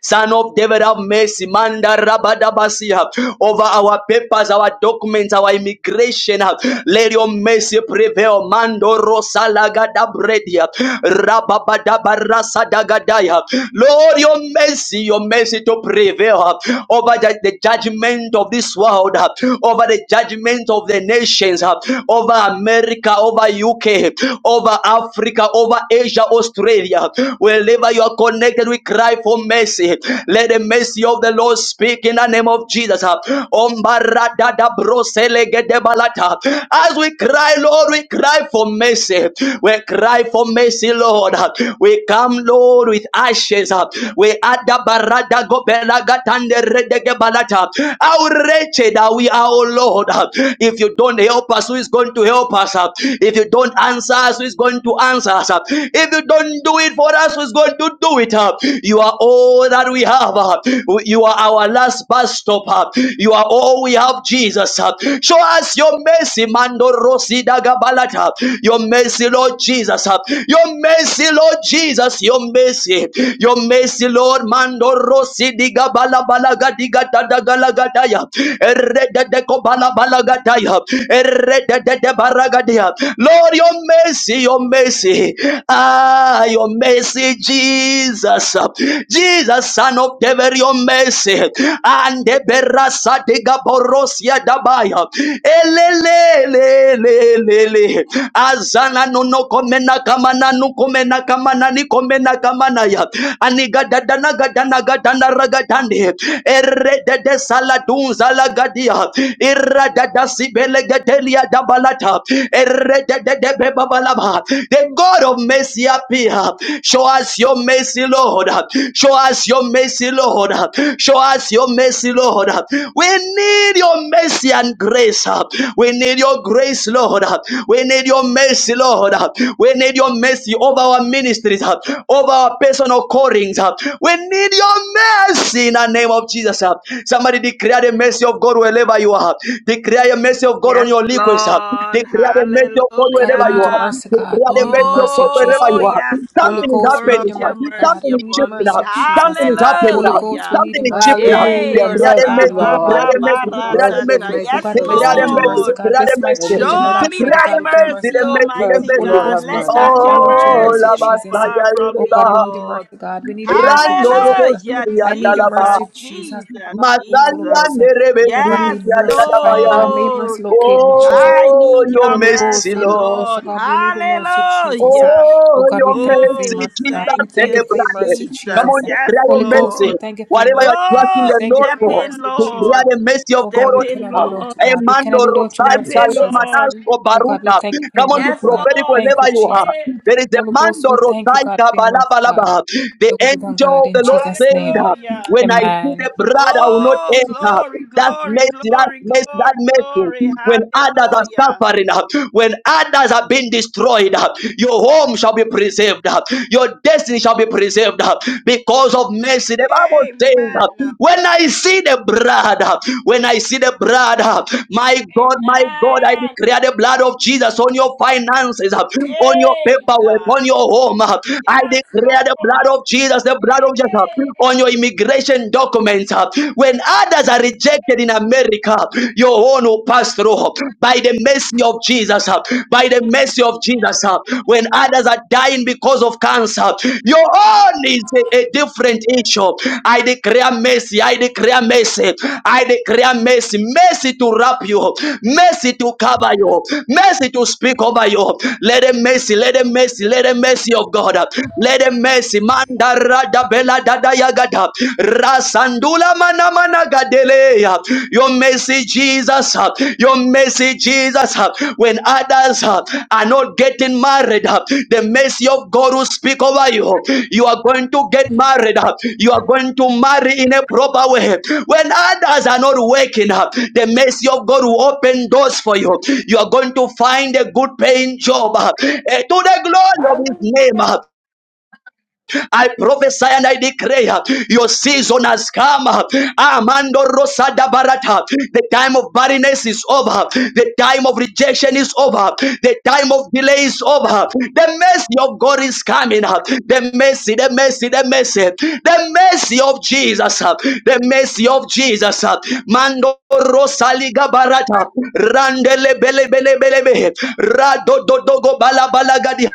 Speaker 1: Son of David, have mercy. Manda rabadabasia. Over our papers, our documents, our immigration. Let your mercy prevail. Mando rosalagadabradia. Rababadabarasadagadaya. Lord, your mercy, your mercy to prevail over the, the judgment of this world, over the judgment of the nations, over America, over UK, over Africa, over Asia, Australia, wherever you are connected, we cry for mercy. Let the mercy of the Lord speak in the name of Jesus. As we cry, Lord, we cry for mercy. We cry for mercy, Lord. We come, Lord, with ashes. We add the barada, go adabaradagobelagatanderedegebalata. How wretched are we, our Lord? If you don't help us, who is going to help us? If you don't answer us, who is going to answer us? If you don't do can do it for us who's going to do it. uh. You are all that we have. uh. You are our last bus stop. uh. You are all we have, Jesus. uh. Show us your mercy, Mando Rosi Dagabalata. Your mercy, Lord Jesus. uh. Your mercy, Lord Jesus. Your mercy. Your mercy, Lord Mando Rosi Digabalaga Digatadagalagataya. Erededekobalabalagata. Lord, your mercy, your mercy mercy. Ah, your mercy, Jesus. Jesus, son of David, your mercy. And the berasa de gaborosia dabaya. Elelelelelele. Azana no no komena kamana no komena kamana ni komena kamana ya. Aniga dadana gadana gadana ragadande. Erre de de saladunza lagadia. Irra dada sibele gedelia dabalata. Erre de the God of mercy appear. Show us your mercy, Lord. Show us your mercy, Lord. Show us your mercy, Lord. We need your mercy and grace. We need your grace, Lord. We need your mercy, Lord. We need your mercy over our ministries, over our personal callings. We need your mercy in the name of Jesus. Somebody declare the mercy of God wherever you are. Declare the mercy of God on
Speaker 14: Yes,
Speaker 1: your liquids.
Speaker 14: Lord.
Speaker 1: Declare the mercy of God
Speaker 7: God, we
Speaker 1: wherever you
Speaker 7: need your
Speaker 1: are.
Speaker 14: Hallelujah.
Speaker 7: mercy, God.
Speaker 1: Declare
Speaker 7: We
Speaker 1: the
Speaker 7: need your
Speaker 1: mercy of
Speaker 7: mercy,
Speaker 1: God
Speaker 7: Jesus.
Speaker 1: wherever
Speaker 14: Oh,
Speaker 1: you are.
Speaker 14: yes,
Speaker 7: Holy
Speaker 1: Something
Speaker 14: Lord.
Speaker 1: is
Speaker 7: Ghost, we
Speaker 14: Pour
Speaker 1: happening.
Speaker 7: need your
Speaker 14: out
Speaker 1: now.
Speaker 14: your
Speaker 7: mercy, God.
Speaker 14: mercy
Speaker 1: Something
Speaker 7: I
Speaker 1: is
Speaker 7: need your
Speaker 14: upon
Speaker 1: shifting.
Speaker 14: me.
Speaker 1: now.
Speaker 7: mercy, Jesus.
Speaker 1: Something is happening.
Speaker 7: Holy
Speaker 1: now.
Speaker 7: Ghost, we
Speaker 14: Hallelujah.
Speaker 7: need
Speaker 1: Something
Speaker 7: your
Speaker 1: is
Speaker 7: mercy,
Speaker 1: shifting.
Speaker 7: God.
Speaker 1: now.
Speaker 7: I need your
Speaker 17: Hallelujah.
Speaker 14: Yay.
Speaker 7: mercy,
Speaker 1: Declare the
Speaker 17: Mercy,
Speaker 7: Father.
Speaker 1: mercy. Declare
Speaker 17: Lord.
Speaker 1: the mercy. Declare the
Speaker 7: Halabakutulubose.
Speaker 17: Mercy of
Speaker 14: Rabababaratata.
Speaker 1: mercy.
Speaker 17: my
Speaker 7: Oh,
Speaker 14: Yes,
Speaker 7: God, bless
Speaker 17: children.
Speaker 1: Declare
Speaker 7: me
Speaker 1: the
Speaker 7: with your
Speaker 1: mercy.
Speaker 7: mercy,
Speaker 14: Lord.
Speaker 1: Declare
Speaker 7: God.
Speaker 1: the
Speaker 7: Bless my
Speaker 17: In the
Speaker 1: mercy.
Speaker 7: children
Speaker 17: name
Speaker 7: and
Speaker 17: of
Speaker 14: Show
Speaker 7: I,
Speaker 14: me
Speaker 7: mighty
Speaker 1: Declare the
Speaker 14: thy
Speaker 7: God,
Speaker 17: Jesus.
Speaker 7: with your mercy,
Speaker 14: mercy,
Speaker 7: God.
Speaker 1: mercy. The
Speaker 14: Almighty
Speaker 17: Mercy,
Speaker 1: mercy.
Speaker 7: Holy
Speaker 17: Lord,
Speaker 1: The mercy.
Speaker 14: God.
Speaker 17: have
Speaker 7: Ghost,
Speaker 14: Let
Speaker 7: bless my
Speaker 14: not
Speaker 17: mercy.
Speaker 14: your
Speaker 7: family
Speaker 17: Have
Speaker 7: with your
Speaker 1: Oh,
Speaker 7: mercy,
Speaker 1: la
Speaker 14: mercy
Speaker 17: mercy.
Speaker 14: be
Speaker 7: Jesus.
Speaker 14: far
Speaker 1: batalla
Speaker 14: from
Speaker 7: Oh,
Speaker 1: liba.
Speaker 14: me,
Speaker 7: God, we need your
Speaker 14: Lord.
Speaker 7: mercy, God. We need your mercy,
Speaker 1: Rando
Speaker 7: Jesus.
Speaker 1: robo
Speaker 14: Hallelujah.
Speaker 1: siria
Speaker 7: I need your
Speaker 1: dalaba.
Speaker 14: Jesus,
Speaker 7: mercy, Jesus.
Speaker 14: Jesus,
Speaker 1: Masalia
Speaker 14: Jesus.
Speaker 7: Halabakutulubose.
Speaker 1: nerebe
Speaker 7: Oh, God, may
Speaker 14: Yes,
Speaker 1: siria
Speaker 7: mercy find me,
Speaker 1: dadabaya.
Speaker 7: God. May
Speaker 14: Lord.
Speaker 7: mercy locate me, Jesus.
Speaker 14: I
Speaker 1: Oh,
Speaker 14: need
Speaker 1: your
Speaker 14: your
Speaker 7: Holy Ghost,
Speaker 1: mercy,
Speaker 7: I
Speaker 14: mercy,
Speaker 7: need your
Speaker 1: Lord.
Speaker 7: mercy,
Speaker 14: Lord.
Speaker 7: God. We need your mercy, Jesus.
Speaker 14: Hallelujah.
Speaker 7: Oh
Speaker 1: Oh,
Speaker 7: God, we
Speaker 1: your
Speaker 7: thank you for your
Speaker 14: Oh,
Speaker 1: mercy,
Speaker 7: mercy, God.
Speaker 1: Jesus,
Speaker 7: We
Speaker 14: thank
Speaker 7: thank
Speaker 14: you,
Speaker 7: you for your
Speaker 1: celebrate.
Speaker 7: mercy,
Speaker 1: Come
Speaker 14: Jesus.
Speaker 1: on,
Speaker 7: Jesus.
Speaker 14: Yes,
Speaker 1: declare your
Speaker 7: Holy Ghost, we
Speaker 1: mercy.
Speaker 14: Lord.
Speaker 7: thank you for your
Speaker 1: Whatever you
Speaker 7: mercy,
Speaker 1: are
Speaker 7: God.
Speaker 1: trusting
Speaker 7: We
Speaker 14: Oh,
Speaker 1: the
Speaker 7: thank you
Speaker 1: Lord
Speaker 7: for
Speaker 14: step
Speaker 7: your
Speaker 1: for,
Speaker 14: in,
Speaker 7: mercy, Jesus.
Speaker 1: declare
Speaker 14: Lord.
Speaker 1: the mercy of
Speaker 7: Oh
Speaker 1: God
Speaker 7: God,
Speaker 14: Step
Speaker 7: we
Speaker 1: on you.
Speaker 14: in,
Speaker 7: cannot do without
Speaker 14: Lord.
Speaker 7: you, God. We cannot do
Speaker 1: Emmanuel,
Speaker 7: without your
Speaker 14: Step
Speaker 7: mercy,
Speaker 1: Rosaita,
Speaker 14: in,
Speaker 7: Jesus.
Speaker 1: Lemanas,
Speaker 14: Lord.
Speaker 1: or
Speaker 7: Oh God, we
Speaker 1: Baruta.
Speaker 7: thank you for
Speaker 1: Come
Speaker 7: your
Speaker 1: on, the
Speaker 7: mercy,
Speaker 14: Yes,
Speaker 7: God. We
Speaker 1: prophetic
Speaker 14: Lord.
Speaker 7: thank you,
Speaker 1: whenever
Speaker 14: Step
Speaker 1: you are.
Speaker 7: Jesus.
Speaker 14: in.
Speaker 1: There is a
Speaker 7: Holy Ghost,
Speaker 1: Mando
Speaker 7: we thank you, God,
Speaker 1: Rosaita,
Speaker 7: for your mercy, God.
Speaker 1: Balabalaba. The
Speaker 7: Your will be done,
Speaker 1: angel
Speaker 7: God,
Speaker 1: of
Speaker 7: in
Speaker 1: the Lord
Speaker 7: Jesus' name.
Speaker 1: said,
Speaker 14: Hallelujah.
Speaker 1: When I see
Speaker 7: Amen.
Speaker 1: the blood, I will not
Speaker 14: Oh, glory,
Speaker 1: enter. That's
Speaker 14: glory,
Speaker 1: mercy, that's
Speaker 14: glory,
Speaker 1: mercy, that
Speaker 14: glory,
Speaker 1: mercy.
Speaker 14: glory.
Speaker 1: When others are
Speaker 14: Hallelujah.
Speaker 1: suffering, when others have been destroyed, your home shall be preserved. Your destiny shall be preserved because of mercy. The Bible
Speaker 14: Amen.
Speaker 1: says, When I see the blood, when I see the blood, my God, my God, I
Speaker 14: Amen.
Speaker 1: declare the blood of Jesus on your finances, uh, on your
Speaker 14: Hey,
Speaker 1: paperwork,
Speaker 14: God.
Speaker 1: on your home. uh. I
Speaker 14: Yes,
Speaker 1: declare the
Speaker 14: Lord.
Speaker 1: blood of Jesus, the blood of Jesus uh,
Speaker 14: Hey.
Speaker 1: on your immigration documents. uh. When others are rejected in America, your own will pass through uh, by the mercy of Jesus, uh, by the mercy of Jesus. uh. When others are dying because of cancer, your own is a, a different issue. I declare mercy. I declare mercy. I declare mercy. Mercy to wrap you. Mercy to cover you. Mercy to speak over you. Let the mercy, let the mercy, let the mercy of God. Let the mercy. Mandara da bela da da yagada. Rasandula mana mana gadeleya. Your mercy Jesus, uh, your mercy, Jesus, uh, when others uh, are not getting married, uh, the mercy of God will speak over you. You are going to get married, uh, you are going to marry in a proper way. When others are not working, uh, the mercy of God will open doors for you. You are going to find a good paying job uh, eh, to the glory of His
Speaker 23: Hallelujah.
Speaker 1: name. uh, I prophesy and I declare your season has come. Amando Rosada Barata. The time of barrenness is over. The time of rejection is over. The time of delay is over. The mercy of God is coming up. The mercy, the mercy, the mercy, the mercy of Jesus. The the mercy of Jesus. uh, Mando Rosaliga Barata. Randele Bele Bele Bele bele. Rado Dodogo Bala Bala Gadi.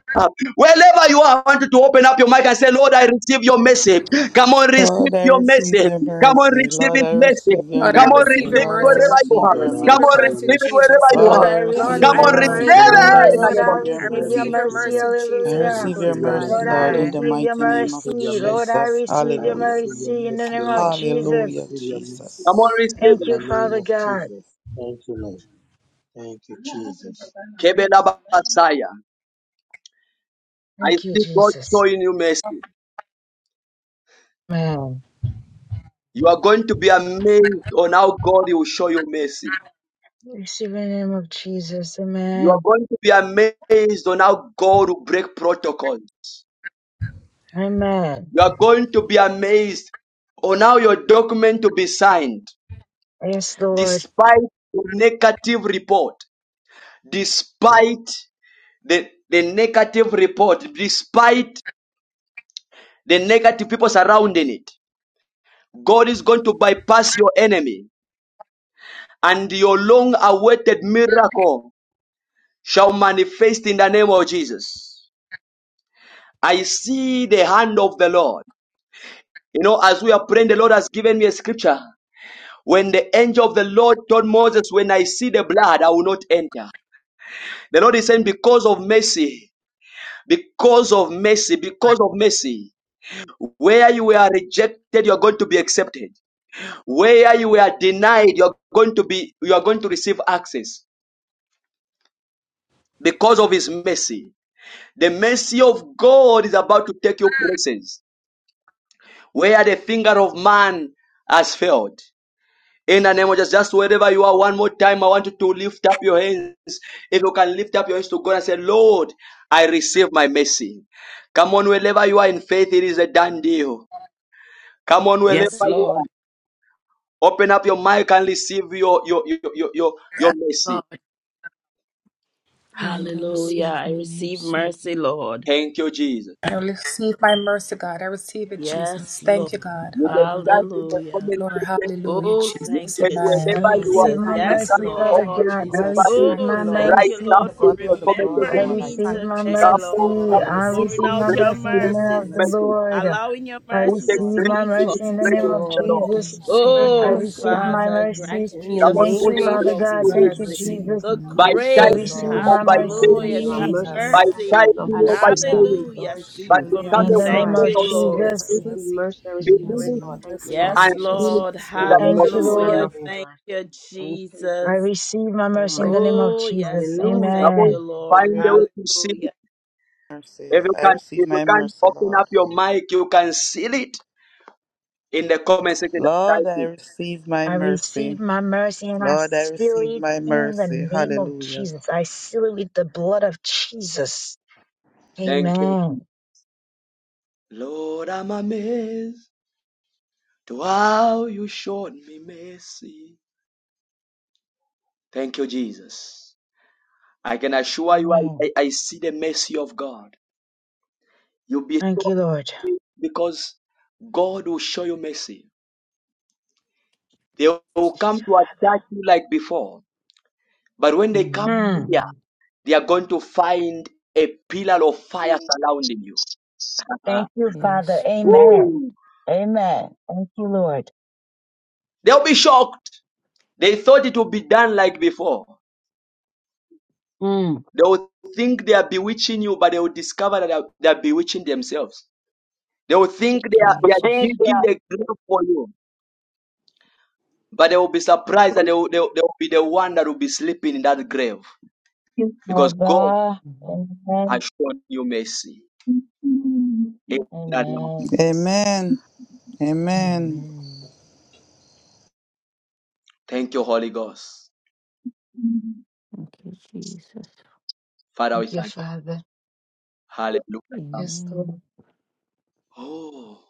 Speaker 1: Wherever you are, I want you to open up your mic and say, Lord, I receive your message. Come on,
Speaker 11: Lord,
Speaker 1: receive
Speaker 11: I
Speaker 1: your
Speaker 11: receive
Speaker 1: message.
Speaker 11: your
Speaker 1: Come on,
Speaker 11: mercy.
Speaker 1: receive
Speaker 11: Lord,
Speaker 1: it
Speaker 11: I
Speaker 1: message.
Speaker 11: receive your
Speaker 7: Lord, I
Speaker 1: Come on,
Speaker 11: mercy.
Speaker 7: receive
Speaker 3: Lord, I
Speaker 1: receive
Speaker 3: receive
Speaker 7: your
Speaker 1: it
Speaker 11: Lord,
Speaker 3: your
Speaker 11: I
Speaker 7: mercy, God.
Speaker 1: wherever
Speaker 3: mercy.
Speaker 1: you
Speaker 11: receive
Speaker 7: I
Speaker 1: are.
Speaker 11: your
Speaker 3: Lord, I
Speaker 7: receive
Speaker 1: Come
Speaker 7: your
Speaker 1: on,
Speaker 3: receive
Speaker 11: mercy.
Speaker 3: your
Speaker 7: mercy,
Speaker 1: receive it
Speaker 3: mercy.
Speaker 1: wherever
Speaker 7: Jesus.
Speaker 1: you
Speaker 11: Lord,
Speaker 8: Lord,
Speaker 1: are.
Speaker 11: I
Speaker 8: I
Speaker 3: I
Speaker 8: receive
Speaker 7: Lord,
Speaker 11: receive
Speaker 1: Come
Speaker 7: I
Speaker 3: receive
Speaker 11: your
Speaker 1: on,
Speaker 8: your
Speaker 3: your
Speaker 1: receive
Speaker 7: receive
Speaker 11: mercy.
Speaker 3: mercy,
Speaker 8: mercy.
Speaker 7: your
Speaker 3: O
Speaker 11: Lord, I
Speaker 3: Lord.
Speaker 8: Lord,
Speaker 3: I
Speaker 7: mercy.
Speaker 8: I
Speaker 1: it.
Speaker 11: receive your
Speaker 7: I
Speaker 3: receive
Speaker 8: receive
Speaker 3: your
Speaker 8: your
Speaker 7: receive
Speaker 11: mercy.
Speaker 7: your
Speaker 3: mercy, O
Speaker 8: mercy.
Speaker 3: Lord.
Speaker 7: mercy,
Speaker 11: I
Speaker 3: I
Speaker 7: Jesus.
Speaker 8: Hallelujah.
Speaker 11: receive
Speaker 7: Glory
Speaker 11: your
Speaker 3: receive
Speaker 7: to
Speaker 3: your
Speaker 7: God.
Speaker 11: mercy,
Speaker 8: Lord,
Speaker 3: mercy, O
Speaker 8: I
Speaker 11: Lord,
Speaker 3: God.
Speaker 11: in the
Speaker 7: Amen.
Speaker 8: receive your
Speaker 11: mighty
Speaker 3: I
Speaker 11: name of
Speaker 3: receive your
Speaker 8: mercy. Lord,
Speaker 3: mercy.
Speaker 8: I
Speaker 11: Jesus.
Speaker 8: receive
Speaker 3: I
Speaker 8: your
Speaker 11: Hallelujah.
Speaker 3: receive your
Speaker 8: mercy in the
Speaker 3: mercy,
Speaker 8: name
Speaker 3: O
Speaker 8: of
Speaker 3: Lord. I
Speaker 8: Jesus.
Speaker 11: Hallelujah,
Speaker 3: receive your mercy.
Speaker 1: Come on,
Speaker 11: Jesus.
Speaker 1: receive
Speaker 8: Thank
Speaker 3: In
Speaker 1: it.
Speaker 8: you,
Speaker 3: the name
Speaker 8: Father
Speaker 3: of
Speaker 8: God.
Speaker 3: Jesus. Thank you, Lord. Thank you, Jesus.
Speaker 1: Kebela Basaya. I
Speaker 8: Thank you,
Speaker 1: see God
Speaker 8: Jesus.
Speaker 1: showing you mercy.
Speaker 8: Amen.
Speaker 1: You are going to be amazed on how God will show you mercy.
Speaker 8: Receive in the name of Jesus.
Speaker 1: You are
Speaker 8: Amen.
Speaker 1: going to be amazed on how God will break protocols.
Speaker 8: Amen.
Speaker 1: You are going to be amazed on how your document to be signed,
Speaker 8: Yes, Lord.
Speaker 1: despite the negative report, despite the, the negative report, despite the negative people surrounding it. God is going to bypass your enemy, and your long awaited miracle shall manifest in the name of Jesus. I see the hand of the Lord. You know, as we are praying, the Lord has given me a scripture. When the angel of the Lord told Moses, When I see the blood, I will not enter. The Lord is saying, Because of mercy, because of mercy, because of mercy, where you were rejected, you are going to be accepted. Where you were denied, you are going to be you are going to receive access because of his mercy. The mercy of God is about to take you places where the finger of man has failed. In the name of Jesus, just wherever you are, one more time, I want you to lift up your hands. If you can lift up your hands to God and say, Lord, I receive my mercy. Come on, wherever you are in faith, it is a done deal. Come on, wherever
Speaker 14: Yes,
Speaker 1: you are,
Speaker 14: Lord.
Speaker 1: open up your mic and receive your your your your, your, your
Speaker 14: Yes,
Speaker 1: mercy.
Speaker 14: Lord.
Speaker 24: Lord, I
Speaker 14: Hallelujah.
Speaker 24: receive
Speaker 14: I
Speaker 24: my
Speaker 14: receive
Speaker 24: mercy.
Speaker 14: mercy, Lord.
Speaker 1: Thank you, Jesus.
Speaker 7: I receive my mercy, God. I receive it, Jesus.
Speaker 14: Yes, Lord.
Speaker 7: Thank you, God.
Speaker 1: You can type
Speaker 7: Hallelujah.
Speaker 1: in the
Speaker 14: Hallelujah.
Speaker 1: comment
Speaker 7: Glory,
Speaker 1: section
Speaker 7: hallelujah,
Speaker 14: Oh,
Speaker 1: you
Speaker 14: thank
Speaker 7: Jesus.
Speaker 1: can-
Speaker 14: you,
Speaker 7: Amen.
Speaker 8: I
Speaker 25: I
Speaker 1: wherever you are,
Speaker 8: receive
Speaker 14: Jesus.
Speaker 25: receive
Speaker 1: if
Speaker 8: my
Speaker 25: my
Speaker 1: you
Speaker 25: mercy,
Speaker 14: Yes,
Speaker 8: mercy,
Speaker 1: can
Speaker 25: Lord.
Speaker 8: Father
Speaker 25: Thank
Speaker 14: Lord.
Speaker 25: you,
Speaker 1: open
Speaker 8: God. I
Speaker 25: Jesus.
Speaker 8: receive
Speaker 1: everybody,
Speaker 25: Thank
Speaker 14: Oh,
Speaker 25: you,
Speaker 8: my
Speaker 25: Lord.
Speaker 14: thank
Speaker 1: write
Speaker 14: you,
Speaker 8: mercy.
Speaker 25: To
Speaker 14: Lord, for
Speaker 1: something
Speaker 25: God
Speaker 1: in
Speaker 25: be all
Speaker 1: the
Speaker 25: the
Speaker 1: comment
Speaker 25: glory,
Speaker 8: I
Speaker 1: section.
Speaker 14: remembering
Speaker 25: Lord. I
Speaker 14: me
Speaker 8: receive
Speaker 25: thank you,
Speaker 8: my
Speaker 14: today,
Speaker 1: Come
Speaker 25: Jesus.
Speaker 1: on,
Speaker 25: Thank you for
Speaker 8: mercy.
Speaker 25: my
Speaker 14: Lord,
Speaker 1: come to
Speaker 8: I
Speaker 14: and
Speaker 25: mercy.
Speaker 1: Jesus,
Speaker 14: pouring
Speaker 8: receive my
Speaker 14: out
Speaker 1: grace
Speaker 14: your
Speaker 8: mercy in
Speaker 1: to
Speaker 8: the name
Speaker 25: My
Speaker 14: mercies,
Speaker 8: of the
Speaker 1: the
Speaker 25: mercy, Lord.
Speaker 8: Lord.
Speaker 14: allowing your
Speaker 8: I
Speaker 1: put
Speaker 25: Thank
Speaker 14: mercy
Speaker 25: you,
Speaker 1: a
Speaker 14: to
Speaker 25: Lord.
Speaker 8: receive
Speaker 25: Thank
Speaker 1: grace
Speaker 8: my
Speaker 25: you,
Speaker 14: speak
Speaker 1: to
Speaker 14: for
Speaker 1: this
Speaker 8: mercy in the
Speaker 14: me,
Speaker 25: Jesus,
Speaker 8: name
Speaker 1: presence,
Speaker 25: Lord.
Speaker 8: of
Speaker 25: Thank
Speaker 1: the
Speaker 14: Lord.
Speaker 24: Lord,
Speaker 25: you.
Speaker 1: Lord.
Speaker 24: I
Speaker 26: Thank you
Speaker 8: Jesus.
Speaker 25: Thank
Speaker 26: for
Speaker 25: you,
Speaker 26: your
Speaker 24: receive
Speaker 25: Heavenly
Speaker 24: my
Speaker 26: mercy,
Speaker 8: I
Speaker 14: Oh,
Speaker 25: Father,
Speaker 26: mighty
Speaker 25: Lord.
Speaker 8: receive
Speaker 26: God.
Speaker 24: mercy
Speaker 8: my
Speaker 24: in the
Speaker 14: Father,
Speaker 24: name
Speaker 8: mercy.
Speaker 25: Thank
Speaker 14: grant
Speaker 25: you,
Speaker 24: of
Speaker 26: In
Speaker 14: me
Speaker 26: the
Speaker 1: Come
Speaker 14: the
Speaker 1: on,
Speaker 8: Thank
Speaker 25: Jesus.
Speaker 1: put
Speaker 8: you,
Speaker 26: name
Speaker 1: a
Speaker 24: Jesus.
Speaker 25: Thank
Speaker 26: of
Speaker 25: you,
Speaker 14: favor
Speaker 8: Father
Speaker 14: of
Speaker 1: grace to
Speaker 8: God.
Speaker 25: Jesus,
Speaker 24: I
Speaker 25: for
Speaker 8: Thank
Speaker 26: Jesus.
Speaker 1: it.
Speaker 25: my
Speaker 8: you,
Speaker 14: mercy,
Speaker 25: mercy.
Speaker 24: receive
Speaker 8: Jesus.
Speaker 14: the
Speaker 1: by
Speaker 26: Mercy,
Speaker 8: I
Speaker 25: Thank
Speaker 24: mercy.
Speaker 25: you,
Speaker 24: I
Speaker 14: grace,
Speaker 26: mercy,
Speaker 1: typing
Speaker 8: receive
Speaker 25: Lord.
Speaker 1: or
Speaker 25: Thank
Speaker 8: my
Speaker 1: by
Speaker 26: mercy.
Speaker 25: you,
Speaker 24: receive
Speaker 25: Lord.
Speaker 1: saying,
Speaker 25: Thank
Speaker 14: hallelujah,
Speaker 25: you,
Speaker 26: You're
Speaker 14: to
Speaker 26: a
Speaker 24: mercy,
Speaker 14: have
Speaker 8: mercy
Speaker 24: Lord.
Speaker 26: merciful
Speaker 1: by
Speaker 25: Jesus.
Speaker 26: God.
Speaker 14: mercy.
Speaker 26: You're a
Speaker 24: I
Speaker 1: typing
Speaker 26: loving
Speaker 1: or
Speaker 26: God.
Speaker 1: by
Speaker 25: Hallelujah.
Speaker 24: receive
Speaker 1: saying,
Speaker 14: Hallelujah,
Speaker 26: Lord
Speaker 14: speak
Speaker 24: mercy.
Speaker 1: but
Speaker 26: Jesus.
Speaker 14: for
Speaker 24: I
Speaker 25: Hallelujah.
Speaker 1: become
Speaker 14: me.
Speaker 8: in
Speaker 26: Yes,
Speaker 1: a
Speaker 8: the
Speaker 25: Mercy,
Speaker 24: receive
Speaker 8: name
Speaker 26: Lord.
Speaker 14: Thank
Speaker 1: witness
Speaker 8: of
Speaker 25: Lord.
Speaker 1: of
Speaker 14: you,
Speaker 24: mercy,
Speaker 25: Mercy,
Speaker 1: it,
Speaker 26: If
Speaker 14: Lord.
Speaker 26: I
Speaker 8: Jesus.
Speaker 25: mercy,
Speaker 1: receiving,
Speaker 24: Lord,
Speaker 26: receive
Speaker 25: mercy.
Speaker 26: mercy, I
Speaker 24: in
Speaker 26: receive
Speaker 24: the
Speaker 26: grace.
Speaker 25: Mercy,
Speaker 1: believing,
Speaker 26: I
Speaker 25: Lord.
Speaker 24: name
Speaker 26: thank
Speaker 24: of
Speaker 25: Mercy,
Speaker 26: you, Lord
Speaker 1: and
Speaker 14: Yes,
Speaker 25: mercy,
Speaker 26: Jesus.
Speaker 25: mercy,
Speaker 24: Jesus.
Speaker 1: feeling
Speaker 14: Lord.
Speaker 25: mercy,
Speaker 1: in
Speaker 26: You're
Speaker 1: the
Speaker 26: a
Speaker 25: Lord.
Speaker 1: name
Speaker 8: Thank
Speaker 1: of
Speaker 8: you,
Speaker 25: Mercy.
Speaker 1: Jesus.
Speaker 26: merciful and
Speaker 14: Hallelujah.
Speaker 8: Lord.
Speaker 26: loving
Speaker 14: Thank
Speaker 26: God.
Speaker 14: you,
Speaker 26: And we thank you,
Speaker 8: I
Speaker 14: Jesus.
Speaker 8: receive my mercy in the
Speaker 26: Almighty
Speaker 8: name of
Speaker 26: God.
Speaker 14: Oh, yes,
Speaker 8: Jesus.
Speaker 14: Lord.
Speaker 26: Hallelujah.
Speaker 14: Thank
Speaker 1: Come
Speaker 8: Amen.
Speaker 1: on,
Speaker 14: you, Lord.
Speaker 1: find a way
Speaker 26: Hallelujah.
Speaker 1: to see it.
Speaker 14: Hallelujah.
Speaker 11: Mercy.
Speaker 1: If you
Speaker 11: I
Speaker 1: can,
Speaker 11: receive
Speaker 1: if you
Speaker 11: my
Speaker 1: can
Speaker 11: mercy,
Speaker 1: open
Speaker 11: Lord.
Speaker 1: up your mic, you can seal it in the comment section.
Speaker 11: Lord, I receive my
Speaker 8: I
Speaker 11: mercy.
Speaker 8: receive my mercy and I
Speaker 11: Lord, I
Speaker 8: seal
Speaker 11: receive
Speaker 8: it
Speaker 11: my
Speaker 8: in the
Speaker 11: mercy.
Speaker 8: name of
Speaker 11: Hallelujah.
Speaker 8: Jesus. I seal it with the blood of Jesus.
Speaker 1: Thank you.
Speaker 8: Amen.
Speaker 1: Lord, I'm amazed to how you showed me mercy. Thank you, Jesus. I can assure you, I,
Speaker 8: Amen.
Speaker 1: I see the mercy of God. You'll be
Speaker 8: Thank you, Lord.
Speaker 1: because God will show you mercy. They will
Speaker 8: Thank
Speaker 1: come
Speaker 8: you,
Speaker 1: to attack you like before, but when they come
Speaker 8: Father.
Speaker 1: here,
Speaker 24: Amen.
Speaker 1: they are going to find a pillar of
Speaker 8: Hmm.
Speaker 1: fire surrounding you.
Speaker 8: Thank you, Father.
Speaker 24: Yes,
Speaker 8: Amen.
Speaker 24: Lord
Speaker 1: Woo!
Speaker 8: Amen. Thank you, Lord.
Speaker 1: They'll be shocked. They thought it would be done like before.
Speaker 8: Hmm.
Speaker 1: They will think they are bewitching you, but they will discover that they are, they are bewitching themselves. They will think they are, they are
Speaker 8: Thank
Speaker 24: Jesus.
Speaker 1: digging a grave for you But they will be surprised that they will, they, will, they will be the one that will be sleeping in that grave
Speaker 8: you,
Speaker 1: because God
Speaker 8: Father.
Speaker 24: Mhm.
Speaker 8: Amen.
Speaker 1: has shown you mercy. In
Speaker 8: Amen.
Speaker 11: Amen. Amen.
Speaker 24: Amen.
Speaker 1: Thank you, Holy Ghost.
Speaker 24: Thank you, Jesus.
Speaker 1: Father, we
Speaker 8: Thank you,
Speaker 1: thank you.
Speaker 8: Father.
Speaker 1: Hallelujah.
Speaker 8: Yes, Lord.
Speaker 24: Amen.
Speaker 1: Oh,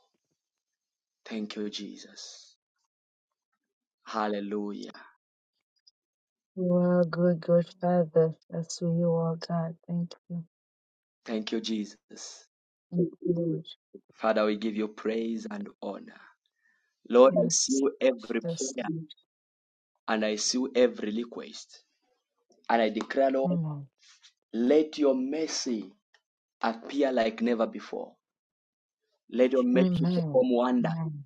Speaker 1: thank you, Jesus. Hallelujah.
Speaker 8: You are a good, good Father. That's who you are, God. Thank you.
Speaker 1: Thank you, Jesus.
Speaker 8: Thank you, Lord.
Speaker 1: Father, we give you praise and honor. Lord, I
Speaker 8: Yes,
Speaker 1: seal every
Speaker 8: yes.
Speaker 1: prayer and I seal every request. And I declare, Lord,
Speaker 8: Lord.
Speaker 1: let your mercy appear like never before. Let your mercy
Speaker 8: Amen. Amen.
Speaker 1: perform wonder
Speaker 8: Amen.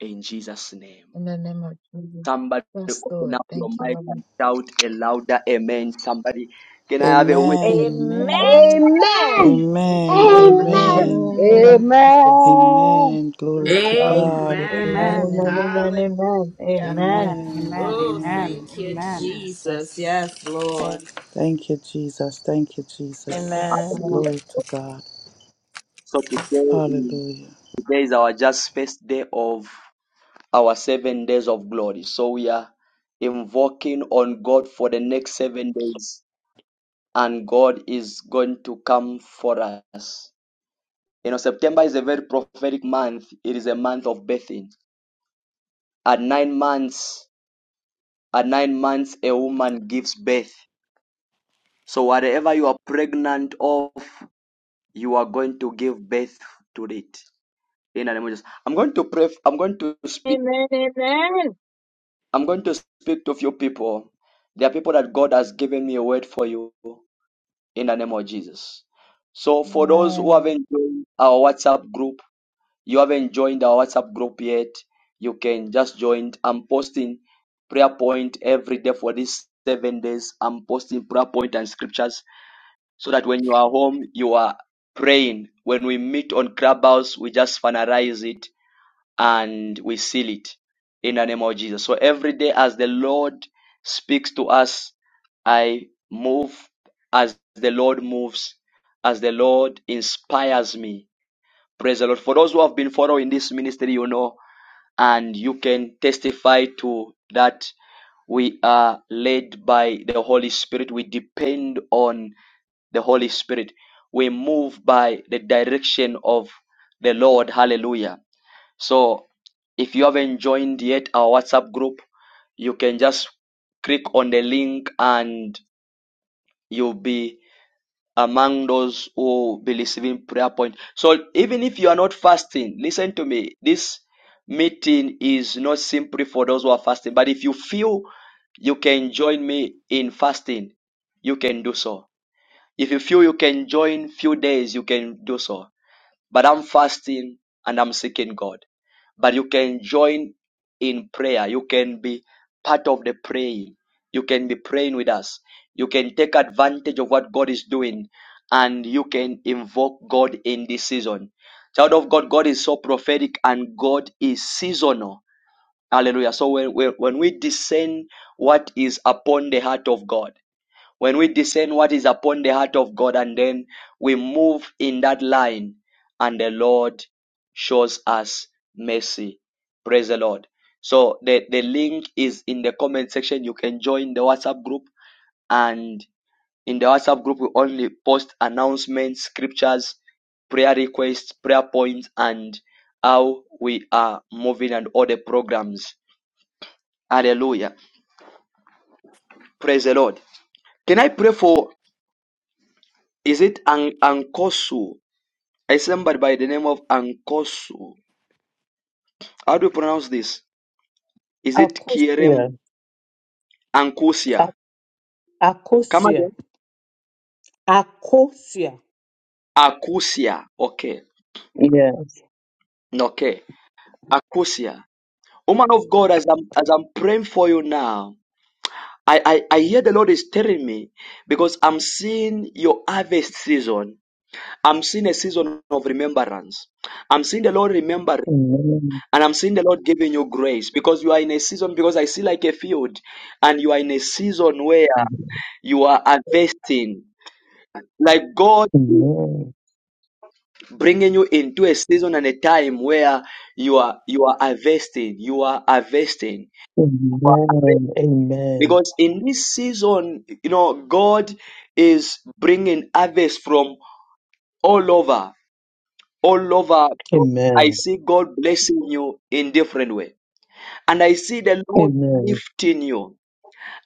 Speaker 1: in Jesus' name.
Speaker 8: In the name of Jesus.
Speaker 1: Somebody
Speaker 8: Yes,
Speaker 1: open
Speaker 8: Lord.
Speaker 1: up your
Speaker 8: Thank you,
Speaker 1: mic
Speaker 8: Lord.
Speaker 1: and shout a louder amen. Somebody, can I have a witness?
Speaker 11: Amen.
Speaker 24: Amen.
Speaker 8: Amen.
Speaker 26: Amen.
Speaker 8: So
Speaker 11: Amen.
Speaker 8: shall it be. In
Speaker 26: Amen.
Speaker 11: Amen.
Speaker 8: the name of Jesus.
Speaker 17: Amen.
Speaker 11: Amen.
Speaker 8: So
Speaker 11: Glory to
Speaker 8: shall it
Speaker 11: God.
Speaker 8: be.
Speaker 14: Amen.
Speaker 25: Amen.
Speaker 8: Amen.
Speaker 11: Amen.
Speaker 14: Hallelujah.
Speaker 8: Amen. Amen.
Speaker 25: Amen.
Speaker 11: Amen.
Speaker 25: Amen.
Speaker 14: Oh,
Speaker 25: Amen.
Speaker 11: Amen.
Speaker 14: thank you,
Speaker 25: Amen.
Speaker 14: Jesus.
Speaker 11: Jesus.
Speaker 14: Yes, Lord.
Speaker 11: Thank you, Jesus. Thank you, Jesus.
Speaker 27: Amen.
Speaker 11: Glory to God.
Speaker 1: So today, is-
Speaker 11: Hallelujah.
Speaker 1: today is our just first day of our seven days of glory. So we are invoking on God for the next seven days, and God is going to come for us. You know, September is a very prophetic month. It is a month of birthing. At nine months, at nine months a woman gives birth. So whatever you are pregnant of, you are going to give birth to it. In the name of Jesus. I'm going to pray. I'm going to
Speaker 8: Amen.
Speaker 1: speak.
Speaker 8: Amen. Amen. Amen.
Speaker 1: I'm going to speak to a few people. There are people that God has given me a word for you in the name of Jesus. So for those
Speaker 8: Amen.
Speaker 1: who haven't joined our WhatsApp group, you haven't joined our WhatsApp group yet, you can just join. I'm posting prayer point every day for these seven days. I'm posting prayer point and scriptures so that when you are home, you are praying. When we meet on Clubhouse, we just finalize it and we seal it in the name of Jesus. So every day, as the Lord speaks to us, I move as the Lord moves, as the Lord inspires me. Praise the Lord. For those who have been following this ministry, you know and you can testify to that we are led by the Holy Spirit. We depend on the Holy Spirit. We move by the direction of the Lord. Hallelujah. So if you haven't joined yet our WhatsApp group, you can just click on the link and you'll be among those who will be receiving prayer point. So even if you are not fasting, listen to me. This meeting is not simply for those who are fasting, but if you feel you can join me in fasting, you can do so. If you feel you can join few days, you can do so but I'm fasting and I'm seeking God. But you can join in prayer. You can be part of the praying. You can be praying with us. You can take advantage of what God is doing and you can invoke God in this season. Child of God, God is so prophetic and God is seasonal. Hallelujah. So when, when, when we discern what is upon the heart of God, when we discern what is upon the heart of God and then we move in that line and the Lord shows us mercy. Praise the Lord. So the, the link is in the comment section. You can join the WhatsApp group and in the WhatsApp group we only post announcements, scriptures, prayer requests, prayer points and how we are moving and all the programs. Hallelujah. Praise the Lord. Can I pray for is it An- Ankosu? I somebody by the name of Ankosu. How do you pronounce this? Is it Kierem
Speaker 19: Akosia,
Speaker 1: Ankusia?
Speaker 19: A-
Speaker 1: Come
Speaker 19: Akosia,
Speaker 1: again.
Speaker 19: Akosia.
Speaker 1: Akusia. Okay.
Speaker 19: Yes.
Speaker 1: Okay. Akusia. Woman of God, as I'm as I'm praying for you now, I, I, I hear the Lord is telling me because I'm seeing your harvest season. I'm seeing a season of remembrance. I'm seeing the Lord remember
Speaker 19: Amen.
Speaker 1: and I'm seeing the Lord giving you grace because you are in a season because I see like a field and you are in a season where You are harvesting. Like God
Speaker 19: Amen.
Speaker 1: bringing you into a season and a time where you are you are harvesting. You are harvesting. You are harvesting.
Speaker 19: Amen. Amen.
Speaker 1: Because in this season, you know, God is bringing harvest from all over, all over. I
Speaker 19: Amen.
Speaker 1: see God blessing you in different way, and I see the Lord
Speaker 19: Amen.
Speaker 1: lifting you.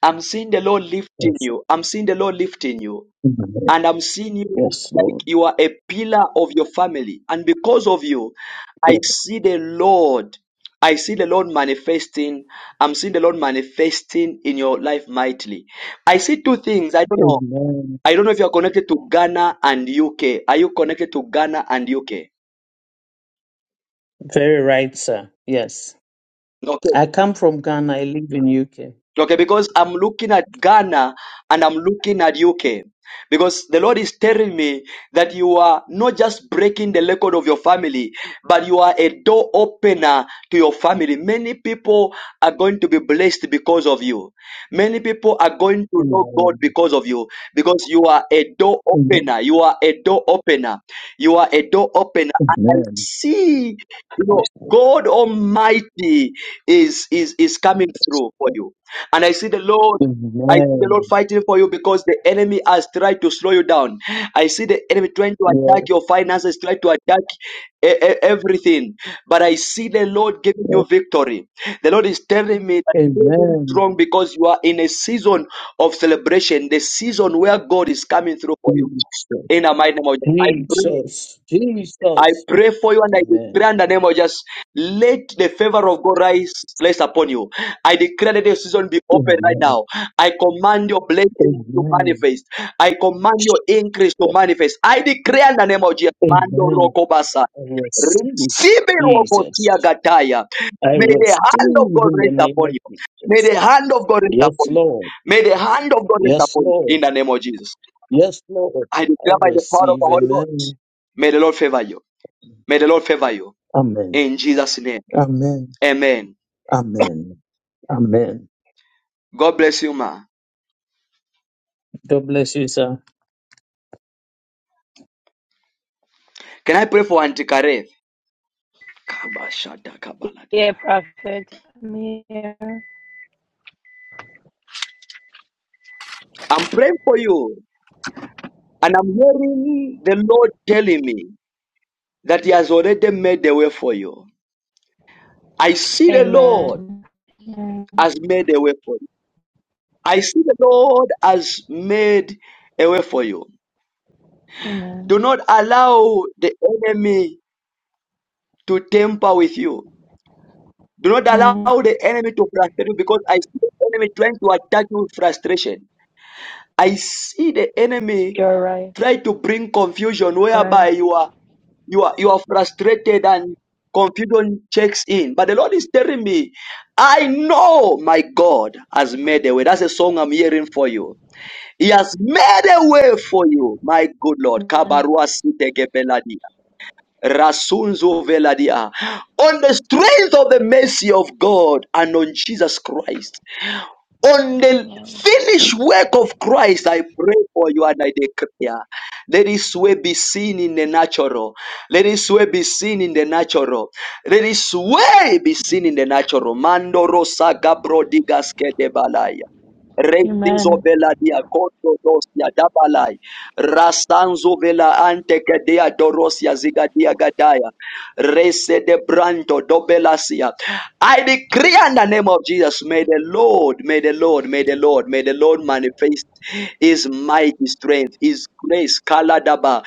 Speaker 1: I'm seeing the Lord lifting
Speaker 19: Yes.
Speaker 1: you. I'm seeing the Lord lifting you.
Speaker 19: Amen.
Speaker 1: And I'm seeing you
Speaker 19: Yes,
Speaker 1: like
Speaker 19: Lord.
Speaker 1: you are a pillar of your family. And because of you, I see the Lord. I see the Lord manifesting. I'm seeing the Lord manifesting in your life mightily. I see two things. I don't know.
Speaker 19: Amen.
Speaker 1: I don't know if you're connected to Ghana and UK. Are you connected to Ghana and UK?
Speaker 19: Very right, sir. Yes.
Speaker 1: Okay.
Speaker 19: I come from Ghana. I live in UK.
Speaker 1: Okay, because I'm looking at Ghana and I'm looking at UK. Because the Lord is telling me that you are not just breaking the record of your family, but you are a door opener to your family. Many people are going to be blessed because of you. Many people are going to know God
Speaker 19: Amen.
Speaker 1: because of you. Because you are a door
Speaker 19: Amen.
Speaker 1: opener. You are a door opener. You are a door opener. And I
Speaker 19: Amen.
Speaker 1: see, you know, God Almighty is is is coming through for you. And I see the Lord. I see the Lord
Speaker 19: Amen.
Speaker 1: fighting for you because the enemy has tried to slow you down. I see the enemy trying to
Speaker 19: Yes.
Speaker 1: attack your finances, trying to attack e- e- everything. But I see the Lord giving
Speaker 19: yes.
Speaker 1: you victory. The Lord is telling me that you are very
Speaker 19: Amen.
Speaker 1: strong because you are in a season of celebration, the season where God is coming through for you. In the mighty name of Jesus, I pray
Speaker 19: Jesus,
Speaker 1: I
Speaker 19: Jesus.
Speaker 1: pray for you and I
Speaker 19: Amen.
Speaker 1: declare in the name of Jesus, let the favor of God rise, place upon you. I declare that your season be open right
Speaker 19: Amen.
Speaker 1: now. I command your blessing to
Speaker 19: Amen.
Speaker 1: manifest. I command your increase to manifest. I declare in the name of Jesus, Mando
Speaker 19: Amen.
Speaker 1: Rokobasa.
Speaker 19: I receive
Speaker 1: Receive it, Rokotia
Speaker 19: Jesus.
Speaker 1: Gataya.
Speaker 19: I
Speaker 1: May the
Speaker 19: receive
Speaker 1: hand of God
Speaker 19: in the
Speaker 1: rest
Speaker 19: name
Speaker 1: upon
Speaker 19: of
Speaker 1: you. May
Speaker 19: Jesus.
Speaker 1: the hand of God rest
Speaker 19: Yes,
Speaker 1: upon you.
Speaker 19: Lord.
Speaker 1: May the hand of God rest
Speaker 19: Yes,
Speaker 1: upon you
Speaker 19: Lord.
Speaker 1: in the name of Jesus.
Speaker 19: Yes, Lord.
Speaker 1: I
Speaker 19: I
Speaker 1: declare by the power of the
Speaker 19: receive.
Speaker 1: Holy Ghost.
Speaker 19: Amen.
Speaker 1: May the Lord favor you. May the Lord favor you.
Speaker 19: Amen.
Speaker 1: In Jesus' name.
Speaker 19: Amen.
Speaker 1: Amen.
Speaker 19: Amen. Amen.
Speaker 1: God bless you, ma.
Speaker 19: God bless you, sir.
Speaker 1: Can I pray for Auntie Kareth?
Speaker 27: Yeah, prophet, I'm here.
Speaker 1: I'm praying for you, and I'm hearing the Lord telling me that He has already made the way for you. I see the Lord
Speaker 27: Amen. Amen.
Speaker 1: has made a way for you. I see the Lord has made a way for you. Do
Speaker 27: Amen.
Speaker 1: not allow the enemy to temper with you. Do not
Speaker 27: Amen.
Speaker 1: allow the enemy to frustrate you because I see the enemy trying to attack you with frustration. I see the enemy
Speaker 27: You're right.
Speaker 1: try to bring confusion
Speaker 27: You're
Speaker 1: whereby
Speaker 27: right.
Speaker 1: you are you are you are frustrated and confusion checks in. But the Lord is telling me, I know my God has made a way. That's a song I'm hearing for you. He has made a way for you, my good Lord.
Speaker 27: Amen.
Speaker 1: Kabarua Sitekepeladi. Rasunzo Veladia. On the strength of the mercy of God and on Jesus Christ on
Speaker 27: Thank
Speaker 1: the
Speaker 27: you, Lord.
Speaker 1: finished work of Christ, I pray for you and I declare. Let his way be seen in the natural. Let his way be seen in the natural. Let his way be seen in the natural. Mando rosa gabro digas kete balaya. Restizo
Speaker 27: Amen.
Speaker 1: vela dia koto dosia dabalai. Rastanzo vela ante kedea dorosia zigadia gadaya. Rese de branto dobelasia. I decree in the name of Jesus, may the Lord, may the Lord, may the Lord, may the Lord manifest his mighty strength, his grace, kaladaba.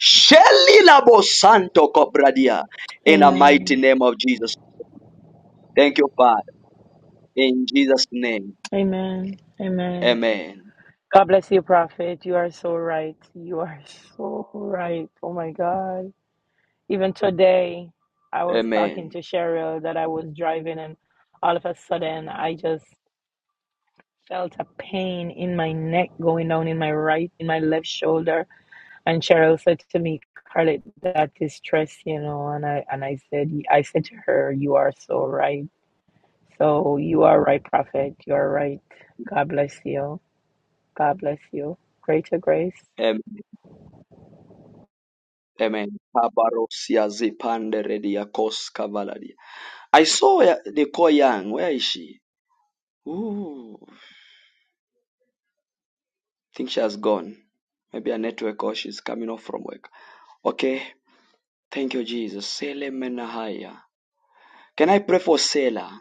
Speaker 1: sheli labo santo cobradia. In the mighty
Speaker 27: Amen.
Speaker 1: name of Jesus. Thank you, Father. In Jesus' name.
Speaker 27: Amen. Amen.
Speaker 1: Amen.
Speaker 27: God bless you, prophet. You are so right. You are so right. Oh my God. Even today, I was talking
Speaker 1: Amen.
Speaker 27: to Cheryl that I was driving, and all of a sudden, I just felt a pain in my neck going down in my right, in my left shoulder. And Cheryl said to me, Scarlett, that is stress, you know. And I and I said, I said to her, you are so right. So you are right, Prophet. You are right. God bless you. God bless you. Greater grace.
Speaker 1: Amen. Amen. Kabarosia zipande redia kos kavaladia. I saw Ya- Nicole Young. Where is she? Ooh. think she has gone. Maybe a network or she's coming off from work. Okay. Thank you, Jesus. Sele menahaya. Can I pray for Selah?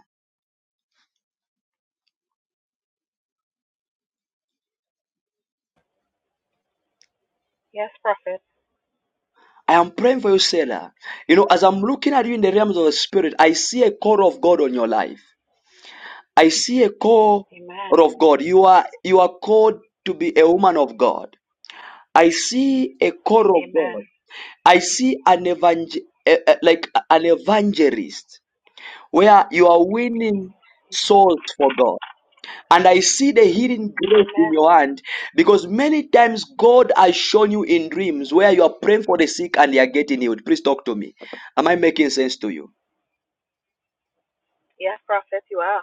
Speaker 25: Yes, Prophet.
Speaker 1: I am praying for you, Selah. You know, as I'm looking at you in the realms of the spirit, I see a call of God on your life. I see a call
Speaker 25: Amen.
Speaker 1: of God. You are you are called to be a woman of God. I see a call of
Speaker 25: Amen.
Speaker 1: God. I see an evangel eh, eh, like an evangelist where you are winning souls for God. And I see the healing grace in
Speaker 25: Amen.
Speaker 1: your hand because many times God has shown you in dreams where you are praying for the sick and they are getting healed. Please talk to me. Am I making sense to you?
Speaker 25: Yes, Prophet, you are.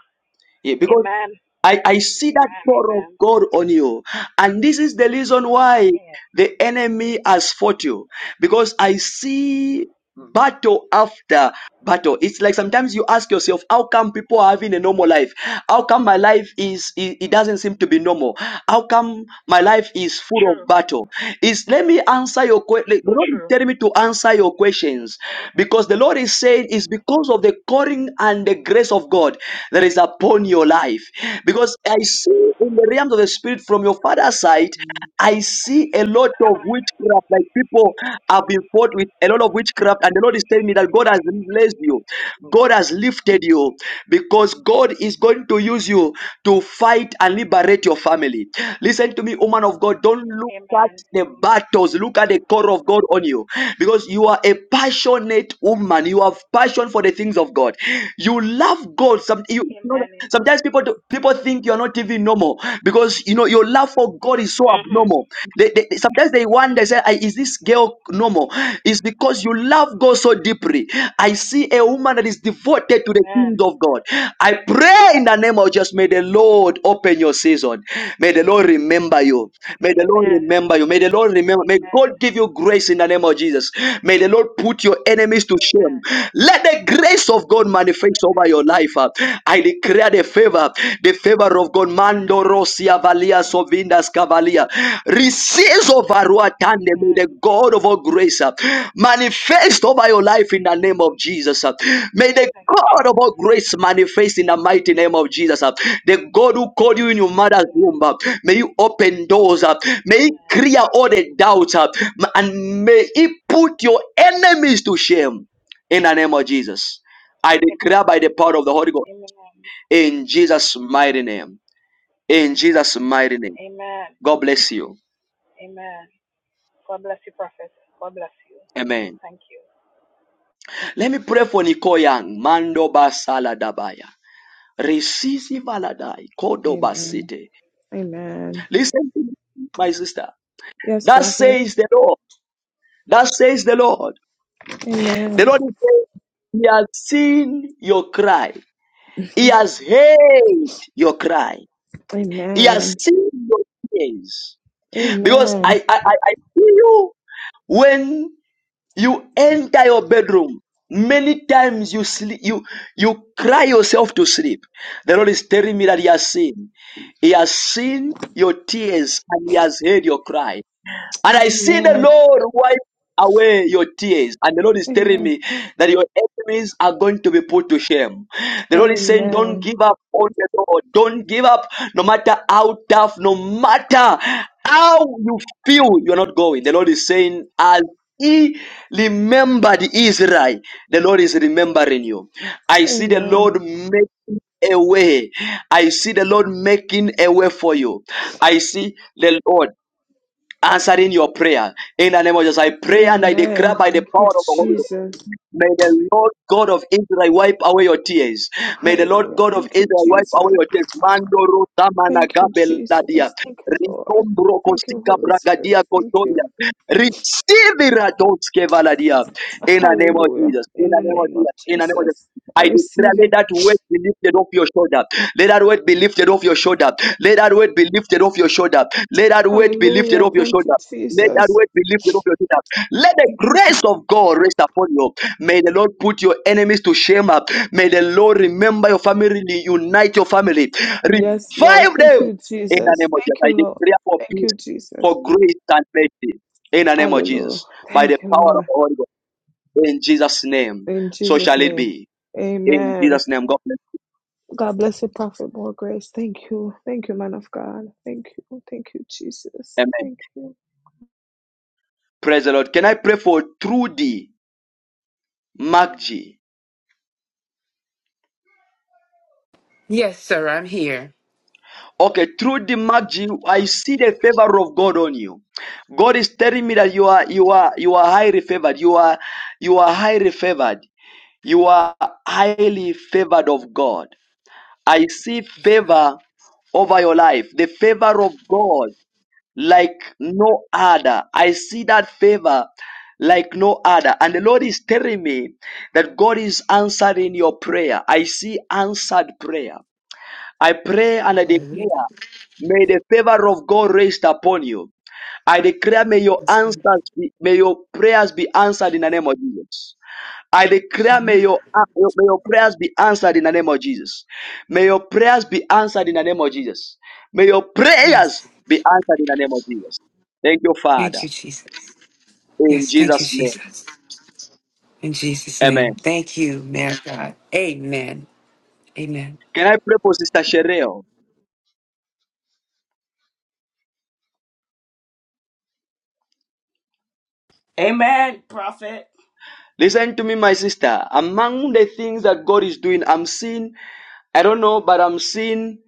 Speaker 1: Yeah, because.
Speaker 25: Amen.
Speaker 1: I, I see that
Speaker 25: Amen.
Speaker 1: power of
Speaker 25: Amen.
Speaker 1: God on you. And this is the reason why
Speaker 25: Yes.
Speaker 1: the enemy has fought you. Because I see battle after battle. It's like sometimes you ask yourself, how come people are having a normal life? How come my life is, it, it doesn't seem to be normal? How come my life is full of
Speaker 25: True.
Speaker 1: battle? Is let me answer your question. The Lord is
Speaker 25: True.
Speaker 1: telling me to answer your questions because the Lord is saying it's because of the calling and the grace of God that is upon your life. Because I see in the realms of the spirit from your father's side,
Speaker 25: Amen.
Speaker 1: I see a lot of witchcraft. Like people have been fought with a lot of witchcraft, and the Lord is telling me that God has blessed you, God has lifted you because God is going to use you to fight and liberate your family. Listen to me, woman of God. Don't look fight
Speaker 25: Amen.
Speaker 1: the battles. Look at the call of God on you because you are a passionate woman. You have passion for the things of God. You love God. Some, you, you know,
Speaker 25: Amen. Yes.
Speaker 1: sometimes people do, people think you're not even normal because you know your love for God is so
Speaker 25: Mm-hmm.
Speaker 1: abnormal. They, they, sometimes they wonder, say, "Ah, is this girl normal? It's because you love God so deeply. I see a woman that is devoted to the
Speaker 25: Amen.
Speaker 1: kingdom of God. I pray in the name of Jesus, may the Lord open your season. May the Lord remember you. May the Lord
Speaker 25: Amen.
Speaker 1: remember you. May the Lord remember. May
Speaker 25: Amen.
Speaker 1: God give you grace in the name of Jesus. May the Lord put your enemies to shame.
Speaker 25: Amen.
Speaker 1: Let the grace of God manifest over
Speaker 25: Amen.
Speaker 1: your life. uh. I declare the favor, the favor of God. Mando Rosia Valia Sovi Indas Cavalia. Receive over Ruatande, may
Speaker 25: Amen.
Speaker 1: the God of all grace uh, manifest over your life in the name of Jesus. uh. May the
Speaker 25: Thank you,
Speaker 1: God of
Speaker 25: Jesus.
Speaker 1: all grace manifest in the mighty name of Jesus. uh. The God who called you in your mother's
Speaker 25: Amen.
Speaker 1: womb, uh, may you open doors, uh. may He
Speaker 25: Amen.
Speaker 1: clear all the doubts, uh, and may He put your enemies to shame in the name of Jesus. I
Speaker 25: Amen.
Speaker 1: declare by the power of the Holy Ghost
Speaker 25: Amen.
Speaker 1: in Jesus' mighty name. In Jesus' mighty name.
Speaker 25: Amen.
Speaker 1: God bless you.
Speaker 25: Amen. God bless you, Prophet. God bless you.
Speaker 1: Amen.
Speaker 25: Thank you.
Speaker 1: Let me pray for Nicole Young. Mando basala dabaya. Resisi valadai. Kodo
Speaker 28: Amen.
Speaker 1: basite.
Speaker 28: Amen.
Speaker 1: Listen to me, my sister.
Speaker 28: Yes,
Speaker 1: That
Speaker 28: prophet.
Speaker 1: says the Lord. That says the Lord. The
Speaker 28: Amen.
Speaker 1: Lord is saying, He has seen your cry. He has heard your cry. He has
Speaker 28: Amen.
Speaker 1: seen your tears. Because
Speaker 28: Amen.
Speaker 1: I, I, I, I see you when You enter your bedroom. Many times you sleep, you you cry yourself to sleep. The Lord is telling me that He has seen. He has seen your tears and He has heard your cry. And I see the
Speaker 28: Amen.
Speaker 1: Lord wipe away your tears. And the Lord is telling
Speaker 28: Amen.
Speaker 1: me that your enemies are going to be put to shame. The Lord is saying, Don't
Speaker 28: Amen.
Speaker 1: give up on the Lord. Don't give up, no matter how tough, no matter how you feel you're not going. The Lord is saying, As he remembered Israel, the Lord is remembering you. I see the
Speaker 28: Amen.
Speaker 1: Lord making a way. I see the Lord making a way for you. I see the Lord answering your prayer. In the name of Jesus, I pray and I declare
Speaker 28: Amen.
Speaker 1: by the
Speaker 28: Thank you,
Speaker 1: power of the Holy Ghost.
Speaker 28: Jesus.
Speaker 1: May the Lord God of Israel wipe away your tears. May the Lord
Speaker 28: Hallelujah.
Speaker 1: God of
Speaker 28: Thank you,
Speaker 1: Israel wipe away
Speaker 28: Jesus.
Speaker 1: your tears. Mandoro tamana
Speaker 28: Thank you,
Speaker 1: gabeladia.
Speaker 28: Jesus. Thank you, Lord.
Speaker 1: Ritombro
Speaker 28: Thank you,
Speaker 1: kosika
Speaker 28: Holy Spirit.
Speaker 1: bragadia
Speaker 28: Thank
Speaker 1: kotoria.
Speaker 28: you.
Speaker 1: Receive iratonske valadia. In the name of
Speaker 28: Hallelujah.
Speaker 1: Jesus. In
Speaker 28: In
Speaker 1: the
Speaker 28: the
Speaker 1: name of
Speaker 28: name of
Speaker 1: Jesus. In the name of Jesus.
Speaker 28: Jesus, I
Speaker 1: I declare,
Speaker 28: receive
Speaker 1: let
Speaker 28: it.
Speaker 1: that weight be lifted off your shoulder. Let that weight be lifted off your shoulder. Let that weight be lifted off your shoulder. Let that weight be lifted
Speaker 28: Hallelujah.
Speaker 1: off your
Speaker 28: Thank you,
Speaker 1: shoulder. Let that
Speaker 28: Jesus.
Speaker 1: weight be lifted off your shoulder. Let the
Speaker 28: Thank you,
Speaker 1: grace of God rest upon you. May the Lord put your enemies to shame. May the Lord remember your family, unite your family,
Speaker 28: Yes, Lord.
Speaker 1: revive
Speaker 28: Thank
Speaker 1: them.
Speaker 28: you,
Speaker 1: In the name
Speaker 28: Jesus.
Speaker 1: of Jesus,
Speaker 28: Thank
Speaker 1: I
Speaker 28: you, Lord.
Speaker 1: declare for
Speaker 28: Thank
Speaker 1: peace,
Speaker 28: you, Jesus.
Speaker 1: for grace and mercy. In the name of
Speaker 28: Hallelujah.
Speaker 1: Jesus, by the
Speaker 28: Thank you,
Speaker 1: power of
Speaker 28: Lord.
Speaker 1: the Holy Ghost, in Jesus' name,
Speaker 28: In
Speaker 1: so
Speaker 28: Jesus'
Speaker 1: shall it
Speaker 28: name.
Speaker 1: be. In
Speaker 28: Amen.
Speaker 1: Jesus' name, God bless.
Speaker 28: God bless you, Prophet. More grace. Thank you. Thank you, man of God. Thank you. Thank you, Jesus.
Speaker 1: Amen.
Speaker 28: Thank you.
Speaker 1: Praise the Lord. Can I pray for Trudy MacG?
Speaker 29: Yes, sir, I'm here.
Speaker 1: Okay, through the magic, I see the favor of God on you. God is telling me that you are you are you are highly favored. You are you are highly favored. You are highly favored of God. I see
Speaker 29: Praise God.
Speaker 1: favor over your life. The favor of God like no other. I see that favor like no other. And the Lord is telling me that God is answering your prayer. I see answered prayer. I pray and I
Speaker 29: Hallelujah.
Speaker 1: declare, may the favor of God rest upon you. I declare, may your
Speaker 29: Mhm.
Speaker 1: answers, be, may your prayers be answered in the name of Jesus. I declare, may your, uh, may your prayers be answered in the name of Jesus. May your prayers be answered in the name of Jesus. May your prayers
Speaker 29: Yes.
Speaker 1: be answered in the name of Jesus. Thank you,
Speaker 29: Thank
Speaker 1: Father.
Speaker 29: you, Jesus.
Speaker 1: In
Speaker 29: Yes, thank you,
Speaker 1: Jesus' name.
Speaker 29: Jesus. In Jesus'
Speaker 1: Amen.
Speaker 29: name. Thank you, man of God. Amen. Amen.
Speaker 1: Can I pray for Sister Shereo?
Speaker 14: Amen, prophet.
Speaker 1: Listen to me, my sister. Among the things that God is doing, I'm seeing I don't know, but I'm seeing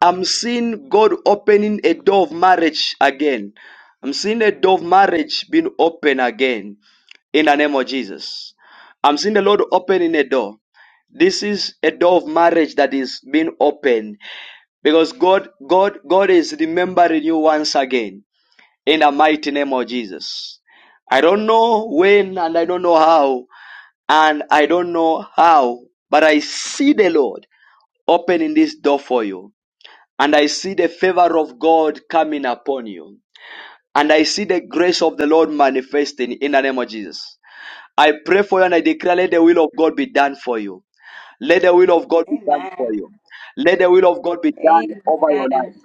Speaker 1: I'm seeing God opening a door of marriage again. I'm seeing a door of marriage being open again in the name of Jesus. I'm seeing the Lord opening a door. This is a door of marriage that is being opened because God, God, God is remembering you once again in the mighty name of Jesus. I don't know when and I don't know how and I don't know how, but I see the Lord opening this door for you and I see the favor of God coming upon you. And I see the grace of the Lord manifesting in the name of Jesus. I pray for you and I declare, let the will of God be done for you. Let the will of God be done for
Speaker 14: Amen.
Speaker 1: you. Let the will of God be done over your
Speaker 14: Amen,
Speaker 1: life.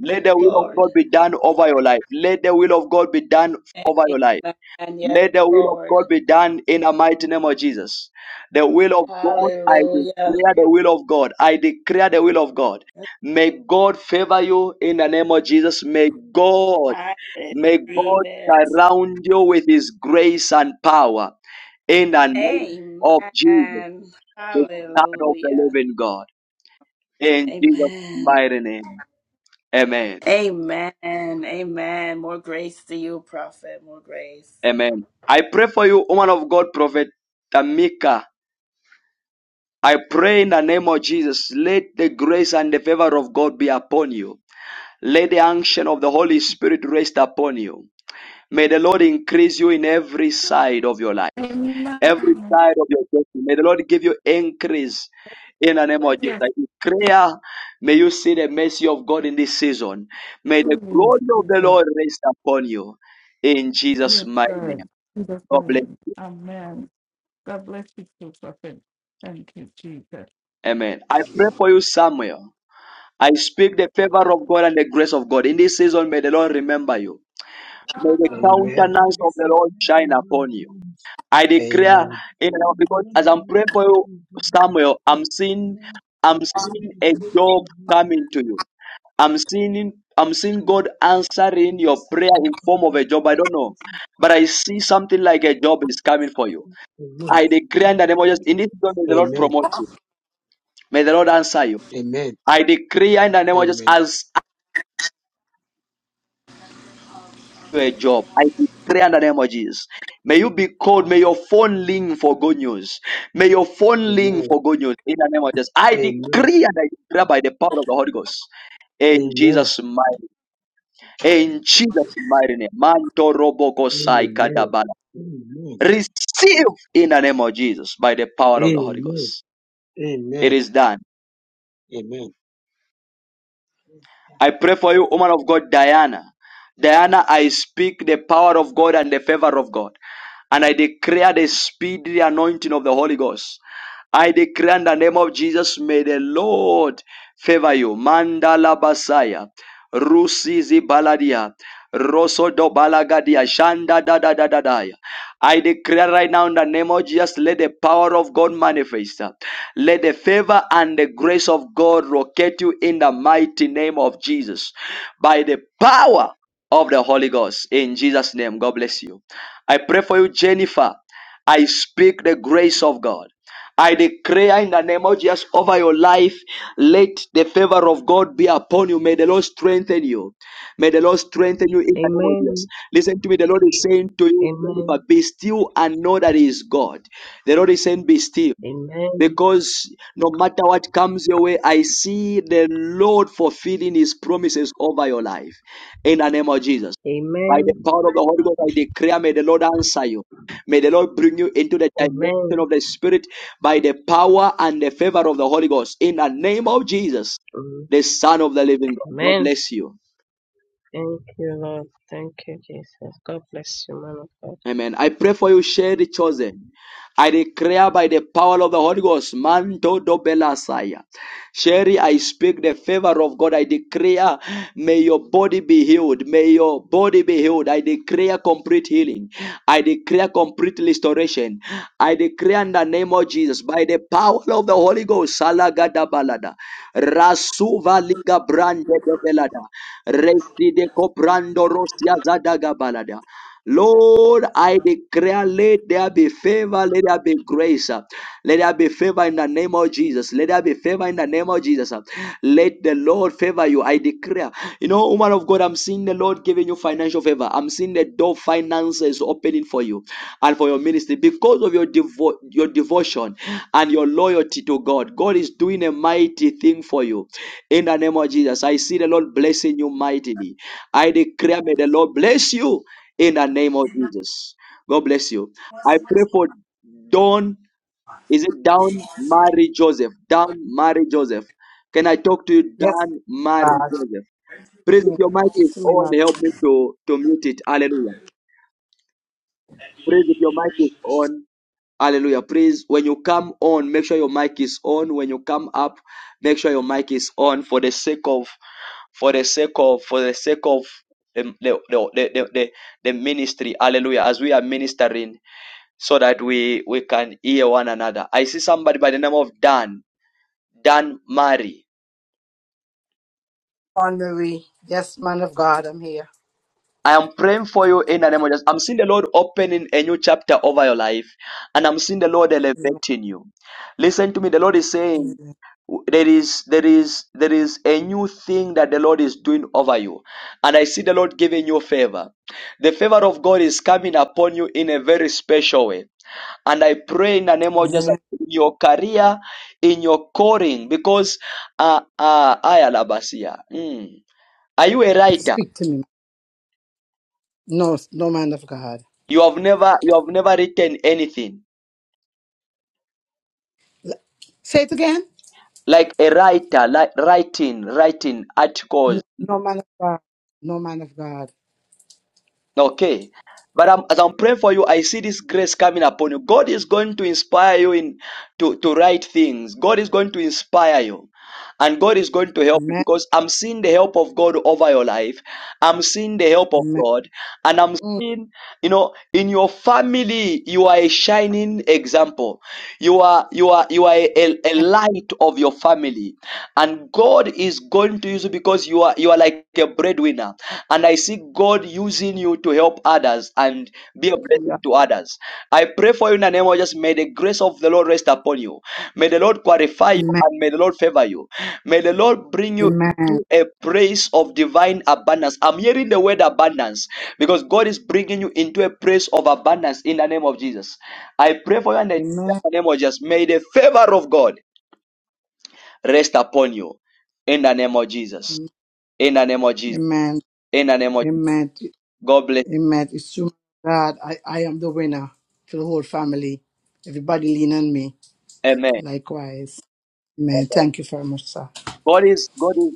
Speaker 1: Let the will of
Speaker 14: Lord.
Speaker 1: God be done over your life. Let the will of God be done over your life.
Speaker 14: Amen. Yes,
Speaker 1: May the will of
Speaker 14: Lord.
Speaker 1: God be done in the mighty name of Jesus. The will of God, I
Speaker 14: Hallelujah.
Speaker 1: declare the will of God. I declare the will of God. May God favor you in the name of Jesus. May God,
Speaker 14: I
Speaker 1: may
Speaker 14: receive
Speaker 1: God
Speaker 14: it.
Speaker 1: surround you with his grace and power in the name of Jesus,
Speaker 14: Amen.
Speaker 1: the Son of the
Speaker 14: Hallelujah.
Speaker 1: living God. In Jesus'
Speaker 14: Amen.
Speaker 1: mighty name. Amen.
Speaker 14: Amen. Amen. More grace to you, prophet. More grace.
Speaker 1: Amen. I pray for you, woman of God, Prophet Tamika. I pray in the name of Jesus, let the grace and the favor of God be upon you. Let the unction of the Holy Spirit rest upon you. May the Lord increase you in every side of your life, every
Speaker 23: Amen.
Speaker 1: side of your destiny. May the Lord give you increase in the name of Jesus.
Speaker 23: Yes,
Speaker 1: I declare, may you see the mercy of God in this season. May the
Speaker 23: please,
Speaker 1: glory of the
Speaker 23: Jesus.
Speaker 1: Lord rest upon you in Jesus'
Speaker 23: Yes,
Speaker 1: mighty name.
Speaker 23: God. In Jesus'
Speaker 1: God bless. you.
Speaker 23: name. Amen. God bless you too, prophet. Thank you, Jesus.
Speaker 1: Amen. I pray for you, Samuel. I speak the favor of God and the grace of God. In this season, may the Lord remember you. May the
Speaker 3: Amen.
Speaker 1: countenance of the Lord shine upon you. I declare,
Speaker 3: Amen.
Speaker 1: in the because as I'm praying for you, Samuel, I'm seeing, I'm seeing a job coming to you. I'm seeing, I'm seeing God answering your prayer in form of a job. I don't know, but I see something like a job is coming for you.
Speaker 3: Amen.
Speaker 1: I declare in the name of Jesus, in this season, may
Speaker 3: Amen.
Speaker 1: the Lord
Speaker 3: Amen.
Speaker 1: promote you. May the Lord answer you.
Speaker 3: Amen. Amen.
Speaker 1: I decree in the name of Jesus,
Speaker 3: Amen.
Speaker 1: as you a job. I declare under the name of Jesus. May you be called. May your phone ring for good news. May your phone ring for good news in the name of Jesus. I
Speaker 3: Amen.
Speaker 1: decree and I declare by the power of the Holy Ghost. In Jesus' mighty, in Jesus' mighty name. Manto roboko sai kadabala. Receive in the name of Jesus by the
Speaker 3: Amen. Amen.
Speaker 1: power of the Holy
Speaker 3: Amen.
Speaker 1: Ghost.
Speaker 3: Amen.
Speaker 1: It is done.
Speaker 3: Amen.
Speaker 1: I pray for you, woman of God, Diana. Diana, I speak the power of God and the favor of God. And I declare the speedy anointing of the Holy Ghost. I declare in the name of Jesus, may the Lord favor you. Mandala Basaya, Rusizi Baladia, Rosodo Balagadia, Shanda da da da da da. I declare right now in the name of Jesus, let the power of God manifest. Let the favor and the grace of God locate you in the mighty name of Jesus. By the power of the Holy Ghost. In Jesus' name, God bless you. I pray for you, Jennifer. I speak the grace of God. I declare in the name of Jesus over your life, let the favor of God be upon you. May the Lord strengthen you. May the Lord strengthen you in the name of Jesus.
Speaker 5: Amen.
Speaker 1: Listen to me. The Lord is saying to you, Jennifer,
Speaker 5: Amen.
Speaker 1: be still and know that He is God. The Lord is saying, be still.
Speaker 5: Amen.
Speaker 1: Because no matter what comes your way, I see the Lord fulfilling His promises over your life. In the name of Jesus. By
Speaker 5: Amen.
Speaker 1: the power of the Holy Ghost, I declare, may the Lord answer you. May the Lord bring you into the dimension
Speaker 5: Amen.
Speaker 1: of the Spirit by the power and the favor of the Holy Ghost. In the name of Jesus,
Speaker 5: Mm.
Speaker 1: the Son of the living God. God
Speaker 5: Amen.
Speaker 1: bless you.
Speaker 5: Thank you, Lord. Thank you, Jesus. God bless you, man. of God.
Speaker 1: Amen. I pray for you, Sherry Chosen. I declare by the power of the Holy Ghost, Manto do Belasaya. Sherry, I speak the favor of God. I declare, may your body be healed. May your body be healed. I declare complete healing. I declare complete restoration. I declare in the name of Jesus, by the power of the Holy Ghost, Salagada Balada, Rasuva Liga Brande
Speaker 30: And
Speaker 1: de Belada, Resi de Coprando Rosia Zadaga Balada. Lord, I declare, let there be favor, let there be grace. uh, Let there be favor in the name of Jesus. Let there be favor in the name of Jesus. uh, Let the Lord favor you. I declare. You know, woman of God, I'm seeing the Lord giving you financial favor. I'm seeing the door of finances opening for you and for your ministry because of your devo- your devotion and your loyalty to God. God is doing a mighty thing for you. In the name of Jesus, I see the Lord blessing you mightily. I declare, may the Lord bless you in the name of
Speaker 30: Good
Speaker 1: Jesus. God bless you. I pray for Don. Is it Down Mary Joseph? Down Mary Joseph. Can I talk to you,
Speaker 17: Yes,
Speaker 1: Down Mary
Speaker 17: God. Speak
Speaker 1: Joseph?
Speaker 17: to
Speaker 1: Praise if
Speaker 17: me,
Speaker 1: your mic
Speaker 17: Speak
Speaker 1: is
Speaker 17: to me,
Speaker 1: on.
Speaker 17: man.
Speaker 1: Help me to, to mute it. Hallelujah. Praise if your
Speaker 30: evening,
Speaker 1: mic is
Speaker 30: immigration officials.
Speaker 1: on. Hallelujah. Praise when you come on, make sure your mic is on. When you come up, make sure your mic is on for the sake of, for the sake of, for the sake of the, the, the, the, the, the ministry. Hallelujah. As we are ministering so that we we can hear one another. I see somebody by the name of Dan, Dan Murray.
Speaker 17: Honorary. Yes, man of God, I'm here.
Speaker 1: I am praying for you in the name of Jesus. I'm seeing the Lord opening a new chapter over your life, and I'm seeing the Lord
Speaker 17: Amen.
Speaker 1: elevating you. Listen to me. The Lord is saying there is there is there is a new thing that the Lord is doing over you, and I see the Lord giving you favor. The favor of God is coming upon you in a very special way. And I pray in the name of
Speaker 17: Amen.
Speaker 1: Jesus in your career, in your calling, because uh uh ayalabasia. Mm. Are you a writer?
Speaker 17: Speak to me. No, no man of God.
Speaker 1: You have never you have never written anything.
Speaker 17: L- Say it again.
Speaker 1: Like a writer, like writing, writing articles
Speaker 17: No, no man of God. No man of God.
Speaker 1: Okay. But I'm, as I'm praying for you, I see this grace coming upon you. God is going to inspire you in to, to write things. God is going to inspire you. And God is going to help you
Speaker 17: Amen.
Speaker 1: because I'm seeing the help of God over your life. I'm seeing the help of
Speaker 17: Amen.
Speaker 1: God. And I'm seeing, you know, in your family, you are a shining example. You are you are you are a, a
Speaker 17: Amen.
Speaker 1: light of your family. And God God is going to use you because you are you are like a breadwinner. And I see God using you to help others and be a
Speaker 17: Yeah.
Speaker 1: blessing to others. I pray for you in the name of Jesus. May the grace of the Lord rest upon you. May the Lord qualify you
Speaker 17: Amen.
Speaker 1: and may the Lord favor you. May the Lord bring you
Speaker 17: Amen.
Speaker 1: to a place of divine abundance. I'm hearing the word abundance because God is bringing you into a place of abundance in the name of Jesus. I pray for you in the
Speaker 17: Amen.
Speaker 1: name of Jesus. May the favor of God rest upon you in the name of Jesus. In the name of Jesus.
Speaker 17: Amen.
Speaker 1: In the name of Jesus.
Speaker 17: Amen.
Speaker 1: God bless.
Speaker 17: Amen. It's true, God. I, I am the winner to the whole family. Everybody lean on me.
Speaker 1: you. Amen.
Speaker 17: Likewise. Amen.
Speaker 1: Amen.
Speaker 17: Thank you very much, sir.
Speaker 1: God is God is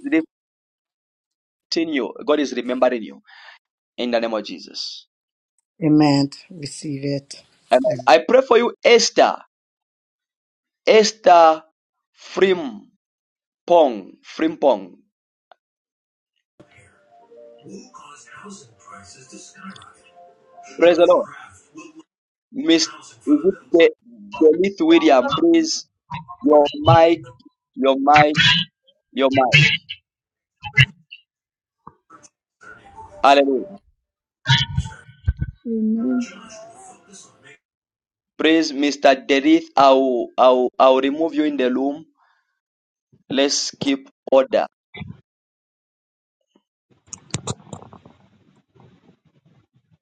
Speaker 1: lifting you. God is remembering you. In the name of Jesus.
Speaker 17: Amen. Receive it.
Speaker 1: Amen. I pray for you, Esther. Esther Frimpong. Frimpong.
Speaker 30: Who caused housing prices to skyrocket?
Speaker 1: Praise the
Speaker 30: Judge
Speaker 1: Lord.
Speaker 30: Kraft will look at
Speaker 1: Miss
Speaker 30: housing for
Speaker 1: is
Speaker 30: the
Speaker 1: it
Speaker 30: middle
Speaker 1: the,
Speaker 30: class.
Speaker 1: the Lithuanian, praise your mic, your mic, your mic. Hallelujah.
Speaker 31: Amen.
Speaker 30: Judge will focus on making.
Speaker 1: Praise Mr. Derith. I'll, I'll, I'll remove you in the room Let's keep order.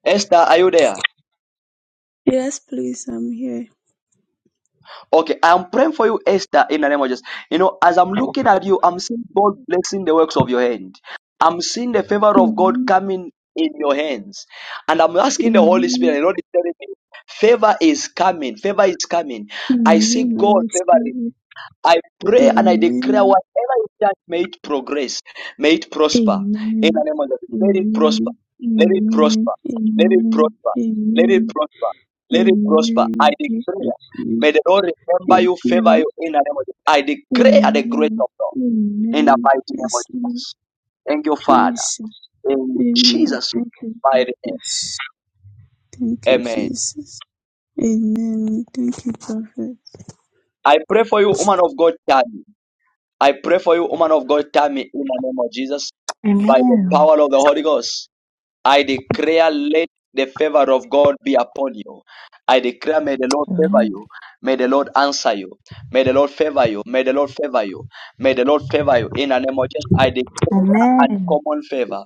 Speaker 1: Esther, are you there?
Speaker 31: Yes, please, I'm here.
Speaker 1: Okay, I'm praying for you, Esther, in the name of Jesus. You know, as I'm looking at you, I'm seeing God blessing the works of your hand. I'm seeing the favor of God
Speaker 31: Amen.
Speaker 1: coming in your hands. And I'm asking the Holy Spirit,
Speaker 31: Amen.
Speaker 1: you know, telling me, favor is coming, favor is coming. I see
Speaker 31: Amen. I
Speaker 1: God favoring.
Speaker 31: receive it.
Speaker 1: I pray and I declare
Speaker 31: Amen.
Speaker 1: whatever you touch, may it progress, may it prosper. In the
Speaker 31: Amen.
Speaker 1: name of Jesus, let it prosper,
Speaker 31: Amen.
Speaker 1: let it prosper,
Speaker 31: Amen.
Speaker 1: let it
Speaker 31: Amen.
Speaker 1: prosper, let it
Speaker 31: Amen. Amen.
Speaker 1: prosper, let it prosper. I
Speaker 31: In
Speaker 1: declare,
Speaker 31: Jesus name.
Speaker 1: may the Lord
Speaker 31: Yes,
Speaker 1: remember you, favor
Speaker 31: Lord.
Speaker 1: you. In the name of Jesus, I declare the grace
Speaker 31: Amen.
Speaker 1: of God. In the
Speaker 31: Amen.
Speaker 1: mighty name of
Speaker 31: Yes, Lord.
Speaker 1: Jesus, thank you, Father.
Speaker 31: Jesus.
Speaker 1: In
Speaker 31: Amen.
Speaker 1: Jesus'
Speaker 31: Thank you,
Speaker 1: mighty name,
Speaker 31: Jesus. Thank you,
Speaker 1: Amen.
Speaker 31: Jesus. Amen. Thank you,
Speaker 1: I pray for you, woman of God, Tammy. I pray for you, woman of God, Tammy. In the name of Jesus by the
Speaker 13: Amen.
Speaker 1: power of the Holy Ghost. I declare, let the favor of God be upon you. I declare, may the Lord favor
Speaker 13: Amen.
Speaker 1: you. May the Lord answer you. May the Lord favor you. May the Lord favor you. May the Lord favor you. In the name of Jesus, I declare
Speaker 13: Amen.
Speaker 1: uncommon favor.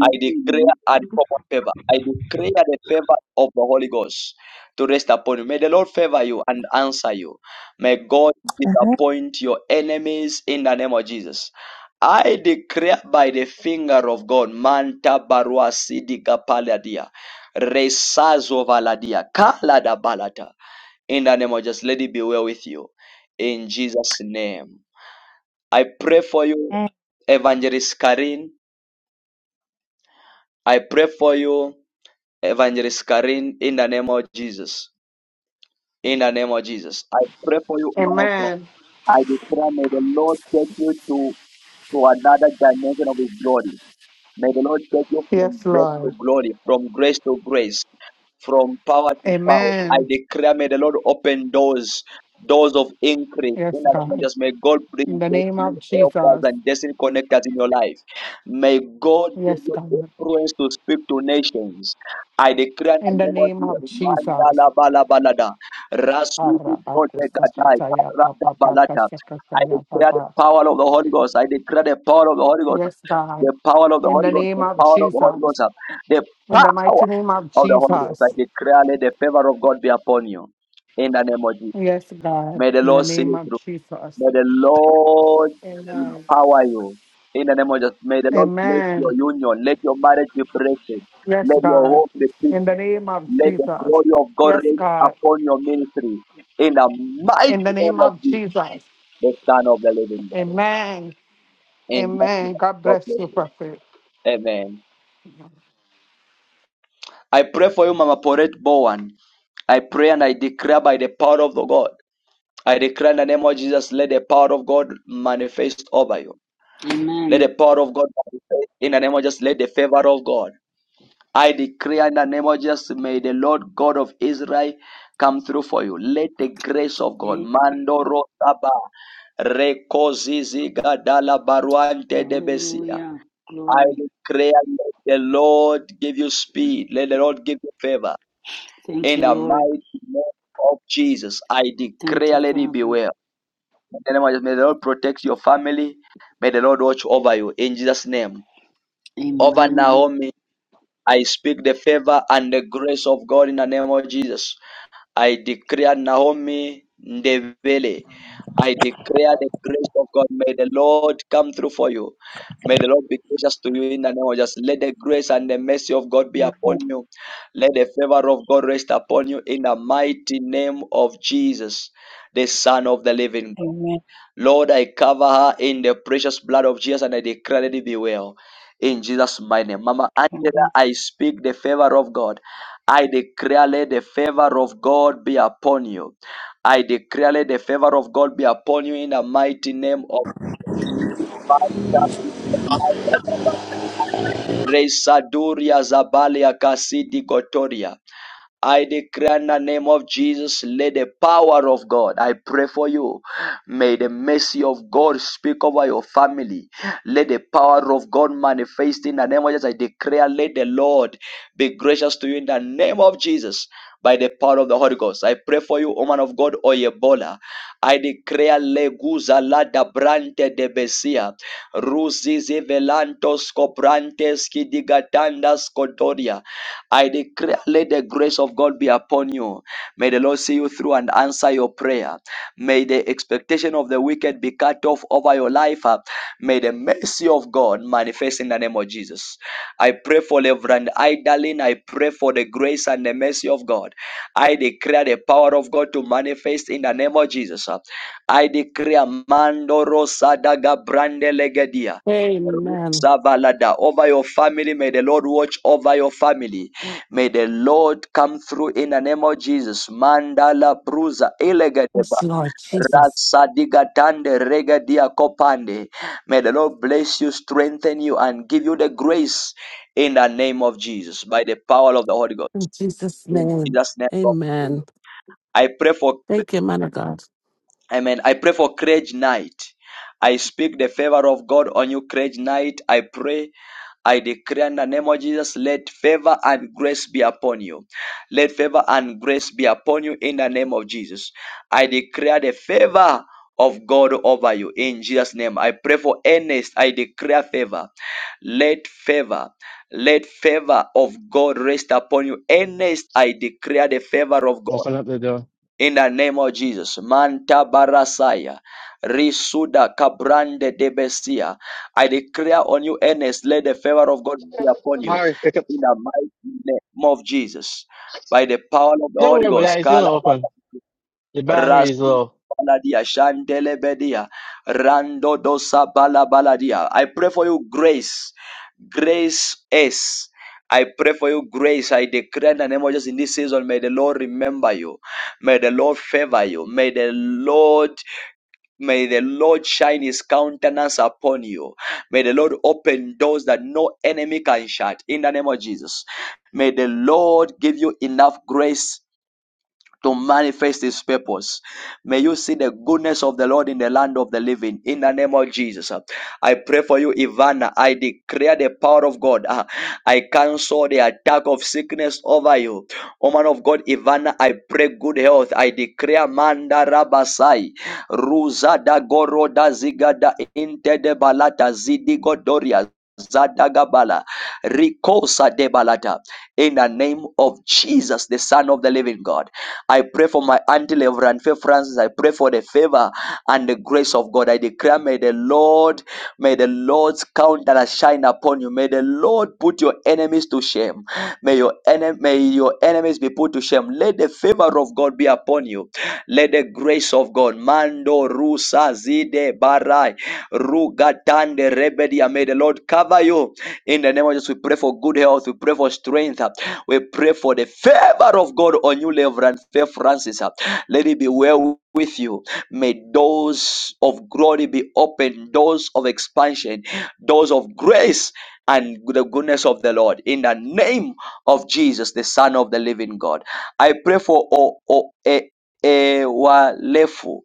Speaker 1: I declare uncommon favor. I declare the favor of the Holy Ghost to rest upon you. May the Lord favor you and answer you. May God
Speaker 13: Amen.
Speaker 1: disappoint your enemies in the name of Jesus. I declare by the finger of God, Manta Barua Sidika Paladia, Resazo Valadia, Kalada Balata. In the name of Jesus, let it be well with you. In Jesus' name. I pray for you, Evangelist Karin. I pray for you, Evangelist Karin, in the name of Jesus. In the name of Jesus. I pray for you, woman of God.
Speaker 10: Amen.
Speaker 1: I declare, may the Lord take you to, to another dimension of His glory. May the Lord take you from
Speaker 10: Yes,
Speaker 1: grace to
Speaker 10: Lord.
Speaker 1: glory, from grace to grace from power to power. I
Speaker 10: Amen.
Speaker 1: declare, may the Lord open doors, doors of increase.
Speaker 10: Yes,
Speaker 1: In other
Speaker 10: God.
Speaker 1: words, may God
Speaker 10: In
Speaker 1: bring
Speaker 10: the name
Speaker 1: destiny
Speaker 10: of
Speaker 1: helpers
Speaker 10: Jesus.
Speaker 1: and destiny connectors in your life. May God give
Speaker 10: Yes,
Speaker 1: you
Speaker 10: God.
Speaker 1: influence to speak to nations. I declare
Speaker 10: In
Speaker 1: in the
Speaker 10: the
Speaker 1: name of
Speaker 10: name of
Speaker 1: Jesus,
Speaker 10: Jesus.
Speaker 1: Mandala Bala Balada, Rasuti Protekatai, Rada Balata. I declare the power of the Holy Ghost. I declare the power of the Holy Ghost.
Speaker 10: Yes, God.
Speaker 1: The power of the
Speaker 10: In
Speaker 1: Holy
Speaker 10: the
Speaker 1: Ghost.
Speaker 10: name
Speaker 1: The
Speaker 10: of
Speaker 1: power of the Holy
Speaker 10: Jesus.
Speaker 1: Ghost. The
Speaker 10: In the
Speaker 1: power
Speaker 10: mighty name of
Speaker 1: of the Holy Ghost. I
Speaker 10: Jesus.
Speaker 1: declare, let the favor of God be upon you. In the name of Jesus.
Speaker 10: Yes, God.
Speaker 1: May the
Speaker 10: In the
Speaker 1: Lord see
Speaker 10: name
Speaker 1: you
Speaker 10: of
Speaker 1: through.
Speaker 10: Jesus.
Speaker 1: May the Lord
Speaker 10: Amen.
Speaker 1: empower you. In the name of Jesus. May the Lord bless your
Speaker 10: Amen.
Speaker 1: union. Let your marriage be blessed.
Speaker 10: Yes,
Speaker 1: Let your
Speaker 10: God.
Speaker 1: home be fixed.
Speaker 10: In the name of
Speaker 1: Let the
Speaker 10: Jesus.
Speaker 1: glory of God
Speaker 10: Yes,
Speaker 1: rest
Speaker 10: God.
Speaker 1: upon your ministry. In the mighty
Speaker 10: In the name
Speaker 1: name of
Speaker 10: of
Speaker 1: Jesus,
Speaker 10: Jesus.
Speaker 1: the Son of the Living God.
Speaker 10: Amen.
Speaker 1: In Jesus' name,
Speaker 10: Amen. God
Speaker 1: God
Speaker 10: bless
Speaker 1: bless
Speaker 10: you, Prophet.
Speaker 1: you. Amen. I pray for you, Mama Poret Bowen. I pray and I declare by the power of the God. I declare in the name of Jesus, let the power of God manifest over you. Let the
Speaker 32: Amen.
Speaker 1: power of God manifest in the name of Jesus. Let the favor of God. I declare in the name of Jesus, may the Lord God of Israel come through for you. Let the grace of God,
Speaker 32: Eh,
Speaker 1: Mando Rotaba, Rekozizi Gadala Baruante de
Speaker 32: Hallelujah.
Speaker 1: I
Speaker 32: Glory.
Speaker 1: declare, let the Lord give you speed. Let the Lord give you favor.
Speaker 32: Thank
Speaker 1: In
Speaker 32: you,
Speaker 1: the
Speaker 32: Lord.
Speaker 1: mighty name of Jesus, I
Speaker 32: Thank
Speaker 1: declare,
Speaker 32: you,
Speaker 1: let it be
Speaker 32: Father.
Speaker 1: well. In the name of Jesus, may the Lord protect your family. May the Lord watch over you in Jesus' name. Over
Speaker 32: Amen.
Speaker 1: Naomi, I speak the favor and the grace of God in the name of Jesus. I declare Naomi Ndevele. I declare the grace of God. May the Lord come through for you. May the Lord be gracious to you in the name of Jesus. Let the grace and the mercy of God be upon
Speaker 33: Amen.
Speaker 1: you. Let the favor of God rest upon you in the mighty name of Jesus, the Son of the living God.
Speaker 33: Amen.
Speaker 1: Lord, I cover her in the precious blood of Jesus and I declare that it be well. In Jesus' mighty name. Mama
Speaker 33: Amen.
Speaker 1: Angela, I speak the favor of God. I declare let the favor of God be upon you. I declare let the favor of God be upon you in the mighty name of Father, Resaduria Zabalia Kasidi Gotoria. I declare in the name of Jesus, let the power of God, I pray for you. May the mercy of God speak over your family. Let the power of God manifest in the name of Jesus. I declare, let the Lord be gracious to you in the name of Jesus by the power of the Holy Ghost. I pray for you, O man of God, Oyebola. I declare leguza lada brante de besia. Ruzizi velantos coprantes kidigatandas kotoria. I declare let the grace of God be upon you. May the Lord see you through and answer your prayer. May the expectation of the wicked be cut off over your life. uh, May the mercy of God manifest in the name of Jesus. I pray for Reverend Idalin. I pray for the grace and the mercy of God. I declare the power of God to manifest in the name of Jesus. I declare Mandoro Sadaga Brande Legedia.
Speaker 34: Amen.
Speaker 1: Savalada over your family. May the Lord watch over your family. May the Lord come through in the name of Jesus. Mandala bruza elegadeba
Speaker 34: Yes, Lord Jesus.
Speaker 1: rasadigatande regadia kopande. May the Lord bless you, strengthen you, and give you the grace in the name of Jesus by the power of the Holy Ghost.
Speaker 34: In Jesus'
Speaker 1: In
Speaker 34: name.
Speaker 1: Jesus' name.
Speaker 34: Amen.
Speaker 1: I pray for
Speaker 34: Thank you, man of God.
Speaker 1: Amen. I pray for courage night. I speak the favor of God on you, courage night. I pray, I declare in the name of Jesus, let favor and grace be upon you. Let favor and grace be upon you in the name of Jesus. I declare the favor of God over you in Jesus' name. I pray for earnest. I declare favor. Let favor, let favor of God rest upon you. Earnest, I declare the favor of God.
Speaker 15: open up the door.
Speaker 1: In the name of Jesus, Manta Barasaya, Risuda Kabrande Debesia, I declare on you, Ernest, let the favor of God be upon you.
Speaker 15: Mari, pick up.
Speaker 1: In the mighty name of Jesus, by the power of the
Speaker 15: Don't worry
Speaker 1: Holy
Speaker 15: about
Speaker 1: Ghost,
Speaker 15: that. It's
Speaker 1: Kala
Speaker 15: gonna open. The battery is
Speaker 1: Rasu
Speaker 15: low.
Speaker 1: baladia, shandele bedia, rando dosa bala baladia. I pray for you grace. Grace is. I pray for you grace. I declare in the name of Jesus in this season, may the Lord remember you. May the Lord favor you. May the Lord, may the Lord shine his countenance upon you. May the Lord open doors that no enemy can shut in the name of Jesus. May the Lord give you enough grace to manifest his purpose. May you see the goodness of the Lord in the land of the living. In the name of Jesus. uh, I pray for you, Ivana. I declare the power of God. uh, I cancel the attack of sickness over you. O man of God, Ivana, I pray good health. I declare Manda Rabasai. Ruza da Goro da Ziga da Inte de Balata Zidigo Doria. Zadagabala, Rikosa de Balata in the name of Jesus, the Son of the Living God. I pray for my auntie Lever and Faith Francis. I pray for the favor and the grace of God. I declare, may the Lord, may the Lord's countenance shine upon you. May the Lord put your enemies to shame. May May your enemy, may your enemies be put to shame. Let the favor of God be upon you. Let the grace of God, Mando Rusa Zide Barai, Rugatande Rebedia. May the Lord cover you. In the name of Jesus, we pray for good health. We pray for strength. We pray for the favor of God on you, Reverend Faith Francis. Let it be well with you. May doors of glory be open, doors of expansion, doors of grace and the goodness of the Lord. In the name of Jesus, the Son of the living God. I pray for O- O- E- Ewalefu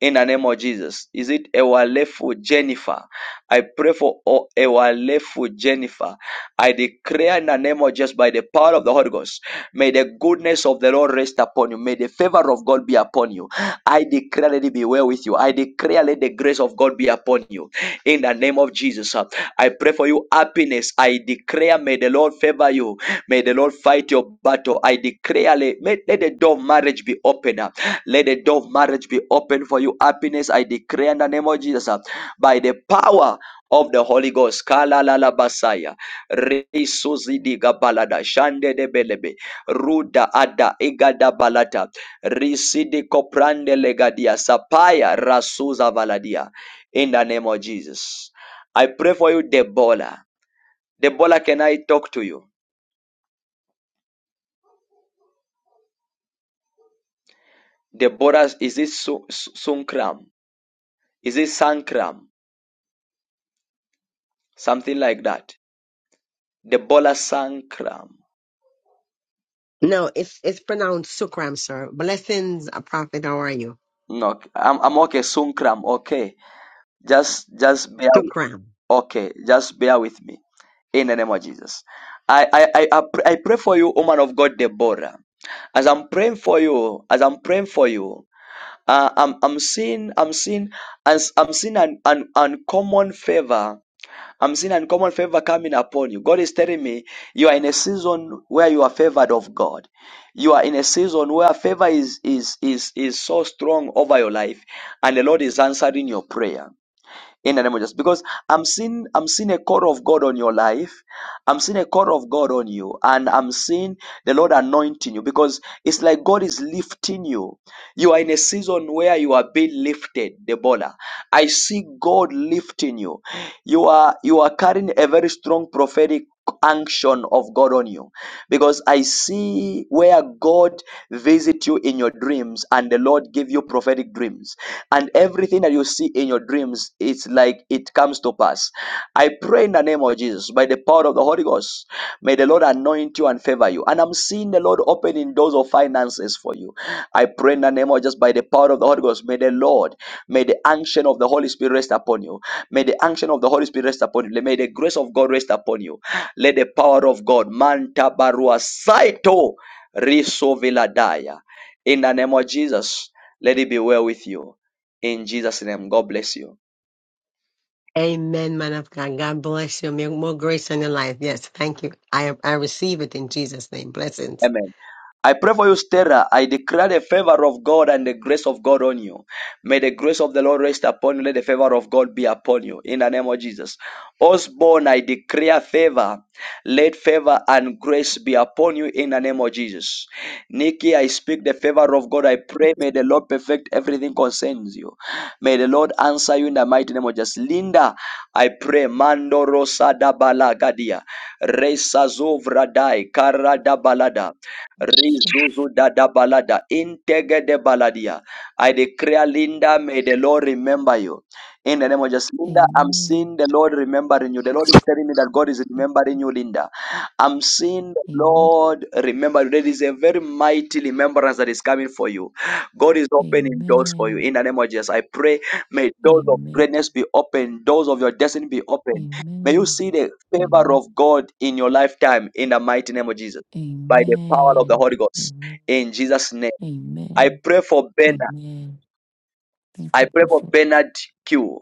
Speaker 1: in the name of Jesus. Is it a wonderful Jennifer? I pray for o- a wonderful Jennifer. I declare in the name of Jesus by the power of the Holy Ghost. May the goodness of the Lord rest upon you. May the favor of God be upon you. I declare let it be well with you. I declare let the grace of God be upon you. In the name of Jesus. uh, I pray for you happiness. I declare may the Lord favor you. May the Lord fight your battle. I declare let, let the door of marriage be opened. Let the door of marriage be open for you. Happiness, I declare in the name of Jesus, uh, by the power of the Holy Ghost. Kala la la basaya. Risuzidiga balada. Shande de belebe. Ruda ada egada balata. Risidi koprande legadia. Sapaya rasuza valadia. In the name of Jesus. I pray for you, Debola. Debola, can I talk to you? Deborah, is it Sunkram? Is it Sankram? Something like that. The bola Sankram.
Speaker 26: No, it's it's pronounced Sukram, sir. Blessings, a prophet. How are you?
Speaker 1: No, I'm, I'm okay. Sunkram, okay. Just, just bear,
Speaker 26: Sukram.
Speaker 1: okay. Just bear with me. In the name of Jesus, I, I, I, I pray I pray for you, woman of God, Deborah. As I'm praying for you, as I'm praying for you, Uh, I'm I'm seeing I'm seeing as I'm seeing an, an uncommon favor. I'm seeing uncommon favor coming upon you. God is telling me you are in a season where you are favored of God. You are in a season where favor is is is is so strong over your life, and the Lord is answering your prayer in the name of Jesus. Because I'm seeing I'm seeing a call of God on your life. I'm seeing a call of God on you, and I'm seeing the Lord anointing you because it's like God is lifting you. You are in a season where you are being lifted, Debola. I see God lifting you. You are you are carrying a very strong prophetic unction of God on you. Because I see where God visit you in your dreams and the Lord give you prophetic dreams. And everything that you see in your dreams, it's like it comes to pass. I pray in the name of Jesus, by the power of the Holy Ghost, may the Lord anoint you and favor you. And I'm seeing the Lord opening doors of finances for you. I pray in the name of just by the power of the Holy Ghost, may the Lord, may the unction of the Holy Spirit rest upon you. May the unction of the Holy Spirit rest upon you. May the grace of God rest upon you. Let the power of God, Manta Barua Saito Riso Viladaya. In the name of Jesus, let it be well with you. In Jesus' name, God bless you.
Speaker 26: Amen, man of God. God bless you. May More grace on your life. Yes, thank you. I I receive it in Jesus' name. Blessings.
Speaker 1: Amen. I pray for you, Stella. I declare the favor of God and the grace of God on you. May the grace of the Lord rest upon you. Let the favor of God be upon you. In the name of Jesus. Osborne, I declare favor. Let favor and grace be upon you in the name of Jesus. Nikki, I speak the favor of God. I pray. May the Lord perfect everything concerns you. May the Lord answer you in the mighty name of Jesus. Linda, I pray. Mando rosa da balagadia. Resa zovradai. Kara da balada.
Speaker 24: Jesus.
Speaker 1: Rizuzu da da balada. Intege de baladia. I declare, Linda, may the Lord remember you. In the name of Jesus, Linda, I'm
Speaker 24: Amen.
Speaker 1: seeing the Lord remembering you. The Lord is telling me that God is remembering
Speaker 24: Amen.
Speaker 1: you, Linda. I'm seeing the
Speaker 24: Amen.
Speaker 1: Lord remember you. There is a very mighty remembrance that is coming for you. God is opening doors for you.
Speaker 24: Amen.
Speaker 1: In the name of Jesus, I pray, may doors of
Speaker 24: Amen.
Speaker 1: greatness be open, doors of your destiny be open. May you
Speaker 24: Amen.
Speaker 1: see the favor
Speaker 24: Amen.
Speaker 1: of God in your lifetime, in the mighty name of Jesus, by the power of the
Speaker 24: Amen.
Speaker 1: Holy Ghost.
Speaker 24: Amen.
Speaker 1: In Jesus' name, I
Speaker 24: Amen.
Speaker 1: pray for Bernard.
Speaker 24: Amen. Thank you,
Speaker 1: I pray for
Speaker 24: Prophet.
Speaker 1: Bernard Q.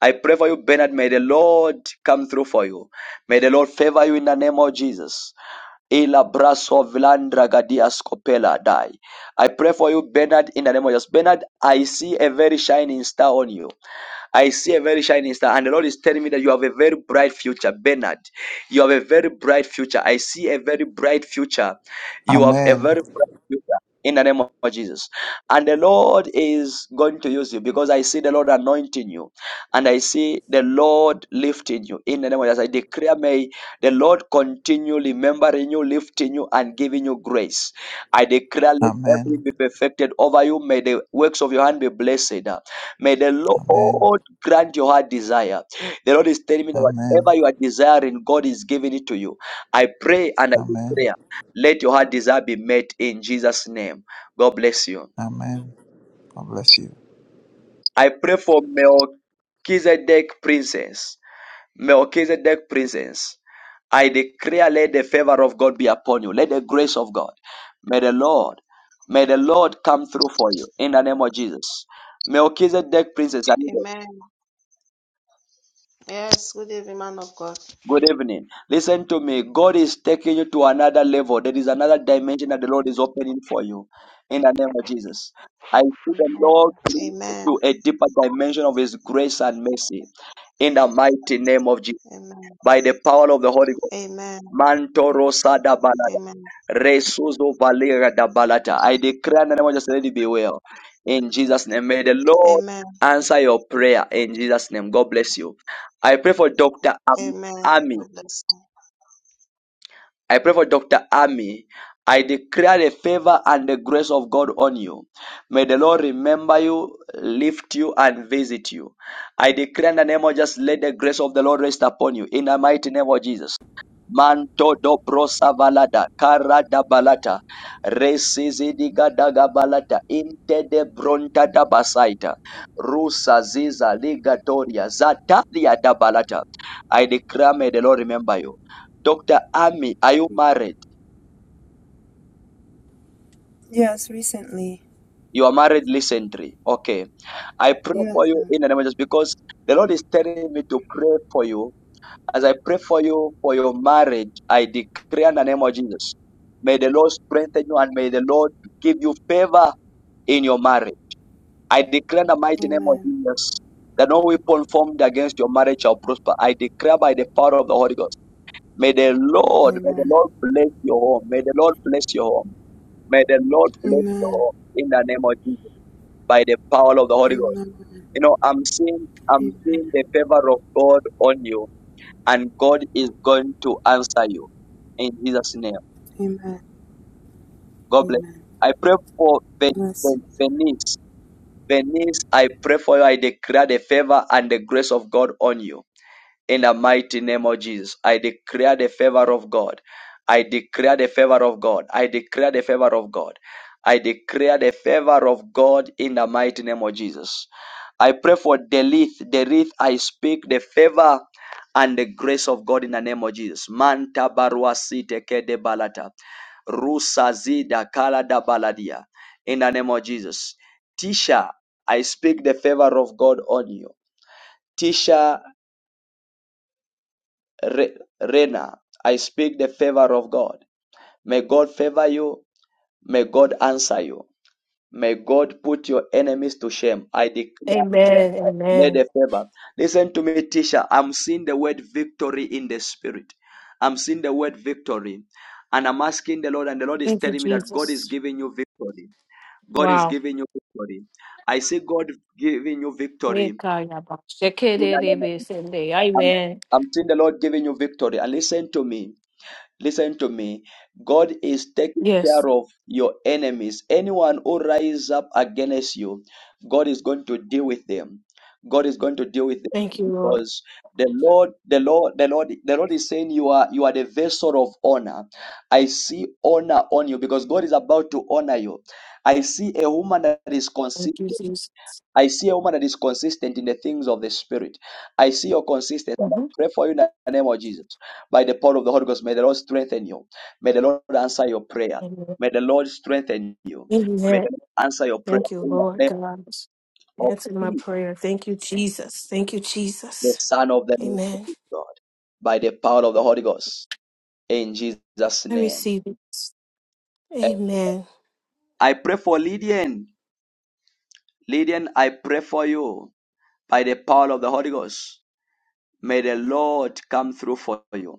Speaker 1: I pray for you, Bernard. May the Lord come through for you. May the Lord favor you in the name of Jesus. Ila braso vilandra gadia scopela die. I pray for you, Bernard, in the name of Jesus. Bernard, I see a very shining star on you. I see a very shining star, and the Lord is telling me that you have a very bright future, Bernard. You have a very bright future. I see a very bright future. You have a
Speaker 21: Amen.
Speaker 1: very bright future in the name of Jesus. And the Lord is going to use you because I see the Lord anointing you, and I see the Lord lifting you in the name of Jesus. I declare, may the Lord continue remembering you, lifting you, and giving you grace. I declare, let everything
Speaker 21: Amen.
Speaker 1: be perfected over you. May the works of your hand be blessed. May the
Speaker 21: Amen.
Speaker 1: Lord grant your heart desire. The Lord is telling me that
Speaker 21: Amen.
Speaker 1: whatever you are desiring, God is giving it to you. I pray and I
Speaker 21: Amen.
Speaker 1: declare, let your heart desire be met in Jesus' name. God bless you.
Speaker 21: Amen. God bless you.
Speaker 1: I pray for Melchizedek Princess. Melchizedek Princess. I declare, let the favor of God be upon you. Let the grace of God. May the Lord, may the Lord come through for you in the name of Jesus. Melchizedek Princess. I need
Speaker 35: Amen. Yes, good evening, man of God.
Speaker 1: Good evening. Listen to me. God is taking you to another level. There is another dimension that the Lord is opening for you. In the name of Jesus. I see the Lord bring you
Speaker 35: Amen. Amen.
Speaker 1: to a deeper dimension of His grace and mercy. In the mighty name of Jesus.
Speaker 35: Amen.
Speaker 1: By the power of the Holy Ghost.
Speaker 35: Amen.
Speaker 1: Mantoro sada balada.
Speaker 35: Amen.
Speaker 1: Resuzo valera da balata. I declare in the name of Jesus, let it be well. In Jesus' name. May the Lord
Speaker 35: Amen.
Speaker 1: answer your prayer. In Jesus' name. God bless you. I pray for Dr.
Speaker 35: Amen.
Speaker 1: Ami.
Speaker 35: God bless
Speaker 1: I pray for Dr. Ami. I declare the favor and the grace of God on you. May the Lord remember you, lift you, and visit you. I declare in the name of just let the grace of the Lord rest upon you. In the mighty name of Jesus. Manto dobro savalada, karada balata, resizidiga daga balata, inte de bronta da basaita, rusa ziza ligatoria, zatalia da balata. I declare may the Lord remember you. Dr. Ami, are you married?
Speaker 36: Yes, recently.
Speaker 1: You are married recently. Okay. I pray for
Speaker 36: Yes,
Speaker 1: you
Speaker 36: sir.
Speaker 1: in the name of Jesus because the Lord is telling me to pray for you. As I pray for you for your marriage, I declare in the name of Jesus. May the Lord strengthen you and may the Lord give you favor in your marriage. I declare in the mighty name of
Speaker 36: Amen.
Speaker 1: Jesus that no weapon formed against your marriage shall prosper. I declare by the power of the Holy Ghost. May the Lord, may the
Speaker 36: Amen.
Speaker 1: Lord bless your home. May the Lord bless your home. May the Lord bless you
Speaker 36: Amen.
Speaker 1: all in the name of Jesus by the power of the
Speaker 36: Amen.
Speaker 1: Holy Ghost.
Speaker 36: Amen.
Speaker 1: You know, I'm seeing, I'm seeing the favor of God on you, and God is going to answer you in Jesus' name.
Speaker 36: Amen.
Speaker 1: God bless.
Speaker 36: Amen.
Speaker 1: I pray for Ven-
Speaker 36: Bless
Speaker 1: Ven- Venice. Venice, I pray for you. I declare the favor and the grace of God on you In the mighty name of Jesus, I declare the favor of God. I declare the favor of God. I declare the favor of God. I declare the favor of God in the mighty name of Jesus. I pray for Delith. Delith, I speak the favor and the grace of God in the name of Jesus. Manta baruasi teke de balata. rusazi da kala da baladia. In the name of Jesus. Tisha, I speak the favor of God on you. Tisha Re- Rena, I speak the favor of God. May God favor you. May God answer you. May God put your enemies to shame. I declare,
Speaker 37: Amen.
Speaker 1: may
Speaker 37: Amen.
Speaker 1: the favor. Listen to me, Tisha. I'm seeing the word victory in the spirit. I'm seeing the word victory. And I'm asking the Lord, and the Lord is
Speaker 37: Thank you,
Speaker 1: telling me that God is
Speaker 37: Jesus.
Speaker 1: giving you victory. God is
Speaker 37: Wow.
Speaker 1: giving you victory. I see God giving you victory. In
Speaker 37: Yekayaba,
Speaker 1: the name of-
Speaker 37: shekerebe sende.
Speaker 1: I'm,
Speaker 37: Amen.
Speaker 1: I'm seeing the Lord giving you victory. And listen to me. Listen to me. God is taking
Speaker 37: Yes.
Speaker 1: care of your enemies. Anyone who rise up against you, God is going to deal with them. God is going to deal with them
Speaker 37: Thank you, Lord.
Speaker 1: because the Lord, the Lord, the Lord, the Lord is saying you are you are the vessel of honor. I see honor on you because God is about to honor you. I see a woman that is consistent.
Speaker 37: Thank you, Jesus.
Speaker 1: I see a woman that is consistent in the things of the Spirit. I see your consistency. I
Speaker 37: Mhm.
Speaker 1: Pray for you in the name of Jesus. By the power of the Holy Ghost, may the Lord strengthen you. May the Lord answer your prayer.
Speaker 37: Amen.
Speaker 1: May the Lord strengthen you. May
Speaker 37: Amen.
Speaker 1: the Lord answer your prayer
Speaker 37: Thank you,
Speaker 1: in the
Speaker 37: Lord
Speaker 1: name
Speaker 37: God.
Speaker 1: of
Speaker 37: Answer my
Speaker 1: Jesus,
Speaker 37: prayer. Thank you, Jesus. Thank you,
Speaker 1: the
Speaker 37: Jesus.
Speaker 1: Son of the
Speaker 37: Amen.
Speaker 1: Living God. By the power of the Holy Ghost. In Jesus'
Speaker 37: I
Speaker 1: name.
Speaker 37: receive it. Amen.
Speaker 1: I pray for Lydian. Lydian, I pray for you by the power of the Holy Ghost. May the Lord come through for you.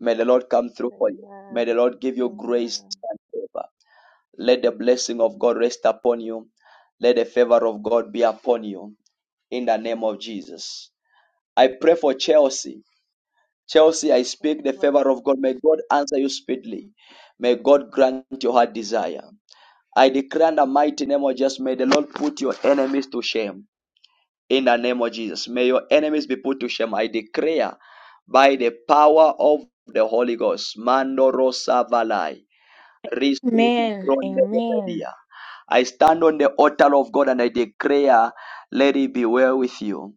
Speaker 1: May the Lord come through for you. May the
Speaker 38: Amen.
Speaker 1: Lord give you grace
Speaker 38: Amen.
Speaker 1: and favor. Let the blessing of God rest upon you. Let the favor of God be upon you in the name of Jesus. I pray for Chelsea. Chelsea, I
Speaker 38: God
Speaker 1: speak the favor
Speaker 38: bless
Speaker 1: of God.
Speaker 38: you.
Speaker 1: May God answer you speedily. May God grant your heart desire. I declare in the mighty name of Jesus, may the Lord put your enemies to shame in the name of Jesus. May your enemies be put to shame. I declare by the power of the Holy Ghost. Mandoro Savalai.
Speaker 39: Amen. Amen.
Speaker 1: I stand on the altar of God and I declare, let it be well with you.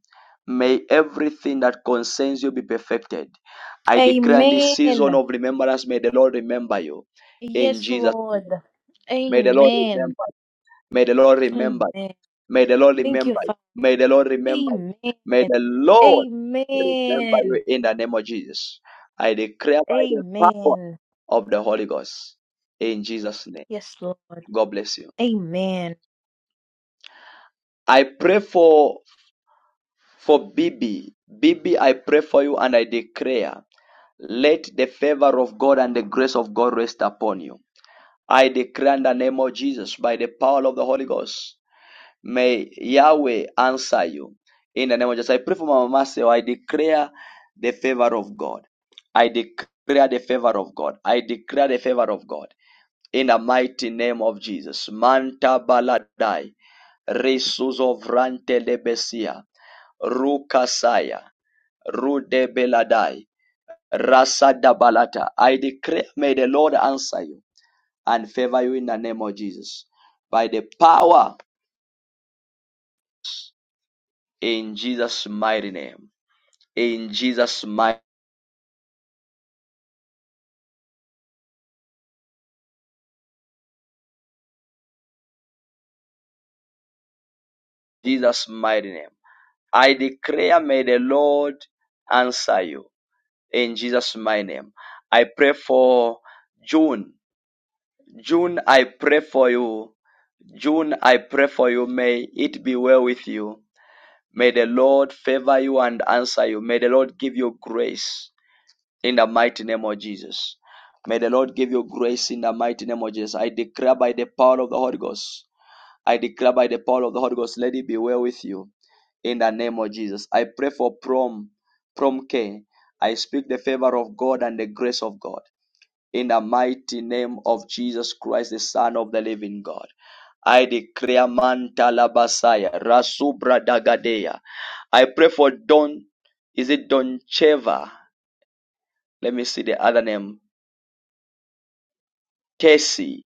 Speaker 1: May everything that concerns you be perfected. I declare in this season
Speaker 39: Amen.
Speaker 1: of remembrance, may the Lord remember you. In
Speaker 39: Yes,
Speaker 1: Jesus' name.
Speaker 39: Lord.
Speaker 1: May the Lord
Speaker 39: Amen.
Speaker 1: remember. May the Lord remember.
Speaker 39: Amen.
Speaker 1: May the Lord
Speaker 39: Thank you,
Speaker 1: remember you.
Speaker 39: Father.
Speaker 1: May the Lord remember you.
Speaker 39: Amen.
Speaker 1: May the Lord remember
Speaker 39: Amen.
Speaker 1: you in the name of Jesus. I declare by the power
Speaker 39: Amen.
Speaker 1: of the Holy Ghost in Jesus' name.
Speaker 39: Yes, Lord.
Speaker 1: God bless you.
Speaker 39: Amen.
Speaker 1: I pray for for Bibi. Bibi, I pray for you and I declare, let the favor of God and the grace of God rest upon you. I declare in the name of Jesus by the power of the Holy Ghost. May Yahweh answer you. In the name of Jesus, I pray for my Mama Marcel. I declare the favor of God. I declare the favor of God. I declare the favor of God. In the mighty name of Jesus. Manta baladai. Resuzo vrante lebesia. Rukasaya. Rude beladai. Rasada balata. I declare, may the Lord answer you and favor you in the name of Jesus. By the power in Jesus' mighty name. in Jesus' mighty, Jesus' mighty name. I declare, may the Lord answer you in Jesus' mighty name. I pray for June. June, I pray for you. June, I pray for you. May it be well with you. May the Lord favor you and answer you. May the Lord give you grace in the mighty name of Jesus. May the Lord give you grace in the mighty name of Jesus. I declare by the power of the Holy Ghost. I declare by the power of the Holy Ghost, let it be well with you in the name of Jesus. I pray for prom, prom care. I speak the favor of God and the grace of God in the mighty name of Jesus Christ, the Son of the living God. I declare manta labasaya rasubra dagadea. I pray for Don. Is it Doncheva? Let me see the other name. Casey.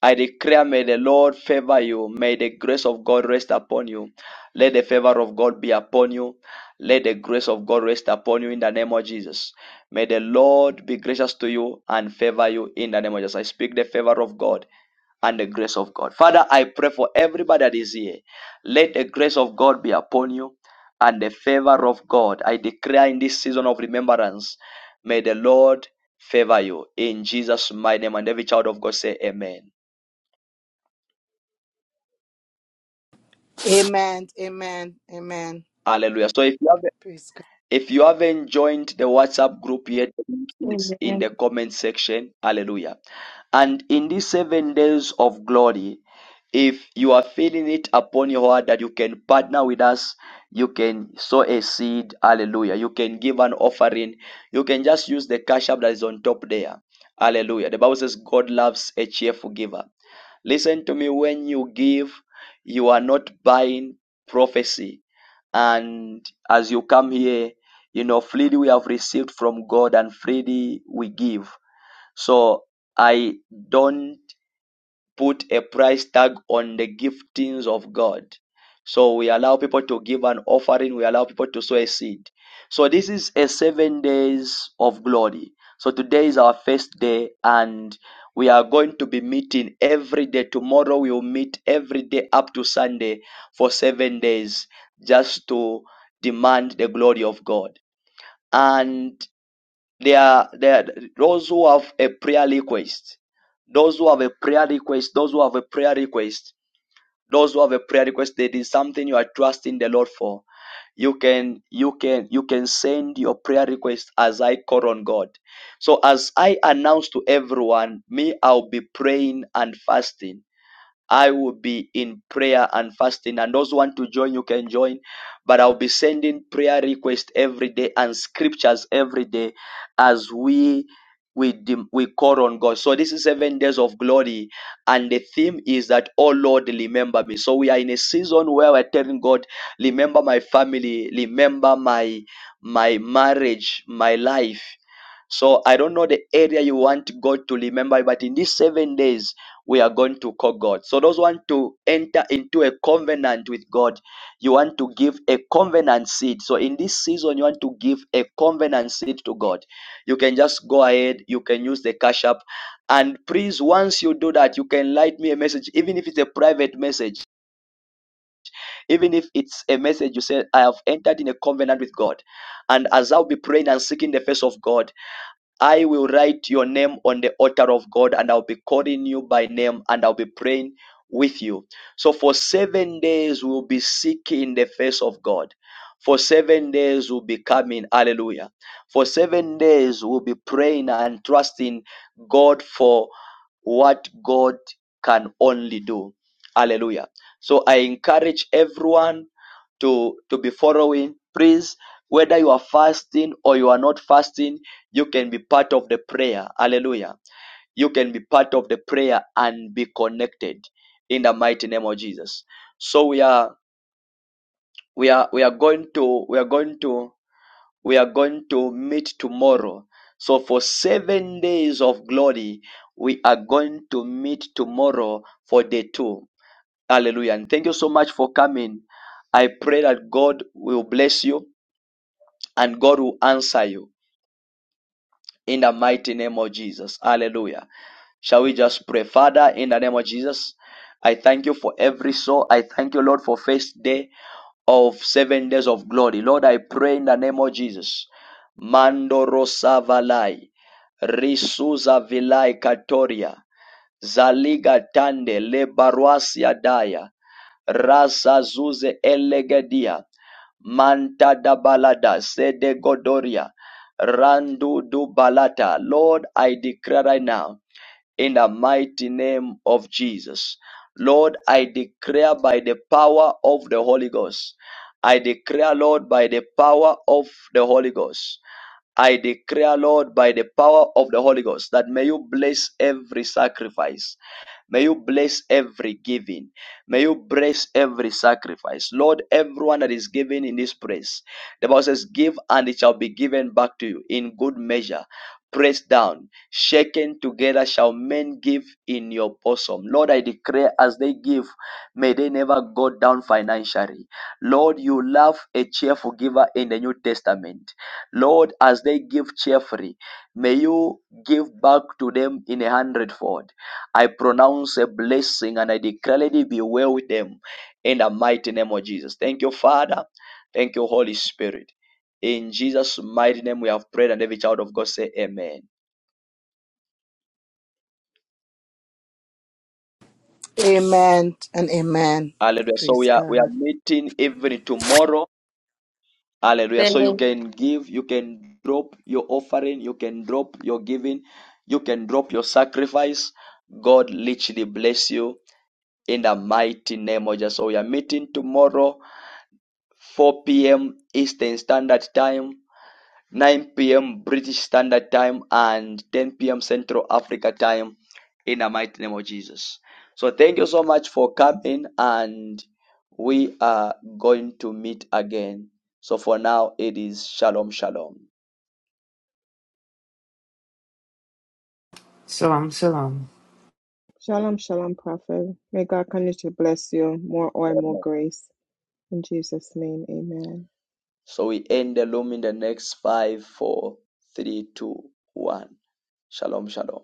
Speaker 1: I declare, may the Lord favor you. May the grace of God rest upon you. Let the favor of God be upon you. Let the grace of God rest upon you in the name of Jesus. May the Lord be gracious to you and favor you in the name of Jesus. I speak the favor of God and the grace of God. Father, I pray for everybody that is here. Let the grace of God be upon you and the favor of God. I declare in this season of remembrance, may the Lord favor you in Jesus' mighty name. And every child of God say, Amen.
Speaker 17: Amen. Amen. Amen.
Speaker 1: Hallelujah. So if you have
Speaker 17: Praise God.
Speaker 1: if you haven't joined the WhatsApp group yet, the link is in
Speaker 37: Amen.
Speaker 1: the comment section. Hallelujah. And in these seven days of glory, if you are feeling it upon your heart that you can partner with us, you can sow a seed. Hallelujah. You can give an offering. You can just use the cash app that is on top there. Hallelujah. The Bible says God loves a cheerful giver. Listen to me when you give, you are not buying prophecy and as you come here, you know, freely we have received from God and freely we give. So I don't put a price tag on the giftings of God. So we allow people to give an offering, we allow people to sow a seed. So this is a seven days of glory. So today is our first day, and we are going to be meeting every day. Tomorrow we will meet every day up to Sunday for seven days just to demand the glory of God. And there are, there are those who have a prayer request. Those who have a prayer request, those who have a prayer request, those who have a prayer request, there is something you are trusting the Lord for. You can, you can, you can send your prayer request as I call on God. So as I announce to everyone, me, I'll be praying and fasting I will be in prayer and fasting. And those who want to join, you can join. But I'll be sending prayer requests every day and scriptures every day as we we dem- we call on God. So this is seven days of glory, and the theme is that oh Lord, remember me. So we are in a season where we're telling God, remember my family, remember my my marriage, my life. So I don't know the area you want God to remember, but in these seven days we are going to call God. So those want to enter into a covenant with God, you want to give a covenant seed. So in this season, you want to give a covenant seed to God. You can just go ahead. You can use the cash app, and please, once you do that, you can write me a message, even if it's a private message, even if it's a message you say, "I have entered in a covenant with God," and as I'll be praying and seeking the face of God. I will write your name on the altar of God and I'll be calling you by name and I'll be praying with you. So for seven days, we'll be seeking the face of God. For seven days, we'll be coming. Hallelujah. For seven days, we'll be praying and trusting God for what God can only do. Hallelujah. So I encourage everyone to, to be following. Please, whether you are fasting or you are not fasting, you can be part of the prayer. Hallelujah. You can be part of the prayer and be connected in the mighty name of Jesus. So we are we are we are going to we are going to we are going to meet tomorrow. So, for seven days of glory, we are going to meet tomorrow for day two. Hallelujah. And thank you so much for coming. I pray that God will bless you and God will answer you in the mighty name of Jesus. Hallelujah. Shall we just pray? Father, in the name of Jesus, I thank you for every soul. I thank you, Lord, for first day of seven days of glory. Lord, I pray in the name of Jesus. Mandoro Savalai, Risuza Vilai Katoria, Zaliga Tande, Lebaruasia Daya, Rasa Zuze Elegedia, Manta da Balada, Sede Godoria, Randu du Balata. Lord, I declare right now in the mighty name of Jesus. Lord, I declare by the power of the Holy Ghost. I declare, Lord, by the power of the Holy Ghost. I declare, Lord, by the power of the Holy Ghost, that may you bless every sacrifice. May you bless every giving. May you bless every sacrifice. Lord, everyone that is given in this place. The Bible says, Give and it shall be given back to you in good measure. Press down. Shaken together shall men give in your bosom. Lord, I declare as they give, may they never go down financially. Lord, you love a cheerful giver in the New Testament. Lord, as they give cheerfully, may you give back to them in a hundredfold. I pronounce a blessing and I declare, it be well with them in the mighty name of Jesus. Thank you, Father. Thank you, Holy Spirit. In Jesus' mighty name, we have prayed, and every child of God say, Amen.
Speaker 17: Amen and amen.
Speaker 1: Hallelujah. So
Speaker 17: Praise
Speaker 1: we are we are
Speaker 17: God.
Speaker 1: meeting even tomorrow. Hallelujah. So you
Speaker 37: Amen.
Speaker 1: can give, you can drop your offering, you can drop your giving, you can drop your sacrifice. God literally bless you in the mighty name of Jesus. So we are meeting tomorrow, 4 p.m. Eastern Standard Time. 9 p.m. British Standard Time and 10 p.m. Central Africa Time in the mighty name of Jesus. So thank you so much for coming and we are going to meet again. So for now it is shalom shalom.
Speaker 29: Shalom, shalom.
Speaker 28: Shalom, shalom, Prophet. May God continue to bless you. More oil, more grace. In Jesus' name. Amen.
Speaker 1: So we end the loom in the next five, four, three, two, one. Shalom shalom.